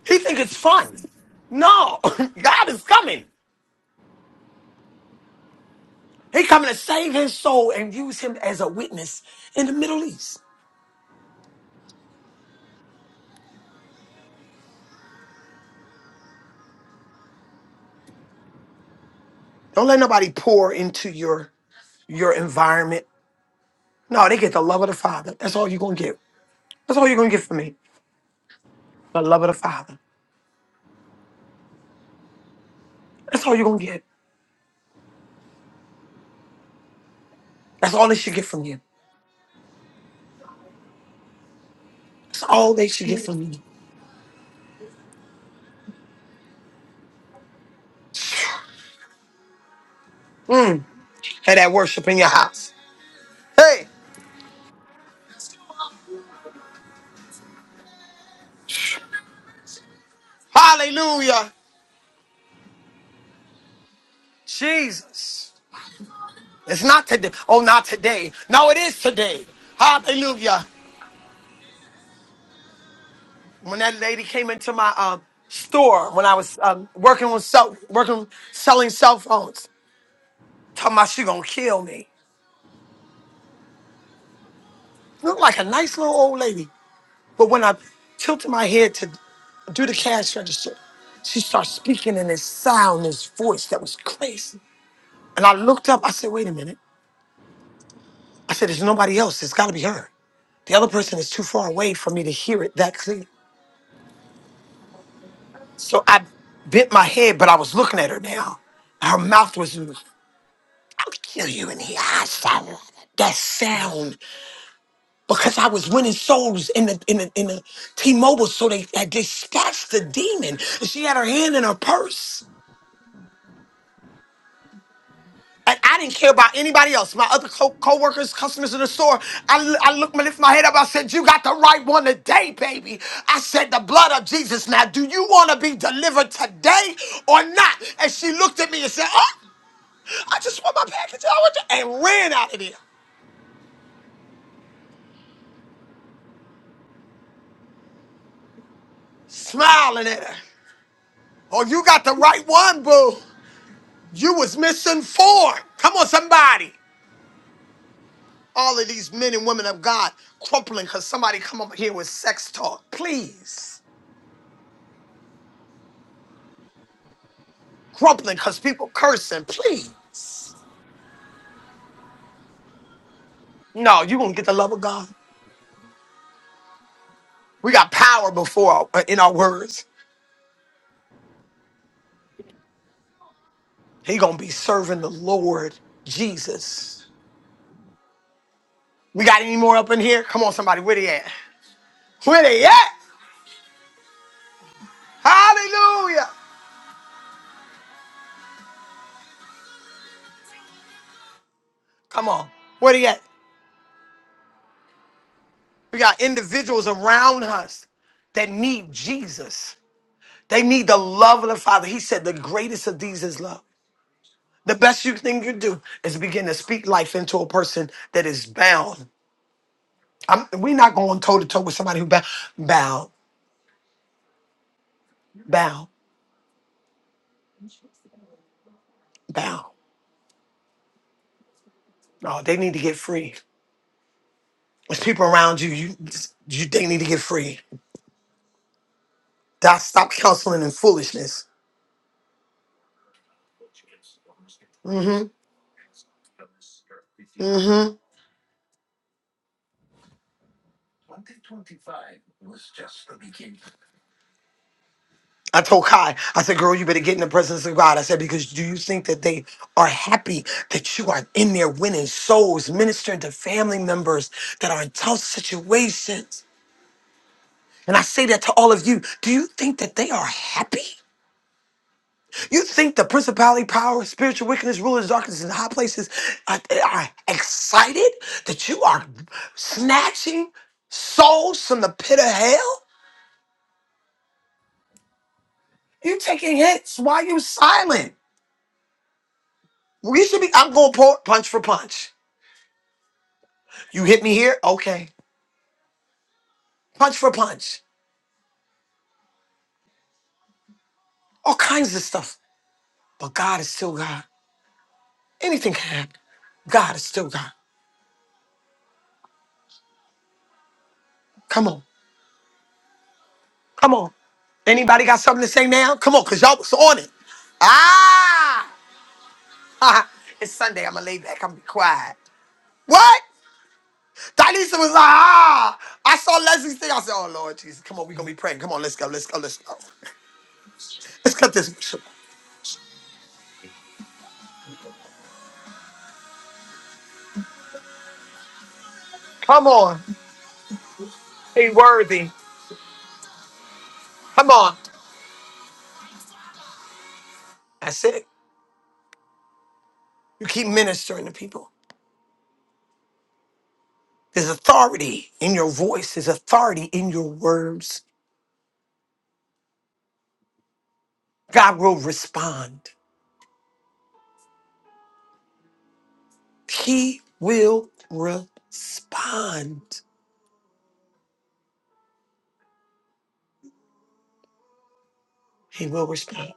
Speaker 4: He think it's fun. No. God is coming. He coming to save his soul and use him as a witness in the Middle East. Don't let nobody pour into your your environment. No, they get the love of the Father. That's all you're gonna get. That's all you're gonna get from me. The love of the Father. That's all you're gonna get. That's all they should get from you. That's all they should get from you. Mm. Hey, that worship in your house. Hey, hallelujah. Jesus. It's not today. Oh, not today. No, it is today. Hallelujah. when that lady came into my um, store when I was um, working with cell, working selling cell phones, talking about she gonna kill me. Looked like a nice little old lady, but when I tilted my head to do the cash register, she started speaking in this sound, this voice that was crazy. And I looked up. I said, "Wait a minute." I said, "There's nobody else. It's got to be her. The other person is too far away for me to hear it that clear." So I bent my head, but I was looking at her now. Her mouth was I'll kill you in the asshole. That sound, because I was winning souls in the in the in the T-Mobile, so they had dispatched the demon. And she had her hand in her purse. And I didn't care about anybody else. My other co- co-workers, customers in the store. I, l- I looked, I lifted my head up. I said, "You got the right one today, baby." I said, "The blood of Jesus." Now, do you want to be delivered today or not? And she looked at me and said, "Oh, I just want my package." I want to-" and ran out of there, smiling at her. Oh, you got the right one, boo. You was misinformed. Come on, somebody. All of these men and women of God crumpling because somebody come up here with sex talk. Please. Crumpling because people cursing. Please. No, you going to get the love of God. We got power before our, in our words. He going to be serving the Lord Jesus. We got any more up in here? Come on, somebody. Where they at? Where they at? Hallelujah. Come on. Where they at? We got individuals around us that need Jesus. They need the love of the Father. He said the greatest of these is love. The best you thing you do is begin to speak life into a person that is bound. I'm, we're not going toe to toe with somebody who bound, bound, bound, bound. No, they need to get free. There's people around you, you, you they need to get free. That stop counseling and foolishness. Mm-hmm. mm-hmm. I told Kai, I said, girl, you better get in the presence of God. I said, because do you think that they are happy that you are in there winning souls, ministering to family members that are in tough situations? And I say that to all of you. Do you think that they are happy? You think the principality, power, spiritual wickedness, rulers, darkness, and high places are, are excited that you are snatching souls from the pit of hell? You taking hits. Why are you silent? We should be, I'm going punch for punch You hit me here? Okay. Punch for punch. All kinds of stuff. But God is still God. Anything can happen. God is still God. Come on. Come on. Anybody got something to say now? Come on, because y'all was on it. Ah! it's Sunday. I'm going to lay back. I'm going to be quiet. What? Dalisa was like, ah! I saw Leslie's thing. I said, oh, Lord Jesus. Come on, we going to be praying. Come on, let's go. Let's go. Let's go. Let's cut this. worship. Come on. Be worthy. Come on. That's it. You keep ministering to people. There's authority in your voice, there's authority in your words. God will respond. He will respond. He will respond.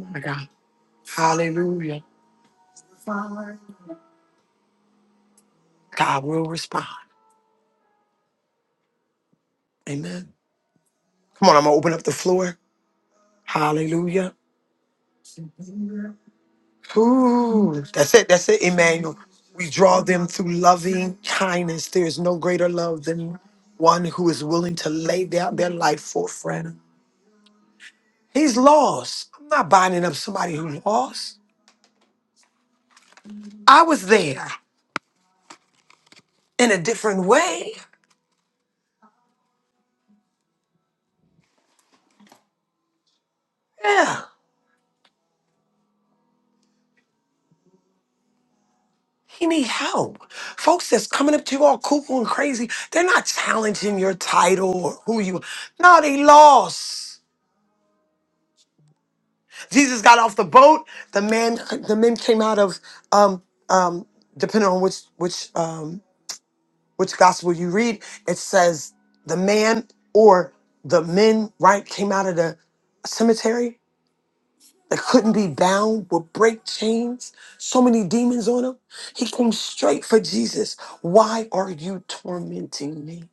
Speaker 4: Oh my God. Hallelujah. God will respond. Amen. Come on, I'm gonna open up the floor. Hallelujah. Ooh, that's it. That's it, Emmanuel. We draw them through loving kindness. There is no greater love than one who is willing to lay down their life for a friend. He's lost. I'm not binding up somebody who lost. I was there in a different way. Yeah. He need help. Folks that's coming up to you all cuckoo and crazy, they're not challenging your title or who you No, they lost. Jesus got off the boat. The man the men came out of um um depending on which which um which gospel you read, it says the man or the men, right, came out of the cemetery that couldn't be bound would break chains, so many demons on him. He came straight for Jesus. Why are you tormenting me?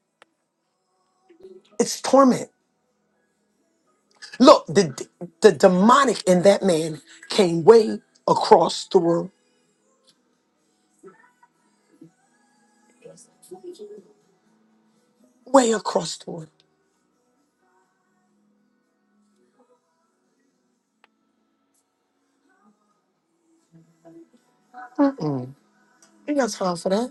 Speaker 4: It's torment. Look, the the demonic in that man came way across the world, way across the world. Mm-mm. Ain't got time for that.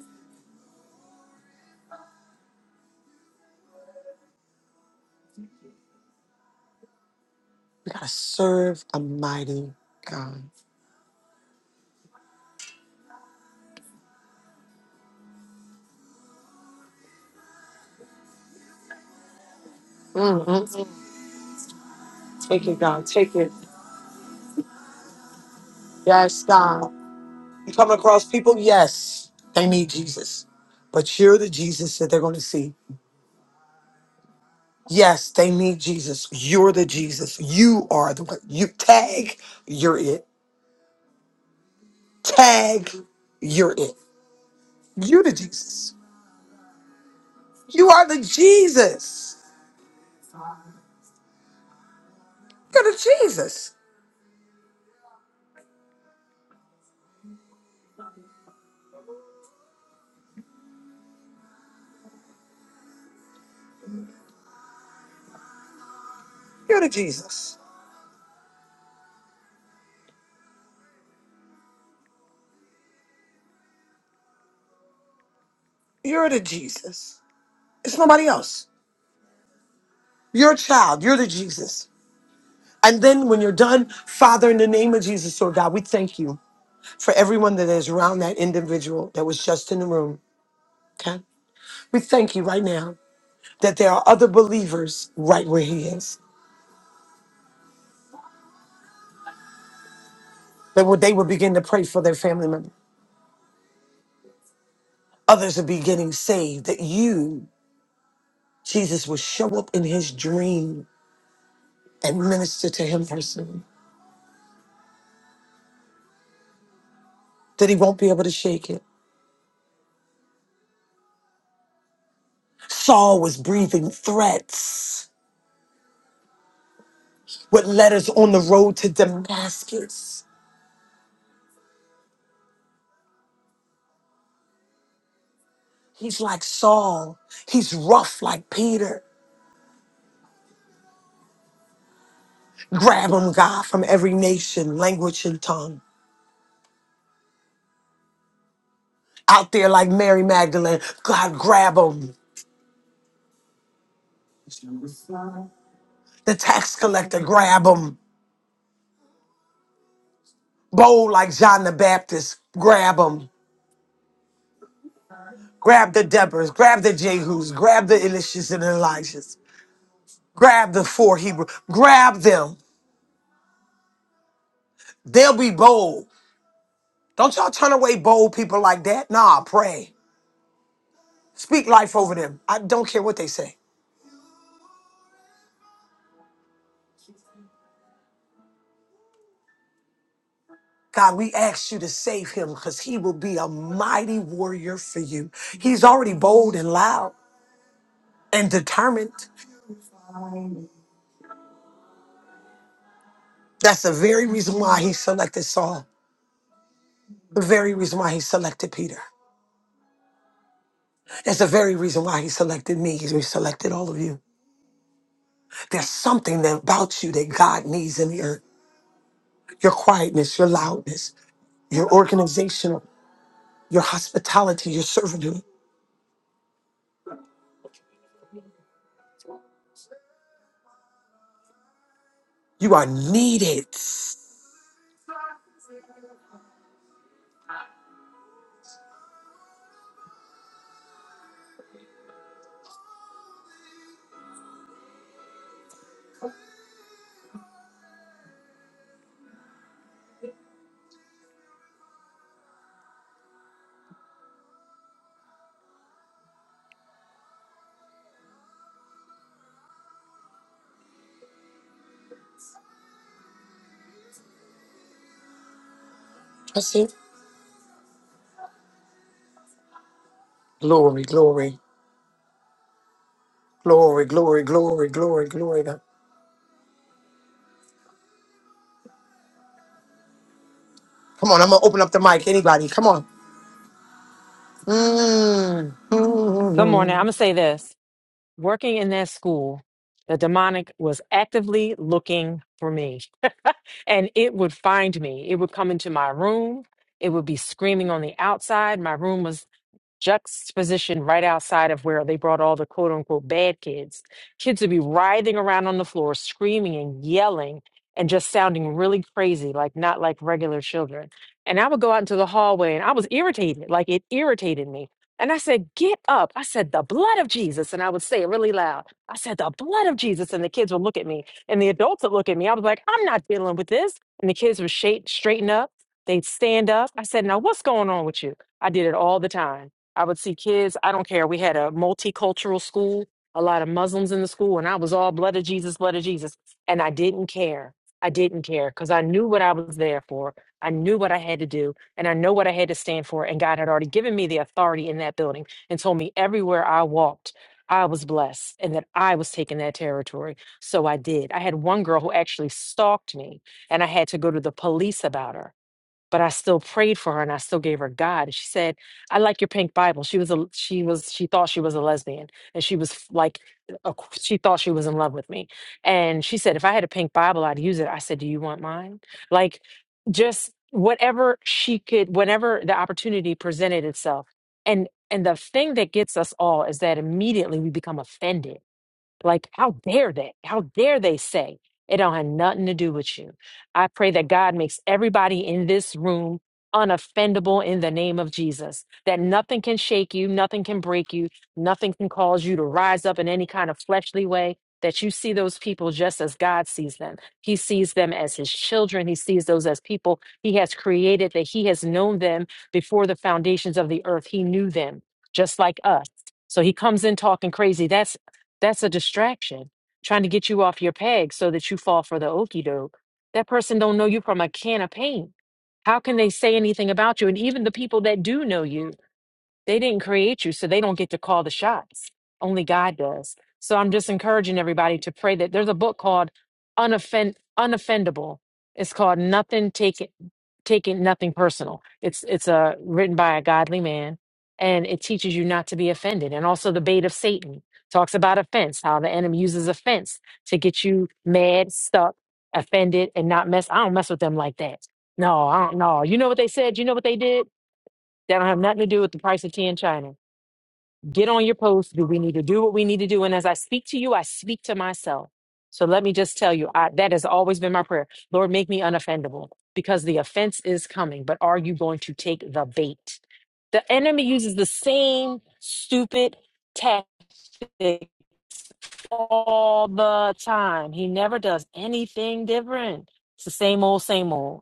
Speaker 4: We gotta serve a mighty God. Mm. Yeah, you coming across people? Yes, they need Jesus, but you're the Jesus that they're gonna see. Yes, they need Jesus. You're the Jesus. You are the one. You tag, you're it. Tag, you're it. You're the Jesus. You are the Jesus. You're the Jesus. You're the Jesus. You're the Jesus. It's nobody else. You're a child. You're the Jesus. And then when you're done, Father, in the name of Jesus, Lord God, we thank you for everyone that is around that individual that was just in the room. Okay? We thank you right now that there are other believers right where he is That would they would begin to pray for their family member. Others would be getting saved. That you, Jesus, will show up in his dream and minister to him personally. That he won't be able to shake it. Saul was breathing threats with letters on the road to Damascus. He's like Saul. He's rough like Peter. Grab him, God, from every nation, language, and tongue. Out there like Mary Magdalene, God, grab him. The tax collector, grab him. bold like John the Baptist. Grab them. Grab the Deborahs. Grab the Jehus. Grab the Elishas and Elishas. Grab the four Hebrew. Grab them. They'll be bold. Don't y'all turn away bold people like that. Nah, pray. Speak life over them. I don't care what they say. God, we ask you to save him because he will be a mighty warrior for you. He's already bold and loud and determined. That's the very reason why he selected Saul, the very reason why he selected Peter. That's the very reason why he selected me. He selected all of you. There's something that about you that God needs in the earth. Your quietness, your loudness, your organizational, your hospitality, your servitude. You are needed. That's it. Glory, glory, glory, glory, glory, glory, glory. God. Come on, I'm gonna open up the mic. Anybody, come on. Mm,
Speaker 20: Good morning. I'm
Speaker 4: mm,
Speaker 20: going to say this. Working in that school, the demonic was actively looking for me, and it would find me. It would come into my room. It would be screaming on the outside. My room was juxtaposition right outside of where they brought all the quote unquote bad kids. Kids would be writhing around on the floor, screaming and yelling and just sounding really crazy, like not like regular children. And I would go out into the hallway and I was irritated, like it irritated me. And I said, Get up. I said, The blood of Jesus. And I would say it really loud. I said, The blood of Jesus. And the kids would look at me and the adults would look at me. I was like, I'm not dealing with this. And the kids would shape, straighten up. They'd stand up. I said, Now, what's going on with you? I did it all the time. I would see kids, I don't care. We had a multicultural school, a lot of Muslims in the school, and I was all blood of Jesus, blood of Jesus. And I didn't care. I didn't care because I knew what I was there for. I knew what I had to do, and I know what I had to stand for. And God had already given me the authority in that building and told me everywhere I walked, I was blessed and that I was taking that territory. So I did. I had one girl who actually stalked me, and I had to go to the police about her but I still prayed for her and I still gave her God. And she said, "I like your pink Bible." She was a she was she thought she was a lesbian and she was f- like a, she thought she was in love with me. And she said, "If I had a pink Bible, I'd use it." I said, "Do you want mine?" Like just whatever she could whenever the opportunity presented itself. And and the thing that gets us all is that immediately we become offended like, how dare they? How dare they say it don't have nothing to do with you? I pray that God makes everybody in this room unoffendable in the name of Jesus, that nothing can shake you, nothing can break you, nothing can cause you to rise up in any kind of fleshly way. That you see those people just as God sees them. He sees them as his children. He sees those as people he has created, that he has known them before the foundations of the earth. He knew them just like us. So he comes in talking crazy. That's a distraction, trying to get you off your peg so that you fall for the okey doke. That person don't know you from a can of paint. How can they say anything about you? And even the people that do know you, they didn't create you, so they don't get to call the shots. Only God does. So I'm just encouraging everybody to pray that there's a book called Unoffend Unoffendable. It's called Nothing Taken Taking Nothing Personal. It's it's uh, written by a godly man and it teaches you not to be offended. And also the bait of Satan talks about offense, how the enemy uses offense to get you mad, stuck, offended, and not mess. I don't mess with them like that. No, I don't know. You know what they said? You know what they did? That don't have nothing to do with the price of tea in China. Get on your post. Do we need to do what we need to do? And as I speak to you, I speak to myself. So let me just tell you, I, that has always been my prayer. Lord, make me unoffendable because the offense is coming. But are you going to take the bait? The enemy uses the same stupid tactics all the time. He never does anything different. It's the same old, same old.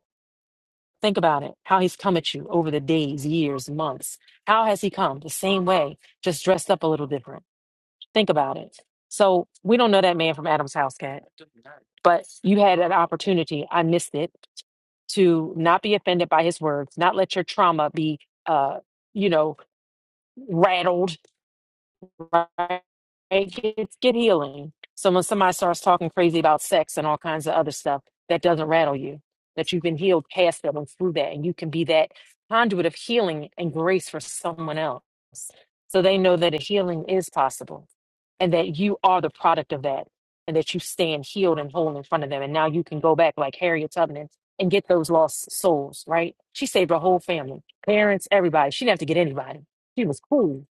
Speaker 20: Think about it, how he's come at you over the days, years, months. How has he come? The same way, just dressed up a little different. Think about it. So we don't know that man from Adam's house, cat, but you had an opportunity. I missed it to not be offended by his words, not let your trauma be, uh, you know, rattled right? Get, get healing. So when somebody starts talking crazy about sex and all kinds of other stuff, that doesn't rattle you. That you've been healed past that and through that, and you can be that conduit of healing and grace for someone else. So they know that a healing is possible, and that you are the product of that, and that you stand healed and whole in front of them. And now you can go back like Harriet Tubman and get those lost souls. Right? She saved her whole family, parents, everybody. She didn't have to get anybody. She was cool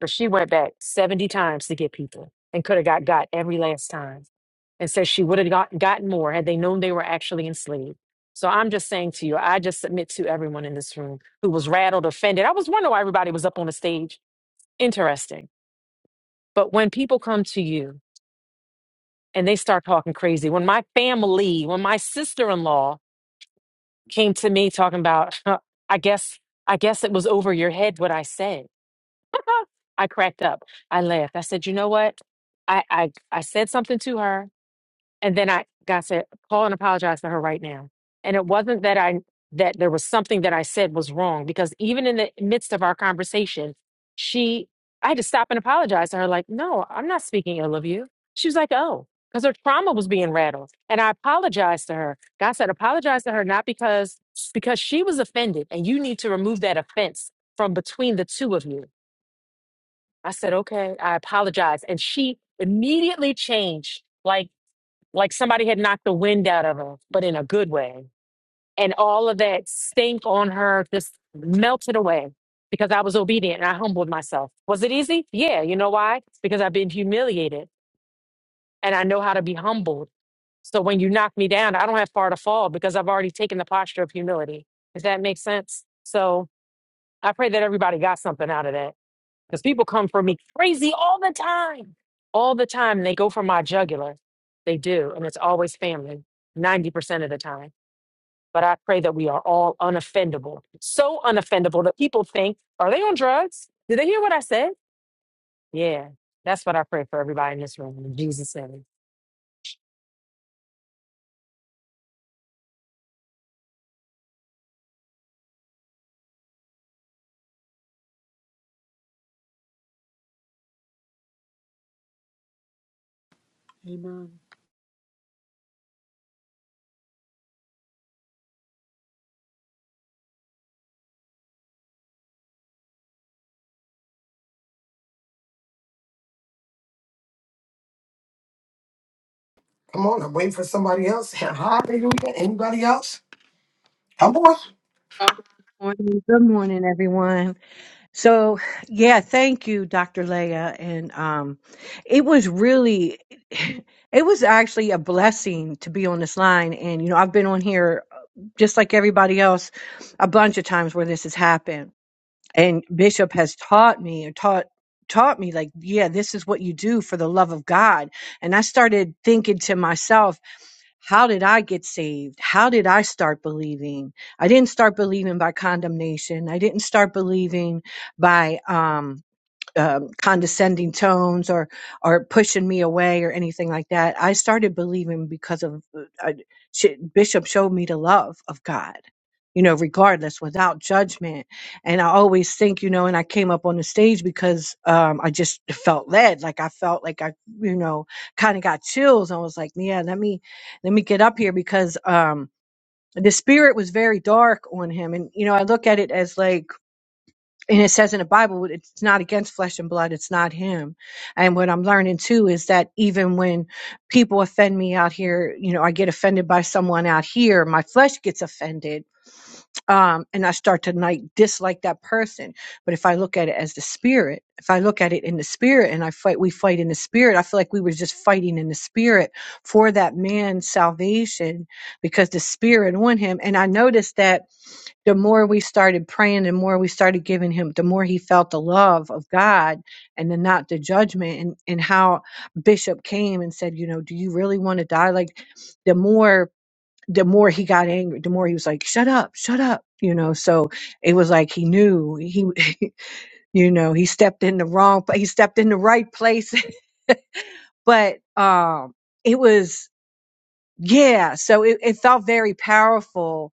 Speaker 20: but she went back 70 times to get people and could have got got every last time. And says she would have got, gotten more had they known they were actually enslaved. So I'm just saying to you, I just submit to everyone in this room who was rattled, offended. I was wondering why everybody was up on the stage. Interesting. But when people come to you and they start talking crazy, when my family, when my sister in law came to me talking about, I guess, I guess it was over your head what I said. I cracked up. I laughed. I said, you know what? I, I, I said something to her and then I God said, call and apologize to her right now. And it wasn't that I that there was something that I said was wrong because even in the midst of our conversation, she I had to stop and apologize to her, like, no, I'm not speaking ill of you. She was like, oh, because her trauma was being rattled. And I apologized to her. God said, apologize to her, not because because she was offended and you need to remove that offense from between the two of you I said, okay, I apologize. And she immediately changed, like like somebody had knocked the wind out of her, but in a good way. And all of that stink on her just melted away because I was obedient and I humbled myself. Was it easy? Yeah. You know why? Because I've been humiliated and I know how to be humbled. So when you knock me down, I don't have far to fall because I've already taken the posture of humility. Does that make sense? So I pray that everybody got something out of that. Because people come for me crazy all the time. All the time. They go for my jugular. They do. And it's always family, 90% of the time. But I pray that we are all unoffendable. So unoffendable that people think, are they on drugs? Did they hear what I said? Yeah. That's what I pray for everybody in this room. In Jesus' name.
Speaker 17: Amen.
Speaker 4: Come on, I'm waiting for somebody else. Hallelujah. Anybody else? Come on.
Speaker 12: Morning, good morning, everyone. So, yeah, thank you, Dr. Leah, and um, it was really, it was actually a blessing to be on this line. And you know, I've been on here just like everybody else a bunch of times where this has happened and bishop has taught me or taught taught me like yeah this is what you do for the love of god and i started thinking to myself how did i get saved how did i start believing i didn't start believing by condemnation i didn't start believing by um um, condescending tones or or pushing me away or anything like that. I started believing because of uh, she, Bishop showed me the love of God, you know, regardless, without judgment. And I always think, you know, and I came up on the stage because um, I just felt led, like I felt like I, you know, kind of got chills. I was like, yeah, let me let me get up here because um, the spirit was very dark on him, and you know, I look at it as like and it says in the Bible, it's not against flesh and blood. It's not him. And what I'm learning too is that even when people offend me out here, you know, I get offended by someone out here, my flesh gets offended. Um, and I start to like dislike that person. But if I look at it as the spirit, if I look at it in the spirit and I fight, we fight in the spirit, I feel like we were just fighting in the spirit for that man's salvation because the spirit on him and i noticed that the more we started praying the more we started giving him the more he felt the love of god and then not the judgment and and how bishop came and said you know do you really want to die like the more the more he got angry the more he was like shut up shut up you know so it was like he knew he you know he stepped in the wrong but he stepped in the right place but um it was yeah so it, it felt very powerful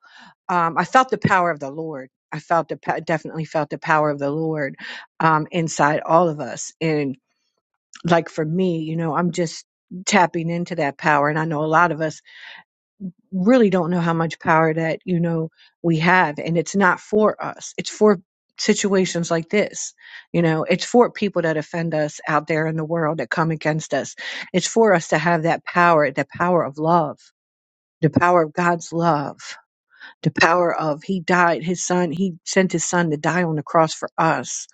Speaker 12: um i felt the power of the lord i felt the pa- definitely felt the power of the lord um inside all of us and like for me you know i'm just tapping into that power and i know a lot of us really don't know how much power that you know we have and it's not for us it's for situations like this you know it's for people that offend us out there in the world that come against us it's for us to have that power the power of love the power of God's love, the power of He died, His Son, He sent His Son to die on the cross for us,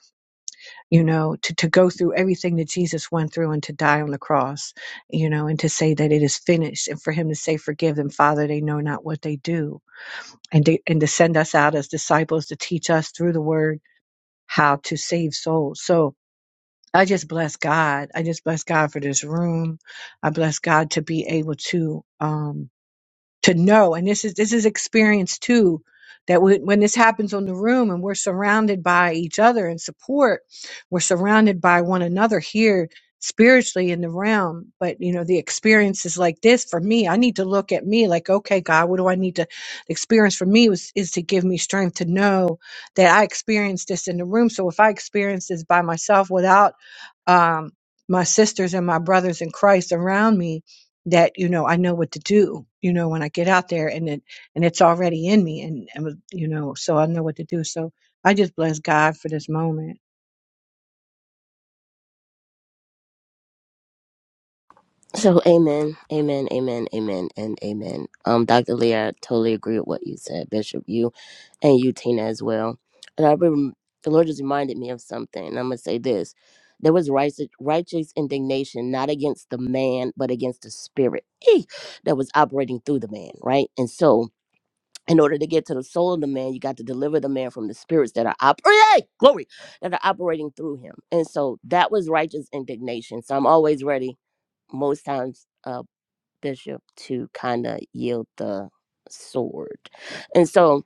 Speaker 12: you know, to, to go through everything that Jesus went through and to die on the cross, you know, and to say that it is finished, and for Him to say, Forgive them, Father, they know not what they do, and to, and to send us out as disciples to teach us through the Word how to save souls. So I just bless God. I just bless God for this room. I bless God to be able to. Um, to know and this is this is experience too that when, when this happens on the room and we're surrounded by each other and support we're surrounded by one another here spiritually in the realm but you know the experiences like this for me i need to look at me like okay god what do i need to the experience for me was is to give me strength to know that i experienced this in the room so if i experience this by myself without um my sisters and my brothers in christ around me that you know I know what to do. You know when I get out there and it and it's already in me, and, and you know so I know what to do. So I just bless God for this moment.
Speaker 10: So amen, amen, amen, amen, and amen. Um, Dr. Lee, I totally agree with what you said, Bishop. You and you, Tina, as well. And I remember the Lord just reminded me of something. And I'm gonna say this: there was righteous, righteous indignation, not against the man, but against the spirit eh, that was operating through the man, right? And so, in order to get to the soul of the man, you got to deliver the man from the spirits that are op- oh, yay! glory that are operating through him. And so that was righteous indignation. So I'm always ready, most times, uh, Bishop, to kind of yield the sword. And so,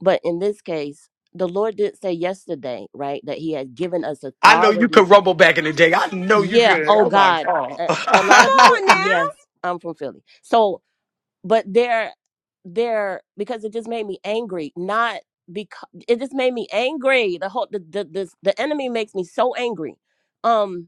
Speaker 10: but in this case, the Lord did say yesterday, right, that He had given us
Speaker 4: I know you
Speaker 10: authority.
Speaker 4: could rumble back in the day. I know you
Speaker 10: Yeah.
Speaker 4: could.
Speaker 10: Oh
Speaker 4: Oh my
Speaker 10: God,
Speaker 4: god.
Speaker 10: a, a lot
Speaker 8: Come
Speaker 10: of people.
Speaker 8: on
Speaker 4: that
Speaker 8: now.
Speaker 10: Yes, I'm from Philly. So but they're they're because it just made me angry not because it just made me angry the whole the the, the the enemy makes me so angry um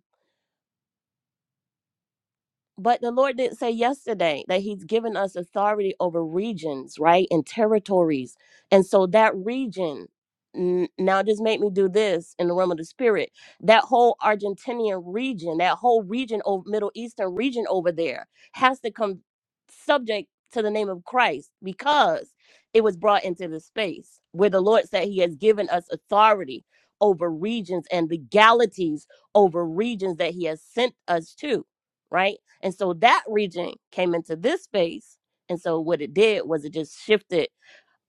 Speaker 10: but the Lord did say yesterday that He's given us authority over regions, right? And territories. And so that region, n- now just make me do this in the realm of the spirit. That whole Argentinian region, that whole region, over, Middle Eastern region over there, has to come subject to the name of Christ because it was brought into the space where the Lord said He has given us authority over regions and legalities over regions that He has sent us to right? And so that region came into this space. And so what it did was it just shifted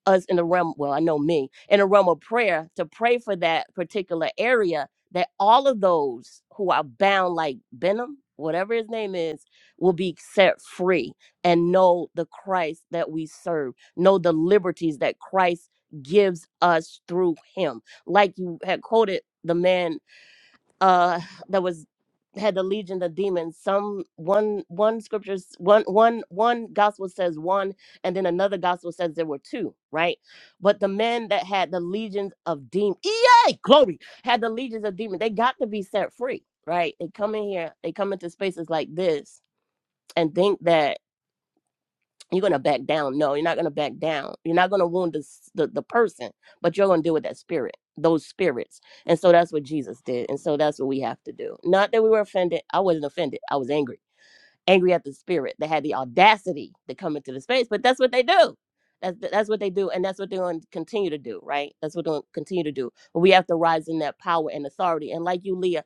Speaker 10: us in the realm, well, I know me, in the realm of prayer to pray for that particular area that all of those who are bound like Benham, whatever his name is, will be set free and know the Christ that we serve, know the liberties that Christ gives us through him. Like you had quoted the man uh that was had the legion of demons some one one scriptures one one one gospel says one and then another gospel says there were two right but the men that had the legions of demons yay glory had the legions of demons they got to be set free right they come in here they come into spaces like this and think that you're gonna back down. No, you're not gonna back down. You're not gonna wound the s- the, the person, but you're gonna deal with that spirit, those spirits. And so that's what Jesus did. And so that's what we have to do. Not that we were offended. I wasn't offended. I was angry, angry at the spirit that had the audacity to come into the space. But that's what they do. That's that's what they do, and that's what they're going to continue to do. Right? That's what they're going to continue to do. But we have to rise in that power and authority. And like you, Leah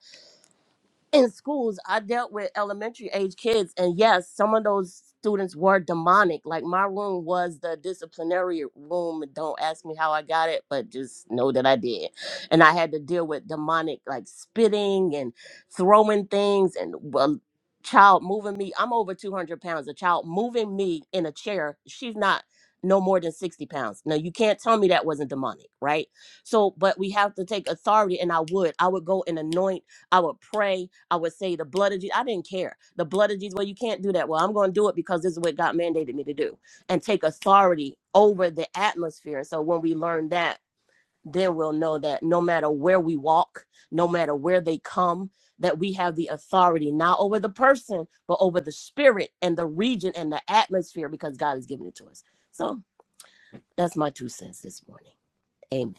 Speaker 10: in schools, I dealt with elementary age kids, and yes, some of those students were demonic. Like my room was the disciplinary room. Don't ask me how I got it, but just know that I did. And I had to deal with demonic, like spitting and throwing things, and well, child moving me. I'm over 200 pounds. A child moving me in a chair. She's not no more than 60 pounds. Now you can't tell me that wasn't demonic, right? So, but we have to take authority, and I would, I would go and anoint I would pray. I would say the blood of Jesus. I didn't care. The blood of Jesus. Well, you can't do that. Well, I'm going to do it because this is what God mandated me to do and take authority over the atmosphere. And So when we learn that, then we'll know that no matter where we walk, no matter where they come, that we have the authority not over the person, but over the spirit and the region and the atmosphere because God has given it to us. So that's my two cents this morning. Amen.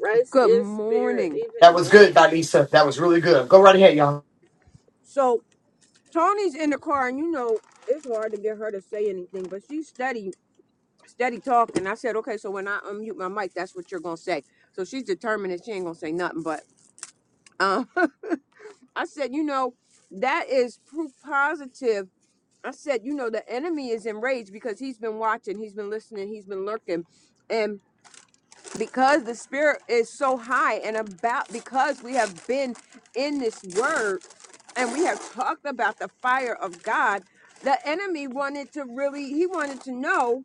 Speaker 8: Praise Good his spirit. morning.
Speaker 4: was good, Vanessa. That was really good. Go right ahead, y'all.
Speaker 8: so Tony's in the car and you know it's hard to get her to say anything, but she's steady, steady talking. I said, Okay, so when I unmute my mic, that's what you're gonna say. So she's determined that she ain't gonna say nothing, but um I said, you know, that is proof positive. I said, you know, the enemy is enraged because he's been watching, he's been listening, he's been lurking. and. because the spirit is so high and about because we have been in this word and we have talked about the fire of God, the enemy wanted to really he wanted to know,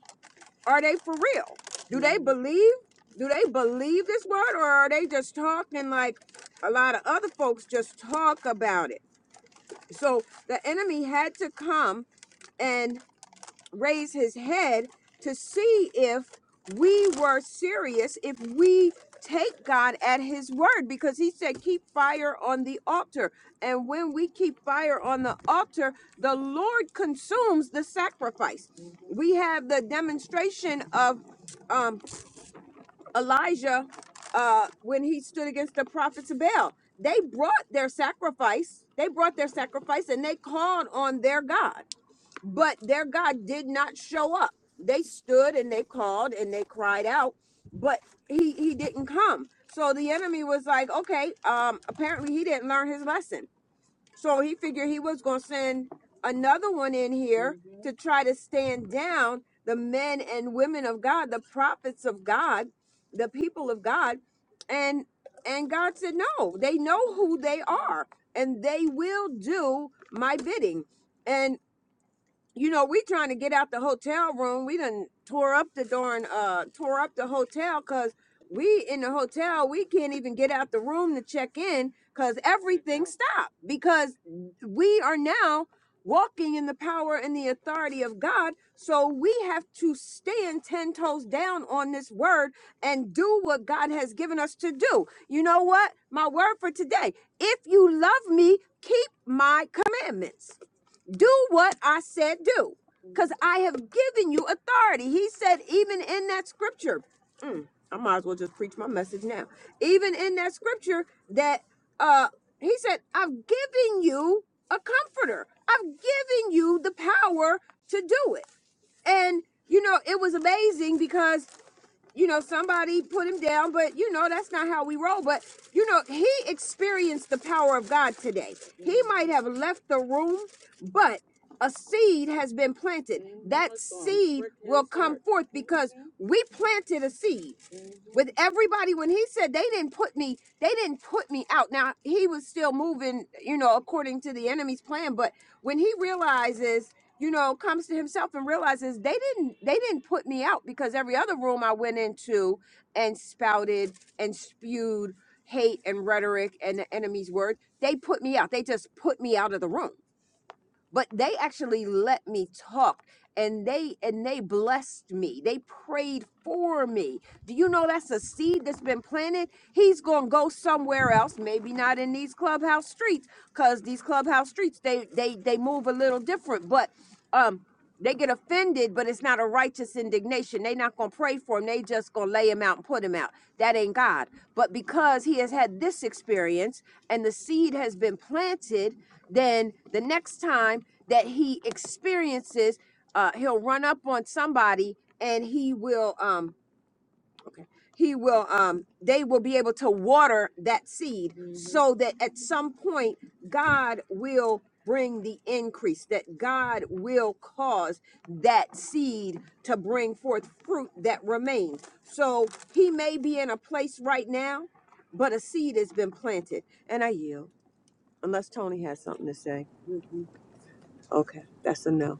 Speaker 8: are they for real? Do they believe? Do they believe this word or are they just talking like a lot of other folks just talk about it? So the enemy had to come and raise his head to see if we were serious, if we take God at his word, because he said, Keep fire on the altar. And when we keep fire on the altar, the Lord consumes the sacrifice. We have the demonstration of um, Elijah uh, when he stood against the prophets of Baal. They brought their sacrifice, they brought their sacrifice, and they called on their God but their God did not show up. They stood and they called and they cried out, but he he didn't come. So the enemy was like, okay, um, apparently he didn't learn his lesson. So he figured he was gonna send another one in here to try to stand down the men and women of God, the prophets of God, the people of God, and and God said, no, they know who they are, and they will do my bidding. and you know, we trying to get out the hotel room. We done tore up the darn uh tore up the hotel because we in the hotel we can't even get out the room to check in because everything stopped because we are now walking in the power and the authority of God. So we have to stand 10 toes down on this word and do what God has given us to do. You know what? My word for today. If you love me, keep my commandments do what I said do, because I have given you authority. He said, even in that scripture, mm, I might as well just preach my message now. Even in that scripture, that uh, he said, I've given you a comforter, I've given you the power to do it. And, you know, it was amazing because you know, somebody put him down, but you know, that's not how we roll. But you know, he experienced the power of God today. He might have left the room, but a seed has been planted. That seed will come forth because we planted a seed with everybody when he said they didn't put me they didn't put me out now he was still moving you know according to the enemy's plan but when he realizes you know comes to himself and realizes they didn't they didn't put me out because every other room i went into and spouted and spewed hate and rhetoric and the enemy's word they put me out they just put me out of the room but they actually let me talk and they and they blessed me they prayed for me do you know that's a seed that's been planted he's gonna go somewhere else maybe not in these clubhouse streets because these clubhouse streets they they they move a little different but um they get offended, but it's not a righteous indignation. They not gonna pray for him. They just gonna lay him out and put him out. That ain't God. But because he has had this experience and the seed has been planted, then the next time that he experiences, uh, he'll run up on somebody and he will. Um, Okay. He will um they will be able to water that seed Mhm. so that at some point God will bring the increase that God will cause that seed to bring forth fruit that remains. So he may be in a place right now, but a seed has been planted and I yield unless Tony has something to say. Okay, that's a no.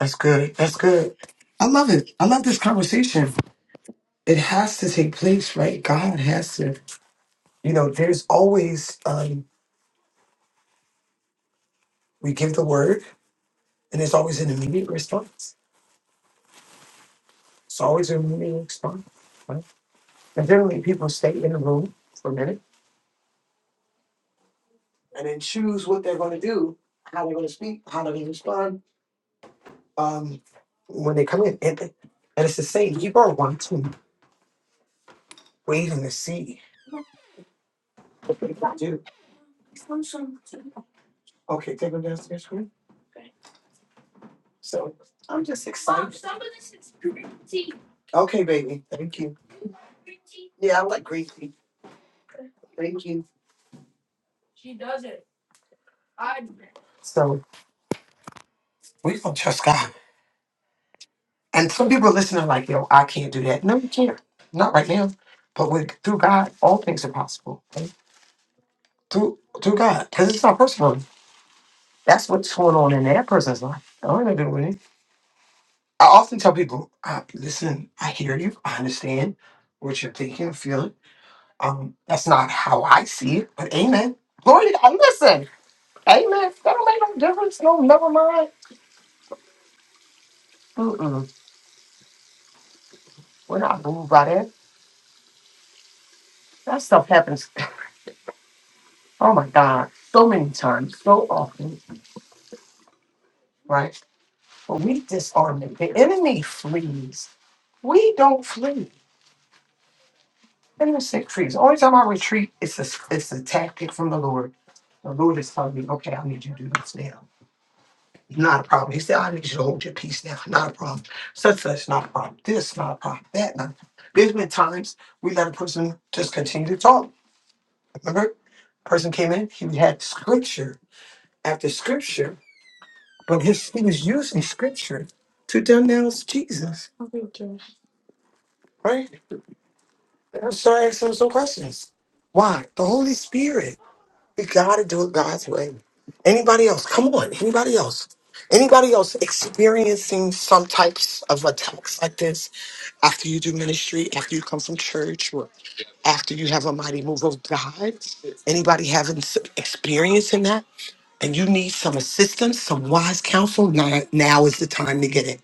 Speaker 4: That's good. That's good. I love it. I love this conversation. It has to take place, right? God has to. You know, there's always um we give the word and there's always an immediate response. It's always an immediate response. right? And generally, people stay in the room for a minute and then choose what they're going to do, how they're going to speak, how they're going to respond um, when they come in. And, and it's the same. You are wanting, waiting to see what they can do. Okay, take them downstairs, screen. So I'm just excited. Okay, baby. Thank you. Yeah, I like great people. Thank you. So we don't trust God. And some people listening like, yo, I can't do that. No, you can't. Not right now. But with through God, all things are possible. to to God because it's not personal. That's what's going on in that person's life. I don't have to do with it. I often tell people, uh, listen, I hear you, I understand what you're thinking, feeling. Um, that's not how I see it, but amen. Glory to God. Listen, amen. That don't make no difference. No, never mind. Mm-mm. We're not moved by that. That stuff happens. Oh my God, so many times, so often, right? But we disarm it. The enemy flees. We don't flee. And the sick trees. Only time I retreat, it's a, it's a tactic from the Lord. The Lord is telling me, okay, I need you to do this now. Not a problem. He said, I need you to hold your peace now. Not a problem. Such, such, not a problem. This, not a problem. That, not a problem. There's been times we let a person just continue to talk. Remember, person came in, he had scripture after scripture, but his, he was using scripture to denounce Jesus, right? So I asked him some questions. Why? The Holy Spirit. We gotta do it God's way. Anybody else? Come on, anybody else? Anybody else experiencing some types of attacks like this after you do ministry, after you come from church, or after you have a mighty move of God? Anybody having s- experience in that? And you need some assistance, some wise counsel? Now, now is the time to get it.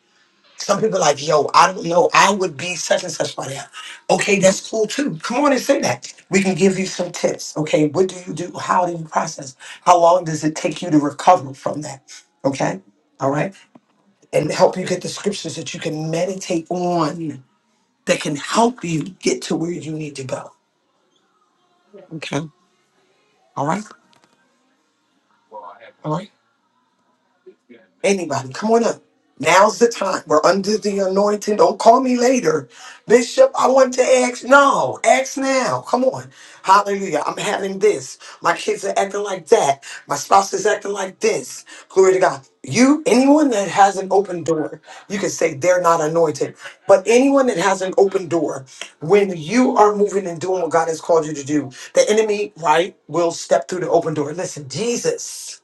Speaker 4: Some people are like, yo, I don't know. I would be such and such by now. Okay, that's cool too. Come on and say that. We can give you some tips. Okay, what do you do? How do you process? How long does it take you to recover from that? Okay, all right, and help you get the scriptures that you can meditate on that can help you get to where you need to go. Okay, all right, all right. Anybody, come on up. Now's the time. We're under the anointing. Don't call me later. Bishop, I want to ask. No, ask now. Come on. Hallelujah. I'm having this. My kids are acting like that. My spouse is acting like this. Glory to God. You, anyone that has an open door, you can say they're not anointed. But anyone that has an open door, when you are moving and doing what God has called you to do, the enemy, right, will step through the open door. Listen, Jesus.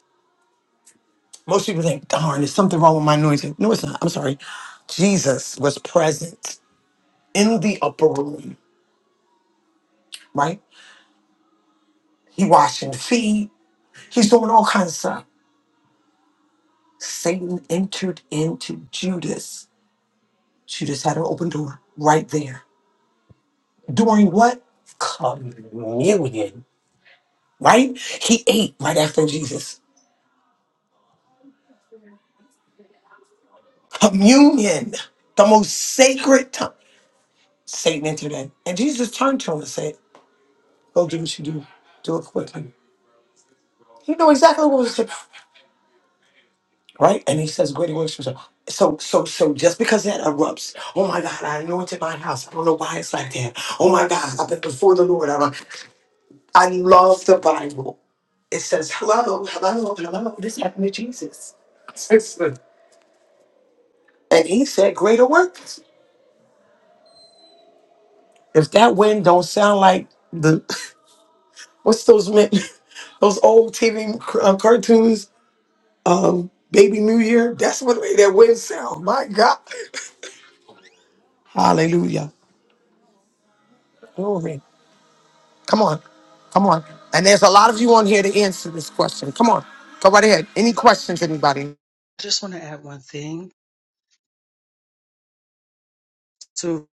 Speaker 4: Most people think, darn, there's something wrong with my anointing. No, it's not. I'm sorry. Jesus was present in the upper room, right? He washing feet. He's doing all kinds of stuff. Satan entered into Judas. Judas had an open door right there. During what? Communion, right? He ate right after Jesus. Communion, the most sacred time. Satan entered in. And Jesus turned to him and said, Go do what you do. Do it quickly. He knew exactly what was said. right? And he says, "Greater works." shall-" So, so, so, just because that erupts, oh my God, I anointed my house. I don't know why it's like that. Oh my God, I've been before the Lord. I, I love the Bible. It says, "Hello, hello, hello." This happened, and he said, "Greater works." If that wind don't sound like the what's those men, those old TV uh, cartoons, um, Baby New Year. That's what made that wind sound. My God, Hallelujah, glory. Come on. Come on. And there's a lot of you on here to answer this question. Come on. Go right ahead. Any questions, anybody?
Speaker 5: just want to add one thing to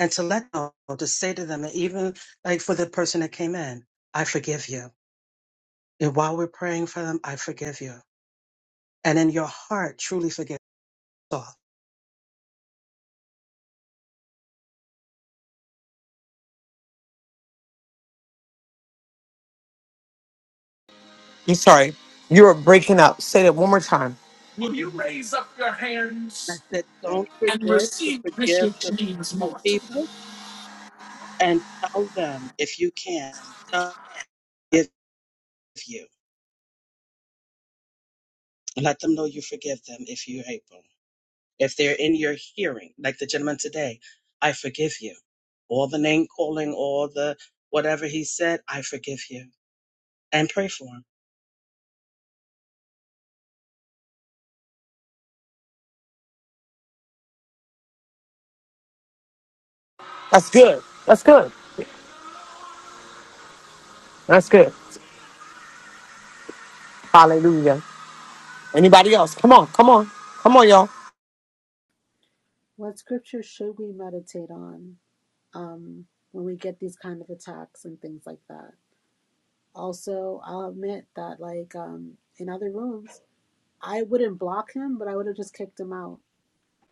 Speaker 5: and to let them know to say to them, and even like for the person that came in, I forgive you. And while we're praying for them, I forgive you. And in your heart, truly forgive. So
Speaker 4: I'm sorry. You're breaking up. Say that one more time.
Speaker 5: I said, don't forget to forgive the people and tell them if you can, I forgive you. Let them know you forgive them if you're able. If they're in your hearing, like the gentleman today, I forgive you. All the name calling, all the whatever he said, I forgive you. And pray for him.
Speaker 4: That's good. That's good. That's good.
Speaker 17: What scripture should we meditate on um, when we get these kind of attacks and things like that? Also, I'll admit that, like um, in other rooms, I wouldn't block him, but I would have just kicked him out.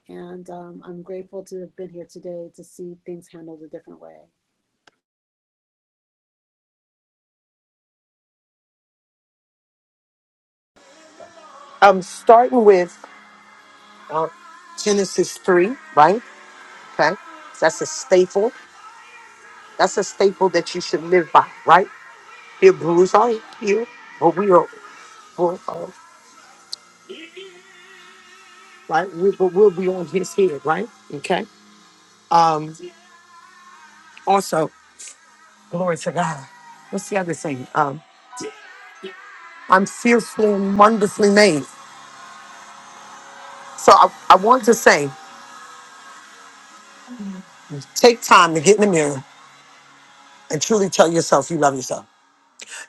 Speaker 17: And um, I'm grateful to have been here today to see things handled a different way.
Speaker 4: I'm starting with uh, Genesis 3, right? Okay. That's a staple. That's a staple that you should live by, right? Hebrews are here, but we are, for, uh, right? We, but we'll be on his head, right? Okay. Um. Also, glory to God. What's the other thing? Um, I'm fearfully and wonderfully made. So I, I want to say, take time to get in the mirror and truly tell yourself you love yourself,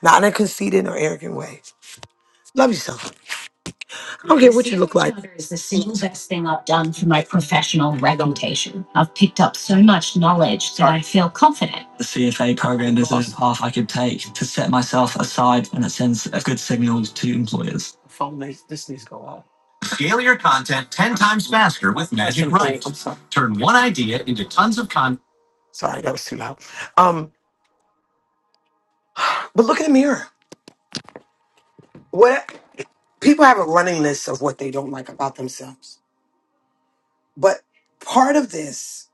Speaker 4: not in a conceited or arrogant way. Love yourself. I don't care what you look like. Is the single best thing I've done for my professional reputation. I've picked up so much knowledge that I feel confident. Phone needs this needs to go off. Scale your content 10 times faster with Magic Write. I'm sorry. Turn one idea into tons of content. Sorry, that was too loud. Um, but look in the mirror. What? people have a running list of what they don't like about themselves. But part of this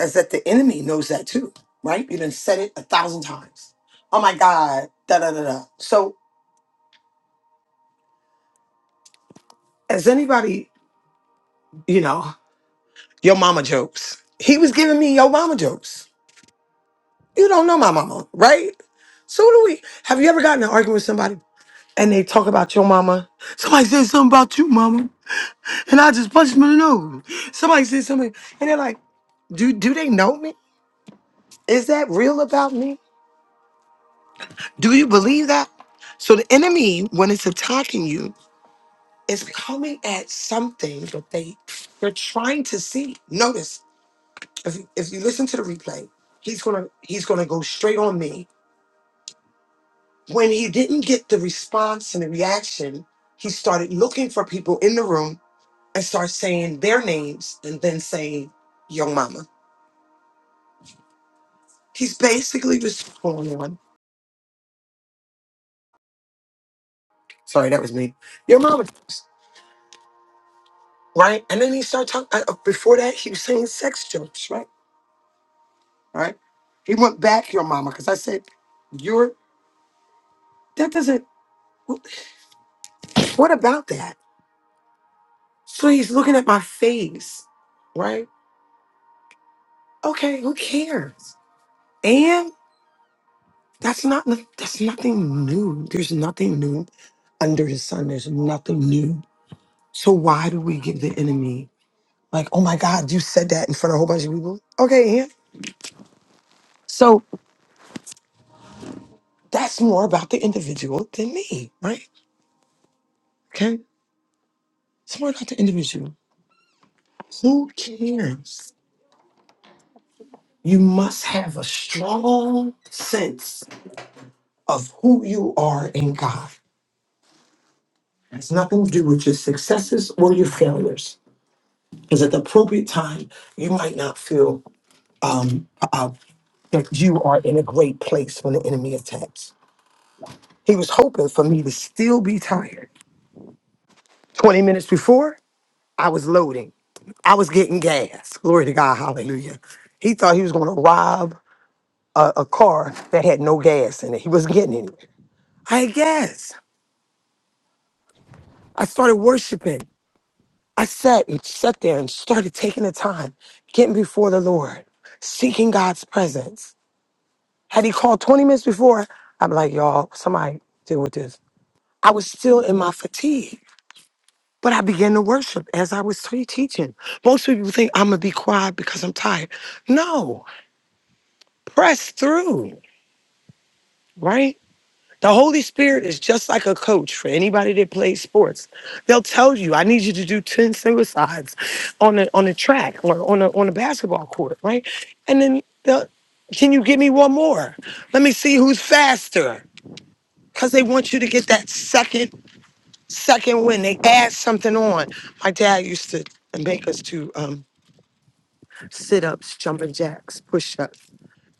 Speaker 4: is that the enemy knows that too, right? You done said it a thousand times. Oh my God, da da da da. So as anybody, you know, your mama jokes. He was giving me your mama jokes. You don't know my mama, right? So do we have you ever gotten in an argument with somebody and they talk about your mama? Somebody said something about you, mama, and I just punched them in the nose. Somebody said something, and they're like, do do they know me? Is that real about me? Do you believe that? So the enemy, when it's attacking you, is coming at something that they they're trying to see. Notice if you, if you listen to the replay, he's gonna he's gonna go straight on me. When he didn't get the response and the reaction, he started looking for people in the room and start saying their names and then saying "Your mama." He's basically just going on. Sorry, that was me. Your mama. right? And then he started talking. Uh, before that, he was saying sex jokes, right? All Right? He went back your mama because I said, "Your that doesn't. What about that?" So he's looking at my face, right? Okay, who cares? And that's not that's nothing new. There's nothing new under the sun. There's nothing new. So why do we give the enemy like, oh my God, you said that in front of a whole bunch of people? Okay, yeah. So that's more about the individual than me, right? Okay. It's more about the individual. Who cares? You must have a strong sense of who you are in God. It has nothing to do with your successes or your failures. Because at the appropriate time, you might not feel um, uh, that you are in a great place when the enemy attacks. He was hoping for me to still be tired. 20 minutes before, I was loading, I was getting gas. Glory to God. Hallelujah. He thought he was going to rob a, a car that had no gas in it. He wasn't getting any. I had gas. I started worshiping. I sat and sat there and started taking the time, getting before the Lord, seeking God's presence. Had he called 20 minutes before, I'm like, y'all, somebody deal with this. I was still in my fatigue, but I began to worship as I was te- teaching. Most people think I'm gonna be quiet because I'm tired. No, press through, right? The Holy Spirit is just like a coach for anybody that plays sports. They'll tell you, I need you to do 10 suicides on a on a track or on a on a basketball court, right? And then they'll can you give me one more? Let me see who's faster. Cause they want you to get that second, second win. They add something on. My dad used to make us do um, sit-ups, jumping jacks, push-ups.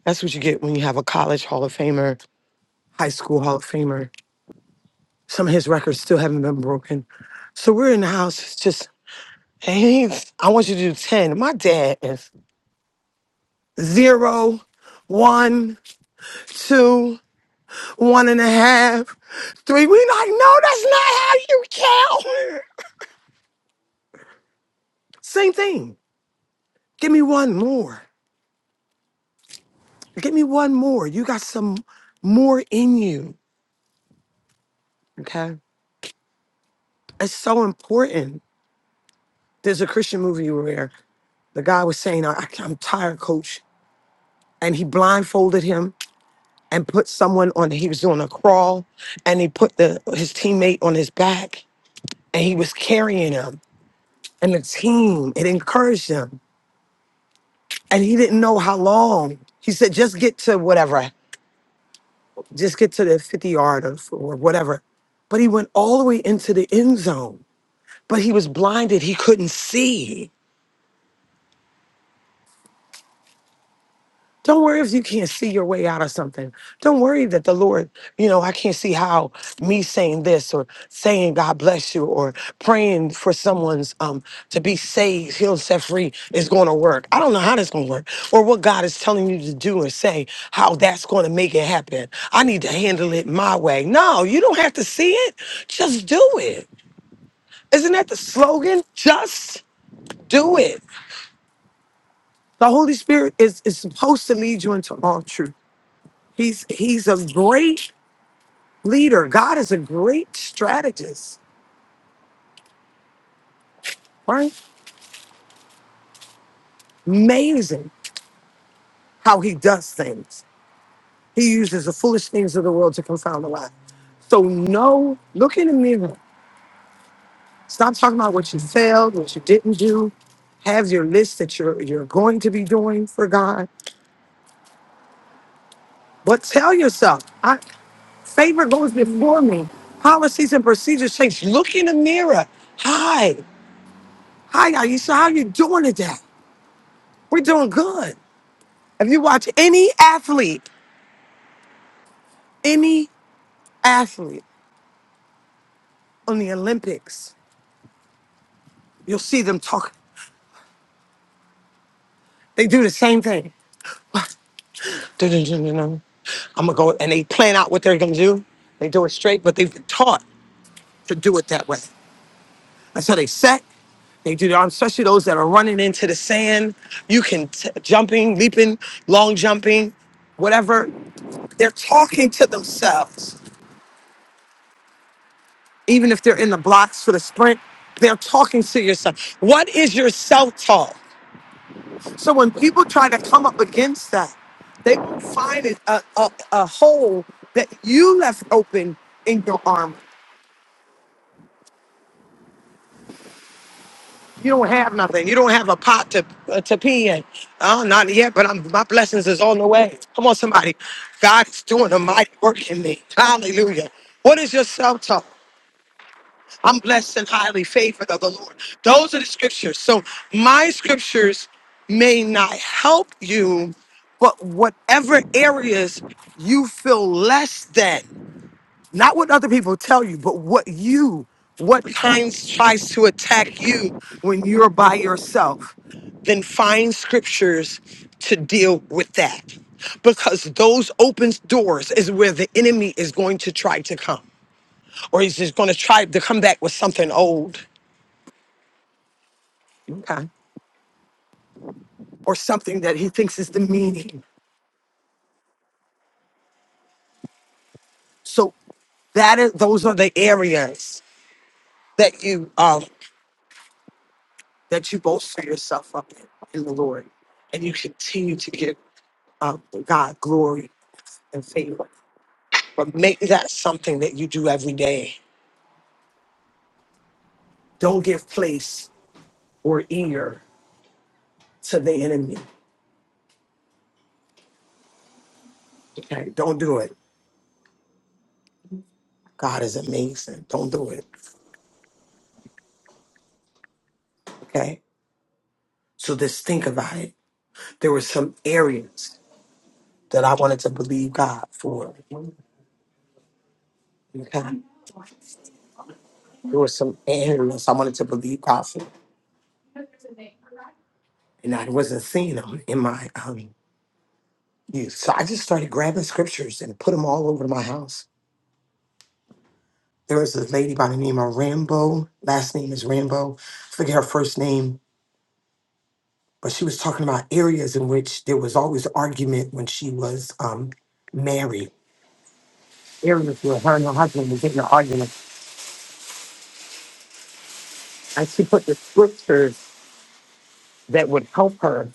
Speaker 4: That's what you get when you have a college Hall of Famer, high school Hall of Famer Some of his records still haven't been broken. So we're in the house. It's just, hey, I want you to do 10. My dad is zero, one, two, one and a half, three. We like, no, that's not how you count. Same thing. Give me one more. Give me one more. You got some more in you. Okay. It's so important. There's a Christian movie where the guy was saying, I, I'm tired, coach. And he blindfolded him and put someone on he was doing a crawl and he put the his teammate on his back and he was carrying him and the team it encouraged him and he didn't know how long he said just get to whatever just get to the 50 yard or, or whatever but he went all the way into the end zone but he was blinded he couldn't see Don't worry if you can't see your way out of something. Don't worry that the Lord, you know, I can't see how me saying this or saying God bless you or praying for someone's um to be saved, healed, set free is going to work. I don't know how that's going to work or what God is telling you to do and say how that's going to make it happen. I need to handle it my way. No, you don't have to see it. Just do it. Isn't that the slogan? Just do it. The Holy Spirit is, is supposed to lead you into all truth. He's he's a great leader. God is a great strategist, right? Amazing how he does things. He uses the foolish things of the world to confound the wise. So no, look in the mirror. Stop talking about what you failed, what you didn't do. Have your list that you're you're going to be doing for God. But tell yourself, I favor goes before me. Policies and procedures change. Look in the mirror. Hi. Hi, Aisha. How you doing today? We're doing good. If you watch any athlete, any athlete on the Olympics, you'll see them talk. They do the same thing. I'm gonna go and they plan out what they're gonna do. They do it straight, but they've been taught to do it that way. That's how they set. They do the arms, especially those that are running into the sand. You can t- jumping, leaping, long jumping, whatever. They're talking to themselves, even if they're in the blocks for the sprint. They're talking to yourself. What is your self talk? So when people try to come up against that, they will find it a, a, a hole that you left open in your armor. You don't have nothing. You don't have a pot to uh, to pee in. Oh, not yet, but I'm, my blessings is on the way. Come on, somebody. God is doing a mighty work in me. Hallelujah. What is your self-talk? I'm blessed and highly favored of the Lord. Those are the scriptures. So my scriptures may not help you, but whatever areas you feel less than, not what other people tell you, but what you, what kinds tries to attack you when you're by yourself, then find scriptures to deal with that. Because those open doors is where the enemy is going to try to come or he's just going to try to come back with something old okay, or something that he thinks is demeaning. So that is, those are the areas that you um, that you bolster yourself up in, in the Lord, and you continue to give um, God glory and favor. But make that something that you do every day. Don't give place or ear to the enemy. Okay, don't do it. God is amazing. Don't do it. Okay. So just think about it. There were some areas that I wanted to believe God for. Okay. There were some areas I wanted to believe God for, and I wasn't seeing them in my um, youth. So I just started grabbing scriptures and put them all over my house. There was a lady by the name of Rambo. Last name is Rambo. I forget her first name, but she was talking about areas in which there was always argument when she was um, married. Areas where her and her husband was getting an argument, and she put the scriptures that would help her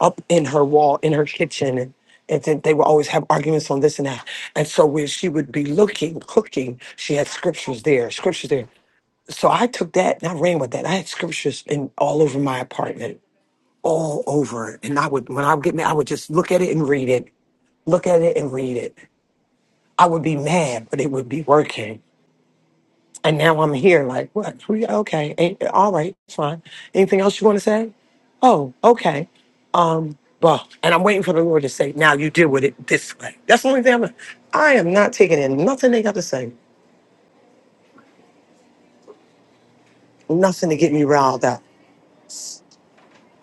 Speaker 4: up in her wall in her kitchen and, and then they would always have arguments on this and that and so when she would be looking cooking she had scriptures there scriptures there so i took that and i ran with that i had scriptures in all over my apartment all over and i would when i would get mad i would just look at it and read it look at it and read it i would be mad but it would be working and now I'm here, like, what? Three? Okay. Ain't, all right. It's fine. Anything else you want to say? Oh, okay. Um, well, and I'm waiting for the Lord to say, now you deal with it this way. That's the only thing I'm, I am not taking in nothing they got to say, nothing to get me riled up.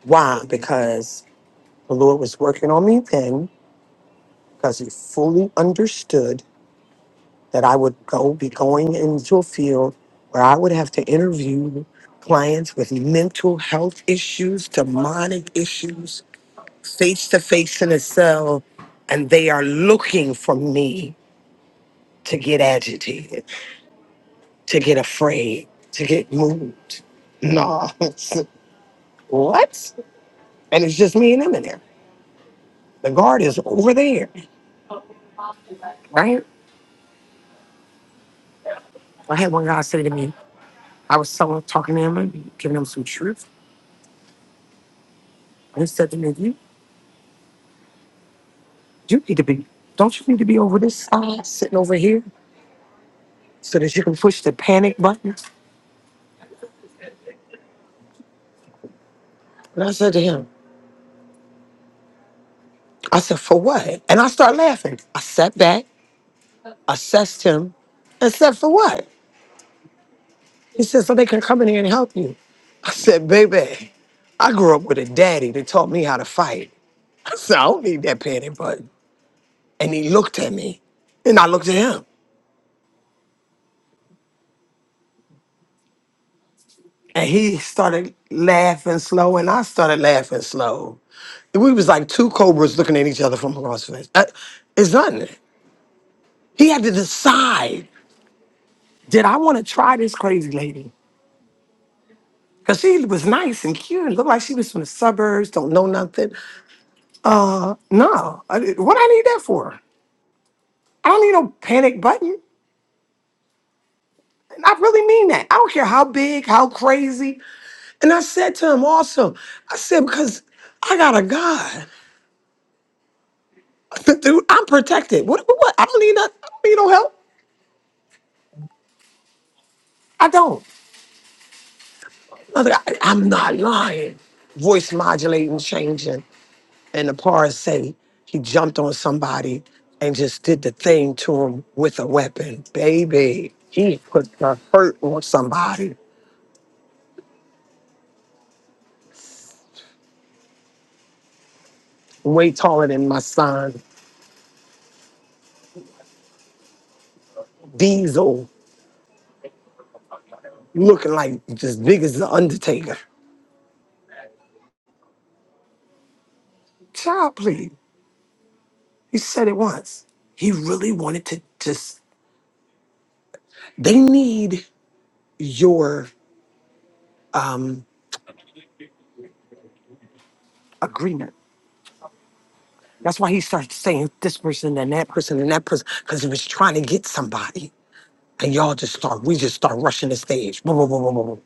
Speaker 4: Why? Because the Lord was working on me then, because he fully understood that I would go be going into a field where I would have to interview clients with mental health issues, demonic issues, face to face in a cell and they are looking for me to get agitated, to get afraid, to get moved. No, it's, what? And it's just me and them in there. The guard is over there, right? I had one guy say to me, I was telling, talking to him and giving him some truth. And he said to me, you, you need to be, don't you need to be over this side, sitting over here so that you can push the panic button? And I said to him, I said, for what? And I start laughing. I sat back assessed him and said, For what? He said, So they can come in here and help you. I said, Baby, I grew up with a daddy that taught me how to fight. I said, I don't need that panic button. And he looked at me and I looked at him. And he started laughing slow and I started laughing slow. And we was like two cobras looking at each other from across the fence. Uh, it's nothing. He had to decide, did I want to try this crazy lady? Because she was nice and cute and looked like she was from the suburbs, don't know nothing. Uh, no. I, what I need that for? I don't need no panic button. And I really mean that. I don't care how big, how crazy. And I said to him also, I said because I got a God, dude. I'm protected. What? What? what? I don't need nothing. I don't need no help. I don't. Mother, I, I'm not lying. Voice modulating, changing, and the pars say he jumped on somebody and just did the thing to him with a weapon, baby. He put the hurt on somebody way taller than my son. Diesel looking like as big as the Undertaker. Child, please. He said it once. He really wanted to just. They need your um agreement. That's why he started saying this person and that person and that person because he was trying to get somebody. And y'all just start. We just start rushing the stage. Boom, boom, boom, boom, boom, boom.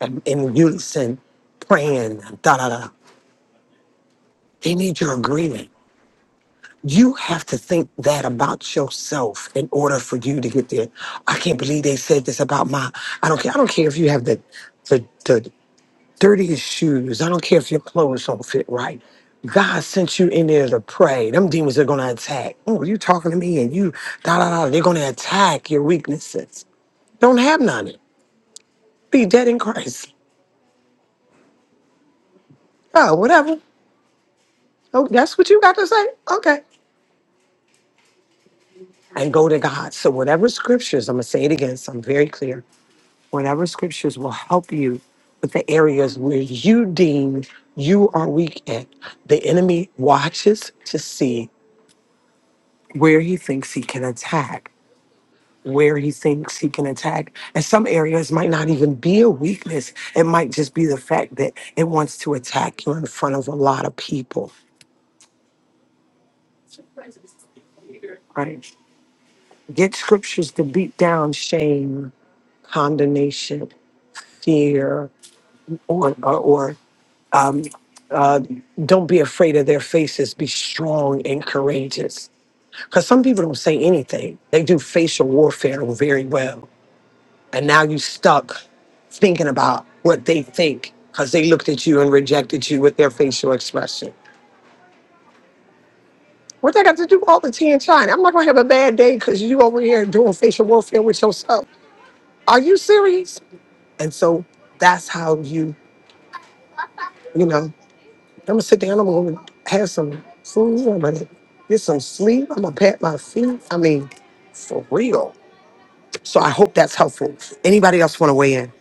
Speaker 4: And in unison, praying. Da da da. They need your agreement You have to think that about yourself in order for you to get there. I can't believe they said this about my. I don't care. I don't care if you have the the, the dirtiest shoes. I don't care if your clothes don't fit right. God sent you in there to pray. Them demons are gonna attack. Oh, you talking to me and you da da da. They're gonna attack your weaknesses. Don't have none. Be dead in Christ. Oh, whatever. Oh, that's what you got to say. Okay. And go to God. So whatever scriptures, I'm gonna say it again. So I'm very clear Whatever scriptures will help you with the areas where you deem you are weak in. The enemy watches to see where he thinks he can attack, where he thinks he can attack. And some areas might not even be a weakness. It might just be the fact that it wants to attack you in front of a lot of people, right? Get scriptures to beat down shame, condemnation, fear, or or. um, uh, don't be afraid of their faces. Be strong and courageous. Because some people don't say anything. They do facial warfare very well. And now you stuck thinking about what they think because they looked at you and rejected you with their facial expression. What they got to do with all the tea and China? I'm not going to have a bad day because you over here doing facial warfare with yourself. Are you serious? And so that's how you, you know. I'm gonna sit down. I'm gonna have some food. I'm gonna get some sleep. I'm gonna pat my feet. I mean, for real. So I hope that's helpful. Anybody else want to weigh in?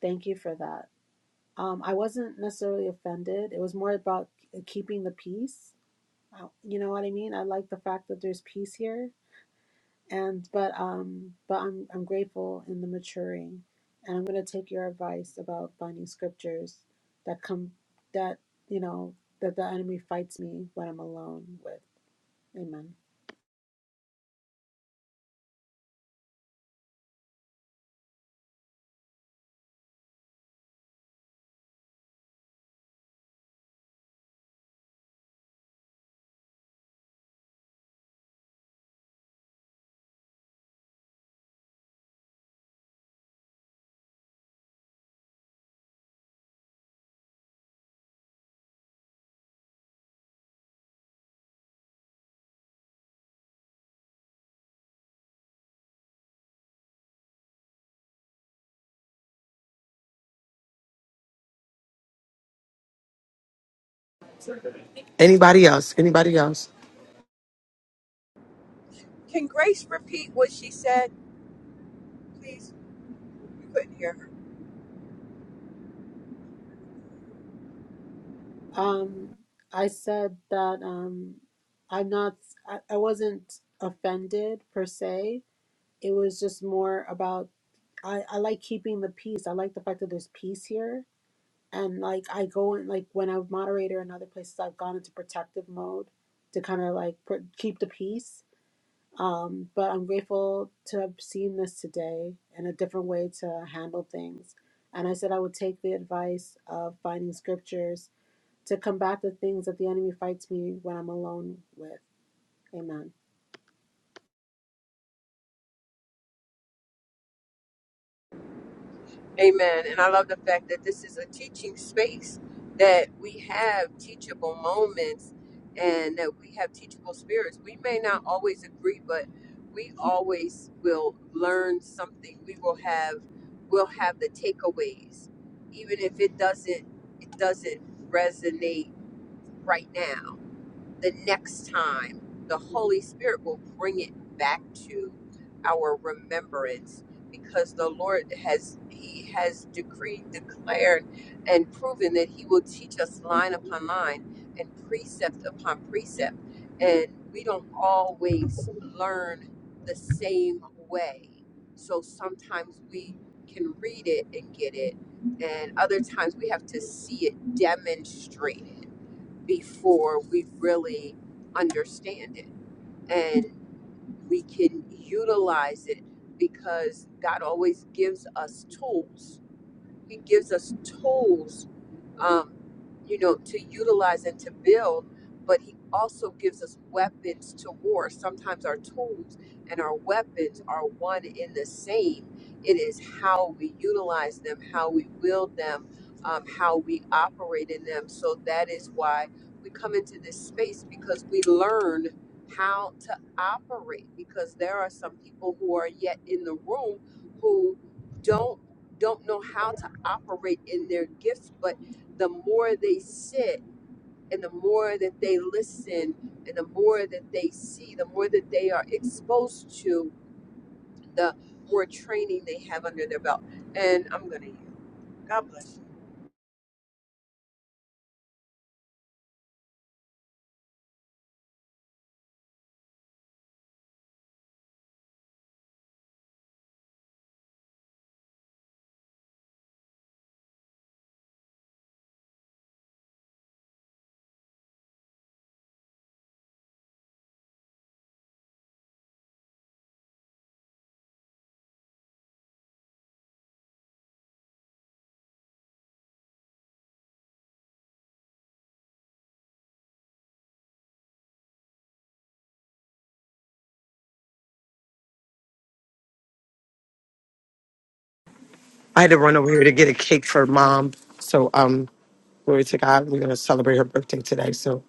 Speaker 17: Thank you for that. Um, I wasn't necessarily offended. It was more about keeping the peace. Uh, You know what I mean? I like the fact that there's peace here, and but um, but I'm I'm grateful in the maturing, and I'm gonna take your advice about finding scriptures that come that you know that the enemy fights me when I'm alone with. Amen.
Speaker 4: Anybody else? Anybody else?
Speaker 8: Can Grace repeat what she said, please? You couldn't hear her.
Speaker 17: Um, I said that um, I'm not, I, I wasn't offended per se. It was just more about, I, I like keeping the peace. I like the fact that there's peace here. And like, I go in, like, when I was moderator in other places, I've gone into protective mode to kind of like pr- keep the peace. Um, but I'm grateful to have seen this today and a different way to handle things. And I said I would take the advice of finding scriptures to combat the things that the enemy fights me when I'm alone with. Amen.
Speaker 8: Amen. And I love the fact that this is a teaching space, that we have teachable moments and that we have teachable spirits. We may not always agree, but we always will learn something. We will have we'll have the takeaways. Even if it doesn't it doesn't resonate right now the next time the Holy Spirit will bring it back to our remembrance because the Lord has he has decreed, declared, and proven that he will teach us line upon line and precept upon precept. And we don't always learn the same way. So sometimes we can read it and get it, and other times we have to see it demonstrated before we really understand it and we can utilize it because God always gives us tools. He gives us tools um, you know, to utilize and to build, but he also gives us weapons to war. Sometimes our tools and our weapons are one in the same. It is how we utilize them, how we wield them, um, how we operate in them. So that is why we come into this space because we learn how to operate because there are some people who are yet in the room who don't don't know how to operate in their gifts but the more they sit and the more that they listen and the more that they see, the more that they are exposed to, the more training they have under their belt. And I'm going to you. God bless you.
Speaker 4: I had to run over here to get a cake for mom. So um, glory to God. We're gonna celebrate her birthday today. So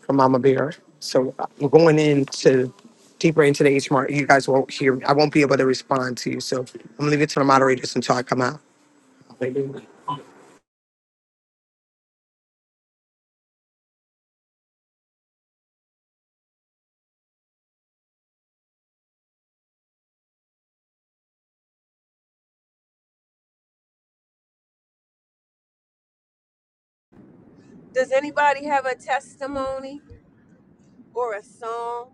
Speaker 4: for Mama Bear. So uh, we're going into deeper into the HMR. You guys won't hear. me. I won't be able to respond to you. So I'm gonna leave it to the moderators until I come out. Hallelujah.
Speaker 8: Does anybody have a testimony or a song?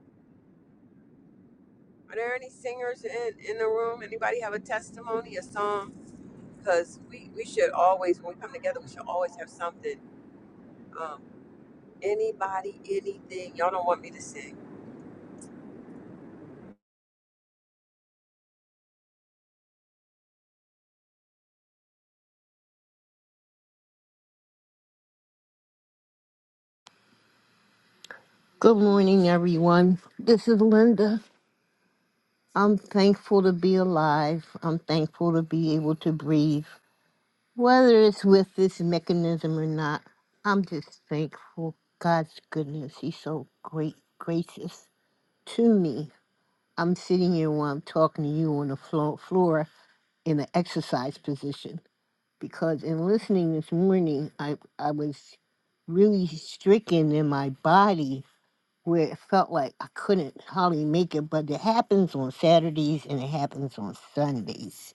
Speaker 8: Are there any singers in, in the room? Anybody have a testimony, a song? Because we, we should always, when we come together, we should always have something. Um, anybody, anything. Y'all don't want me to sing.
Speaker 21: Good morning, everyone. This is Linda. I'm thankful to be alive. I'm thankful to be able to breathe. Whether it's with this mechanism or not, I'm just thankful. God's goodness, He's so great, gracious to me. I'm sitting here while I'm talking to you on the flo- floor in an exercise position because in listening this morning, I, I was really stricken in my body where it felt like I couldn't hardly make it, but it happens on Saturdays and it happens on Sundays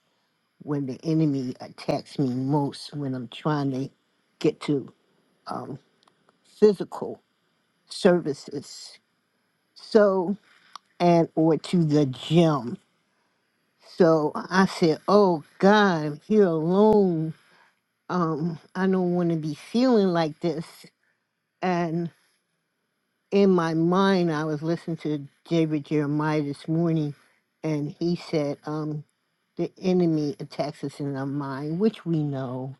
Speaker 21: when the enemy attacks me most when I'm trying to get to um, physical services. So, and or to the gym. So I said, Oh God, I'm here alone. Um, I don't want to be feeling like this. And in my mind, I was listening to David Jeremiah this morning, and he said, um, the enemy attacks us in our mind, which we know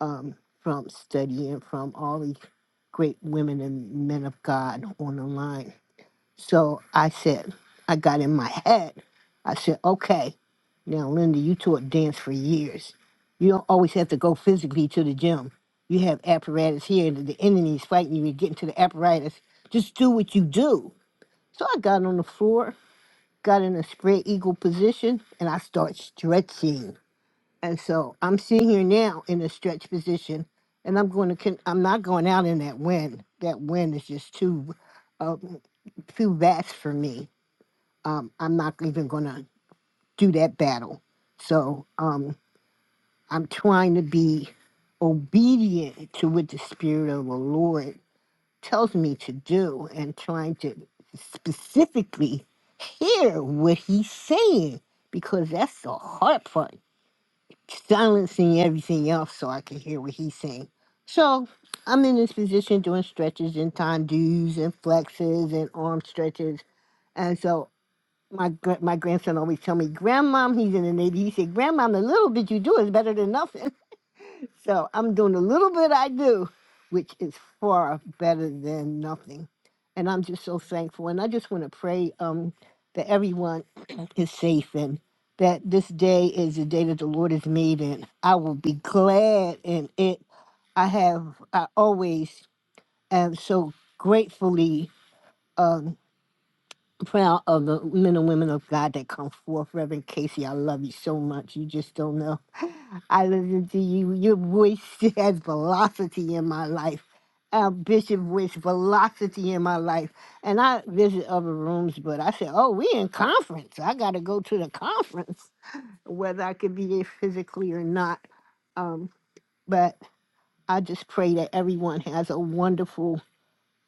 Speaker 21: um, from studying from all these great women and men of God on the line. So I said, I got in my head. I said, okay, now Linda, you taught dance for years. You don't always have to go physically to the gym. You have apparatus here, the the enemy's fighting you, you're getting to the apparatus. Just do what you do. So I got on the floor, got in a spread eagle position, and I start stretching. And so I'm sitting here now in a stretch position, and I'm going to. Con- I'm not going out in that wind. That wind is just too, uh, too vast for me um, I'm not even going to do that battle. So um, I'm trying to be obedient to what the Spirit of the Lord tells me to do and trying to specifically hear what He's saying because that's the hard part, silencing everything else so I can hear what He's saying. So I'm in this position doing stretches and time do's and flexes and arm stretches. And so my gr- my grandson always tell me, "Grandmom, he's in the Navy." He said, "Grandmom, the little bit you do is better than nothing." So I'm doing the little bit I do, which is far better than nothing, and I'm just so thankful. And I just want to pray um, that everyone is safe and that this day is the day that the Lord has made, and I will be glad in it. I have I always am so gratefully. um, proud of the men and women of God that come forth. Reverend Casey, I love you so much. You just don't know. I listen to you. Your voice has velocity in my life. Uh, Bishop voice velocity in my life. And I visit other rooms, but I said, oh, we in conference. I got to go to the conference, whether I could be there physically or not. Um, but I just pray that everyone has a wonderful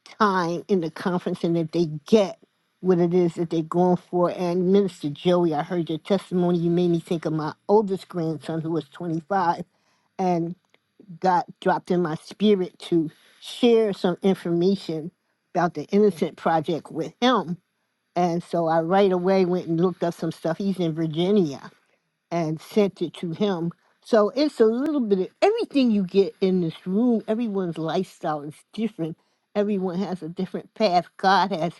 Speaker 21: time in the conference and that they get what it is that they're going for. And Minister Joey, I heard your testimony. You made me think of my oldest grandson who was 25 and got dropped in my spirit to share some information about the Innocent Project with him. And so I right away went and looked up some stuff. He's in Virginia and sent it to him. So it's a little bit of everything you get in this room. Everyone's lifestyle is different. Everyone has a different path. God has,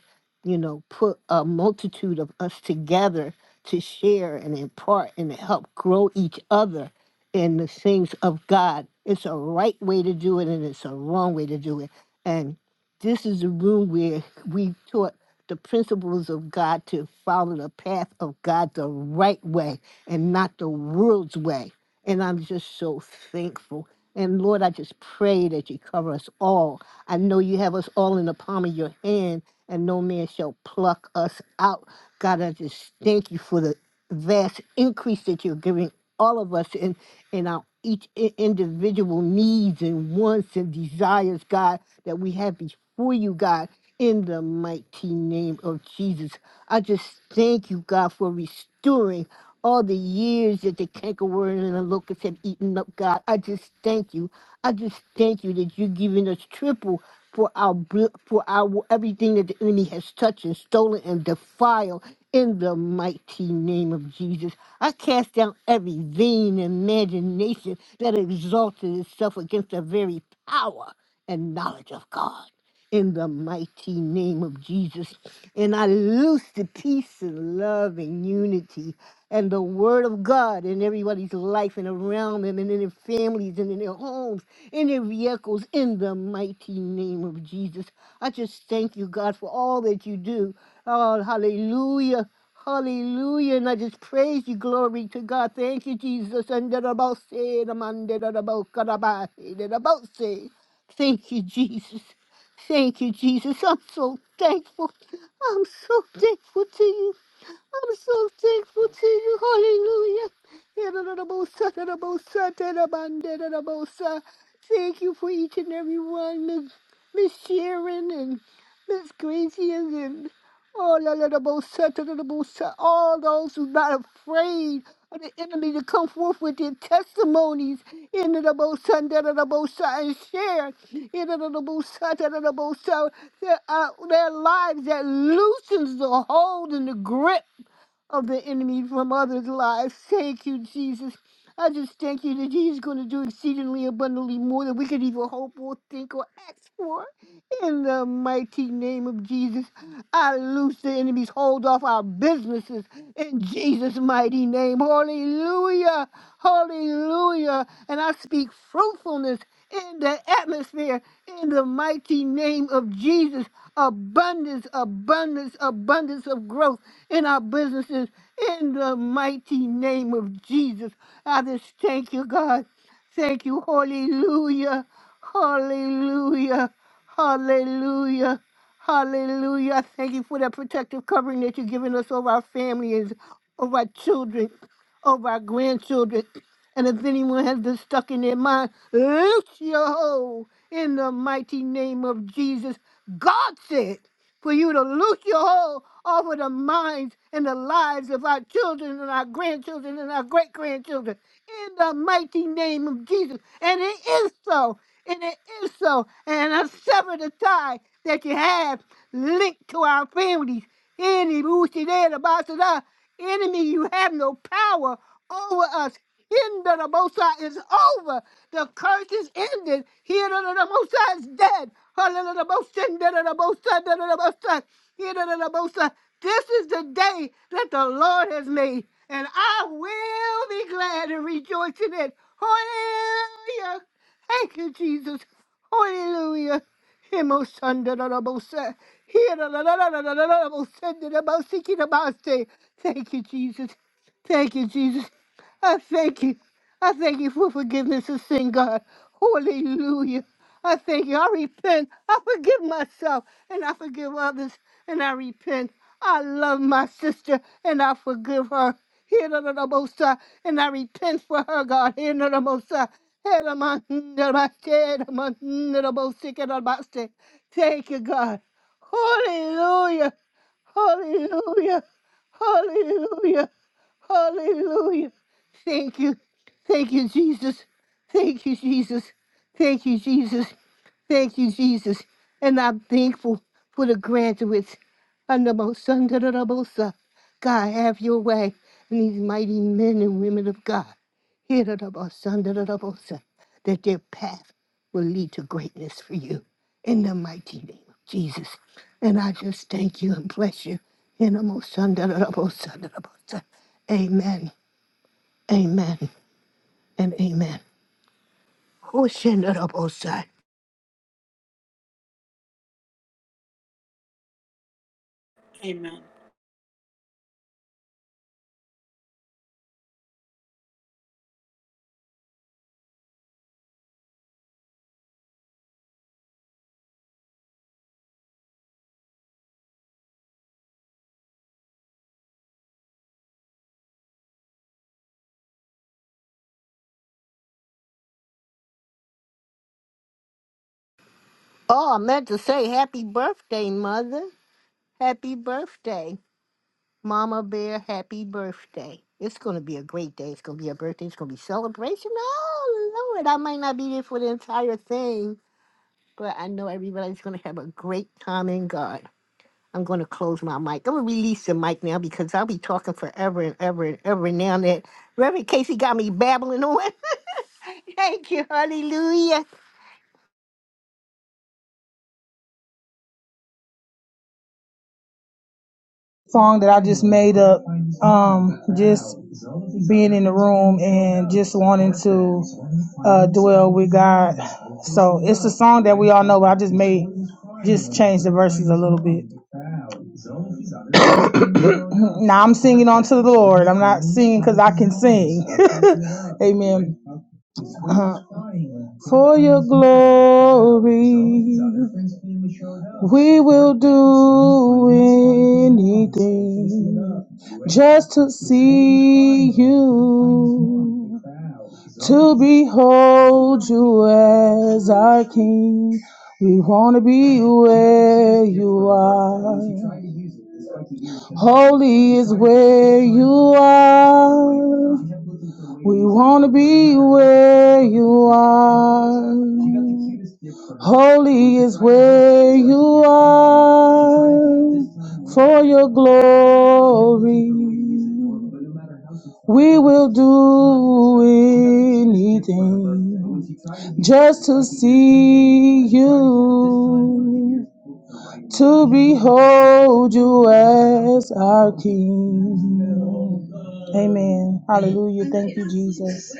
Speaker 21: you know, put a multitude of us together to share and impart and to help grow each other in the things of God. It's a right way to do it and it's a wrong way to do it. And this is the room where we taught the principles of God to follow the path of God the right way and not the world's way. And I'm just so thankful. And Lord, I just pray that you cover us all. I know you have us all in the palm of your hand, and no man shall pluck us out. God, I just thank you for the vast increase that you're giving all of us in in our each i- individual needs and wants and desires, God, that we have before you, God, in the mighty name of Jesus. I just thank you, God, for restoring all the years that the cankerworm and the locusts have eaten up, God. I just thank you. I just thank you that you're giving us triple for our bl- for our everything that the enemy has touched and stolen and defiled in the mighty name of Jesus. I cast down every vain imagination that exalted itself against the very power and knowledge of God in the mighty name of Jesus. And I loose the peace and love and unity and the word of God in everybody's life and around them and in their families and in their homes, in their vehicles, in the mighty name of Jesus. I just thank you, God, for all that you do. Oh, hallelujah. Hallelujah. And I just praise you. Glory to God. Thank you, Jesus. And that about say, the man that about God about say, that about say. Thank you, Jesus. Thank you, Jesus. I'm so thankful. I'm so thankful to you. I'm so thankful to you. Hallelujah. Yadadabosa, dadabosa, dadabanda, dadabosa. Thank you for each and every one, Miss Miss Sharon and Miss Gracie and oh, dadadabosa, dadadabosa. all those who not afraid of the enemy to come forth with their testimonies in the Bosa and Bosa and share in the Bosa and Bosa their, uh, their lives that loosens the hold and the grip of the enemy from others' lives. Thank you, Jesus. I just thank you that He's going to do exceedingly abundantly more than we could even hope or think or ask for. In the mighty name of Jesus, I loose the enemy's hold off our businesses. In Jesus' mighty name, hallelujah, hallelujah. And I speak fruitfulness in the atmosphere in the mighty name of Jesus. Abundance, abundance, abundance of growth in our businesses in the mighty name of Jesus. I just thank you, God. Thank you. Hallelujah. Hallelujah. Hallelujah. Hallelujah. I Thank you for that protective covering that you're giving us over our families, over our children, over our grandchildren. And if anyone has been stuck in their mind, loose your hold in the mighty name of Jesus. God said for you to loose your hold over the minds and the lives of our children and our grandchildren and our great grandchildren in the mighty name of Jesus. And it is so. And it is so. And I sever the tie that you have linked to our families. Any who's there, the boss of the enemy, you have no power over us. Hidden of the Most is over. The curse is ended. Hidden the Most is dead. Hallelujah. The Most High, dead of the Most High, dead of the the Most This is the day that the Lord has made, and I will be glad and rejoice in it. Hallelujah. Thank you, Jesus. Hallelujah. Himo sanda da da bo se. Here da da da da da da da da bo se da da bo se da ba se. Thank you, Jesus. Thank you, Jesus. I thank you. I thank you for forgiveness of sin, God. Hallelujah. I thank you. I repent. I forgive myself and I forgive others and I repent. I love my sister and I forgive her. Here to the most high, and I repent for her, God. Here to the most high. Here to my- to my- here to my- to the most sick and the most sick. Thank you, God. Hallelujah. Hallelujah. Hallelujah. Hallelujah. Thank you. Thank you, Jesus. Thank you, Jesus. Thank you, Jesus. Thank you, Jesus. And I'm thankful for the graduates under Mosunda God, have your way in these mighty men and women of God. Hirarabasandarabosa, that their path will lead to greatness for you in the mighty name of Jesus. And I just thank you and bless you. Hinamosandarabosandarabosa. Amen, amen, and amen. Hoshandarabosai.
Speaker 17: Amen.
Speaker 21: Oh, I meant to say happy birthday, Mother. Happy birthday, Mama Bear. Happy birthday. It's going to be a great day. It's going to be a birthday. It's going to be celebration. Oh, Lord, I might not be there for the entire thing but I know everybody's going to have a great time in God. I'm going to close my mic. I'm going to release the mic now because I'll be talking forever and ever and ever now that Reverend Casey got me babbling on. Thank you. Hallelujah.
Speaker 22: song that I just made up, um, just being in the room and just wanting to uh, dwell with God. So it's a song that we all know, but I just made, just changed the verses a little bit. Now I'm singing unto the Lord. I'm not singing because I can sing. Amen. For your glory, we will do anything just to see you, to behold you as our King. We want to be where you are. Holy is where you are. We want to be where you are. Holy is where you are for your glory. We will do anything just to see you, to behold you as our King. Amen. Hallelujah. Thank you, Jesus.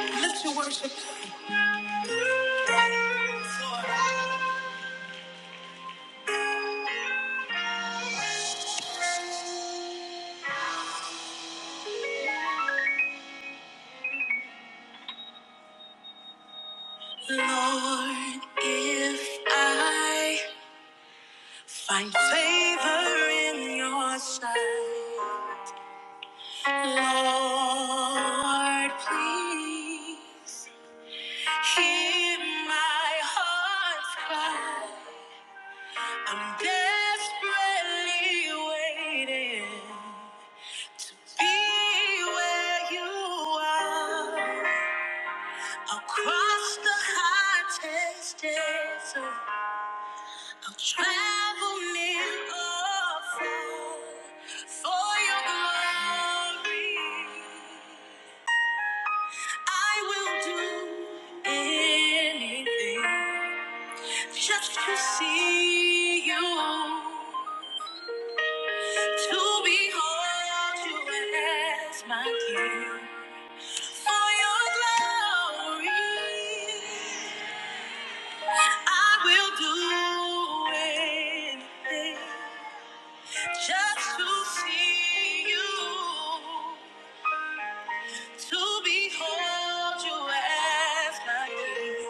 Speaker 10: Lift your worship. Lord, if I find favor in your sight, Lord, please hear my heart's cry. I'm desperately waiting. Be where you are across the hottest desert. I'll travel near or far for your glory. I will do anything just to see you. To behold you as my king. For your glory, I will do anything just to see you to behold you as my king.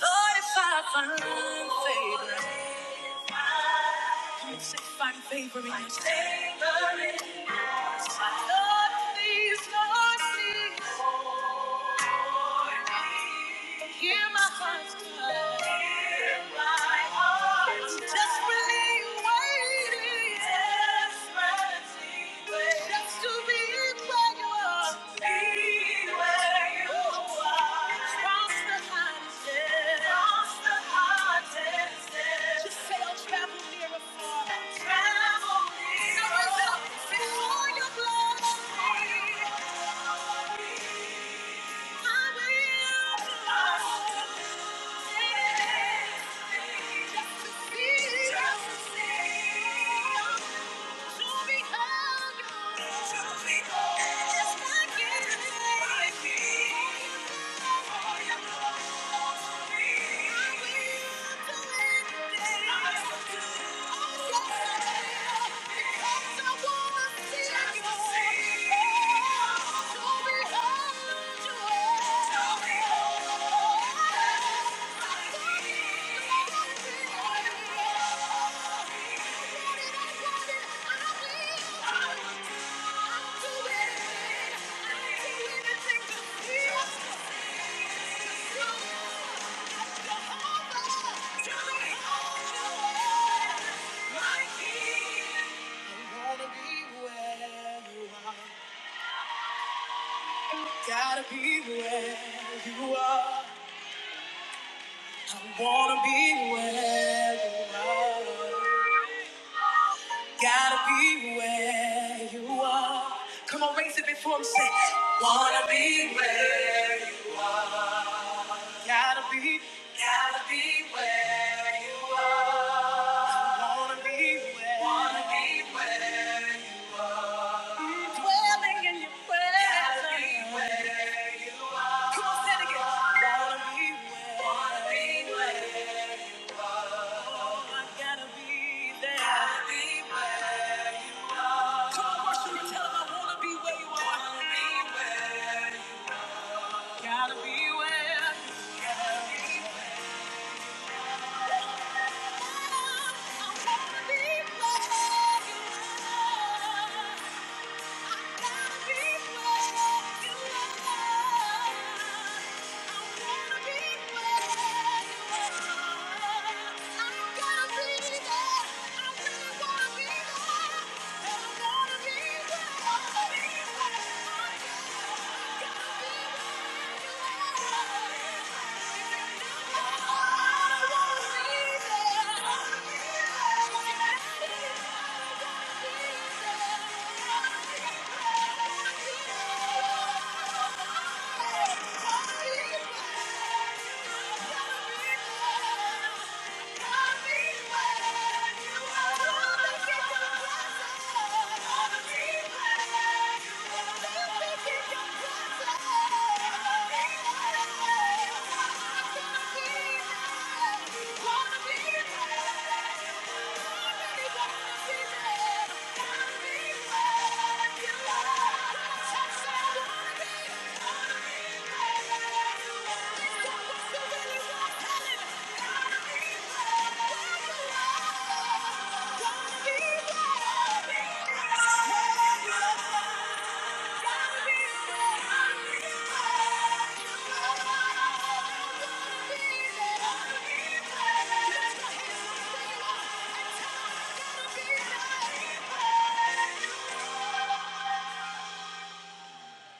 Speaker 10: Lord, if I find favor, come on, say, find favor in your sight. Lord, please, Lord, please, hear my heart's cry. Just before your blood, Oh, yes, I will. Because I wanna see Tell me how you are, my king. Gotta be where you are. I wanna be where you are. Gotta be where you are. Come on, raise it before I'm sick. Wanna be where you are. Gotta be. Gotta be where you are. I wanna be where. Wanna be where. you Dwelling in your presence. Come on, say it again. Wanna be where- Wanna be where- I gotta be there. Gotta be where you are. Come on, worship and tell 'em I wanna be where you are. Gotta be where gotta be where- I wanna be where you are. I gotta be where you. are. are. I wanna be where you gotta Thank you. Thank you.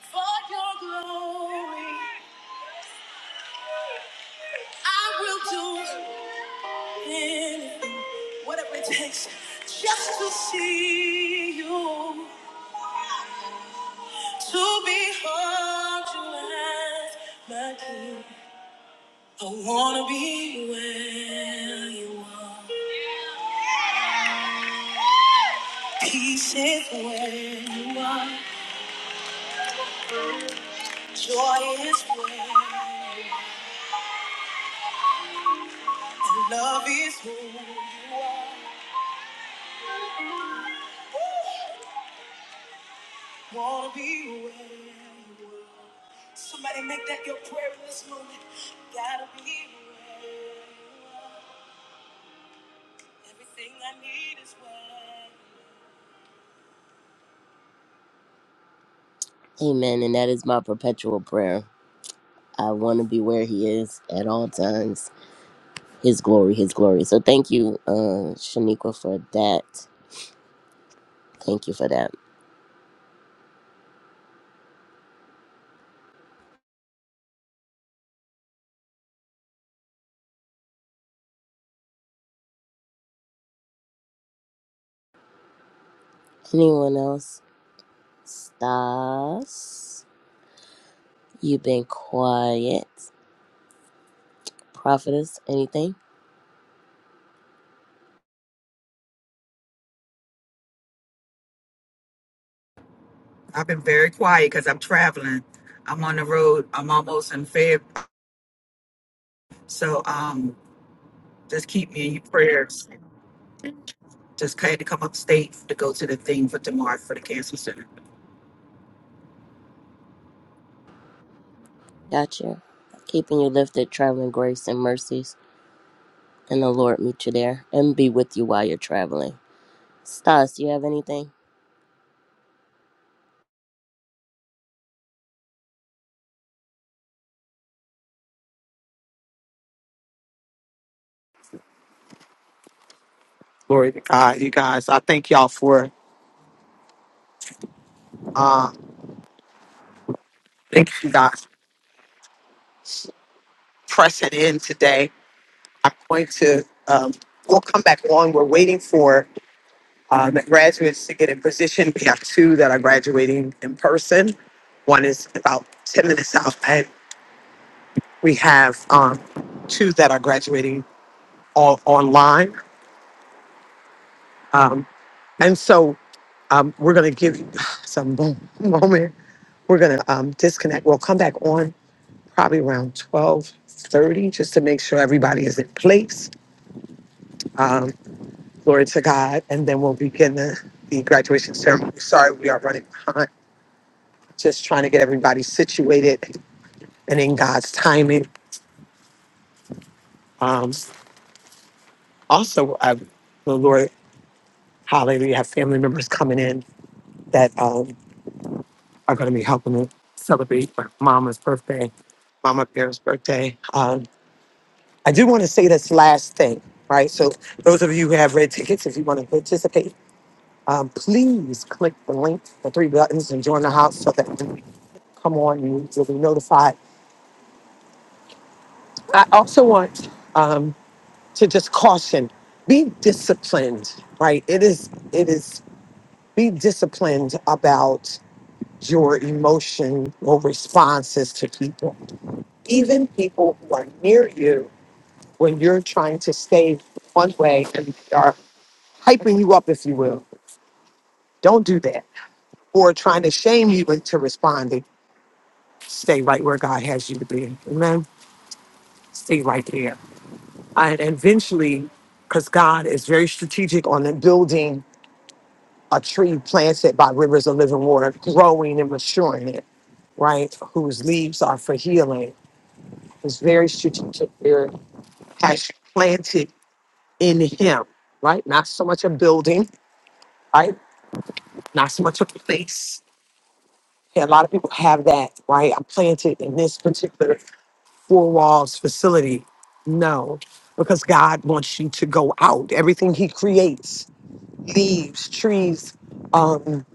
Speaker 10: For your glory. I will do anything, whatever it takes, just to see you, to behold you as my king. I wanna be where you are. Peace is where you are. Joy is where. And love is who you are. Wanna be where you are. Somebody make that your prayer in this moment. Gotta be where you are. Everything I need is where. Amen. And that is my perpetual prayer. I want to be where He is at all times. His glory, His glory. So thank you, uh, Shaniqua, for that. Thank you for that. Anyone else? Stas, you've been quiet. Prophetess, anything?
Speaker 19: I've been very quiet because I'm traveling. I'm on the road. I'm almost in Feb. So um, just keep me in your prayers. Just had to come upstate to go to the thing for tomorrow for the cancer center.
Speaker 10: Gotcha. Keeping you lifted, traveling grace and mercies, and the Lord meet you there and be with you while you're traveling. Stas, do you have anything?
Speaker 4: Glory to God, you guys. I thank y'all for uh, Thank you, God. for Pressing in today. I'm going to, um, we'll come back on. We're waiting for uh, the graduates to get in position. We have two that are graduating in person. One is about 10 minutes out, and we have um, two that are graduating all online. Um, and so um, we're going to give you some mo- moment. We're going to um, disconnect. We'll come back on probably around 12:30, just to make sure everybody is in place. Um, Glory to God. And then we'll begin the, the graduation ceremony. Sorry, we are running behind. Just trying to get everybody situated and in God's timing. Um, also, uh, the Lord, hallelujah, have family members coming in that um, are going to be helping to celebrate my mama's birthday, mama Bear's birthday. Um, I do want to say this last thing, right? So, those of you who have red tickets, if you want to participate, um, please click the link, the three buttons, and join the house so that come on, you will be notified. I also want um, to just caution: be disciplined. Right? It is. It is. Be disciplined about your emotional responses to people, even people who are near you when you're trying to stay one way and they are hyping you up, if you will. Don't do that. Or trying to shame you into responding. Stay right where God has you to be. Amen. Stay right there. And eventually, because God is very strategic on the building a tree planted by rivers of living water, growing and maturing it, right? Whose leaves are for healing. It's very strategic. There has planted in him, right? Not so much a building, right? Not so much a place. Yeah, a lot of people have that, right? I'm planted in this particular four walls facility. No, because God wants you to go out. Everything He creates leaves, trees, um,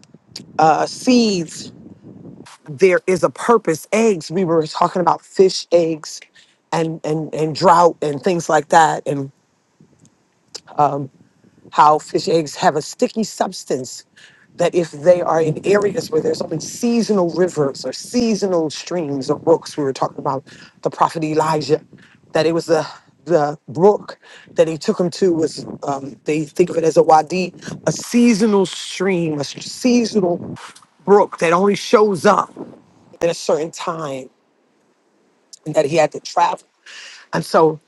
Speaker 4: uh, seeds. There is a purpose. Eggs. We were talking about fish eggs, and and and drought and things like that, and um, how fish eggs have a sticky substance that if they are in areas where there's only seasonal rivers or seasonal streams or brooks, we were talking about the prophet Elijah, that it was the the brook that he took him to was um, they think of it as a wadi, a seasonal stream, a s- seasonal brook that only shows up at a certain time, and that he had to travel. And so,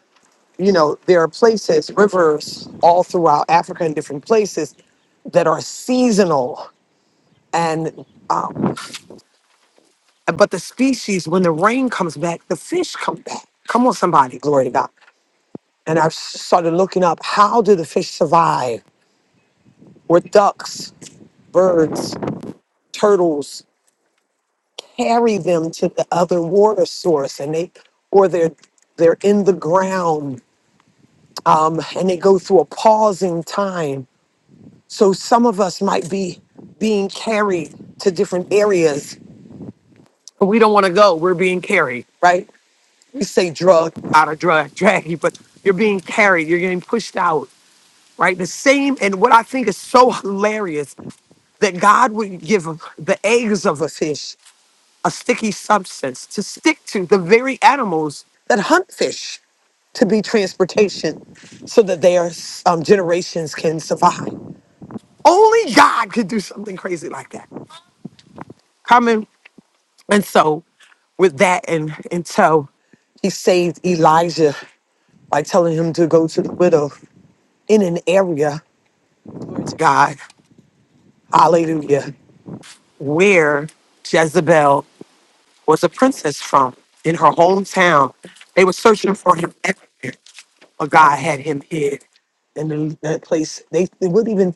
Speaker 4: you know, there are places, rivers all throughout Africa in different places that are seasonal and um, but the species when the rain comes back the fish come back come on somebody glory to god and i started looking up how do the fish survive where ducks birds turtles carry them to the other water source and they or they're they're in the ground um, and they go through a pausing time so some of us might be being carried to different areas we don't want to go we're being carried right you say drug out of drug drag you, but you're being carried, you're getting pushed out, right? The same, and what I think is so hilarious that God would give the eggs of a fish a sticky substance to stick to the very animals that hunt fish to be transportation so that their um, generations can survive. Only God could do something crazy like that. Coming. And so, with that, and, and so he saved Elijah by telling him to go to the widow in an area, God, hallelujah, where Jezebel was a princess from in her hometown. They were searching for him everywhere, but God had him hid. in the, that place, they, they wouldn't even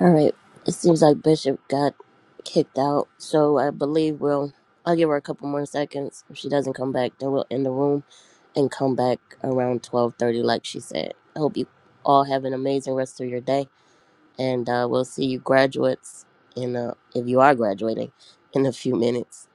Speaker 10: All right. It seems like Bishop got kicked out, so I believe we'll. I'll give her a couple more seconds. If she doesn't come back, then we'll end the room and come back around twelve thirty, like she said. I hope you all have an amazing rest of your day, and uh, we'll see you graduates in uh, if you are graduating in a few minutes.